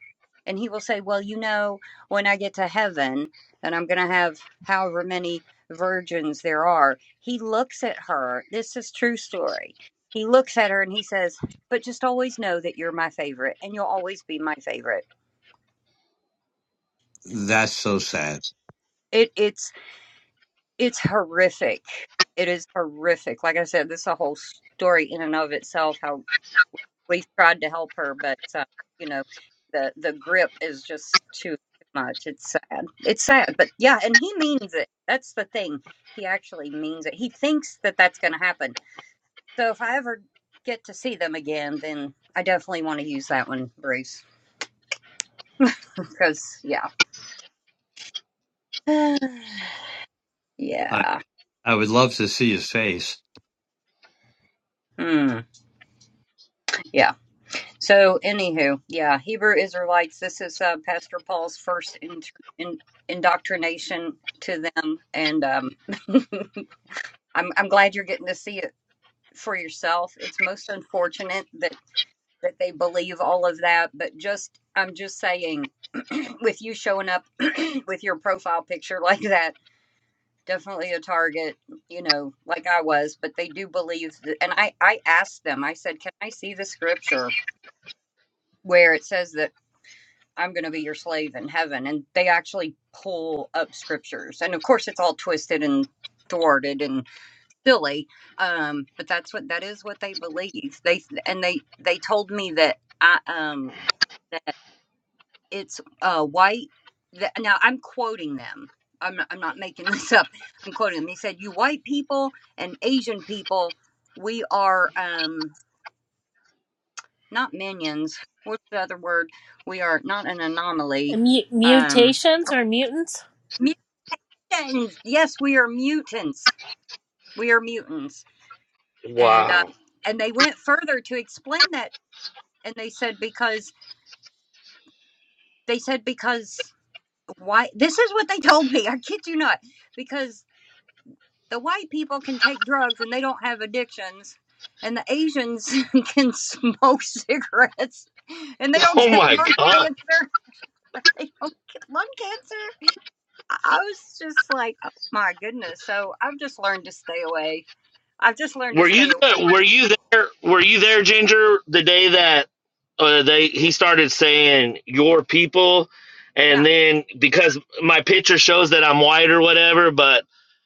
and he will say well you know when i get to heaven and i'm going to have however many virgins there are he looks at her this is true story he looks at her and he says, "But just always know that you're my favorite, and you'll always be my favorite."
That's so sad.
It it's it's horrific. It is horrific. Like I said, this is a whole story in and of itself. How we've tried to help her, but uh, you know, the the grip is just too much. It's sad. It's sad, but yeah, and he means it. That's the thing. He actually means it. He thinks that that's going to happen. So if I ever get to see them again, then I definitely want to use that one, Bruce, because yeah.
I,
yeah.
I would love to see his face.
Hmm. Yeah. So, anywho, yeah, Hebrew Israelites. This is uh, Pastor Paul's first in, in, indoctrination to them, and um, I'm I'm glad you're getting to see it for yourself. It's most unfortunate that that they believe all of that, but just I'm just saying, with you showing up with your profile picture like that. definitely a target you know like i was but they do believe that, and i i asked them i said can i see the scripture where it says that i'm going to be your slave in heaven and they actually pull up scriptures and of course it's all twisted and thwarted and silly um but that's what that is what they believe they and they they told me that i um it's uh, white. th- Now I'm quoting them. I'm not, I'm not making this up. I'm quoting them. He said, "You white people and Asian people, we are um, not minions. What's the other word? We are not an anomaly.
Uh, Mu-
Um,
mutations or mutants?
mutants. Yes, we are mutants. We are mutants." And uh,
Wow.
and they went further to explain that, and they said because they said because why this is what they told me. I kid you not because the white people can take drugs and they don't have addictions, and the Asians can smoke cigarettes and they don't
Oh
get
my
lung
God.
cancer. They don't get lung cancer. I I was just like, oh my goodness. So I've just learned to stay away. I've just learned to
Were
stay
you
away.
there, were you there were you there, Ginger, the day that uh, they he started saying your people
Yeah.
and then because my picture shows that I'm white or whatever, but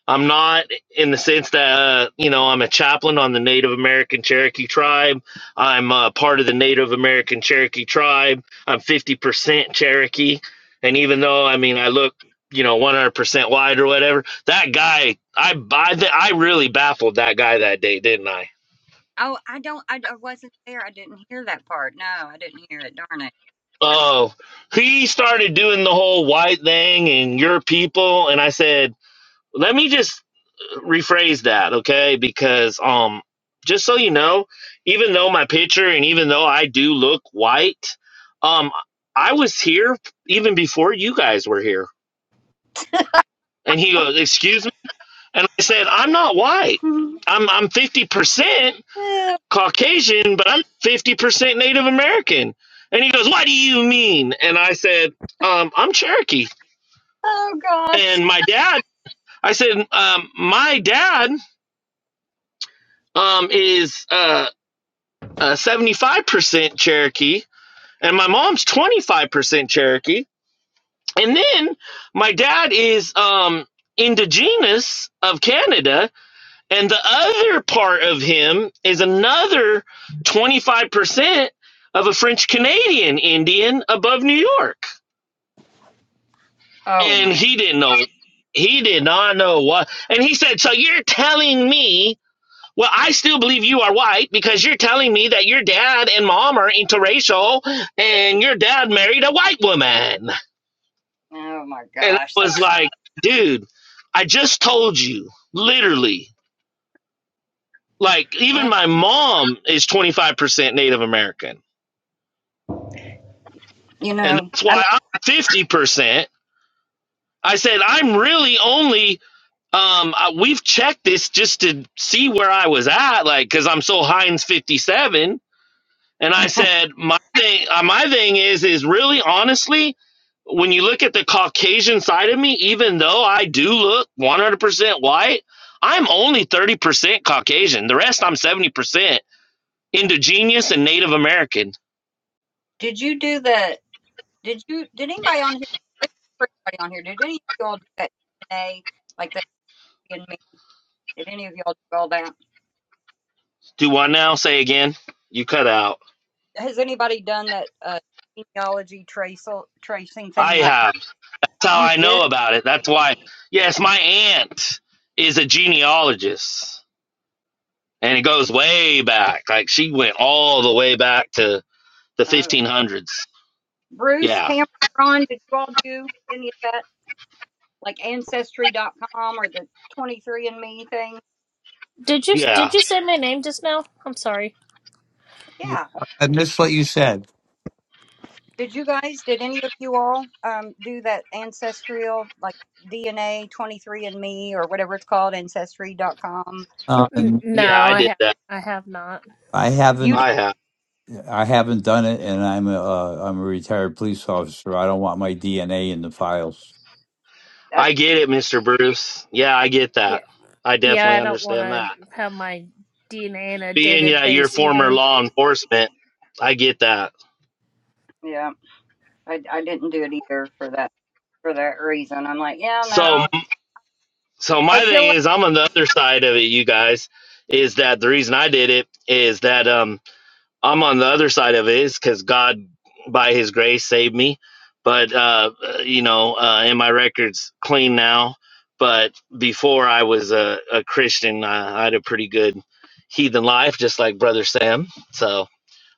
I'm not in the sense that uh, you know I'm a chaplain on the Native American Cherokee tribe. I'm uh, part of the Native American Cherokee tribe. I'm 50% Cherokee, and even though I mean I look you know 100% white or whatever, That guy, I I, th- I really baffled that guy that day, didn't I?
Oh, I don't. I, I wasn't there. I didn't hear that part. No, I didn't hear it. Darn it.
Oh, he started doing the whole white thing and your people, and I said, let me just rephrase that, okay? Because um, just so you know, even though my picture and even though I do look white, um, I was here even before you guys were here. And he goes, excuse me, and I said, I'm not white.
Mhm.
I'm I'm fifty percent.
Yeah.
Caucasian, but I'm 50% Native American. And he goes, What do you mean? And I said, um, I'm Cherokee.
oh gosh.
And my dad, I said, um, My dad um, is uh, uh, 75% Cherokee, and my mom's 25% Cherokee. And then my dad is um, indigenous of Canada, And the other part of him is another 25% of a French Canadian Indian above New York.
Oh
And
my.
he didn't know. He did not know what. And he said, So you're telling me, well, I still believe you are white because you're telling me that your dad and mom are interracial and your dad married a white woman.
Oh my
And
gosh.
I was
That's
like, Dude, I just told you, literally. Like even
well.
my mom is 25% Native American.
You
And
know.
that's
I
why
mean.
I'm 50%. I said I'm really only um I, we've checked this just to see where I was at like cuz I'm so Heinz 57 and I said my thing uh, my thing is is really honestly when you look at the Caucasian side of me, even though I do look 100% white, I'm only 30% Caucasian. The rest, I'm 70% indigenous and Native American.
Did you do the? Did you? Did anybody on here? This is for everybody on here. Did any of y'all do that DNA like that? And me? Did any of y'all do all that?
Do I now say again? You cut out.
Has anybody done that uh, genealogy tracer tracing thing
I
like
have. That's how
you
I know
did?
about it. That's why. Yes, my aunt is a genealogist, and it goes way back. Like she went all the way back to the
Uh,
1500s.
Bruce,
Yeah,
Tamara, Ron, did you all do any of that? Like Ancestry.com or the 23andMe thing?
Did you did
yeah,
you say my name just now? I'm sorry.
Yeah.
I miss what you said.
Did you guys, did any of you all um, do that ancestral, like DNA 23 and Me or whatever it's called, Ancestry dot com?
N-
Um,
yeah.
no,
I
I
did
have
that.
I have not.
I
You did?
haven't,
I have.
I haven't done it, and I'm a, uh, I'm a retired police officer. I don't want my DNA in the files.
I,
I get it, Mister Bruce. Yeah, I get
Yeah,
that. I
yeah.
definitely
I don't want
understand
to
that.
have my DNA in a
Being yeah, your
database
former
either.
law enforcement, I get that.
yeah, I, I didn't do it either for that for that reason. I'm like, yeah,
So
no.
So
I
my thing
feel like,
is, I'm on the other side of it. You guys is that the reason I did it is that um I'm on the other side of it is because God by His grace saved me. But uh, uh, you know, uh, and my record's clean now. But before I was a, a Christian, I, I had a pretty good heathen life, just like Brother Sam. So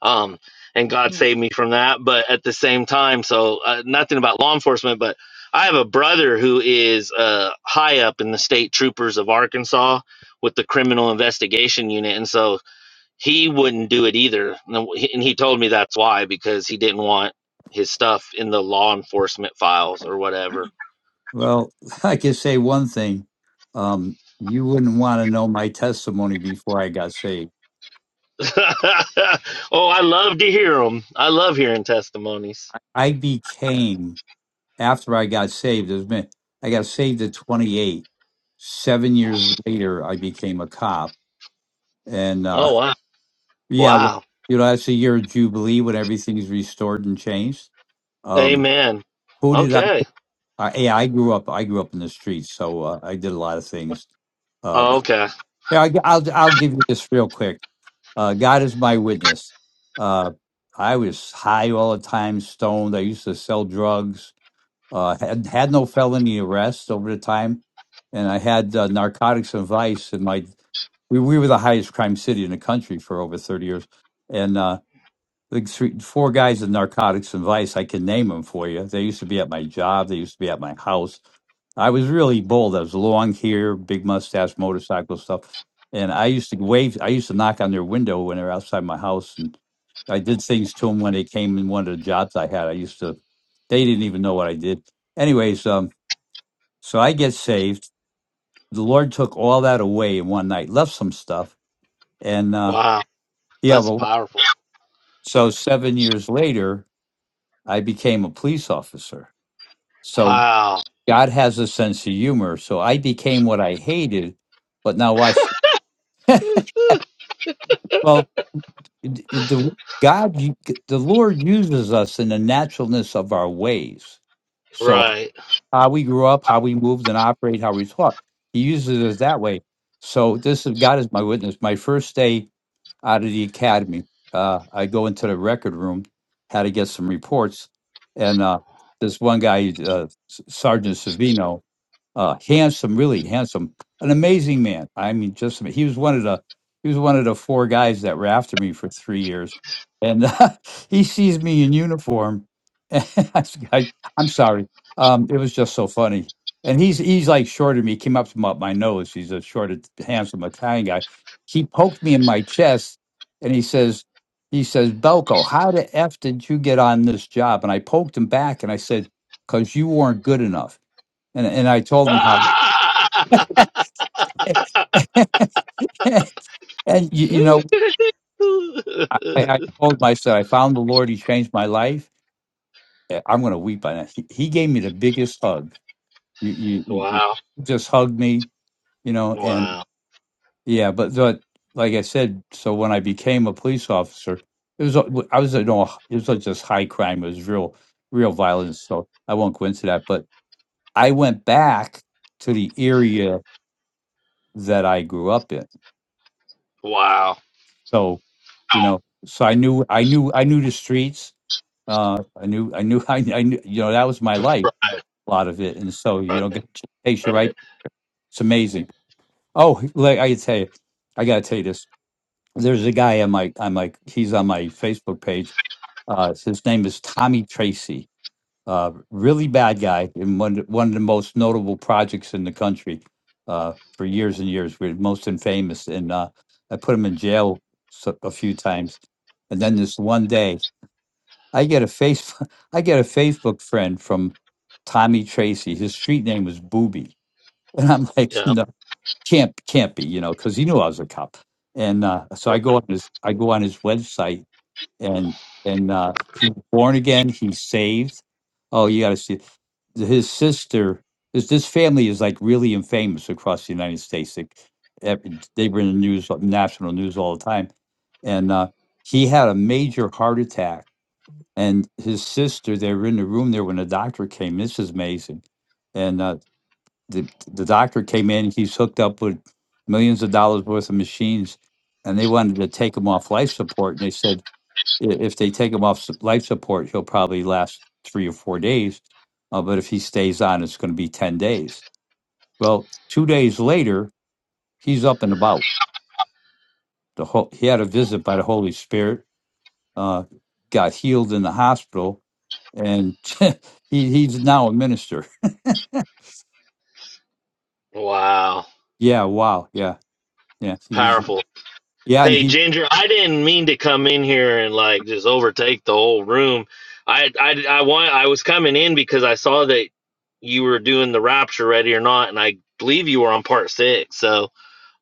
um, and God
Mm.
saved me from that. But at the same time, so uh, nothing about law enforcement, but I have a brother who is uh, high up in the state troopers of Arkansas with the criminal investigation unit, and so he wouldn't do it either. No, he- And he told me that's why because he didn't want his stuff in the law enforcement files or whatever.
Well, I can say one thing. Um, you wouldn't want to know my testimony before I got saved.
oh, I love to hear them. I love hearing testimonies.
I became after I got saved. There's been I got saved at 28. Seven years later, I became a cop, and uh,
Oh wow,
yeah, well,
wow,
you know that's a year of jubilee when everything's restored and changed. Um,
amen.
who did I?
Okay,
I yeah, I grew up. I grew up in the streets, so uh, I did a lot of things. Uh, but-
okay,
yeah, I, I'll I'll give you this real quick. Uh, God is my witness. Uh, I was high all the time, stoned. I used to sell drugs uh, had had no felony arrests over the time, and I had uh, narcotics and vice. And my we we were the highest crime city in the country for over thirty years. And uh, the three, four guys in narcotics and vice, I can name them for you. They used to be at my job. They used to be at my house. I was really bold. I was long hair, big mustache, motorcycle stuff. And I used to wave, I used to knock on their window when they were outside my house. And I did things to them when they came in one of the jobs I had. I used to, they didn't even know what I did. Anyways, um, so I get saved. The Lord took all that away in one night, left some stuff. And uh,
wow.
yeah,
That's
well,
powerful.
so seven years later, I became a police officer. So
Wow.
God has a sense of humor. So I became what I hated, but now watch Well, it- it- the God, u- the Lord uses us in the naturalness of our ways. So
Right.
how we grew up, how we moved and operate, how we taught, He uses us that way. So this is God is my witness. My first day out of the academy, uh, I go into the record room, had to get some reports, and uh, this one guy, uh, S- Sergeant Savino, uh, handsome, really handsome, an amazing man. I mean, just ama- he was one of the he was one of the four guys that were after me for three years, and he sees me in uniform. And I, s- I- I'm sorry, um, it was just so funny. And he's he's like shorter than me. He came up to my, my nose. He's a short, handsome Italian guy. He poked me in my chest, and he says. He says, Belko, how the F did you get on this job? And I poked him back and I said, because you weren't good enough and and I told him how. and you, you know, I, I told myself, I said, I found the Lord. He changed my life. Eh, I'm going to weep on it. He, he gave me the biggest hug. You, you, you
wow.
you just hugged me, you know, and
Wow.
yeah, but but like I said, so when I became a police officer, it was a- I was you know, it was just high crime. It was real real violence. So I won't go into that. But I went back to the area that I grew up in
Wow.
So, you know, so I knew, I knew, I knew the streets. Uh, I knew, I knew, I, I knew, you know, that was my life,
Right.
a lot of it. And so, you
Right.
know, takes you
Right.
right. It's amazing. Oh, like I tell you, I gotta tell you this. There's a guy on my, on my, he's on my Facebook page. Uh, his name is Tommy Tracy uh, really bad guy and one one of the most notable projects in the country uh, for years and years. We're most infamous, and uh, I put him in jail so- a few times. And then this one day, I get a face I get a Facebook friend from Tommy Tracy. His street name was Booby, and I'm like,
Yeah.
no, can't can't be, you know, because he knew I was a cop. And uh, so
Right.
I go on his I go on his website and and uh, he's born again. He's saved. Oh, you got to see his sister. This this family is like really infamous across the United States. They, every, they were in the news, national news all the time, and uh, he had a major heart attack. And his sister, they were in the room there when the doctor came. This is amazing. And uh, the the doctor came in. He's hooked up with millions of dollars worth of machines, and they wanted to take him off life support. And they said i- if they take him off su- life support, he'll probably last three or four days. Uh, but if he stays on, it's going to be 10 days. Well, two days later, he's up and about. The whole, he had a visit by the Holy Spirit, uh, got healed in the hospital, and he, he's now a minister.
Wow.
Yeah, wow. Yeah, yeah. He's,
Powerful.
yeah, and
Hey
he.
Ginger, I didn't mean to come in here and like just overtake the whole room. I I I want I was coming in because I saw that you were doing the rapture ready or not, and I believe you were on part six. So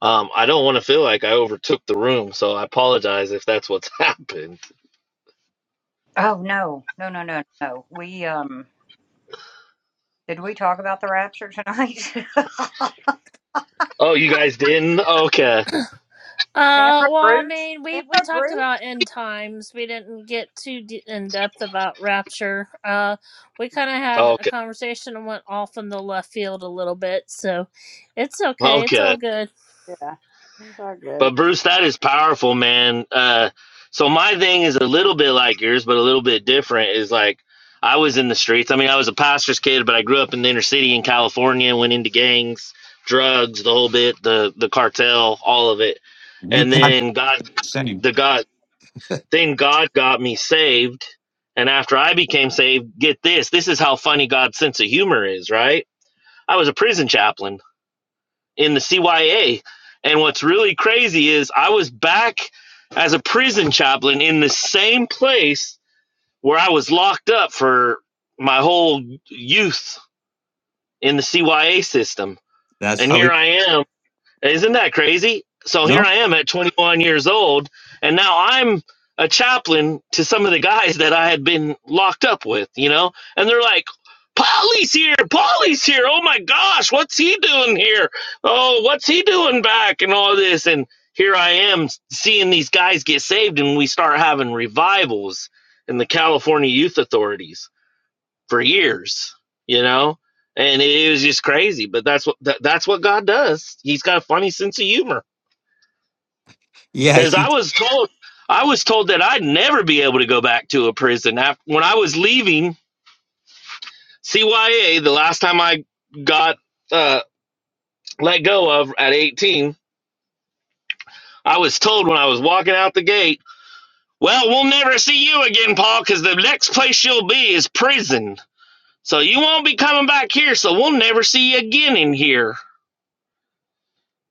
Um, I don't want to feel like I overtook the room, so I apologize if that's what's happened.
oh, no, no, no, no, no. We, um, did we talk about the rapture tonight?
Oh, you guys didn't? Okay.
Uh,
Tamara
well, I
Bruce?
mean, we we
Tamara
talked
Bruce?
about end times. We didn't get too d- in depth about rapture. Uh, we kind of had a
Okay.
conversation and went off in the left field a little bit, so it's okay. It's all
Okay.
good.
Yeah, those are good.
But Bruce, that is powerful, man. Uh so my thing is a little bit like yours, but a little bit different is like I was in the streets. I mean, I was a pastor's kid, but I grew up in the inner city in California, went into gangs, drugs, the whole bit, the the cartel, all of it.
You
And
packed
then God
the same.
the God Then God got me saved. And after I became saved, get this this is how funny God's sense of humor is, right? I was a prison chaplain in the CYA. And what's really crazy is I was back as a prison chaplain in the same place where I was locked up for my whole youth in the CYA system.
That's
And
how
here
he.
I am isn't that crazy? So here
No?
I am at 21 years old, and now I'm a chaplain to some of the guys that I had been locked up with, you know? And they're like, Polly's here, Polly's here. Oh my gosh, what's he doing here? Oh, what's he doing back and all this? And here I am seeing these guys get saved, and we start having revivals in the California youth authorities for years, you know, and it was just crazy. But that's what that, that's what God does. He's got a funny sense of humor.
Yeah,
Because I
he
was told I was told that I'd never be able to go back to a prison after when I was leaving CYA the last time I got uh, let go of at 18. I was told when I was walking out the gate, "Well, we'll never see you again, Paul, because the next place you'll be is prison." So you won't be coming back here, so we'll never see you again in here.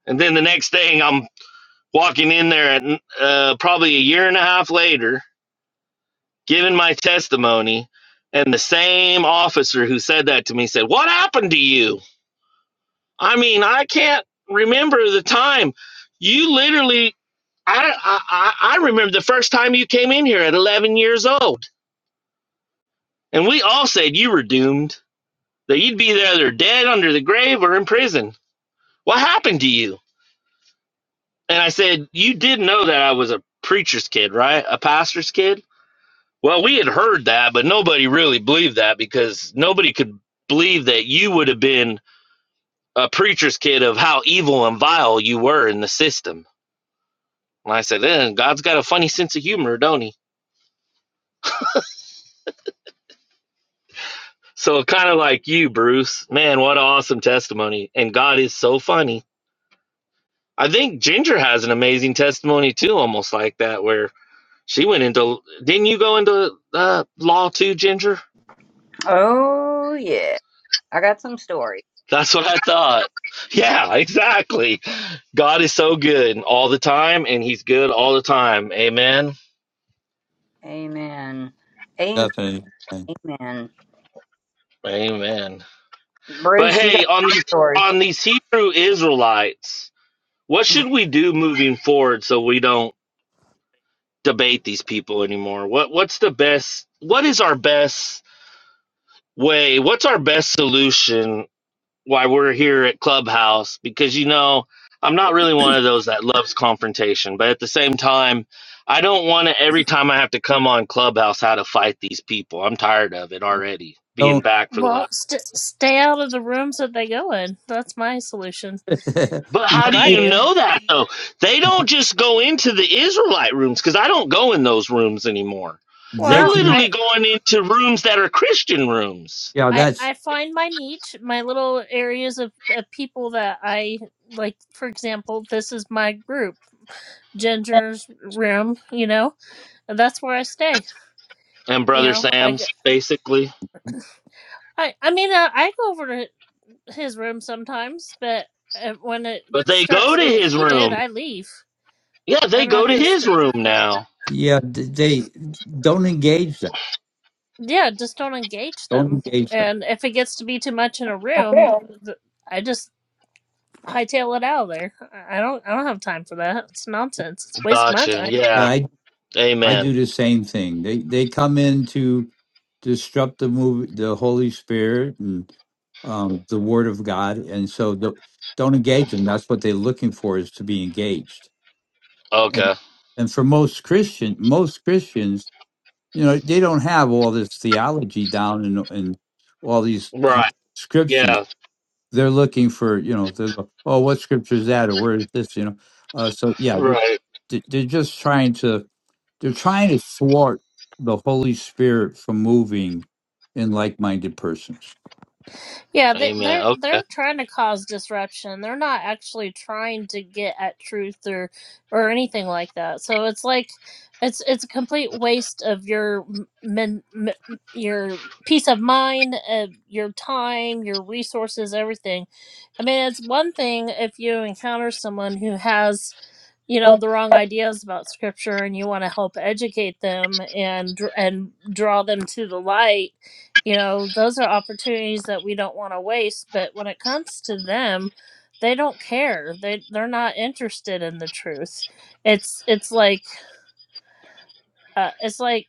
And then the next thing, I'm walking in there at, uh, probably a year and a half later, giving my testimony, and the same officer who said that to me said, "What happened to you?" I mean, I can't remember the time. You literally, I I I I remember the first time you came in here at 11 years old, and we all said you were doomed, that you'd be either dead under the grave or in prison. What happened to you? And I said, "You did know that I was a preacher's kid, right? A pastor's kid." Well, we had heard that, but nobody really believed that because nobody could believe that you would have been a preacher's kid of how evil and vile you were in the system. And I said, eh, God's got a funny sense of humor, don't he? So kind of like you, Bruce. Man, what an awesome testimony. And God is so funny. I think Ginger has an amazing testimony too, almost like that, where she went into didn't you go into uh, law too, Ginger?
Oh, yeah. I got some story.
That's what I thought. Yeah, exactly. God is so good all the time, and He's good all the time. Amen.
Amen. Amen.
definitely.
Amen.
Amen. But
Bruce, you got
hey, on these
a story.
on these Hebrew Israelites, what should we do moving forward so we don't debate these people anymore? What what's the best? What is our best way? What's our best solution why we're here at Clubhouse because you know I'm not really one of those that loves confrontation, but at the same time, I don't want to every time I have to come on Clubhouse how to fight these people. I'm tired of it already being
Don't.
back for the
Well,
last.
st- stay out of the rooms that they go in. That's my solution.
But how
What
do
I
you
do.
know that though? They don't just go into the Israelite rooms because I don't go in those rooms anymore. They're
they
Well,
literally
I
going into rooms that are Christian rooms
Yeah,
I
that's
I find my niche, my little areas of, of people that I like. For example, this is my group, Ginger's room. You know, and that's where I stay.
and
You
Brother
know, I g-
Sam's basically.
I I mean, uh, I go over to his room sometimes, but uh, when it
But they
starts
go
to
to
get
his
heated,
room.
I leave.
Yeah, they
I'm
go
not
to
gonna. St-
his room now.
yeah. d- They don't engage them.
yeah, just don't engage
Don't
them.
engage them.
And if it gets to be too much in a room, th- I just hightail it out of there. I I don't. I don't have time for that. It's nonsense. It's a waste of my
Gotcha.
time.
Yeah,
Yeah.
I I do
Amen.
the same thing. They they come in to disrupt the move, the Holy Spirit and um, the Word of God, and so the, don't engage them. That's what they're looking for is to be engaged. And
Okay.
and for most Christian, most Christians, you know, they don't have all this theology down and and all these hun-
Right.
scriptures.
Yeah.
they're looking for you know they're, like, oh what scripture is that or where is this you know uh, so yeah they're,
Right.
they're just trying to they're trying to thwart the holy spirit from moving in like-minded persons
Yeah, they,
Amen.
they're
Okay.
they're trying to cause disruption. They're not actually trying to get at truth or or anything like that. So it's like it's it's a complete waste of your m- men, m- your peace of mind, uh, your time, your resources, everything I mean, it's one thing if you encounter someone who has, you know, the wrong ideas about scripture and you want to help educate them and and draw them to the light. You know, those are opportunities that we don't want to waste, but when it comes to them, they don't care. They they're not interested in the truth. It's it's like uh, it's like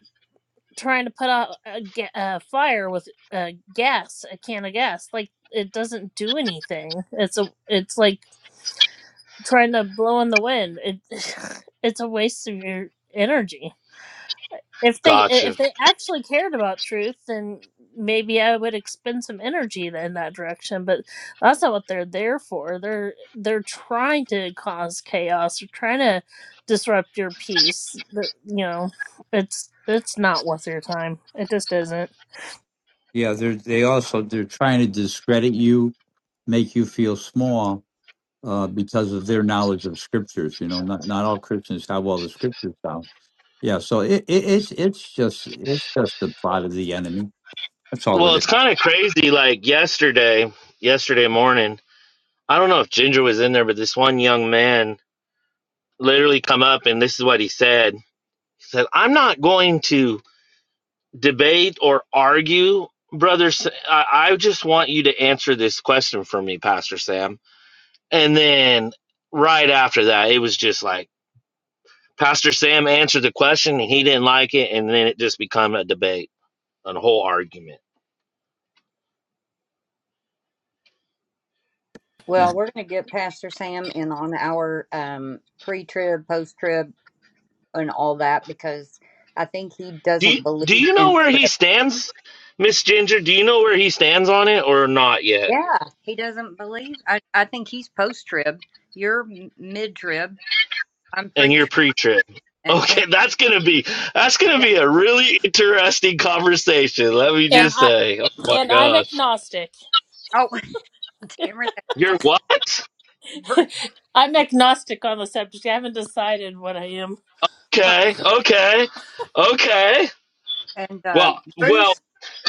trying to put out a, ga- a fire with uh, gas, a can of gas. Like it doesn't do anything. It's a it's like trying to blow in the wind. It, it's a waste of your energy. If they
Gotcha.
if they actually cared about truth, then maybe I would expend some energy in that direction. But that's not what they're there for. They're they're trying to cause chaos. They're trying to disrupt your peace. The- You know, it's it's not worth your time. It just isn't.
yeah they're they also they're trying to discredit you make you feel small uh, because of their knowledge of scriptures. You know, not not all Christians have all the scriptures down. Yeah, so it, it it's it's just it's just the plot of the enemy. That's all
Well,
it is.
it's kind of crazy. Like yesterday, yesterday morning, I don't know if Ginger was in there, but this one young man literally come up and this is what he said. He said, "I'm not going to debate or argue, brother. Sa- I, I just want you to answer this question for me, Pastor Sam." And then right after that, it was just like. Pastor Sam answered the question, and he didn't like it, and then it just become a debate, a whole argument.
Yeah.
Well, we're going to get Pastor Sam in on our um, pre trib, post trib, and all that because I think he
Do you,
doesn't
do
believe
you know
in
where
trib.
he stands, Miss Ginger? Do you know where he stands on it or not yet?
Yeah, he doesn't believe. I, I think he's post trib. You're mid trib. I'm pre
And you're
trib.
pre-trib.
And Tam,
Okay, that's gonna be that's gonna
yeah,
be a really interesting conversation. Let me
yeah.
And
just
I
say, oh my
and I'm
gosh,
agnostic.
Oh, Tamara's at the
you're
hospital.
what?
Bru-
I'm agnostic on the subject. I haven't decided what I am.
Okay, okay, okay.
And uh,
Well, well,
Bruce,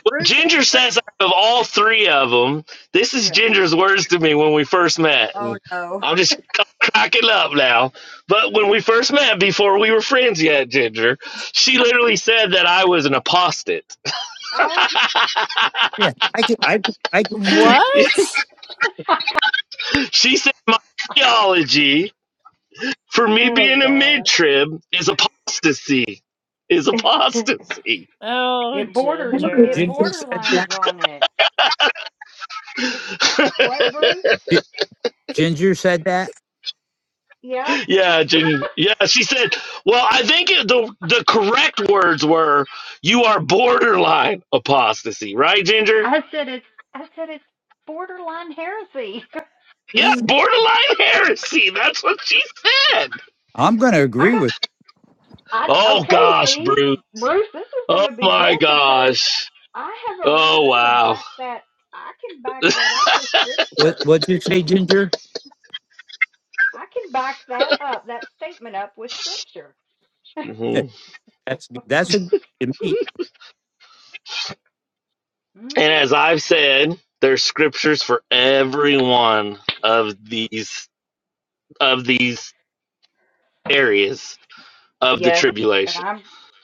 Bruce is
Ginger
pre.
says of all three of them, this is
Yeah.
Ginger's words to me when we first met,
Oh
and
no.
I'm just c- cracking up now. But when we first met, before we were friends yet, Ginger, she literally said that I was an apostate.
Oh.
Yeah, I can. I I I can.
What?
she said my theology for me
Oh
being a
God.
mid-trib is apostasy. Is apostasy.
Oh,
it bordered it
Ginger.
Ginger said that.
borderlines on it. It what, Bruce?
Gi- Ginger said that.
Yeah.
Yeah, June. Yeah, she said. Well, I think it, the the correct words were "you are borderline apostasy," right, Ginger?
I said it's I said it's borderline heresy.
Yeah,
Uh,
borderline heresy. That's what she said.
I'm going to
I got
agree with
I
Oh
okay,
gosh,
see,
Bruce.
Bruce, this is going
Oh
to be good
my
because
gosh.
I have a
Oh
reason to
wow.
back that. I can back that up with
what
scripture.
what you say, Ginger.
I can back that up, that statement up with scripture.
Eh,
hmm
That's that's a to me.
hmm
And as I've said, there's scriptures for every one of these of these areas of the
Yes, but
tribulation.
I'm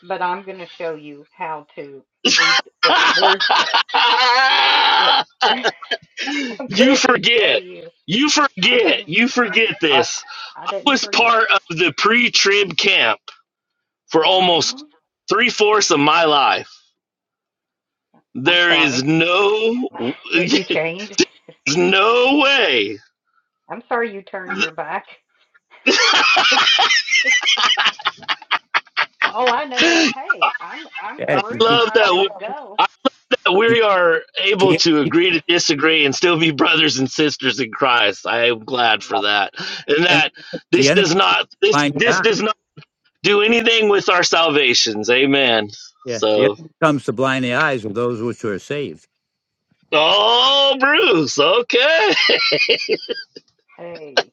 but I'm going to show you how to read what the word said. What I'm
You
going to just show
forget.
you.
You
I'm going
forget.
to.
You forget
I
this.
I
I
didn't
was
forget.
part of the pre trib camp for
Uh-huh.
almost three fourths of my life.
I'm
There is
sorry
no,
that you
there's
changed.
no way.
I'm sorry you turned your back. All I know is, hey, I'm I'm
Yeah,
Bruce
the,
and
Love
I are gonna
that.
go.
I, that
And-
the,
we are able
the,
to agree to disagree and still be brothers and sisters in Christ. I am glad for that, and
and
that
the
this does
enemy
not this
blind the
this
eye.
does not do anything with our salvations. Amen.
Yeah, the
So
enemy comes to blind the eyes of those which are saved.
Oh, Bruce. Okay.
Hey,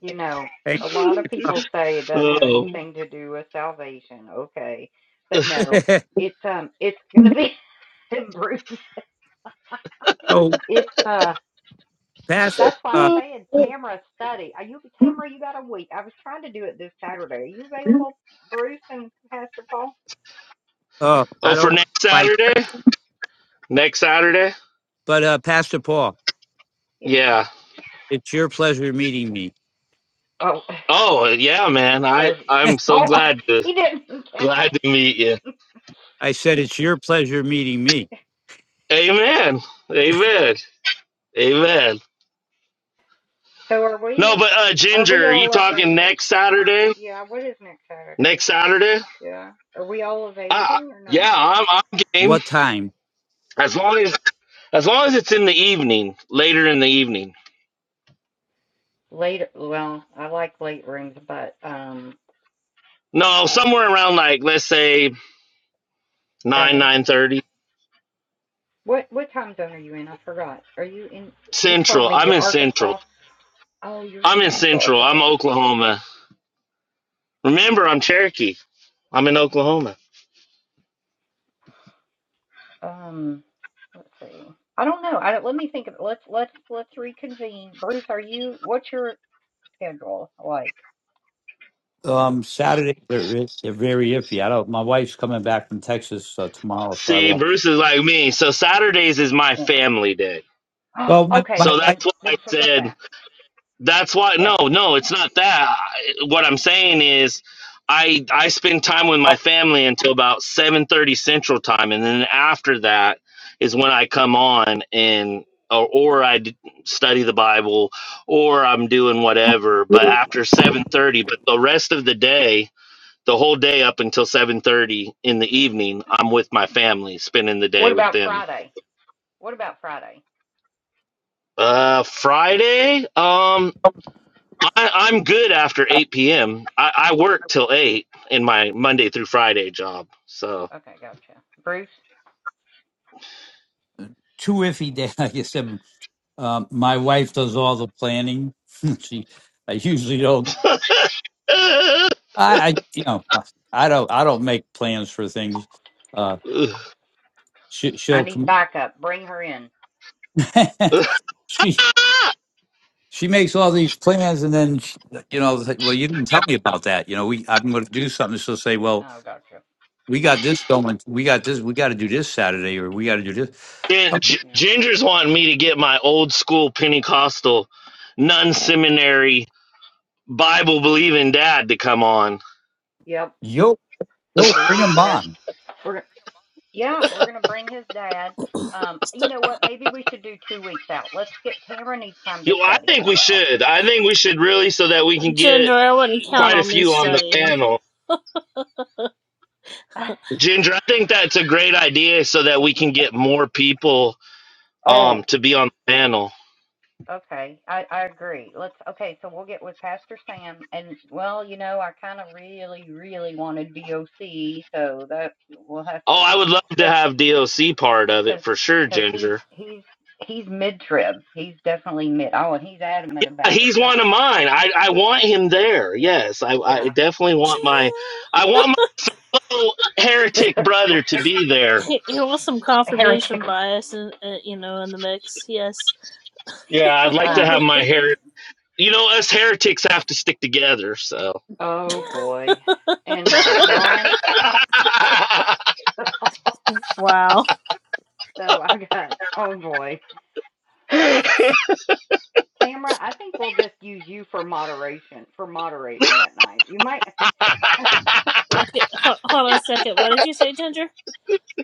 you know,
Hey,
a lot of people say it doesn't have
Oh,
anything to do with salvation. Okay, but no, it's um, it's gonna be and Bruce.
so,
It's uh,
Pastor,
that's why I'm
uh,
oh,
saying Tamara study. Are you Tamara? You got a week. I was trying to do it this Saturday. Are you available, Bruce and Pastor Paul?
uh, I
for
don't
next
fight,
Saturday. Next Saturday.
but uh, Pastor Paul,
Yeah.
Yeah.
it's your pleasure meeting me.
Oh, it's
Oh, yeah,
your
man. I
pleasure.
I'm so
Oh,
glad to
he didn't. get
glad to meet you.
I said it's your pleasure meeting me.
Amen. Amen. Amen.
So are
No,
we
but uh,
are we
Ginger, are you
all
talking
available?
next Saturday?
Yeah, what is next Saturday?
Next Saturday?
Yeah. Are we all
Ah,
available or no?
yeah. I'm I'm game
What time?
as long as as long as it's in the evening, later in the evening.
Late well, I like late rooms, but um
No, somewhere around like let's say nine
seven.
nine thirty.
What what time zone are you in? I forgot. Are you in you told
Central.
me
I'm
you're
in Central.
Arkansas. Oh, you're
I'm in
central.
Central.
So
I'm
yeah.
Oklahoma. Remember, I'm
yeah.
Cherokee. I'm in Oklahoma.
Um let's see. I don't know. I don't, let me think of it. Let's let's let's reconvene. Bruce, are you what's your schedule like?
Um, Saturday. They're, it's- they're very iffy. I don't. My wife's coming back from Texas uh, tomorrow, so I
See,
won't.
Bruce is like me. So Saturdays is my family day.
Yeah.
Well, my,
okay,
my,
well
So
my
then
that's what I
then forget
said.
that.
That's why
Yeah.
no, no, it's not that. I- What I'm saying is I I spend time with my family until about 7:30 central time and then after that is when I come on and or, or I d- study the Bible or I'm doing whatever, but after 7:30, but the rest of the day, the whole day up until 7:30 in the evening, I'm with my family, spending the day
What
with
about
them.
Friday? What about Friday?
Uh Friday? Um I, I'm good after 8 p.m. I, I work till 8 in my Monday through Friday job. So.
Okay, gotcha. Bruce,
two iffy days. Like I said, um, my wife does all the planning. she, I usually don't. I, I, you know, I don't. I don't make plans for things. Uh,
and
she,
I
she'll
need
come.
backup. Bring her in.
she she makes all these plans and then she- you know it's like, well you didn't tell me about that you know we i'm going to do something she'll say well
Oh, gotcha.
we got this going we got this we got to do this saturday or we got to do this okay
G-
Yeah.
Ginger's wanting me to get my old school Pentecostal nun seminary Bible believing dad to come on.
Yep.
yo yo bring
Bruce's
them
dad.
on
We're yeah, we're gonna bring his dad. Um, you
St-
know what? Maybe we should do two weeks out. Let's get Tamara needs time
Yo,
to
I
study as
think we
well.
should. I think we should really so that we can
Ginger,
get
I wouldn't count
quite
Yeah.
a
on me
few on the
studying.
panel. Ginger, I think that's a great idea so that we can get more people um
oh,
to be on the panel.
okay. I, I agree. Let's okay, so we'll get with Pastor Sam and well, you know, I kinda really, really wanted DOC, so that we'll have
Oh,
to
I would love to
Because
have DOC part of it
because
for sure,
because he's
Ginger.
he's he's mid trib. He's definitely mid. Oh, and he's adamant about it.
He's
So
one of mine. I, I want him there.
yeah,
Yes, I, I
yeah,
definitely
he,
want my I want my little heretic brother to be there.
he wants some
heretic.
confirmation bias, in, uh, you know, in the mix. Yes.
Yeah, I'd like to
Um.
have my hair. You know, us heretics have to stick together. So.
Oh boy, and uh, Ron. so
wow.
I got. Oh boy, Tamara. I think we'll just use you for moderation for moderating that night. You might.
Okay, ho- hold on a second. What did you say, Ginger?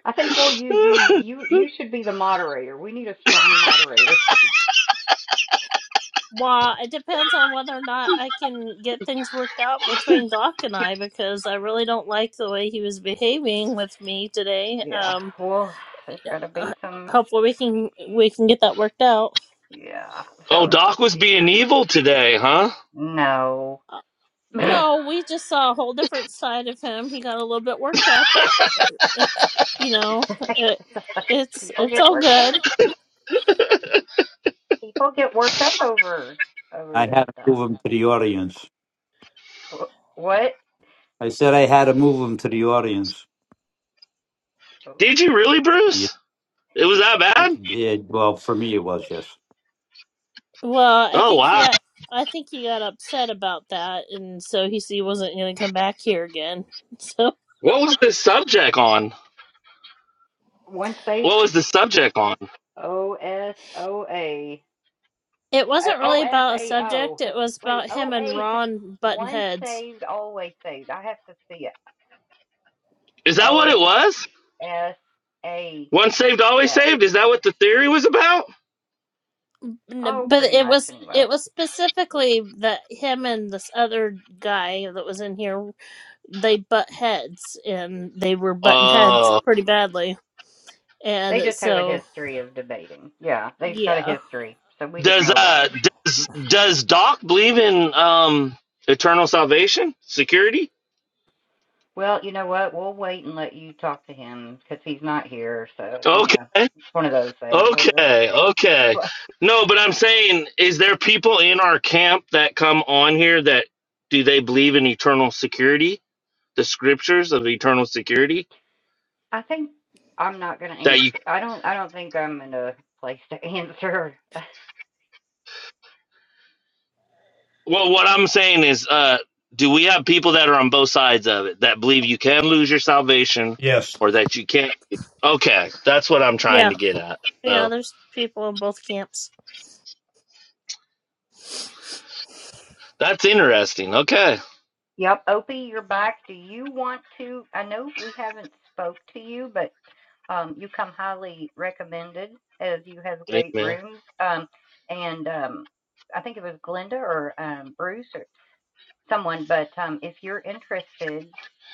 I think we'll use you. You you should be the moderator. We need a strong moderator.
Well, it depends on whether or not I can get things worked out between Doc and I because I really don't like the way he was behaving with me today.
Yeah.
Um.
Well, there's got to
uh,
be some.
hopefully we can we can get that worked out.
Yeah.
oh,
So
Doc was being evil today, huh?
no.
Uh, No, we just saw a whole different side of him. He got a little bit worked up. Uh, It's you know, it, it's
People
it's
get
all
worked up.
good.
People get worked up over over
i
this
had to move
stuff.
them to the audience
What?
I said I had to move them to the audience.
Oh.
Did you really,
Yeah,
Bruce? It was that bad?
it- it- well, for me it was yes.
Well, I
Oh
think he
wow.
got I think he got upset about that, and so he he wasn't going to come back here again. So
What was the subject on?
Once they
What was the subject on?
O S O A
it
Uh,
wasn't
O
really
S
about a
A O.
subject. It was
Wait,
about him
O
and
A.
Ron button
Once
heads.
saved, always saved. I have to see it.
Is that what it
O
was?
S A
Once saved, always
S.
saved. Is that what the theory was about?
N-
Oh,
But
pretty
it
much
was
anyway.
it was specifically that him and this other guy that was in here. they butt heads and they were butting heads
Uh,
pretty badly. And
They just have a
so
history of debating. Yeah, they've got a
yeah.
history, so we didn't
does
know about
uh
it.
does does Doc believe in um eternal salvation, security?
Well, you know what? We'll wait and let you talk to him because he's not here. So, you know,
Okay,
it's one of those things. We'll just.
okay, okay.
well,
No, but I'm saying, is there people in our camp that come on here that do they believe in eternal security, the scriptures of eternal security
I think I'm not going to
that you
answer. I don't. I don't think I'm in a place to answer.
Well, what I'm saying is, uh, do we have people that are on both sides of it that believe you can lose your salvation
Yes.
or that you can't? Okay, that's what I'm trying
Yeah.
to get at.
Yeah,
So
there's people in both camps.
that's interesting. Okay,
Yep, Opie, you're back. Do you want to? I know we haven't spoke to you, but um, you come highly recommended as you have great
amen.
rooms. Um, and um, I think it was Glenda or um, Bruce. or someone, but um, if you're interested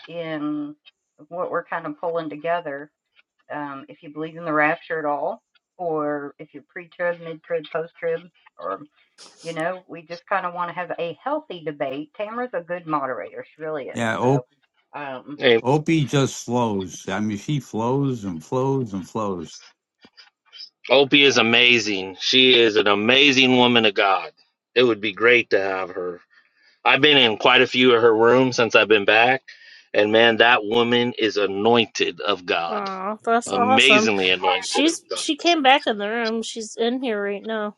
in what we're kind of pulling together, um, if you believe in the rapture at all, or if you're pre-trib, mid-trib, post-trib, or you know, we just kind of want to have a healthy debate. Tamara's a good moderator; she really is.
Yeah, Op-
So, um,
Hey,
Opie just flows. I mean, she flows and flows and flows,
Opie is amazing. She is an amazing woman of God. It would be great to have her. I've been in quite a few of her rooms since I've been back, and man, that woman is anointed of God,
Aw, that's awesome.
amazingly anointed of
She's
God.
she came back in the room. She's in here right now.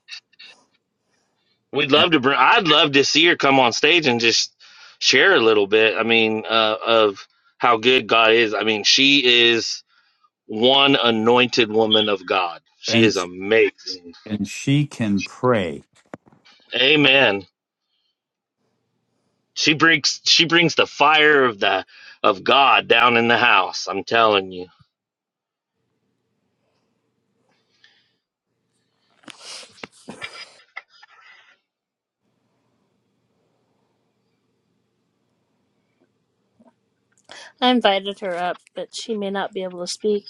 We'd
and
love to bring. I'd love to see her come on stage and just share a little bit. I mean, uh, of how good God is. I mean, she is one anointed woman of God. She
and
is amazing.
and she can pray.
Amen. She brings she brings the fire of the of God down in the house. I'm telling you.
I invited her up, but she may not be able to speak.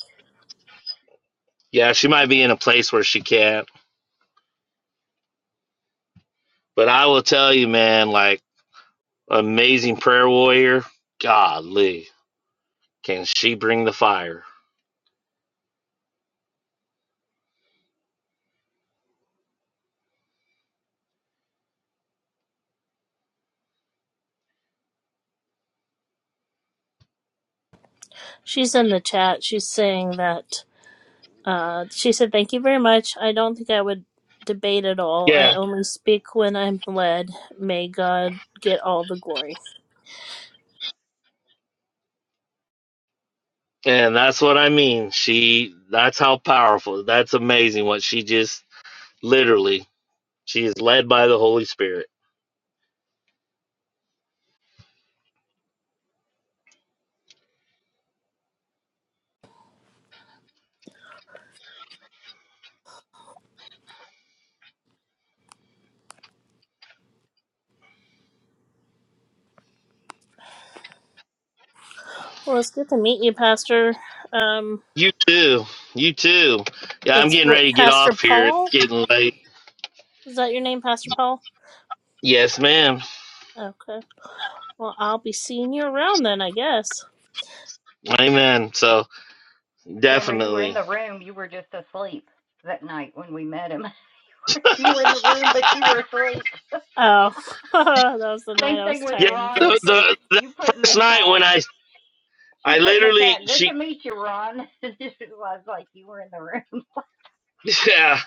Yeah, she might be in a place where she can't, but I will tell you, man. Like amazing prayer warrior. Golly, can she bring the fire?
She's in the chat. She's saying that uh she said thank you very much. I don't think I would debate at all.
Yeah,
I only speak when I'm led. May God get all the glory.
And that's what I mean. She that's how powerful. That's amazing what she just literally she is led by the Holy Spirit.
Well, it's good to meet you, Pastor. Um,
You too. You too. Yeah, I'm
it's
getting
what
ready to get
Pastor
off here. It's
Paul.
getting late.
Is that your name, Pastor Paul?
Yes, ma'am.
Okay. Well, I'll be seeing you around then, I guess.
Amen. So
Tamara, you were in
definitely.
the room; you were just asleep that night when we met him. you were in the room, but you were asleep.
Oh, that was the night
Same
I
thing
was
with
Yeah,
tired and
Ron.
fell
You
the
put
asleep.
the, the
you put in the
first night when
chat
I I
She put in the
literally
chat, good to
she
meet you, Ron. this was like you were in the room.
yeah.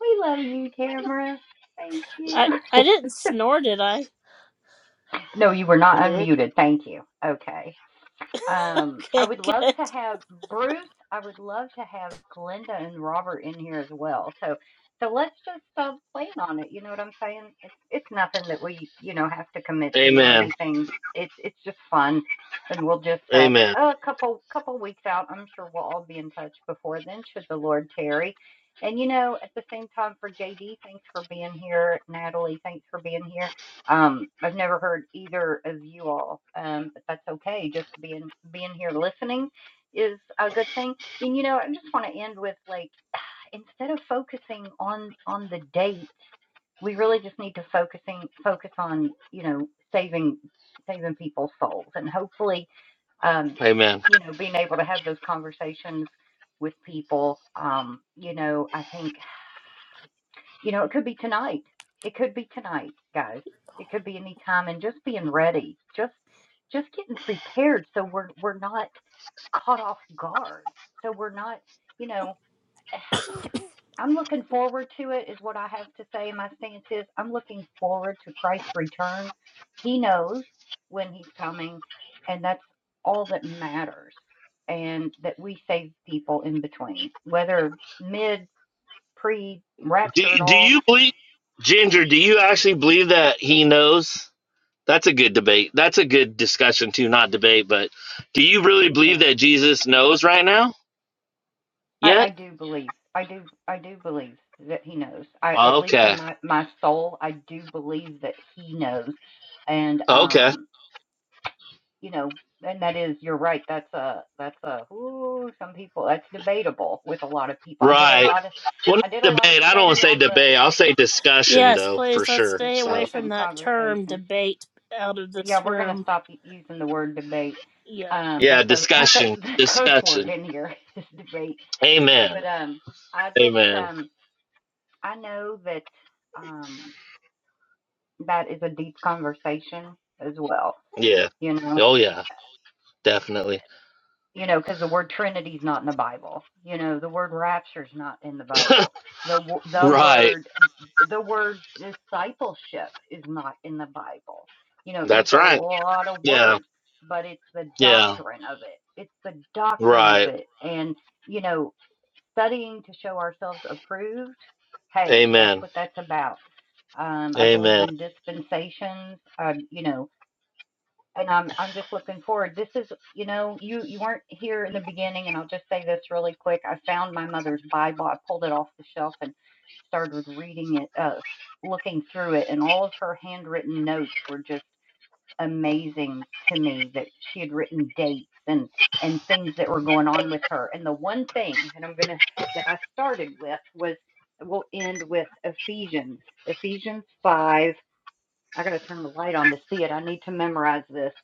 We love you, Tamara. Thank you.
I I didn't snore, did I?
No, you were not
Mhm.
unmuted. Thank you. Okay. Um, I
okay,
would love
good.
to have Bruce. I would love to have Glenda and Robert in here as well. So, so let's just uh, plan on it. You know what I'm saying? It's it's nothing that we you know have to commit to or
Amen.
anything. It's it's just fun, and we'll just uh,
Amen.
a couple couple weeks out. I'm sure we'll all be in touch before then, should the Lord tarry. And you know, at the same time, for JD, thanks for being here. Natalie, thanks for being here um, I've never heard either of you all, um, but that's okay. Just being being here listening is a good thing. And you know, I just want to end with like instead of focusing on on the date, we really just need to focusing focus on you know saving saving people's souls and hopefully um,
Amen.
you know being able to have those conversations with people. Um, you know, I think you know, it could be tonight. It could be tonight, guys. It could be any time and just being ready. Just just getting prepared so we're we're not caught off guard. So we're not, you know, I'm looking forward to it is what I have to say. My stance is I'm looking forward to Christ's return. He knows when he's coming and that's all that matters. And that we save people in between, whether mid, pre,
Do
rapture at
do
all.
you believe Ginger, do you actually believe that he knows? That's a good debate. That's a good discussion too, not debate, but do you really believe
Yeah.
that Jesus knows right now?
I, I
Yet?
do believe. I do. I do believe that he knows. I, at least in
Okay.
my my soul, I do believe that he knows. And
Okay.
um, you know, and that is. You're right. That's a. That's a. Ooh, some people. That's debatable with a lot of people. I did a
Right.
lot of.
Well, not
I did a lot of
debate. I don't want
study
to say
on
debate.
the
I'll say discussion
Yes,
though, for
please, let's
sure.
stay away
So,
discussion
from that term
conversation.
debate out of
Yeah,
this
we're gonna
room.
stop u- using the word debate.
Yeah.
Um,
yeah,
that's a that's a
discussion.
the curse word
Discussion.
in here is debate. But
Amen.
um, I just
Amen.
um I know that um, that is a deep conversation as well.
Yeah.
You know,
Oh yeah, definitely.
you know, because the word Trinity is not in the Bible. You know, the word rapture is not in the Bible. The wo- the
Right.
word the word discipleship is not in the Bible. You know, there's
That's
a
right.
lot of
Yeah.
words, but it's the
Yeah.
doctrine of it. It's the doctrine of
Right.
it, and you know, studying to show ourselves approved. Hey, that's
Amen.
what that's about. Um, I believe
Amen.
in dispensations. Um, you know, and I'm I'm just looking forward. This is, you know, you you weren't here in the beginning, and I'll just say this really quick. I found my mother's Bible. I pulled it off the shelf and started reading it, uh, looking through it, and all of her handwritten notes were just amazing to me. That she had written dates and and things that were going on with her. And the one thing, and I'm gonna that I started with was we'll end with Ephesians, Ephesians five. I gotta turn the light on to see it. I need to memorize this.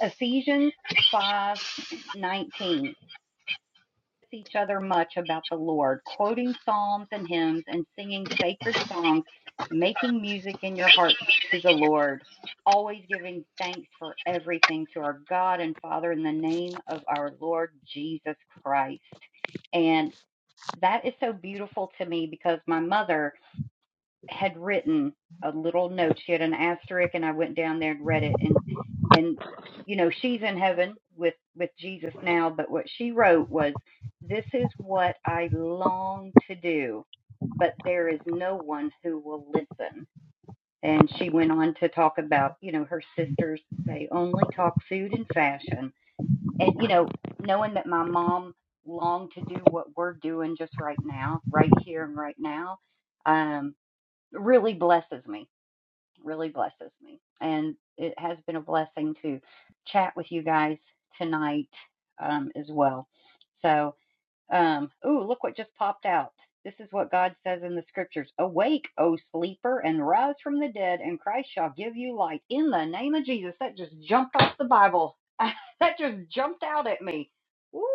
Ephesians 5:19. Each other much about the Lord, quoting psalms and hymns and singing sacred songs, making music in your hearts to the Lord, always giving thanks for everything to our God and Father in the name of our Lord Jesus Christ. And that is so beautiful to me because my mother had written a little note. She had an asterisk, and I went down there and read it. And and you know, she's in heaven with with Jesus now. But what she wrote was, "This is what I long to do, but there is no one who will listen." And she went on to talk about, you know, her sisters say only talk food and fashion, and you know, knowing that my mom longed to do what we're doing just right now, right here and right now. um, really blesses me, really blesses me. And it has been a blessing to chat with you guys tonight um, as well. So. Um, ooh, look what just popped out. This is what God says in the scriptures Awake, O sleeper, and rise from the dead, and Christ shall give you light in the name of Jesus. That just jumped off the Bible. that just jumped out at me. Ooh,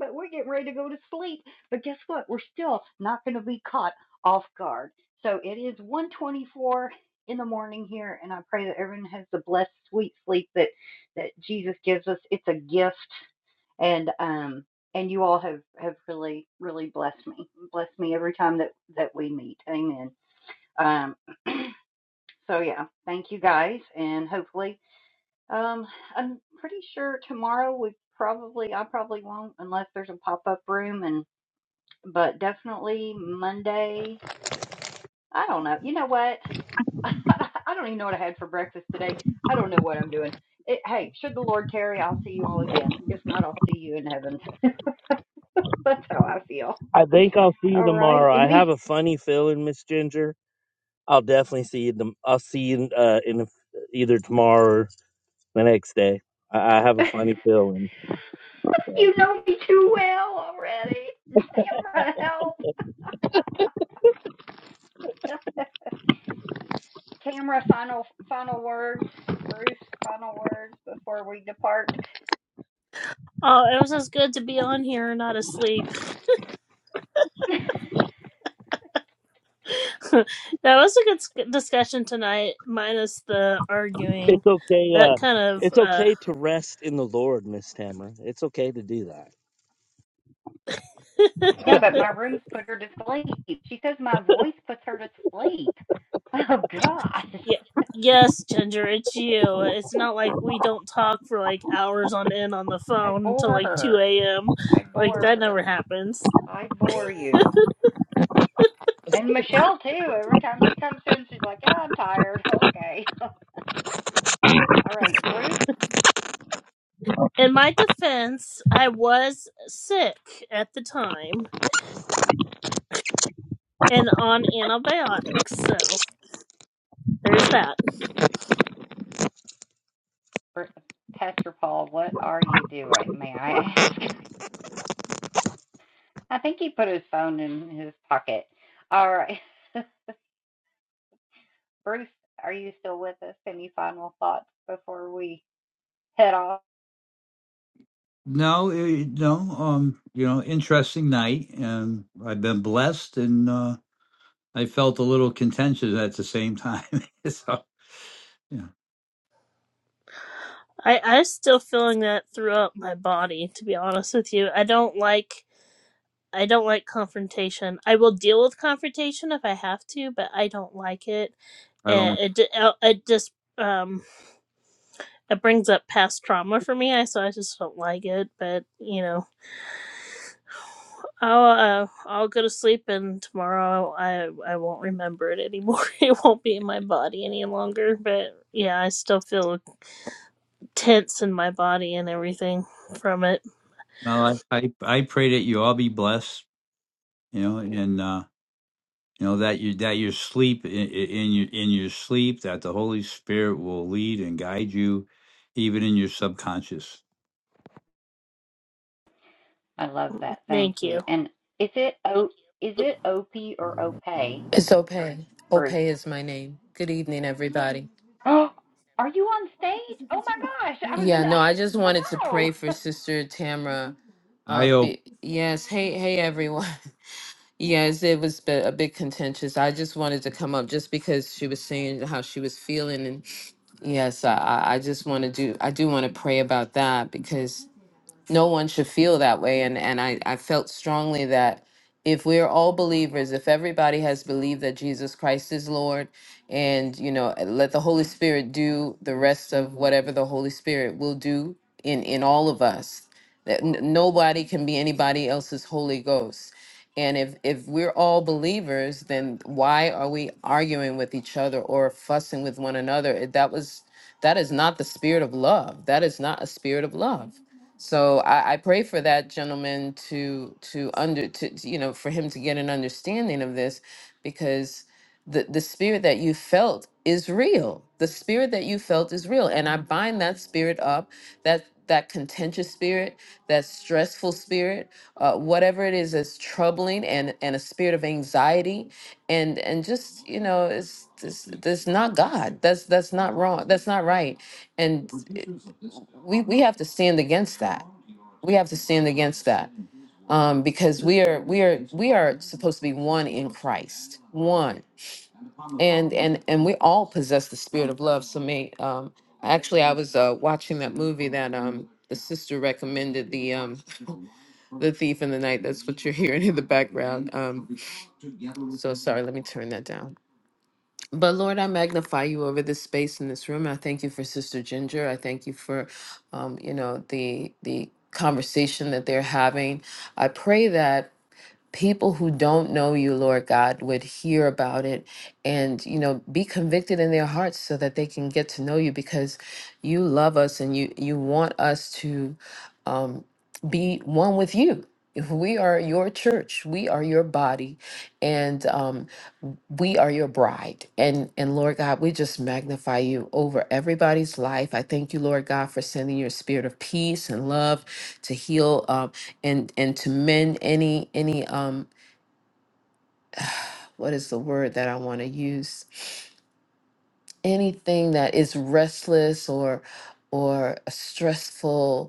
but we're getting ready to go to sleep. But guess what? We're still not going to be caught off guard. So it is 124 in the morning here, and I pray that everyone has the blessed, sweet sleep that, that Jesus gives us. It's a gift and um and you all have have really really blessed me blessed me every time that that we meet amen um so yeah thank you guys and hopefully um i'm pretty sure tomorrow we probably i probably won't unless there's a pop-up room and but definitely monday i don't know you know what i don't even know what i had for breakfast today i don't know what i'm doing it, hey should the lord tarry i'll see you all again if not i'll see you in heaven that's how i feel
I think I'll
all right. Any
fill in Messenger. I'll do them up in the, either the next day. I, Phil,
you know me too well already. Tamara, help. Tamara, final final words. Bruce, final words before we depart.
Oh, it was just good to be on here and not asleep. that was a good sc- discussion tonight, minus the arguing.
it's okay.
That
Uh,
kind of,
it's
uh,
okay to rest in the Lord, Miss Tamara. It's okay to do that.
Yeah, but my room's put her to sleep. She says my voice puts her to sleep. Oh gosh,
yeah. Yes, Ginger, it's you. It's not like we don't talk for like hours on end on the
I
phone until
bore
like 2
her.
a.m.
I
Like,
bore
that never
her.
happens.
I bore you. And Michelle too. Every time she comes in, she's like, "Yeah, I'm tired." Okay. All right, Bruce,
In my defense, I was sick at the time and on antibiotics. So there's that.
Pastor Paul, what are you doing? May I ask? I think he put his phone in his pocket. All right. Bruce, are you still with us? Any final thoughts before we head off?
No, it, no, um, you know, interesting night, and I've been blessed, and uh, I felt a little contentious at the same time. so. Yeah,
I I'm still feeling that throughout my body. To be honest with you, I don't like I don't like confrontation. I will deal with confrontation if I have to, but I don't like it.
I don't.
It
like-
it, ju- uh, it just um it brings up past trauma for me. I so I just don't like it. But you know. I'll uh, I'll go to sleep, and tomorrow I I won't remember it anymore. It won't be in my body any longer. But yeah, I still feel tense in my body and everything from it.
No, I, I I pray that you all be blessed. You know, and uh, you know that you that your sleep in, in your in your sleep that the Holy Spirit will lead and guide you, even in your subconscious.
I love that. Thank
Thank you.
you. And is it O is it OP or OPay,
It's Opay.
Bruce?
Opay is my name. Good evening, everybody.
Oh, are you on stage? Oh my gosh. I was in
Yeah,
the
no, I just wanted to
Hello.
pray for Sister Tamra. Uh,
I hope.
be, yes, hey, hey, everyone. Yes, it was bi- a bit contentious. I just wanted to come up just because she was saying how she was feeling, and yes, I, I I just want to do. I do want to pray about that because no one should feel that way and and I, I felt strongly that if we're all believers if everybody has believed that jesus christ is lord and you know eh, let the holy spirit do the rest of whatever the holy spirit will do in in all of us that n- nobody can be anybody else's holy ghost and if if we're all believers then why are we arguing with each other or fussing with one another that was that is not the spirit of love that is not a spirit of love so I, I pray for that gentleman to to under to to, you know for him to get an understanding of this, because the the spirit that you felt is real. The spirit that you felt is real, and I bind that spirit up. That that contentious spirit, that stressful spirit, uh, whatever it is that's troubling, and and a spirit of anxiety, and and just you know it's this that's not God. That's that's not wrong. That's not right and it- we we have to stand against that. We have to stand against that um, because we are we are we are supposed to be one in Christ, one, and and and we all possess the spirit of love. So may um, actually, I was uh, watching that movie that um, the sister recommended, the um, the thief in the night. That's what you're hearing in the background. Um, so sorry, let me turn that down. But Lord, I magnify you over this space in this room. I thank you for Sister Ginger. I thank you for, um, you know, the the conversation that they're having. I pray that people who don't know you, Lord God, would hear about it and, you know, be convicted in their hearts so that they can get to know you because you love us and you you want us to um, be one with you. We are your church. We are your body, and um, we are your bride and and lord god we just magnify you over everybody's life i thank you lord god for sending your spirit of peace and love to heal um, and and to mend any any um what is the word that I want to use anything that is restless or or stressful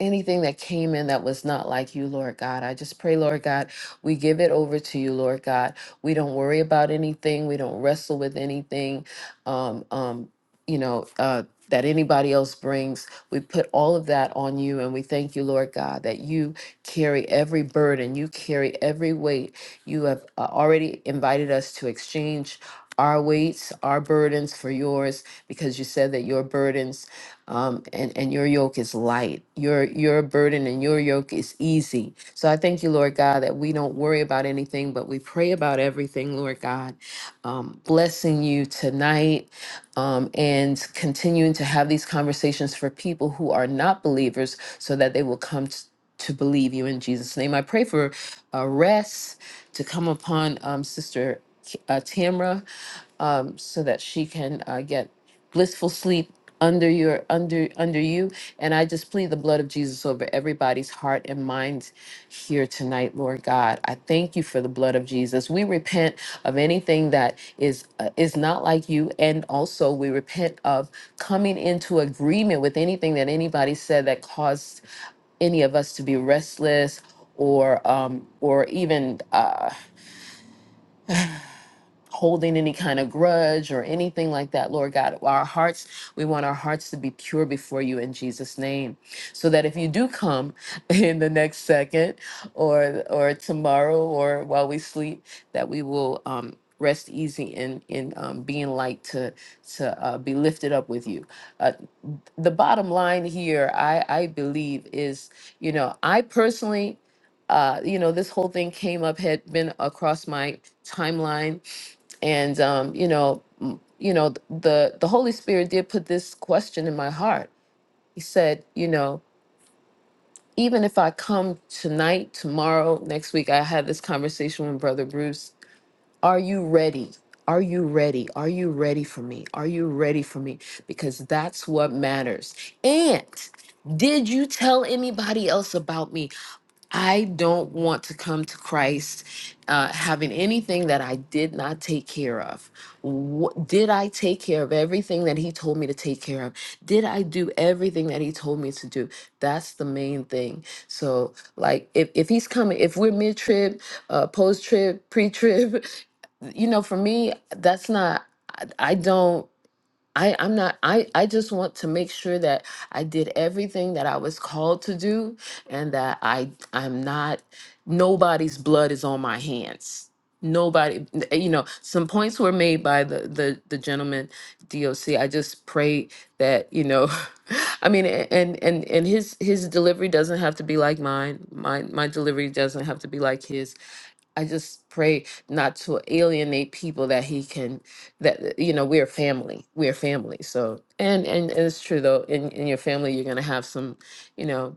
anything that came in that was not like you, Lord God. I just pray, Lord God, we give it over to you, Lord God. We don't worry about anything. We don't wrestle with anything, um, um, you know, uh, that anybody else brings. We put all of that on you, and we thank you, Lord God, that you carry every burden, you carry every weight. You have uh, already invited us to exchange. Our weights, our burdens for yours, because you said that your burdens um, and and your yoke is light. Your your burden and your yoke is easy. So I thank you, Lord God, that we don't worry about anything, but we pray about everything, Lord God. Um, blessing you tonight, um, and continuing to have these conversations for people who are not believers, so that they will come. t- to believe you in Jesus' name. I pray for uh, rest to come upon um, Sister K- uh, Tamra um, so that she can uh, get blissful sleep under your under under you and i just plead the blood of jesus over everybody's heart and mind here tonight lord god i thank you for the blood of jesus we repent of anything that is uh, is not like you and also we repent of coming into agreement with anything that anybody said that caused any of us to be restless or um or even uh holding any kind of grudge or anything like that, Lord God. Our hearts, we want our hearts to be pure before you in Jesus' name. So that if you do come in the next second or or tomorrow or while we sleep, that we will um rest easy in in um, being light to to uh, be lifted up with you uh, the bottom line here i i believe is you know i personally uh you know this whole thing came up had been across my timeline and um, you know, m- you know, the the Holy Spirit did put this question in my heart. He said, you know, even if I come tonight, tomorrow, next week, I had this conversation with Brother Bruce are you ready? Are you ready? Are you ready for me? Are you ready for me? Because that's what matters. And did you tell anybody else about me? I don't want to come to Christ uh, having anything that I did not take care of. What, did I take care of everything that He told me to take care of? Did I do everything that He told me to do? That's the main thing. So, like, if, if He's coming, if we're mid trib, uh, post trib, pre trib, you know for me that's not i, I don't I, I'm not I, I just want to make sure that I did everything that I was called to do and that I I'm not nobody's blood is on my hands. Nobody you know, some points were made by the the, the gentleman DOC. I just pray that, you know, I mean a- and and and his his delivery doesn't have to be like mine. My my delivery doesn't have to be like his I just pray not to alienate people that he can that you know we're family we're family so and and, it's true though in in your family you're gonna have some you know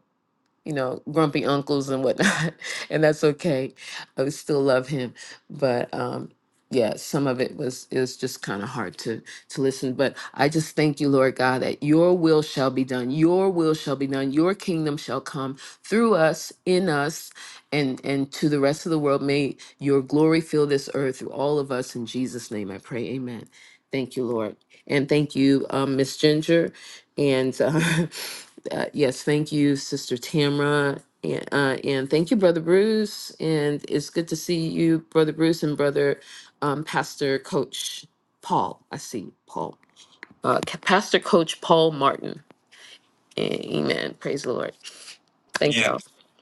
you know, grumpy uncles and whatnot, and that's okay. I would still love him, but um, yeah, some of it was it was just kind of hard to to listen. But I just thank you, Lord God, that Your will shall be done. Your will shall be done. Your kingdom shall come through us, in us, and and to the rest of the world. May Your glory fill this earth through all of us. In Jesus' name, I pray. Amen. Thank you, Lord. And thank you, um, Miss Ginger. And uh, uh, yes, thank you, Sister Tamra. And, uh, and thank you, Brother Bruce. And it's good to see you, Brother Bruce and Brother um, Pastor Coach Paul. I see Paul. Uh, Ca- Pastor Coach Paul Martin. A- Amen. Praise the Lord. Thank you.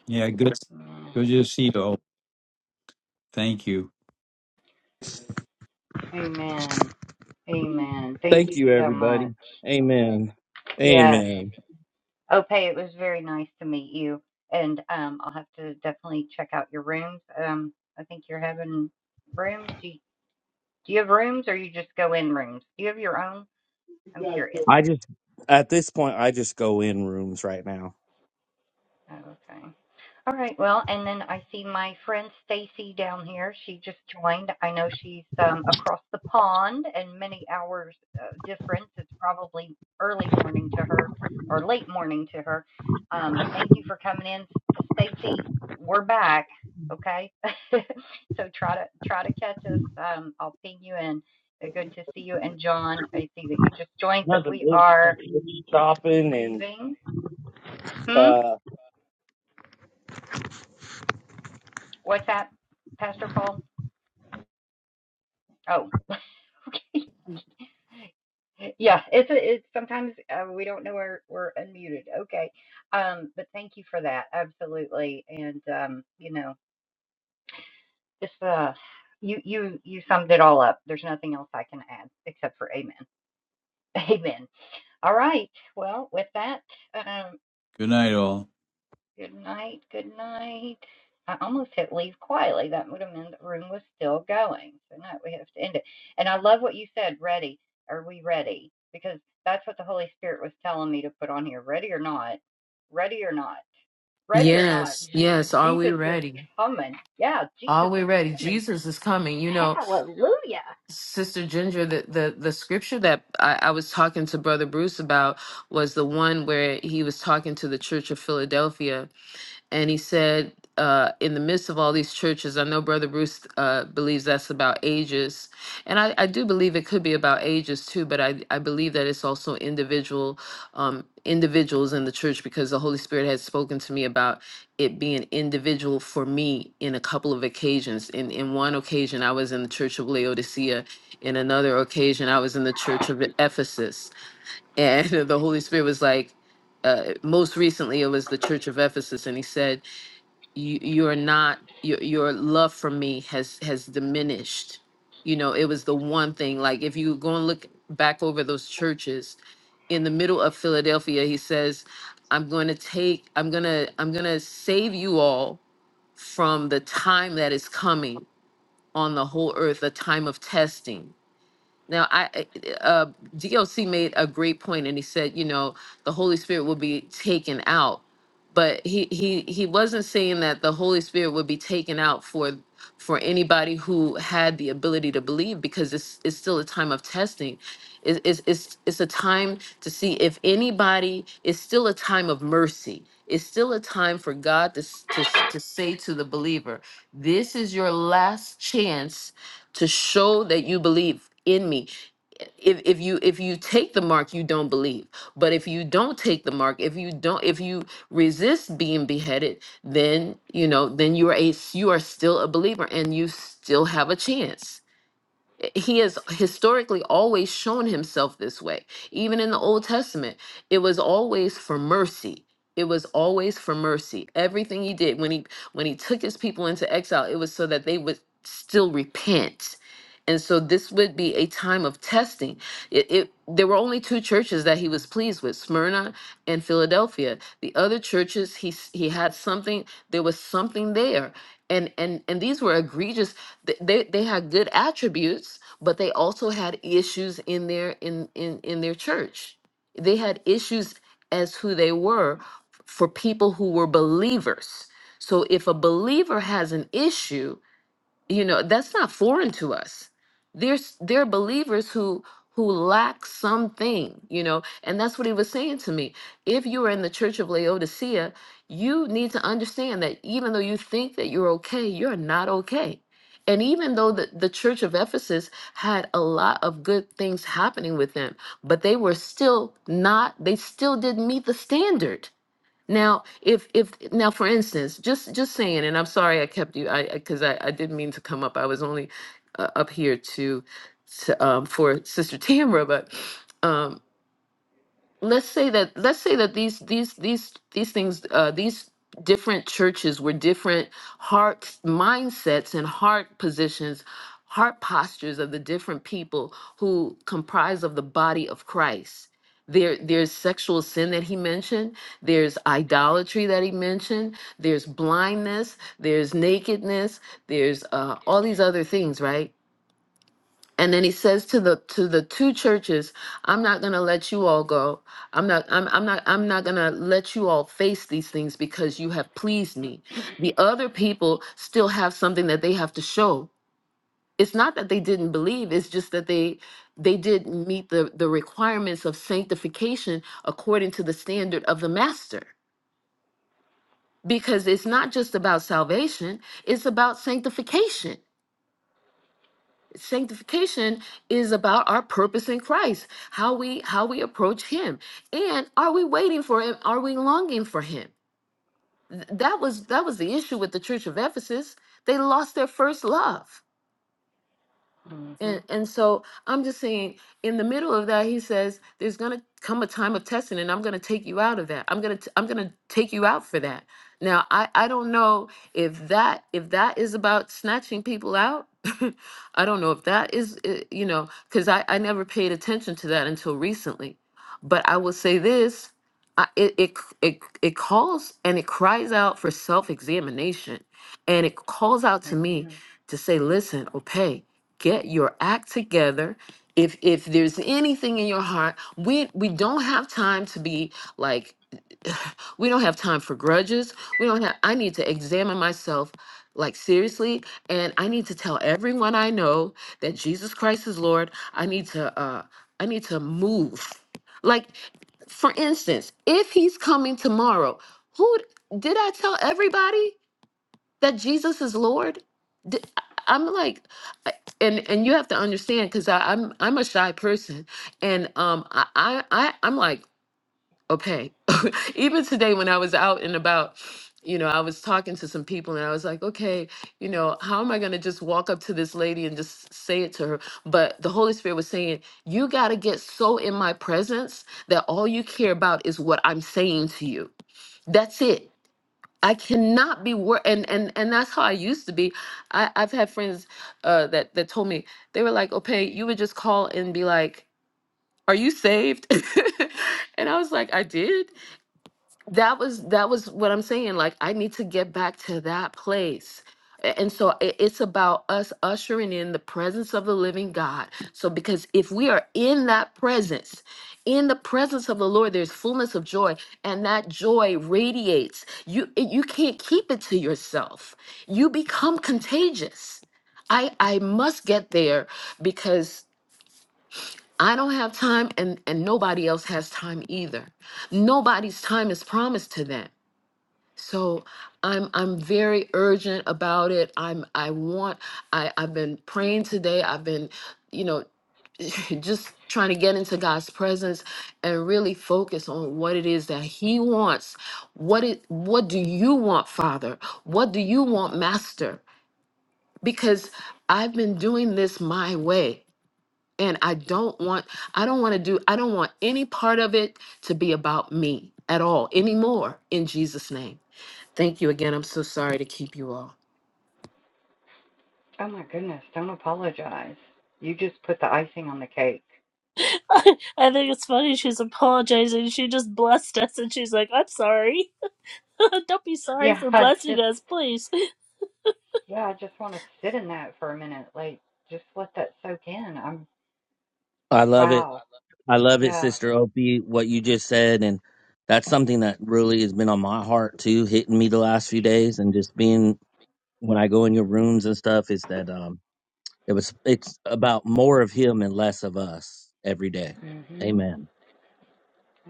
Yeah, good. Good to see you. All. Thank you.
Amen. Amen. Thank
Thank
you
you,
so much.
everybody. Amen.
Yes.
Amen.
Ope, it was very nice to meet you, and um, I'll have to definitely check out your rooms. Um, I think you're having rooms. Do you, do you have rooms, or you just go in rooms? Do you have your own? I'm curious.
I just at this point, I just go in rooms right now.
Oh, okay. All right. Well, and then I see my friend Stacy down here. She just joined. I know she's um, across the pond and many hours uh, difference. It's probably early morning to her or late morning to her. Um, but thank you for coming in, Uh, Stacy. We're back. Okay. so try to try to catch us. Um, I'll ping you in. Uh, Good to see you. And John, I see that you just joined, but
Nothing
we
big, but
are
just shopping and
leaving. Hmm.
uh,
What's that, Pastor Paul? Oh. Yeah, it's a, it's sometimes uh, we don't know we're we're unmuted. Okay, um, but thank you for that. Absolutely, and um, you know, just uh, you you you summed it all up. There's nothing else I can add except for amen. Amen. All right. Well, with that, um.
Good night, all.
Good night. Good night. I almost hit leave quietly. That would have meant the room was still going. So no, we have to end it. And I love what you said. Ready? Are we ready? Because that's what the Holy Spirit was telling me to put on here. Ready or not? Ready or not? Ready or not?
Yes,
Je-
yes. Are we
Jesus is
ready?
coming. Yeah,
Are
Jesus
we
is
ready?
coming.
Jesus is coming. You know,
Hallelujah.
Sister Ginger, the, the, the scripture that I, I was talking to Brother Bruce about was the one where he was talking to the Church of Philadelphia and he said uh, in the midst of all these churches i know brother bruce uh, believes that's about ages and I, I do believe it could be about ages too but i, I believe that it's also individual um, individuals in the church because the holy spirit has spoken to me about it being individual for me in a couple of occasions in, in one occasion i was in the church of laodicea in another occasion i was in the church of ephesus and the holy spirit was like uh, most recently it was the church of ephesus and he said you you're not your your love for me has has diminished you know it was the one thing like if you go and look back over those churches in the middle of philadelphia he says i'm going to take i'm going to i'm going to save you all from the time that is coming on the whole earth a time of testing now, I uh, DOC made a great point, and he said, you know, the Holy Spirit will be taken out, but he he he wasn't saying that the Holy Spirit would be taken out for for anybody who had the ability to believe, because it's it's still a time of testing. It, it's it's it's a time to see if anybody. It's still a time of mercy. It's still a time for God to s- to s- to say to the believer, "This is your last chance to show that you believe." in me if, if you if you take the mark you don't believe but if you don't take the mark if you don't if you resist being beheaded then you know then you are a you are still a believer and you still have a chance he has historically always shown himself this way. Even in the Old Testament, it was always for mercy. It was always for mercy. Everything he did when he when he took his people into exile, it was so that they would still repent. And so this would be a time of testing. It, it there were only two churches that he was pleased with, Smyrna and Philadelphia. The other churches he s- he had something there was something there. And and and these were egregious th- they they had good attributes but they also had issues in their in in in their church they had issues as who they were for people who were believers so if a believer has an issue you know that's not foreign to us there's there are believers who who lack something you know and that's what he was saying to me if you are in the church of laodicea you need to understand that even though you think that you're okay you're not okay and even though the, the church of ephesus had a lot of good things happening with them but they were still not they still didn't meet the standard now, if if now, for instance, just just saying, and I'm sorry I kept you, I because I, 'cause I I didn't mean to come up. I was only uh, up here to, to um, for Sister Tamra, but um, let's say that let's say that these these these these things uh these different churches were different heart mindsets and heart positions heart postures of the different people who comprise of the body of christ there there's sexual sin that he mentioned there's idolatry that he mentioned there's blindness there's nakedness there's uh, all these other things right and then he says to the to the two churches i'm not going to let you all go i'm not i'm, I'm not i'm not going to let you all face these things because you have pleased me the other people still have something that they have to show it's not that they didn't believe it's just that they they didn't meet the the requirements of sanctification according to the standard of the master because it's not just about salvation it's about sanctification sanctification is about our purpose in Christ, how we how we approach him. And are we waiting for him? Are we longing for him? Th- That was that was the issue with the church of Ephesus. They lost their first love.
hmm
And and so I'm just saying, in the middle of that, he says, "There's gonna come a time of testing, and I'm gonna take you out of that. I'm gonna t- I'm gonna take you out for that." Now, I I don't know if that if that is about snatching people out. I don't know if that is uh, you know because I I never paid attention to that until recently, but I will say this. I, it, it c- it it calls and it cries out for self-examination and it calls out to me
Amen.
to say listen okay get your act together if if there's anything in your heart we we don't have time to be like we don't have time for grudges we don't have i need to examine myself like seriously and i need to tell everyone i know that jesus christ is lord i need to uh i need to move like for instance if he's coming tomorrow who d- did i tell everybody that Jesus is Lord? D- I'm like, I- and and you have to understand because I'm I'm a shy person, and um I I I- I'm like okay, even today when I was out and about. You know, I was talking to some people and I was like, okay, you know, how am I going to just walk up to this lady and just say it to her? But the Holy Spirit was saying, you got to get so in my presence that all you care about is what I'm saying to you. That's it I cannot be wor and and and that's how I used to be. I I've had friends uh that that told me they were like, "Okay, you would just call and be like, "Are you saved?" and I was like, "I did." that was that was what i'm saying like i need to get back to that place A- and so i- it's about us ushering in the presence of the living god so because if we are in that presence in the presence of the lord there's fullness of joy and that joy radiates you it- you can't keep it to yourself you become contagious i i must get there because i don't have time and and nobody else has time either nobody's time is promised to them so I'm I'm very urgent about it. I'm I want I I've been praying today. I've been, you know, just trying to get into God's presence and really focus on what it is that he wants. What it what do you want, Father? What do you want, Master? Because I've been doing this my way and I don't want I don't want to do I don't want any part of it to be about me at all anymore in Jesus name. Thank you again. I'm so sorry to keep you all.
Oh my goodness! Don't apologize. You just put the icing on the cake.
I, I think it's funny she's apologizing. She just blessed us, and she's like, "I'm sorry. Don't be sorry
Yeah,
for
I
blessing
just.
us, please."
Yeah, I just want to sit in that for a minute. Like, just let that soak in. I'm,
I love it.
wow.
I love it,
Yeah.
Sister Opie. What you just said, and that's something that really has been on my heart too, hitting me the last few days, and just being when I go in your rooms and stuff is that um It was it's about more of him and less of us every day.
Mm-hmm.
Amen.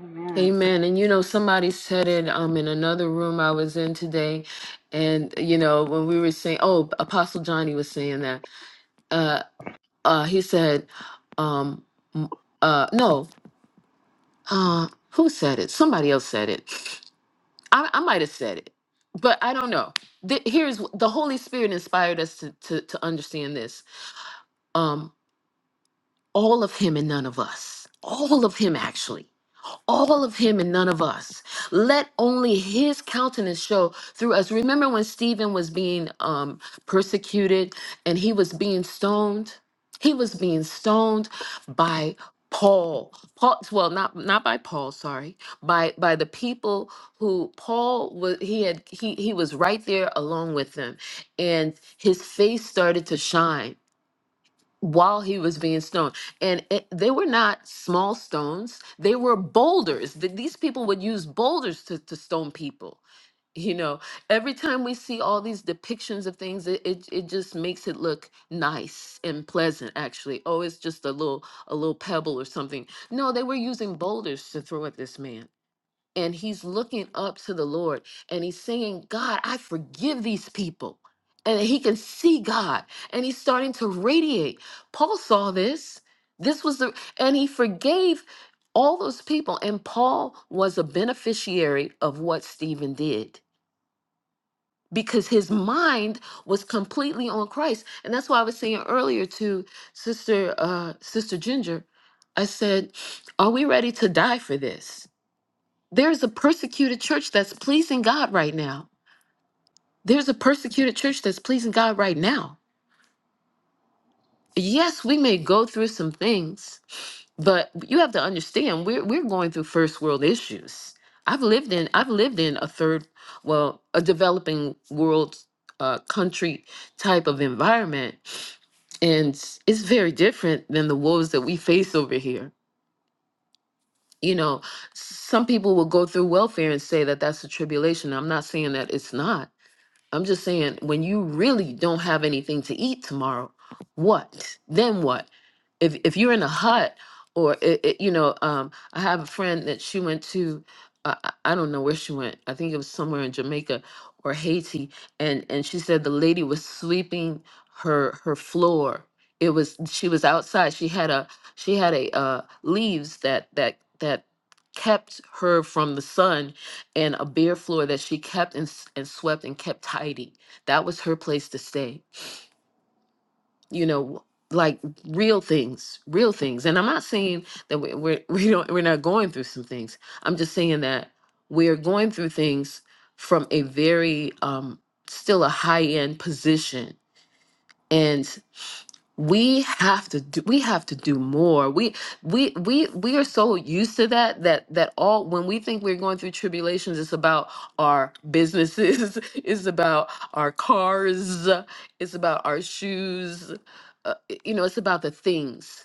Amen.
Amen. And you know, somebody said it um in another room I was in today, and you know, when we were saying, oh, Apostle Johnny was saying that. Uh uh he said, um m- uh no, uh who said it? Somebody else said it. I, I might have said it, but I don't know. Th- here's the Holy Spirit inspired us to, to to understand this. Um, all of him and none of us. All of him actually all of him and none of us. Let only his countenance show through us. Remember when Stephen was being um, persecuted and he was being stoned? He was being stoned by Paul. Paul well not not by Paul, sorry. By by the people who Paul was he had he he was right there along with them and his face started to shine while he was being stoned. And it, they were not small stones, they were boulders. Th- These people would use boulders to, to stone people. You know, every time we see all these depictions of things, it, it it just makes it look nice and pleasant. Actually, oh, it's just a little a little pebble or something. No, they were using boulders to throw at this man and he's looking up to the Lord and he's saying, God, I forgive these people. And he can see God and he's starting to radiate. Paul saw this. This was the, and he forgave all those people. And Paul was a beneficiary of what Stephen did because his mind was completely on Christ. And that's why I was saying earlier to Sister, uh, Sister Ginger, I said, Are we ready to die for this? There's a persecuted church that's pleasing God right now. There's a persecuted church that's pleasing God right now. Yes, we may go through some things, but you have to understand we're we're going through first world issues. I've lived in I've lived in a third, well, a developing world uh, country type of environment, and it's it's very different than the woes that we face over here you know some people will go through welfare and say that that's a tribulation i'm not saying that it's not I'm just saying, when you really don't have anything to eat tomorrow, what? Then what? If if you're in a hut, or it, it, you know, um, I have a friend that she went to, uh, I I don't know where she went. I think it was somewhere in Jamaica or Haiti, and and she said the lady was sweeping her her floor. It was she was outside. She had a she had a uh, leaves that that that kept her from the sun and a bare floor that she kept and, s- and swept and kept tidy. That was her place to stay. You know, like real things, real things. And I'm not saying that we, we're we don't we're not going through some things. I'm just saying that we're going through things from a very um, still a high end position, we have to do we have to do more we we we we are so used to that that that all when we think we're going through tribulations it's about our businesses it's about our cars it's about our shoes uh, you know it's about the things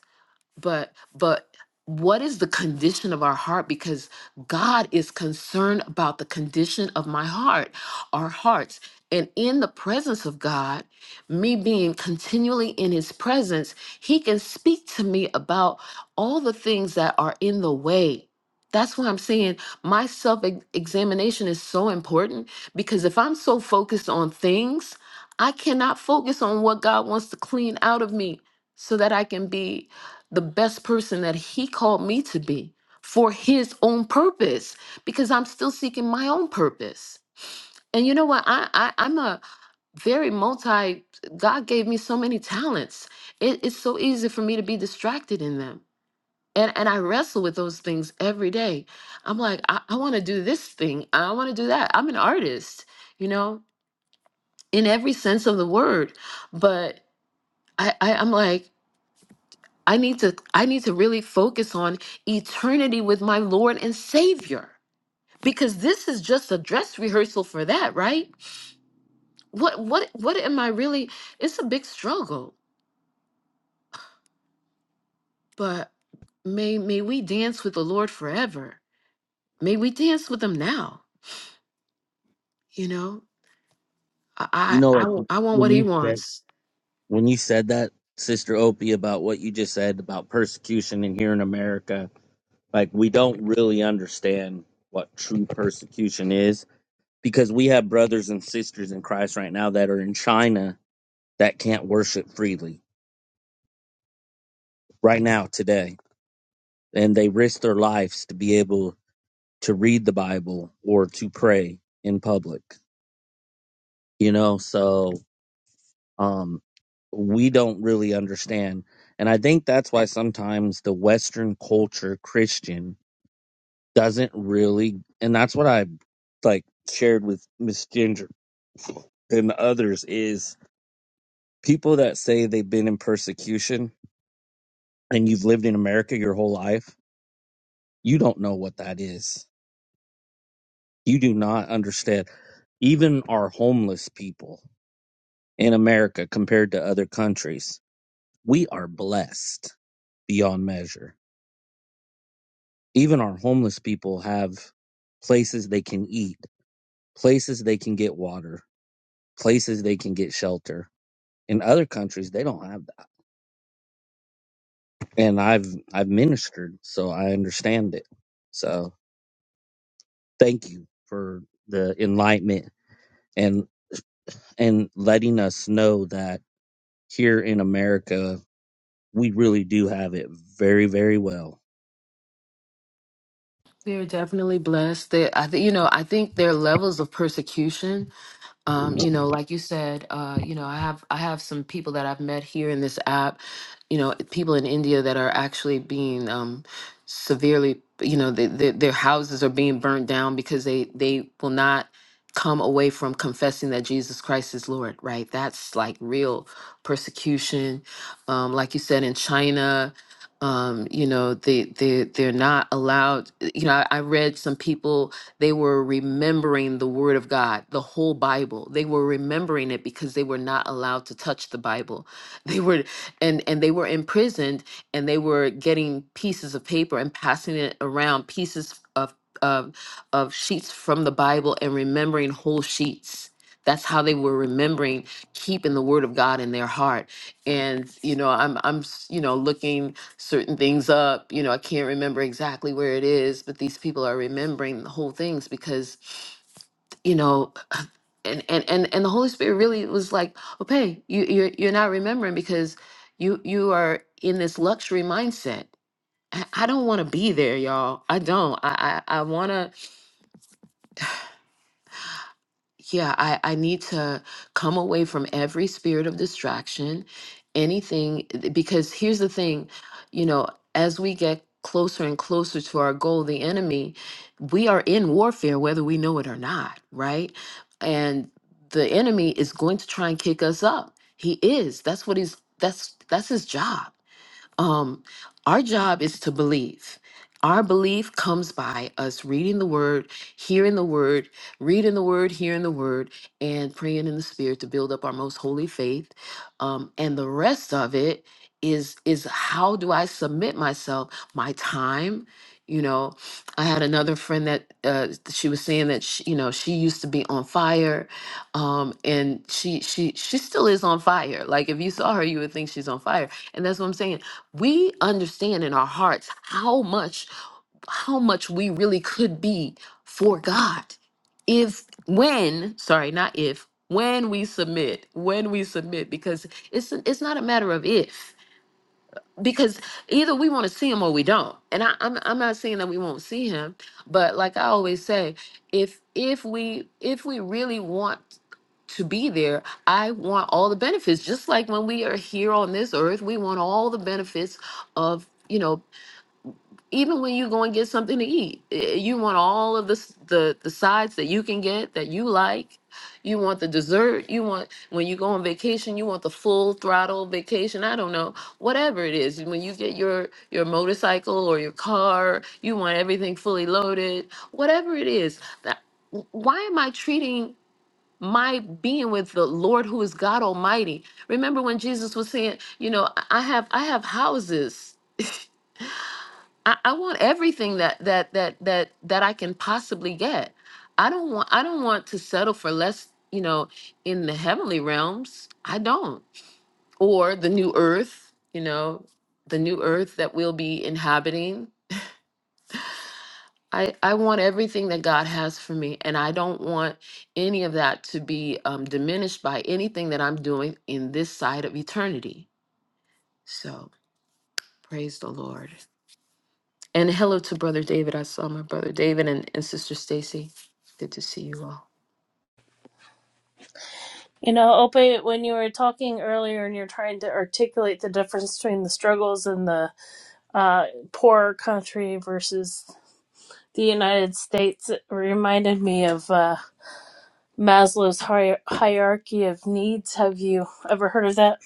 but but what is the condition of our heart because god is concerned about the condition of my heart our hearts and in the presence of god me being continually in his presence he can speak to me about all the things that are in the way that's why i'm saying my self examination is so important because if i'm so focused on things i cannot focus on what god wants to clean out of me so that i can be the best person that he called me to be for his own purpose because I'm still seeking my own purpose. And you know what? I, I I'm a very multi God gave me so many talents. It, it's so easy for me to be distracted in them. And and I wrestle with those things every day. I'm like, I, I want to do this thing. I want to do that. I'm an artist, you know, in every sense of the word. But I, I I'm like, I need to I need to really focus on eternity with my Lord and Savior because this is just a dress rehearsal for that, right? What what what am I really it's a big struggle, but may may we dance with the Lord forever. May we dance with him now, you know? I
You know
I I,
what
wa- I want what
when
he
you said
wants.
when you said that, Sister Opie, about what you just said about persecution in here in America, like we don't really understand what true persecution is because we have brothers and sisters in Christ right now that are in China that can't worship freely right now today. And they risk their lives to be able to read the Bible or to pray in public you know so um, we don't really understand. And I think that's why sometimes the Western culture Christian doesn't really, and that's what I like shared with Miss Ginger and others is people that say they've been in persecution and you've lived in America your whole life, you don't know what that is. You do not understand. Even our homeless people in America compared to other countries, we are blessed beyond measure even our homeless people have places they can eat, places they can get water, places they can get shelter. In other countries, they don't have that. And I've I've ministered, so I understand it. So thank you for the enlightenment and and letting us know that here in America we really do have it very very well.
They're definitely blessed. They, I think, you know, I think there are levels of persecution um, you know like you said uh, you know i have i have some people that i've met here in this app you know people in india that are actually being um, severely you know they, they, their houses are being burnt down because they they will not come away from confessing that jesus christ is lord right that's like real persecution um, like you said in china um, you know they, they they're not allowed you know I, I read some people they were remembering the Word of God, the whole Bible. They were remembering it because they were not allowed to touch the Bible. They were, and and they were imprisoned, and they were getting pieces of paper and passing it around, pieces of of of sheets from the Bible, and remembering whole sheets. That's how they were remembering keeping the Word of God in their heart. And you know, I'm I'm s- you know looking certain things up. You know, I can't remember exactly where it is, but these people are remembering the whole things because, you know, and and and, and the Holy Spirit really was like, okay, you you're you're not remembering because you you are in this luxury mindset. I I don't want to be there, y'all. I don't. I I, I want to yeah, I, I need to come away from every spirit of distraction, anything, eh, th- because here's the thing, you know, as we get closer and closer to our goal, the enemy, we are in warfare, whether we know it or not, right? And the enemy is going to try and kick us up. He is. That's what he's, that's, that's his job. Um, our job is to believe. Our belief comes by us reading the word, hearing the word, reading the word, hearing the word, and praying in the spirit to build up our most holy faith. Um, and the rest of it is is how do I submit myself, my time, you know. I had another friend that uh, she was saying that she, you know she used to be on fire, um, and she she she still is on fire. Like if you saw her, you would think she's on fire, and that's what I'm saying we understand in our hearts how much how much we really could be for god if when sorry not if when we submit when we submit because it's it's not a matter of if because either we want to see him or we don't and I, I'm, I'm not saying that we won't see him but like i always say if if we if we really want to be there, I want all the benefits. Just like when we are here on this earth, we want all the benefits of you know even when you go and get something to eat eh, you want all of the s- the the sides that you can get that you like you want the dessert you want when you go on vacation you want the full throttle vacation i don't know whatever it is when you get your your motorcycle or your car you want everything fully loaded whatever it is that why am i treating my being with the Lord who is God Almighty. Remember when Jesus was saying, you know, I I have I have houses. I, I want everything that that that that that I can possibly get. I don't want I don't want to settle for less, you know, in the heavenly realms. I don't. Or the new earth, you know, the new earth that we'll be inhabiting I, I want everything that God has for me, and I don't want any of that to be um, diminished by anything that I'm doing in this side of eternity. So praise the Lord. And hello to Brother David. I saw my brother David and, and Sister Stacy. Good to see you all.
You know, Ope, when you were talking earlier and you're trying to articulate the difference between the struggles in the uh, poor country versus the United States it reminded me of uh, Maslow's hier- hierarchy of needs. Have you ever heard of that?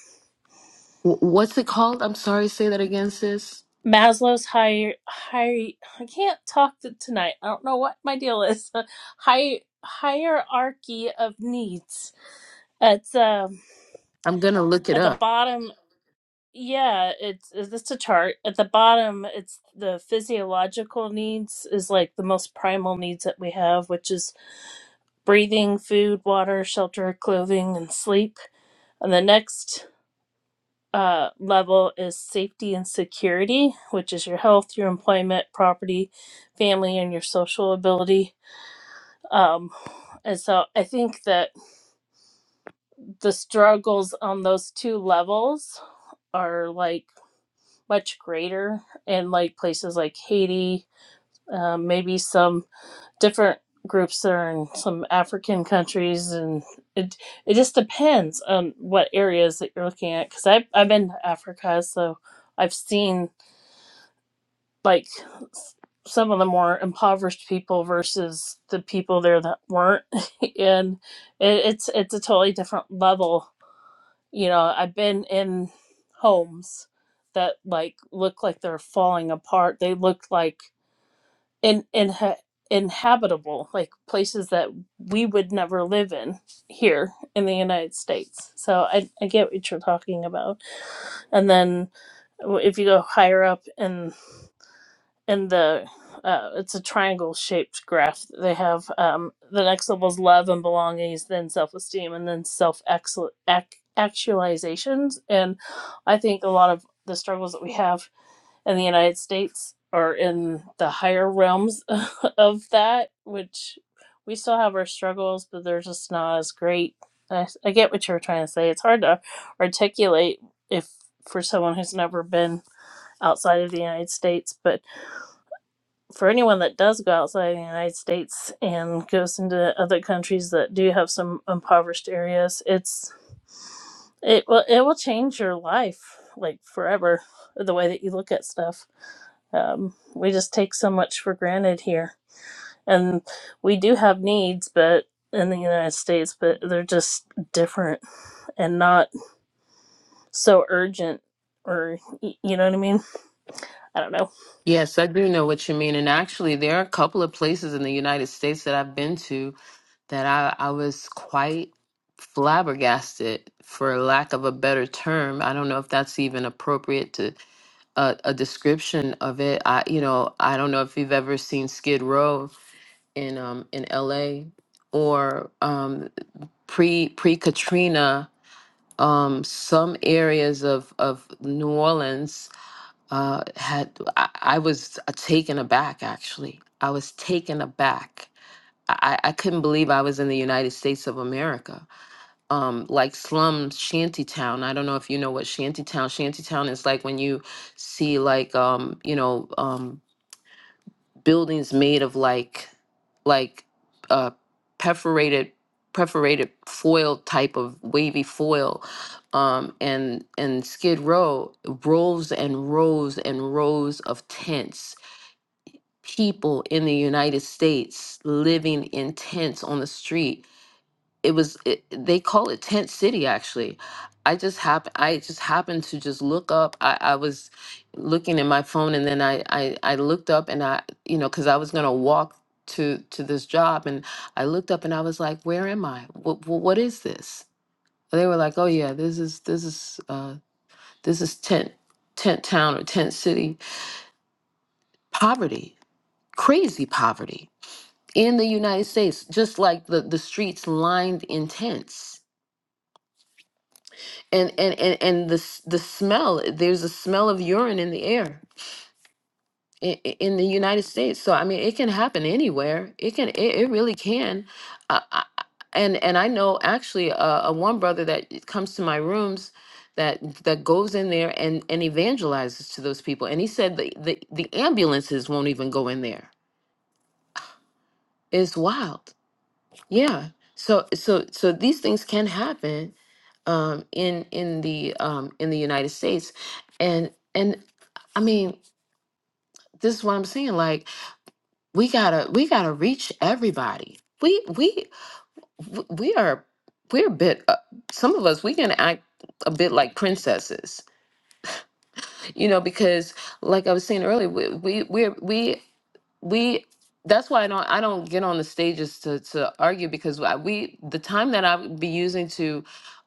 Wh- What's it called? I'm sorry, say that again, sis.
Maslow's hier- hier- I can't talk t- tonight. I don't know what my deal is. Hi- hierarchy of needs. It's um,
I'm going to look it
at the
up.
bottom. Yeah, it's it's a chart. At the bottom, it's the physiological needs is like the most primal needs that we have, which is breathing, food, water, shelter, clothing, and sleep. And the next uh, level is safety and security, which is your health, your employment, property, family, and your social ability. Um, and so I think that the struggles on those two levels are like much greater in like places like Haiti, um, maybe some different groups that are in some African countries, and it it just depends on what areas that you're looking at. Because I've I've been to Africa, so I've seen like s- some of the more impoverished people versus the people there that weren't, and it, it's it's a totally different level you know i've been in homes that like look like they're falling apart they look like in inha- inhabitable like places that we would never live in here in the united states so i, I get what you're talking about and then w- if you go higher up in and the uh, it's a triangle shaped graph that they have. Um, the next level is love and belongings, then self esteem, and then self actualizations. And I think a lot of the struggles that we have in the United States are in the higher realms of that, which we still have our struggles, but they're just not as great. I, I get what you were trying to say. It's hard to articulate if for someone who's never been outside of the United States, but for anyone that does go outside the United States and goes into other countries that do have some impoverished areas, it's it will it will change your life like forever the way that you look at stuff. Um, we just take so much for granted here, and we do have needs, but in the United States, but they're just different and not so urgent, or y- you know what I mean. I don't know.
Yes, I do know what you mean. And actually, there are a couple of places in the United States that I've been to that I, I was quite flabbergasted, for lack of a better term. I don't know if that's even appropriate to uh, a description of it. I, you know, I don't know if you've ever seen Skid Row in um in LA or um pre pre Katrina um some areas of of New Orleans uh had I, I was taken aback actually I was taken aback I, I couldn't believe I was in the United States of America. Um, like slums, shantytown. I don't know if you know what shantytown. Shantytown is like when you see like um, you know, um buildings made of like like uh perforated perforated foil type of wavy foil. Um and and Skid Row, rows and rows and rows of tents. People in the United States living in tents on the street it was it, they call it tent city actually i just happened i just happened to just look up i, I was looking at my phone and then I, I i looked up and i you know because i was going to walk to to this job and i looked up and i was like where am i what, what what is this they were like oh yeah this is this is uh this is tent tent town or tent city poverty crazy poverty in the united states just like the the streets lined in tents and and and, and the s- the smell there's a smell of urine in the air in, in the united states so i mean it can happen anywhere it can it, it really can uh, I, I- and and i know actually a, a one brother that comes to my rooms that that goes in there and and evangelizes to those people and he said the the, the ambulances won't even go in there it's wild yeah so so so these things can happen um, in in the um, in the United States, and and I mean this is what I'm saying. Like we gotta we gotta reach everybody. We we w- we are we're a bit. Uh, some of us we can act a bit like princesses, you know, because like I was saying earlier, we we we're, we we that's why I don't I don't get on the stages to to argue because I- we the time that I would be using to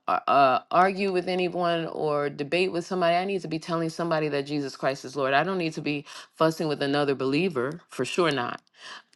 uh, uh, argue with anyone or debate with somebody I need to be telling somebody that Jesus Christ is Lord. I don't need to be fussing with another believer for sure not.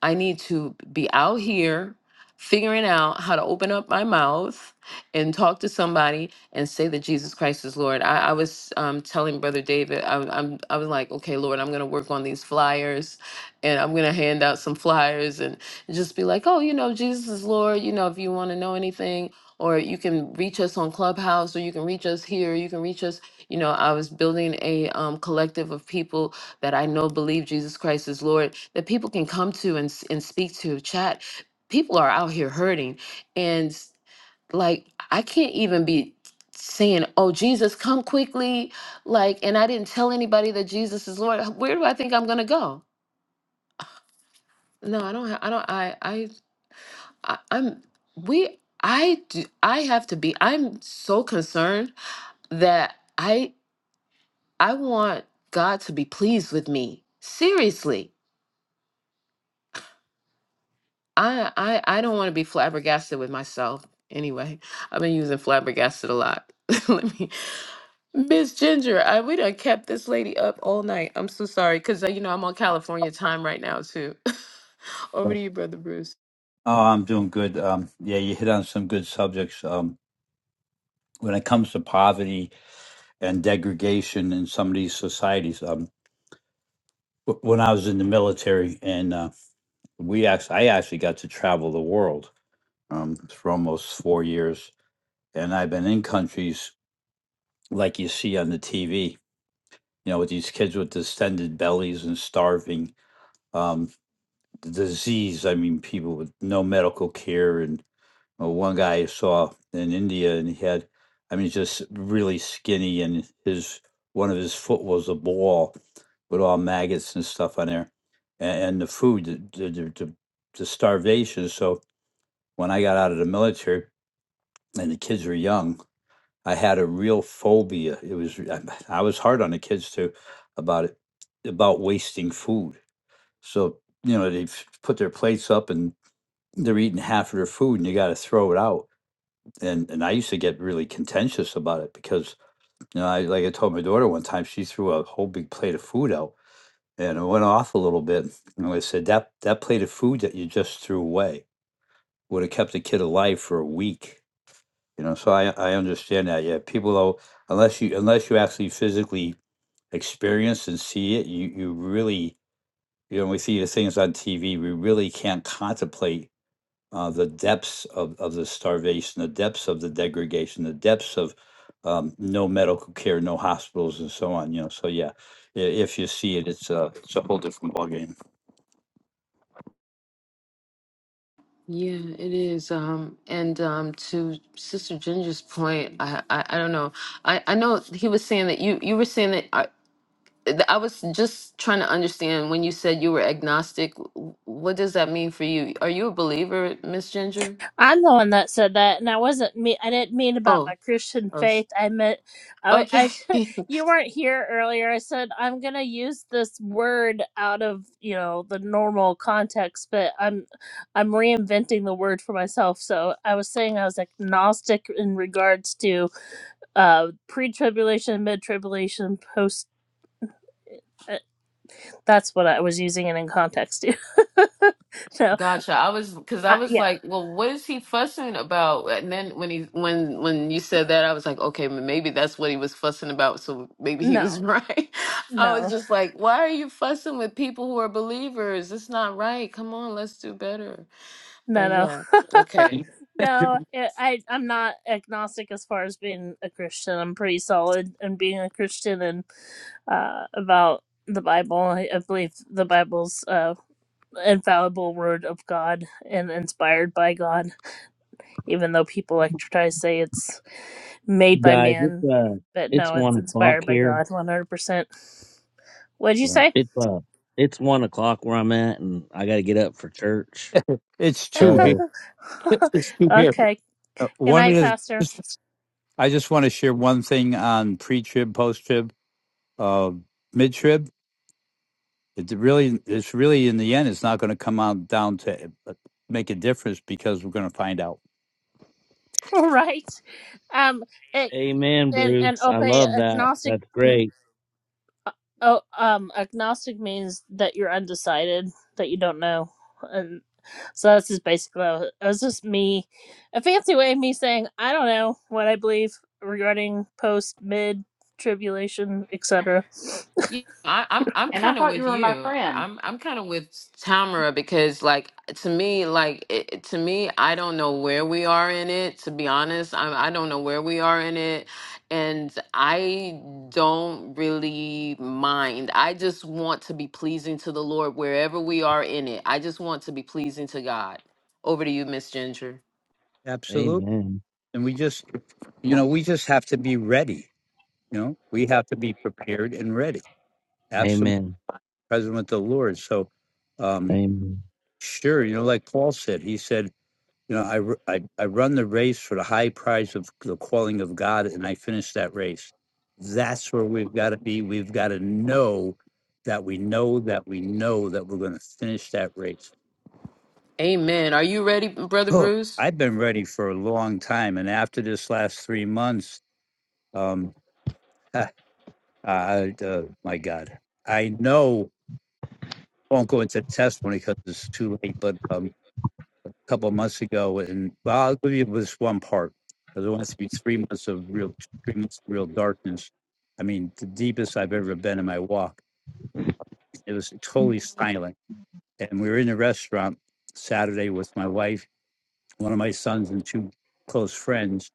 I need to be out here figuring out how to open up my mouth and talk to somebody and say that Jesus Christ is Lord. I, I was um, telling Brother David, I, I'm, I was like, okay, Lord, I'm going to work on these flyers and I'm going to hand out some flyers and just be like, oh, you know, Jesus is Lord. You know, if you want to know anything, or you can reach us on Clubhouse, or you can reach us here, you can reach us. You know, I was building a um, collective of people that I know believe Jesus Christ is Lord that people can come to and, s- and speak to, chat. People are out here hurting. And s- like, I can't even be saying, Oh, Jesus, come quickly. Like, and I didn't tell anybody that Jesus is Lord. Where do I think I'm going to go? No, I don't, ha- I don't, I, I, I I'm, we, I do, I have to be, I'm so concerned that I, I want God to be pleased with me. Seriously I I I don't want to be flabbergasted with myself anyway. I've been using flabbergasted a lot. Let me Miss Ginger, I we done kept this lady up all night. I'm so sorry because uh, you know I'm on California time right now too. Over to you, brother Bruce.
Oh, I'm doing good. Um, yeah, you hit on some good subjects. Um, when it comes to poverty and degradation in some of these societies, um, w- when I was in the military and. uh, we actually, I actually got to travel the world um, for almost four years, and I've been in countries like you see on the TV, you know, with these kids with distended bellies and starving, um, the disease. I mean, people with no medical care, and uh, one guy I saw in India, and he had, I mean, just really skinny, and his one of his foot was a ball with all maggots and stuff on there, and, and the food, the, the, the, the starvation. So when I got out of the military and the kids were young, I had a real phobia. It was I I was hard on the kids too about it about wasting food. So you know they f- put their plates up and they're eating half of their food and you got to throw it out. And and I used to get really contentious about it because you know I like I told my daughter one time she threw a whole big plate of food out and it went off a little bit. And I said that that plate of food that you just threw away would have kept the kid alive for a week You know, so I I understand that. Yeah, people though, unless you unless you actually physically experience and see it, you you really you know we see the things on TV. We really can't contemplate uh, the depths of, of the starvation, the depths of the degradation, the depths of um, no medical care, no hospitals, and so on. You know, so yeah, i- if you see it, it's a it's a whole different ballgame.
Yeah, it is. Um, and um, to Sister Ginger's point, I, I I don't know. I I know he was saying that you you were saying that. th- I was just trying to understand when you said you were agnostic. w- What does that mean for you? Are you a believer, Miss Ginger?
I'm the one that said that, and I wasn't me. I didn't mean about
Oh,
my Christian
oh, s-
faith. I meant, I,
okay.
I, you weren't here earlier. I said I'm gonna use this word out of you know the normal context, but I'm, I'm reinventing the word for myself. So I was saying I was agnostic in regards to uh pre-tribulation, mid-tribulation, post. uh, That's what I was using it in context to. So,
Gotcha. I was because I
uh,
was
yeah,
like, well, what is he fussing about? And then when he when when you said that, I was like, okay, m- maybe that's what he was fussing about. So maybe he was
no,
right. I
no.
was just like, why are you fussing with people who are believers? It's not right. Come on, let's do better. But
No,
yeah,
no,
okay.
no. It, I I'm not agnostic as far as being a Christian. I'm pretty solid in being a Christian and uh, about the Bible. I, I believe the Bible's uh, infallible word of God and inspired by God. Even though people like to try to say it's made by
Guys,
man,
it's uh
but
it's
no, it's
one o'clock
inspired by
here.
God, one hundred percent. What'd you
Yeah.
say?
It's uh it's one o'clock where I'm at, and I got to get up for church.
It's two. He,
So,
okay.
uh,
Good
one of
night,
the.
Pastor.
just- I just want to share one thing on pre-trib, post-trib. uh, mid trib, it really it's really in the end, it's not going to come out down to uh, make a difference because we're going to find out.
All right. Um. eh,
amen,
and and
Bruce. I
ope
love that.
agnostic
That's
mm,
great.
uh, oh um agnostic means that you're undecided that you don't know and so this is basically it's just me a fancy way of me saying i don't know what i believe regarding post mid tribulation et cetera.
Yeah, I, I'm I'm
And I
kind of
thought you
with
were my
you.
friend.
I'm I'm kind of with Tamara because like to me like it, it- to me I don't know where we are in it to be honest. I I don't know where we are in it and I don't really mind. I just want to be pleasing to the Lord wherever we are in it. I just want to be pleasing to God. Over to you, Miss Ginger.
Absolutely,
Amen.
and we just you know we just have to be ready. You know, we have to be prepared and ready. Absolutely,
Amen.
present with the Lord. So, um,
Amen.
sure, you know, like Paul said, he said You know, I, ru- I, I run the race for the high prize of the calling of God, and I finish that race. That's where we've got to be. We've got to know that we know that we know that we're going to finish that race.
Amen. Are you ready, brother
Oh,
Bruce?
I've been ready for a long time, and after this last three months, um, I, uh, my God, I know won't go into testimony because it's too late. But um, couple of months ago, and well, I'll give you this one part because it wants to be three months of real, three months of real darkness. I mean, the deepest I've ever been in my walk. It was totally silent, and we were in a restaurant Saturday with my wife, one of my sons, and two close friends.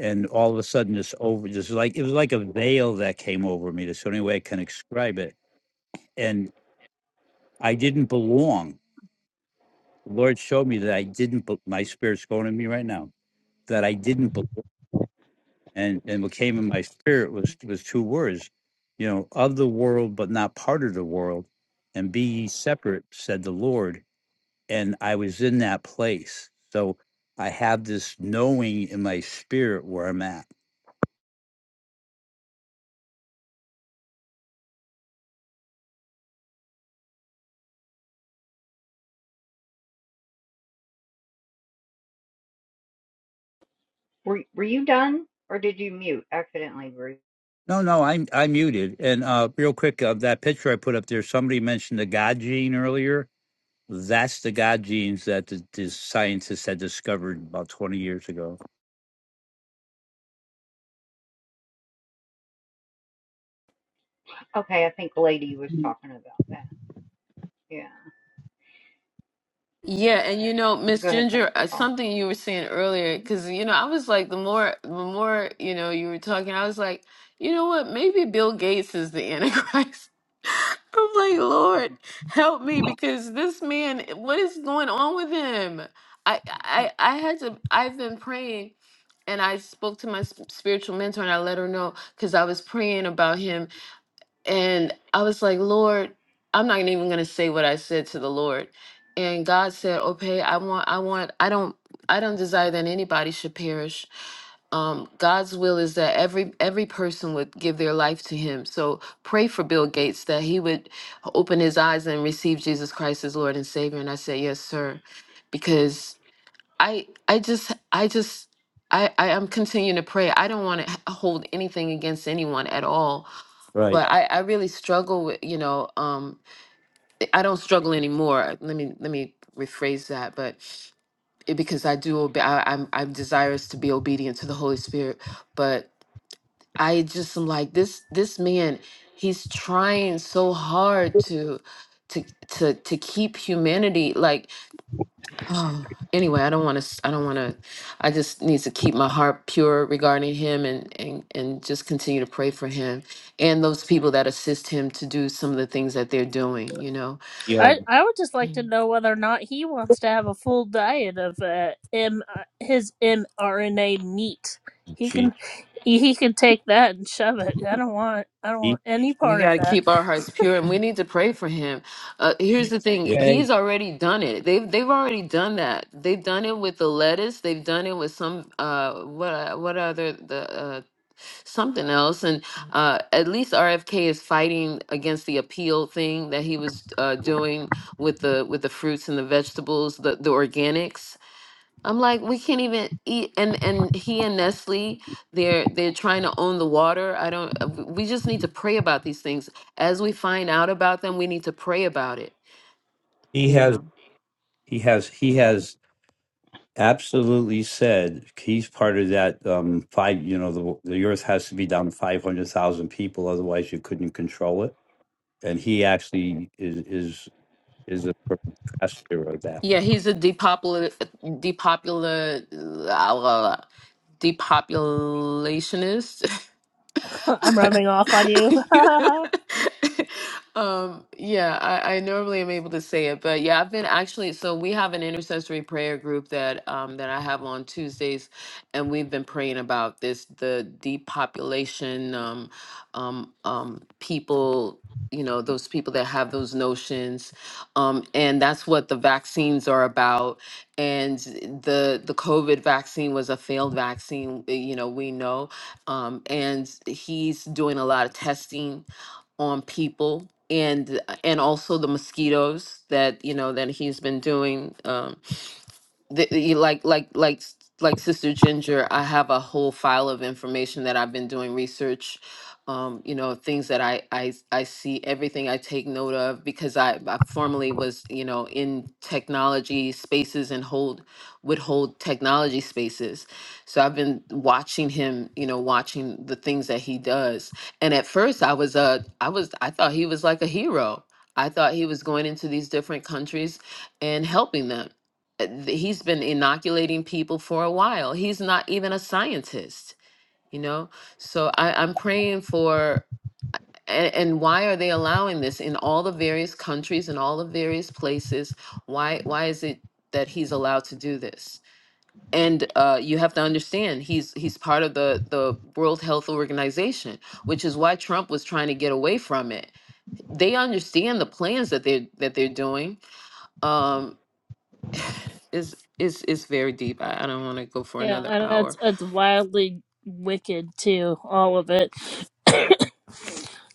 And all of a sudden, this over, just like it was like a veil that came over me. That's the only way I can describe it. And I didn't belong. The Lord showed me that I didn't. be- My spirit's going to me right now. That I didn't belong and and what came in my spirit was was two words you know of the world but not part of the world and be ye separate said the lord and i was in that place so i have this knowing in my spirit where i'm at
Were, were you done? Or did you mute accidentally? Ruth?
no no i'm i'm muted and uh real quick uh, that picture i put up there somebody mentioned the god gene earlier that's the god genes that the, the scientists had discovered about 20 years ago
Okay, I think Lady was talking about that. Yeah.
Yeah,
E-
and you know, Miss
Go ahead,
Ginger,
Pastor
uh,
Paul.
something you were saying earlier,
E,
because you know, I was like, the more, the more you know, you were talking, I was like, you know what? Maybe Bill Gates is the Antichrist. I'm like, Lord, help me, because this man, what is going on with him? I, I, I had to. I've been praying, and I spoke to my s- spiritual mentor, and I let her know because I was praying about him and I was like, Lord, I'm not even gonna say what I said to the Lord. And God said, Okay, I want, I want, I don't, I don't desire that anybody should perish. Um, God's will is that every every person would give their life to Him. So pray for Bill Gates that he would open his eyes and receive Jesus Christ as Lord and Savior. And I said, Yes, sir, because I I just I just I I am continuing to pray. I don't want to hold anything against anyone at all
right
but I, I really struggle with you know um eh, I don't struggle anymore. Let me let me rephrase that, but it, because I do obey, I, I'm I'm desirous to be obedient to the Holy Spirit, but I just am like this this man he's trying so hard to to to to keep humanity like Oh, anyway, I don't want to. I don't want to. I just need to keep my heart pure regarding him, and and and just continue to pray for him and those people that assist him to do some of the things that they're doing. You know,
E R
i i would just like to
Mm.
know whether or not he wants to have a full diet of uh, m uh, his mrna meat he
G.
can he he can take that and shove it i don't want i don't want any
we
part
got
of
to
that
keep our hearts pure, and we need to pray for him. Uh, here's the thing:
Yes,
Okay.
he's already done it. They've they've already done that. They've done it with the lettuce. They've done it with some. Uh, what what other the uh, something else. And uh, at least RFK is fighting against the appeal thing that he was uh, doing with the with the fruits and the vegetables, the the organics. I'm like, we can't even eat. And and he and Nestle, they're they're trying to own the water. I don't. uh, w- We just need to pray about these things. As we find out about them, we need to pray about it.
he
You
has.
know.
He has he has absolutely said he's part of that um five you know the the earth has to be down to 500,000 people otherwise you couldn't control it and he actually is is is a professor of that.
Yeah, he's a depopular, depopular, depopulationist.
I'm rubbing off on you.
Um, yeah, I, I normally am able to say it, but yeah, I've been actually, so we have an intercessory prayer group that um that I have on Tuesdays, and we've been praying about this, the depopulation, um, um, um, people, you know, those people that have those notions. Um, and that's what the vaccines are about. And the the COVID vaccine was a failed vaccine, eh, you know, we know um, and he's doing a lot of testing on people and and also the mosquitoes that you know that he's been doing. um, the, the- like like like s- like sister ginger i have a whole file of information that i've been doing research um you know things that i i, I see everything i take note of because I, I formerly was you know in technology spaces and hold would hold technology spaces so i've been watching him you know watching the things that he does and at first i was uh i was i thought he was like a hero i thought he was going into these different countries and helping them uh, th- he's been inoculating people for a while. He's not even a scientist, you know? So I, I'm praying for, and, and why are they allowing this in all the various countries and all the various places? Why, why is it that he's allowed to do this? And uh, you have to understand, he's he's part of the the World Health Organization, which is why Trump was trying to get away from it. They understand the plans that they're that they're doing, Um, it's it's it's very deep. I, I don't want to go for
yeah,
another
and
hour.
it's it's wildly wicked too. All of it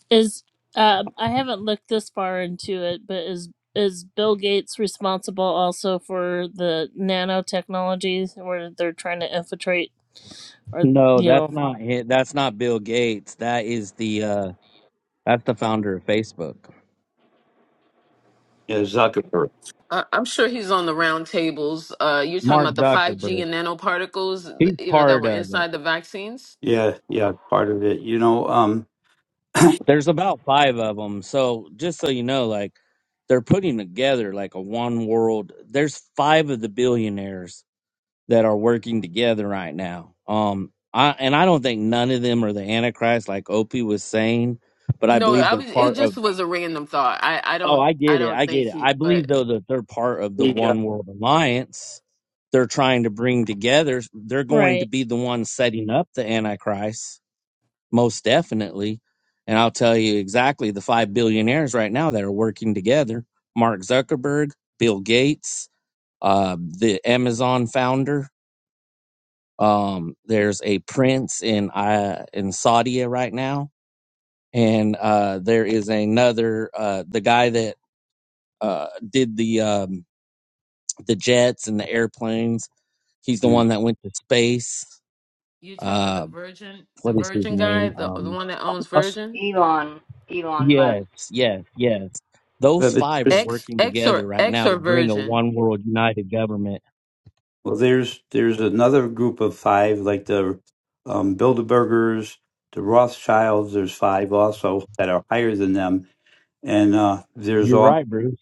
is. Um, I haven't looked this far into it, but is is Bill Gates responsible also for the nanotechnologies where they're trying to infiltrate, or
No,
you
that's
know,
not it. That's not Bill Gates. That is the uh that's the founder of Facebook.
Yeah, Zuckerberg.
Uh, I'm sure he's on the round tables. Uh, you're talking
Mark
about the 5G
Zuckerberg.
and nanoparticles,
He's
you know, that
part
were
of it.
inside the vaccines.
Yeah, yeah, part of it. You know, um
There's about 5 of them. So, just so you know, like they're putting together like a one world. There's 5 of the billionaires that are working together right now. Um, I and I don't think none of them are the Antichrist, like Opie was saying, but I
No,
believe
I
they're
was. It
part of.
just was a random thought. I I
Oh,
don't
I
I
get it.
don't
I get
think
it.
he.
I believe
But
though that they're part of the
the uh,
One World Alliance. They're trying to bring together. They're going to
right?
be the ones setting up the Antichrist, most definitely. And I'll tell you exactly the five billionaires right now that are working together: Mark Zuckerberg, Bill Gates, uh, the Amazon founder. Um, there's a prince in I in Saudi right now, and uh, there is another uh, the guy that uh, did the um, the jets and the airplanes. He's the one that went to space.
you're talking about the
Uh,
Virgin, the
what is his
Virgin guy,
name?
the the
Um,
one that owns
yeah.
Virgin,
Elon, Elon Musk.
yes, yes, yes.
Well,
Those
but
five are
there's
X
working
X or
together right
X
now to
or
bring a
Virgin.
one world united government.
well, there's there's another group of five, like the um, Bilderbergers, the Rothschilds. There's five also that are higher than them, and uh, there's
You're
all
right, Bruce.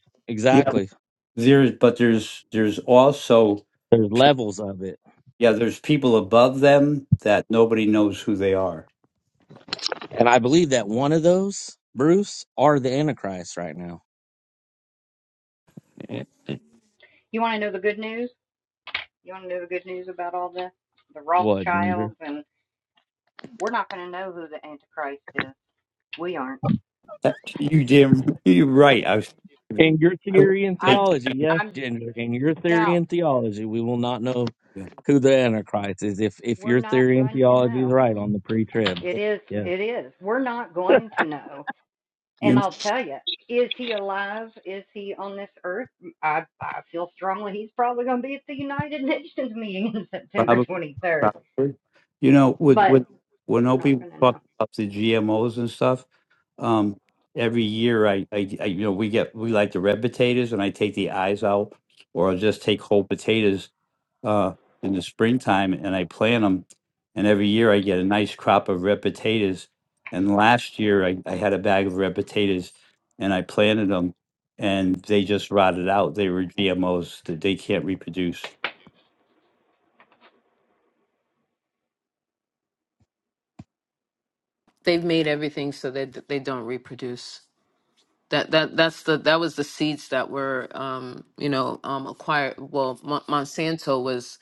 yeah.
Exactly.
There's but there's there's also
There's levels of it.
yeah. There's people above them that nobody knows who they are.
And I believe that one of those, Bruce, are the Antichrist right now.
Yeah.
You want to know the good news? You want to know the good news about all the the
What, Ginger?
Rothschilds and we're not going to know who the Antichrist is. We aren't.
That- you damn, you're right. I was,
In your
I would
theory and
say
I'm.
theology, yes,
I'm
Ginger. In your
now.
theory and theology, we will not know
yeah.
who the Antichrist is if if
We're
your
not
theory and
going to
theology is
know.
right on the pre-trib.
It is,
Yeah.
it is. We're not going to know.
you
And
know,
I'll tell you, is he alive? Is he on this earth? I, I feel strongly he's probably going to be at the United Nations meeting on September
probably,
23rd,
probably. You know, with
but
with when
we're
Opie
not
was
going to
talking
know.
about the GMOs and stuff Um, every year I, I, I, you know, we get, we like the red potatoes and I take the eyes out or I'll just take whole potatoes, uh, in the springtime and I plant them. And every year I get a nice crop of red potatoes. And last year I, I had a bag of red potatoes and I planted them and they just rotted out. They were GMOs that they can't reproduce.
They've made everything so that they don't reproduce. that that that's the that was the seeds that were um you know um acquired well Mon- monsanto was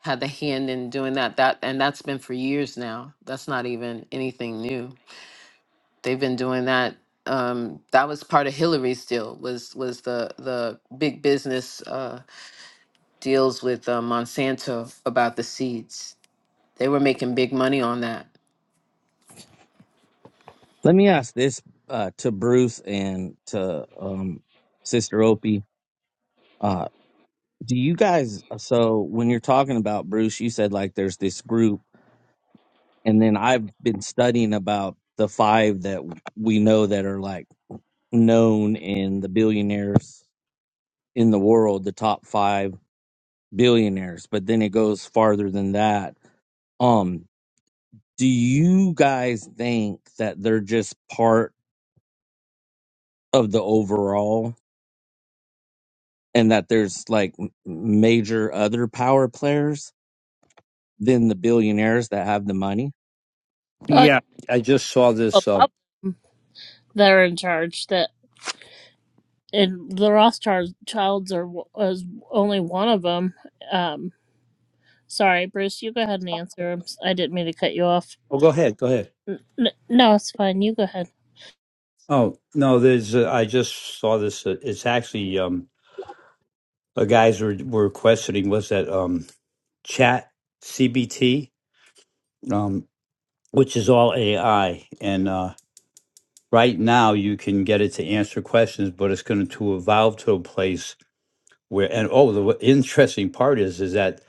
had the hand in doing that that and that's been for years now that's not even anything new they've been doing that um that was part of hillary's deal was was the the big business uh deals with uh, monsanto about the seeds they were making big money on that
Let me ask this uh, to Bruce and to um, Sister Opie. Uh, do you guys? So when you're talking about Bruce, you said like there's this group, and then I've been studying about the five that we know that are like known in the billionaires in the world, the top five billionaires, but then it goes farther than that. Um, do you guys think that they're just part of the overall and that there's like m- major other power players than the billionaires that have the money?
Uh,
Yeah, I just saw this. Uh,
above they're in charge that. And the Rothschilds are w- is only one of them. Um, Sorry, Bruce, you go ahead and answer. I'm, s- I didn't mean to cut you off.
Oh, go ahead. Go ahead.
N- n- no, it's fine. You go ahead.
Oh, no, there's, uh, I just saw this. Uh, it's actually, Um, uh, guys were, were questioning was that um, chat CBT, um, which is all AI. And uh, right now you can get it to answer questions, but it's going to evolve to a place where, and oh, the w- interesting part is, is that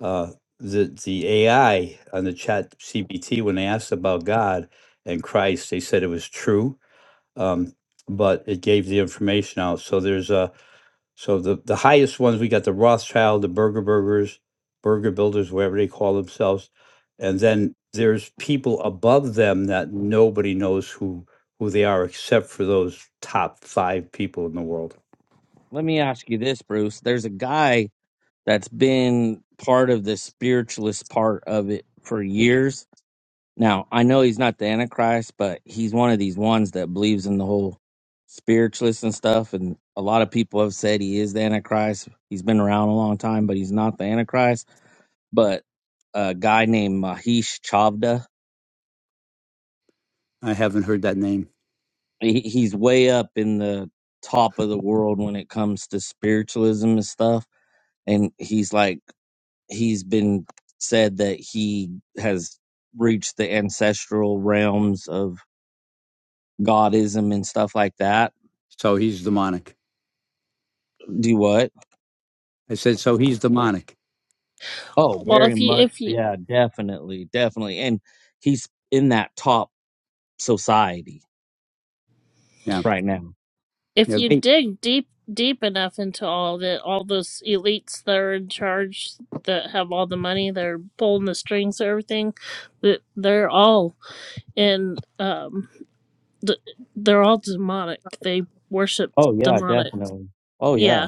uh, the, the AI on the chat CBT, when they asked about God and Christ, they said it was true. Um, but it gave the information out. So there's a So the, the highest ones, we got the Rothschild, the Burger Burgers, Burger Builders, whatever they call themselves. And then there's people above them that nobody knows who who they are except for those top five people in the world.
Let me ask you this, Bruce. There's a guy that's been part of the spiritualist part of it for years. Now, I know he's not the Antichrist, but he's one of these ones that believes in the whole spiritualist and stuff. And a lot of people have said he is the Antichrist. He's been around a long time, but he's not the Antichrist. But a guy named Mahesh Chavda,
I haven't heard that name.
he, he's way up in the top of the world when it comes to spiritualism and stuff. And he's like, he's been said that he has reached the ancestral realms of godism and stuff like that
So he's demonic.
do what
I said, so he's demonic.
oh
Well,
very
if you
much
if you
yeah definitely definitely and he's in that top society
Yeah.
right now
if
Yeah.
you
Hey,
dig deep deep enough into all the all those elites that are in charge that have all the money, they're pulling the strings, and everything. That they're all in. Um, th- they're all demonic. They worship
oh yeah
demonic.
definitely oh
Yeah,
yeah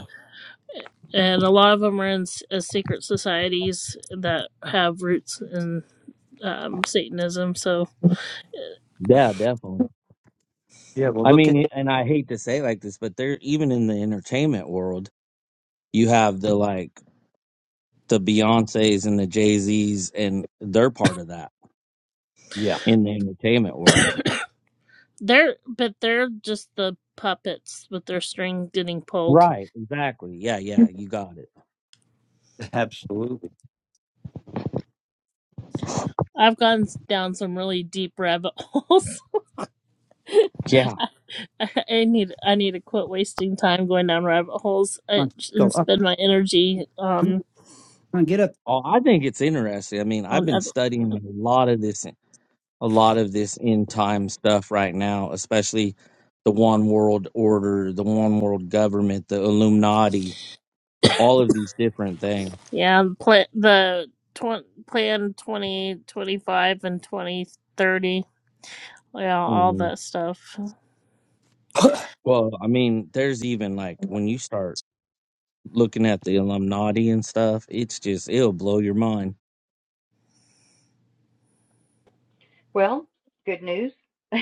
and a lot of them are in s- uh, secret societies that have roots in um, Satanism. So
yeah definitely
Yeah, well,
i
look at
mean and i hate to say like this but there even in the entertainment world you have the like the beyonces and the jay-z's and they're part of that
yeah,
in the entertainment world
They're but they're just the puppets with their strings getting pulled.
Right, exactly. Yeah, yeah, you got it.
absolutely.
I've gone down some really deep rabbit holes. I,
Yeah.
I need I need to quit wasting time going down rabbit holes
come
I,
on, go
and
up.
spend my energy
Come on,
um
come on, get up.
Oh, I think it's interesting. I mean, I've
on
been
other
studying a lot of this, a lot of this end time stuff right now, especially the one world order, the one world government, the Illuminati, all of these different things.
yeah pla the tw- plan twenty twenty five and twenty thirty yeah all
hmm
that stuff.
Well, I mean, there's even like when you start looking at the Illuminati and stuff, it's just, it'll blow your mind.
Well, good news.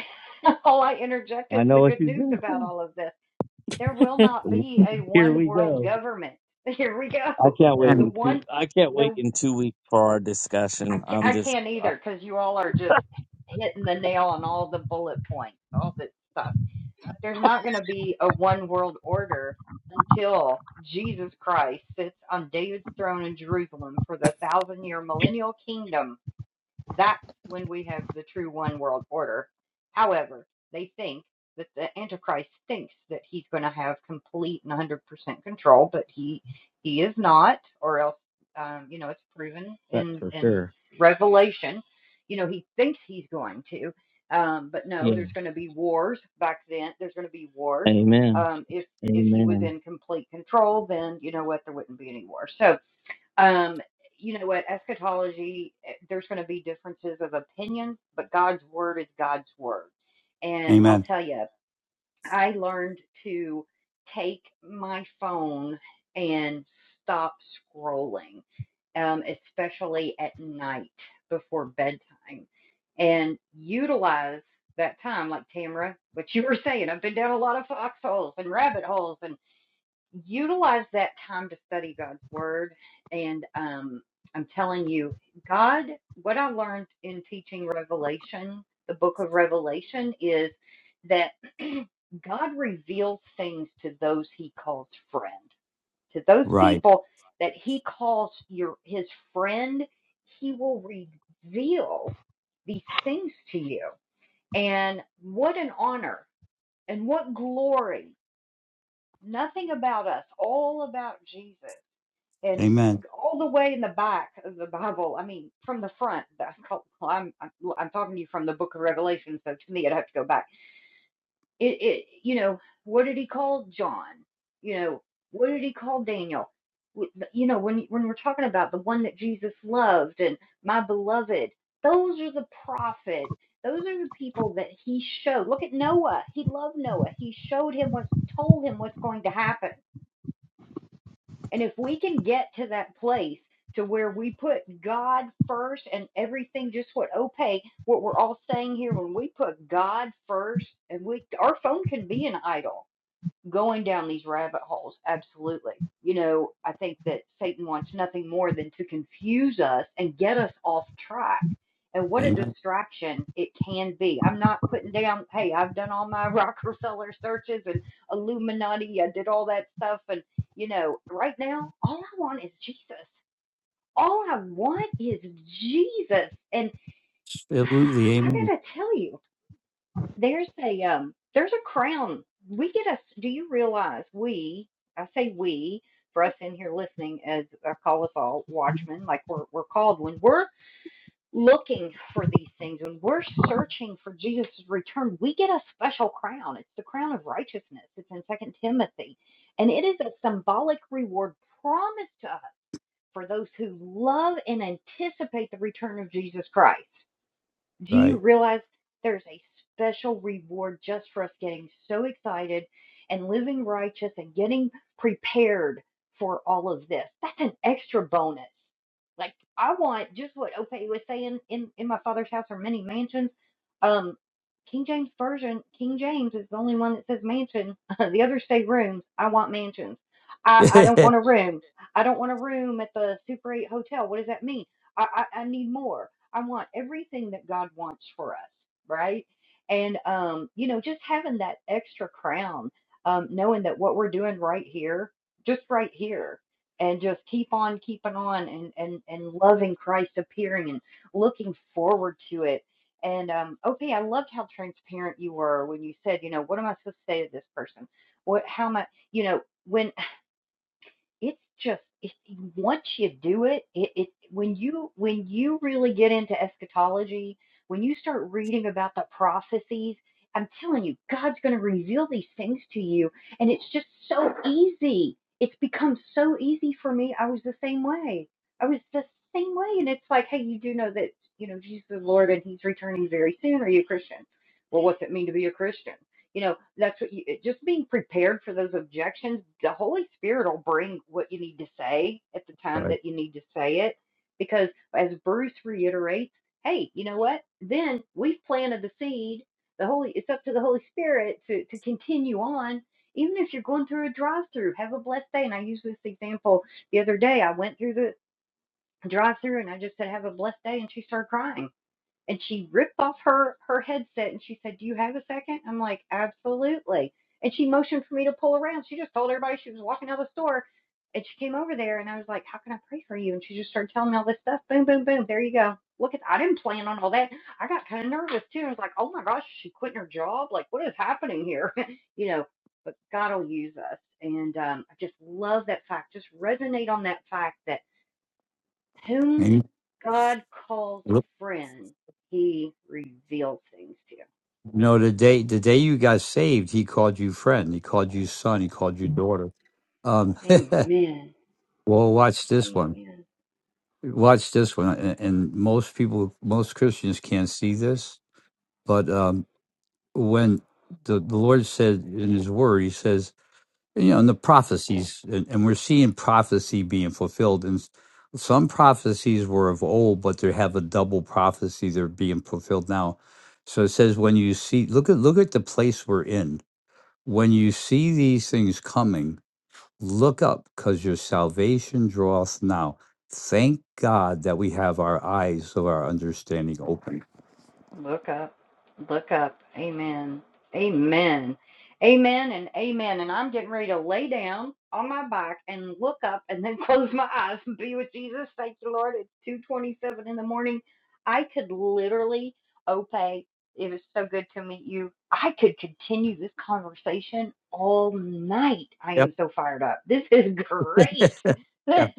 all I interject
I
is the
know what
good
she's
news
going
about
to
all of this. There will not
say.
be a
Here
one
we
world
go.
government. Here we
I
go.
can't wait
The
in two.
one,
I can't wait
the
in two weeks for our
I
discussion.
can't,
I'm
I
just
can't
uh,
either because you all are just hitting the nail on all the bullet points, all this stuff. But there's not going to be a one world order until Jesus Christ sits on David's throne in Jerusalem for the thousand year millennial kingdom that's when we have the true one world order. However, they think that the Antichrist thinks that he's going to have complete and 100% control, but he he is not, or else, um, you know, it's proven
that's
in
for
in
sure.
Revelation. You know, he thinks he's going to, um, but no,
Yeah.
there's going to be wars back then. There's going to be wars.
Amen.
Um, if if he was
Amen.
in complete control, then you know what, there wouldn't be any war. So um, you know what? Eschatology, eh, there's going to be differences of opinions, but God's word is God's word. And I'll
Amen.
tell you, I learned to take my phone and stop scrolling, um, especially at night before bedtime, and utilize that time, like Tamara, what you were saying. I've been down a lot of foxholes and rabbit holes, and utilize that time to study God's word. And um, I'm telling you, God, what I learned in teaching Revelation, the book of Revelation, is that God reveals things to those he calls friend, to those
Right.
people that he calls your his friend, he will reveal these things to you. And what an honor and what glory Nothing about us, all about Jesus. And
Amen.
all the way in the back of the Bible, I mean, from the front, well, I'm, I'm well, I'm talking to you from the book of Revelation, so to me, I'd have to go back. It, it, you know, what did he call John? You know, what did he call Daniel? You know, when when we're talking about the one that Jesus loved and my beloved, those are the prophets. Those are the people that he showed. Look at Noah. He loved Noah. He showed him what's told him what's going to happen and if we can get to that place to where we put God first and everything just what okay, what we're all saying here, when we put God first and we our phone can be an idol going down these rabbit holes. Absolutely. You know, I think that Satan wants nothing more than to confuse us and get us off track. And what a
Amen.
distraction it can be. I'm not putting down, hey, I've done all my Rockefeller searches and Illuminati. I did all that stuff. And, you know, right now, all I want is Jesus. All I want is Jesus. And
Absolutely.
I
Amen.
got to tell you. There's a um there's a crown. We get a do you realize we I say we for us in here listening as I call us all watchmen like we're we're called when we're looking for these things when we're searching for Jesus' return we get a special crown it's the crown of righteousness it's in second Timothy and it is a symbolic reward promised to us for those who love and anticipate the return of Jesus Christ do you
Right.
realize there's a special reward just for us getting so excited and living righteous and getting prepared for all of this? That's an extra bonus. Like I want just what Ope was saying in in my father's house are many mansions. Um, King James version, King James is the only one that says mansion. the others say rooms. I want mansions. I I don't want a room. I don't want a room at the Super Eight hotel. What does that mean? I I, I need more. I want everything that God wants for us, right? And um, you know, just having that extra crown, um, knowing that what we're doing right here, just right here, and just keep on keeping on and and and loving Christ appearing and looking forward to it. And um, OP, I loved how transparent you were when you said, you know, what am I supposed to say to this person? What, how am I, you know, when it's just it's once you do it, it it when you when you really get into eschatology, when you start reading about the prophecies, I'm telling you, God's going to reveal these things to you, and it's just so easy. It's become so easy for me. I was the same way. I was the same way, and it's like, hey, you do know that you know Jesus is Lord, and He's returning very soon. Are you a Christian? Well, what's it mean to be a Christian? you know that's what you just being prepared for those objections the holy spirit will bring what you need to say at the time
Right.
that you need to say it because as bruce reiterates hey you know what then we've planted the seed the holy it's up to the holy spirit to, to continue on even if you're going through a drive through have a blessed day and i used this example the other day i went through the drive through and i just said have a blessed day and she started crying and she ripped off her her headset and she said, "Do you have a second? I'm like, "Absolutely." And she motioned for me to pull around. She just told everybody she was walking out of the store, and she came over there, and I was like, "How can I pray for you?" And she just started telling me all this stuff. Boom, boom, boom. There you go. Look at I didn't plan on all that. I got kind of nervous too. I was like, "Oh my gosh, she quit her job? Like, what is happening here?" you know. But God will use us, and um, I just love that fact. Just resonate on that fact that.
And
Whom
you-
God calls
look,
friend, he reveals things to.
you know, the day the day you got saved, he called you friend. He called you son. He called you daughter. Um,
Amen.
well, watch this one.
Amen.
Watch this one. And, and most people, most Christians can't see this, but um, when the, the Lord said in His Word, He says you know, and the prophecies, and, and we're seeing prophecy being fulfilled. And s- some prophecies were of old, but they have a double prophecy; they're being fulfilled now. So it says, when you see, look at look at the place we're in. When you see these things coming, Look up, because your salvation draweth now. Thank God that we have our eyes of our understanding open.
Look up. Look up. Amen. Amen. Amen and amen. And I'm getting ready to lay down on my back and look up and then close my eyes and be with Jesus. Thank you, Lord. It's 227 in the morning. I could literally, Opay, it was so good to meet you. I could continue this conversation all night. I
Yep.
am so fired up. This is great.
yeah,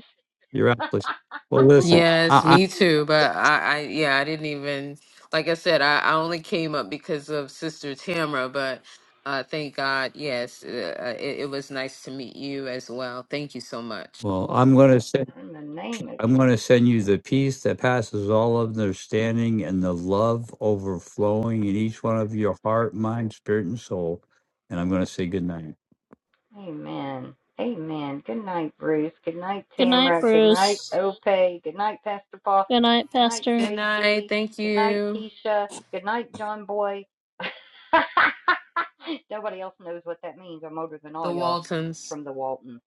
you're right. please. Well,
This
listen,
Yes,
I, I
me too. But I, I yeah, I didn't even like I said, I, I only came up because of Sister Tamra, but uh thank God, yes, uh, it, it was nice to meet you as well. Thank you so much.
well, I'm going to say.
in the name of
I'm
Jesus.
going to send you the peace that passes all understanding and the love overflowing in each one of your heart, mind, spirit, and soul. And I'm going to say good night.
Amen. Amen. Good night, Bruce. Good night,
Good night,
Tamra. Good night,
Bruce.
Ope. Good night, Pastor Paul.
Good night,
Good night,
Pastor.
Good night.
JD.
Thank
Good night,
you,
Keisha. Good night, John Boy. Nobody else knows what that means. I'm older than all
the
y'all. It's
Waltons.
from the Walton.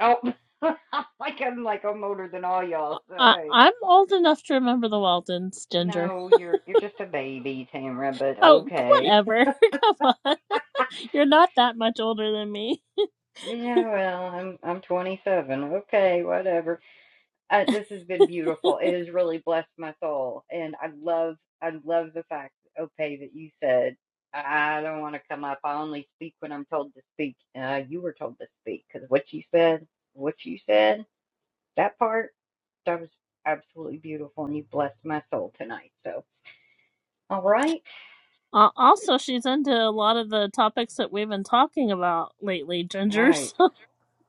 Oh, like I'm like I'm older than all y'all. So
I
hey,
I'm old enough to remember the Waldens, Ginger.
no, you're you're just a baby, Tamra. But
Oh,
okay.
whatever. Come on. You're not that much older than me.
Yeah, well, I'm I'm 27. Okay, whatever. uh, this has been beautiful. It has really blessed my soul, and I love I love the fact, okay, that you said I don't want to come up. I only speak when I'm told to speak. Uh, you were told to speak because what you said, what you said, that part that was absolutely beautiful, and you blessed my soul tonight. So, all right,
Uh, also, she's into a lot of the topics that we've been talking about lately, Ginger.
right,
So- All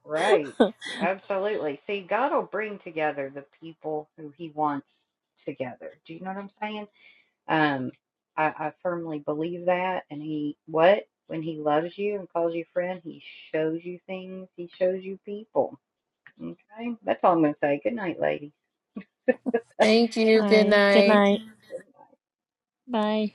right, absolutely. See, God will bring together the people who He wants together. Do you know what I'm saying? Um, I, I firmly believe that. And he, what? When he loves you and calls you friend, he shows you things, he shows you people. Okay? That's all I'm going to say. Good night, ladies.
Thank you. Good
right. Good
night.
night. Bye.